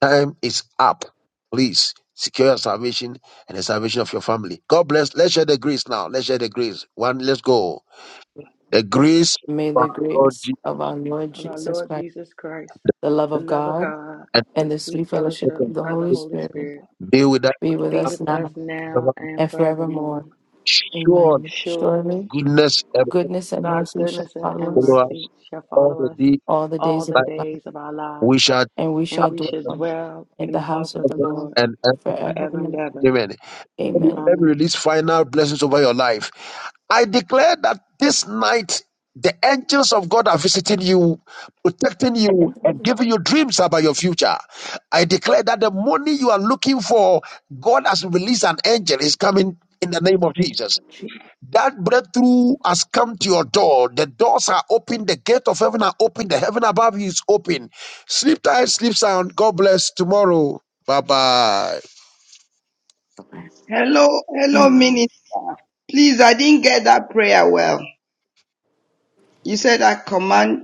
[SPEAKER 2] Time is up. Please secure your salvation and the salvation of your family. God bless. Let's share the grace now. Let's share the grace. One, let's go. The grace
[SPEAKER 3] May
[SPEAKER 2] of
[SPEAKER 3] the
[SPEAKER 2] our Lord
[SPEAKER 3] grace
[SPEAKER 2] Jesus
[SPEAKER 3] of our Lord
[SPEAKER 1] Of our
[SPEAKER 3] Jesus
[SPEAKER 1] Lord
[SPEAKER 3] Christ,
[SPEAKER 1] Jesus Christ,
[SPEAKER 3] the love
[SPEAKER 1] the
[SPEAKER 3] of
[SPEAKER 1] love of
[SPEAKER 3] God,
[SPEAKER 1] God,
[SPEAKER 2] and
[SPEAKER 1] the
[SPEAKER 3] and the
[SPEAKER 1] sweet
[SPEAKER 3] sweet fellowship
[SPEAKER 1] fellowship
[SPEAKER 3] of the
[SPEAKER 1] of the
[SPEAKER 3] Holy
[SPEAKER 1] Holy
[SPEAKER 3] Spirit
[SPEAKER 1] Spirit
[SPEAKER 2] be with us.
[SPEAKER 3] be with
[SPEAKER 1] be
[SPEAKER 3] us
[SPEAKER 1] with us
[SPEAKER 3] now
[SPEAKER 1] now
[SPEAKER 2] forever.
[SPEAKER 1] and
[SPEAKER 3] and
[SPEAKER 1] forevermore.
[SPEAKER 3] forevermore.
[SPEAKER 2] Sure
[SPEAKER 3] Amen.
[SPEAKER 1] Surely
[SPEAKER 3] Surely,
[SPEAKER 2] goodness and
[SPEAKER 3] goodness and
[SPEAKER 1] God's
[SPEAKER 3] mercy shall
[SPEAKER 1] goodness and,
[SPEAKER 3] follow
[SPEAKER 1] and
[SPEAKER 2] follow
[SPEAKER 3] us
[SPEAKER 2] us
[SPEAKER 1] mercy shall
[SPEAKER 2] all
[SPEAKER 1] follow
[SPEAKER 2] the
[SPEAKER 1] us
[SPEAKER 2] day.
[SPEAKER 3] all the
[SPEAKER 1] all
[SPEAKER 3] days
[SPEAKER 1] the
[SPEAKER 3] of
[SPEAKER 2] Life.
[SPEAKER 3] our life,
[SPEAKER 1] days of our lives,
[SPEAKER 2] We shall
[SPEAKER 3] and we
[SPEAKER 1] and
[SPEAKER 3] shall
[SPEAKER 1] we shall
[SPEAKER 3] dwell
[SPEAKER 1] dwell
[SPEAKER 3] in
[SPEAKER 1] in
[SPEAKER 3] the
[SPEAKER 1] the house
[SPEAKER 3] house of
[SPEAKER 1] of
[SPEAKER 3] the
[SPEAKER 1] the
[SPEAKER 2] ever
[SPEAKER 3] Lord
[SPEAKER 1] Lord
[SPEAKER 2] and ever.
[SPEAKER 3] forever.
[SPEAKER 1] forever
[SPEAKER 3] and
[SPEAKER 1] and
[SPEAKER 3] ever.
[SPEAKER 1] ever.
[SPEAKER 2] Amen. Let me
[SPEAKER 3] Amen.
[SPEAKER 2] let me
[SPEAKER 1] Amen.
[SPEAKER 2] release final blessings over your life. I declare that this night the angels of God are visiting you, protecting you,
[SPEAKER 3] And
[SPEAKER 2] and giving you dreams about your future. I declare that the money you are looking for, God has released an angel, is coming in the name of
[SPEAKER 3] Amen.
[SPEAKER 2] Jesus. That breakthrough has come to your door. The doors are open. The gate of heaven are open. The heaven above you is open. Sleep tight, sleep sound. God bless. Tomorrow. Bye bye.
[SPEAKER 8] Hello, hello,
[SPEAKER 1] Good night.
[SPEAKER 8] Minnie. Please, I didn't get that prayer well. You said I command,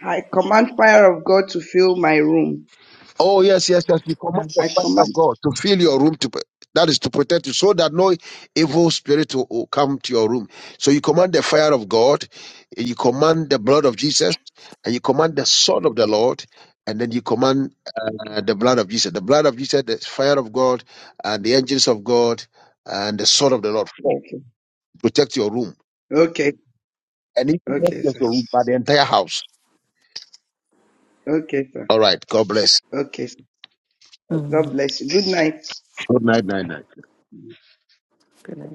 [SPEAKER 8] I command fire of God to fill my room.
[SPEAKER 2] Oh, yes, yes, yes. You command the
[SPEAKER 8] I
[SPEAKER 2] fire of
[SPEAKER 8] command.
[SPEAKER 2] God to fill your room to that is to protect you so that no evil spirit will, will come to your room. So you command the fire of God, you command the blood of Jesus, and you command the sword of the Lord, and then you command uh, the blood of Jesus. The blood of Jesus, the fire of God, and the angels of God, and the sword of the Lord. Four.
[SPEAKER 8] Okay,
[SPEAKER 2] Protect your room.
[SPEAKER 8] okay,
[SPEAKER 2] And even not
[SPEAKER 8] okay,
[SPEAKER 2] just
[SPEAKER 8] sir.
[SPEAKER 2] your room, but the entire house.
[SPEAKER 8] Okay, sir.
[SPEAKER 2] All right. God bless.
[SPEAKER 8] Okay, sir. God
[SPEAKER 3] Amen.
[SPEAKER 8] bless you. Good night.
[SPEAKER 2] Good night, night, night.
[SPEAKER 3] Good night.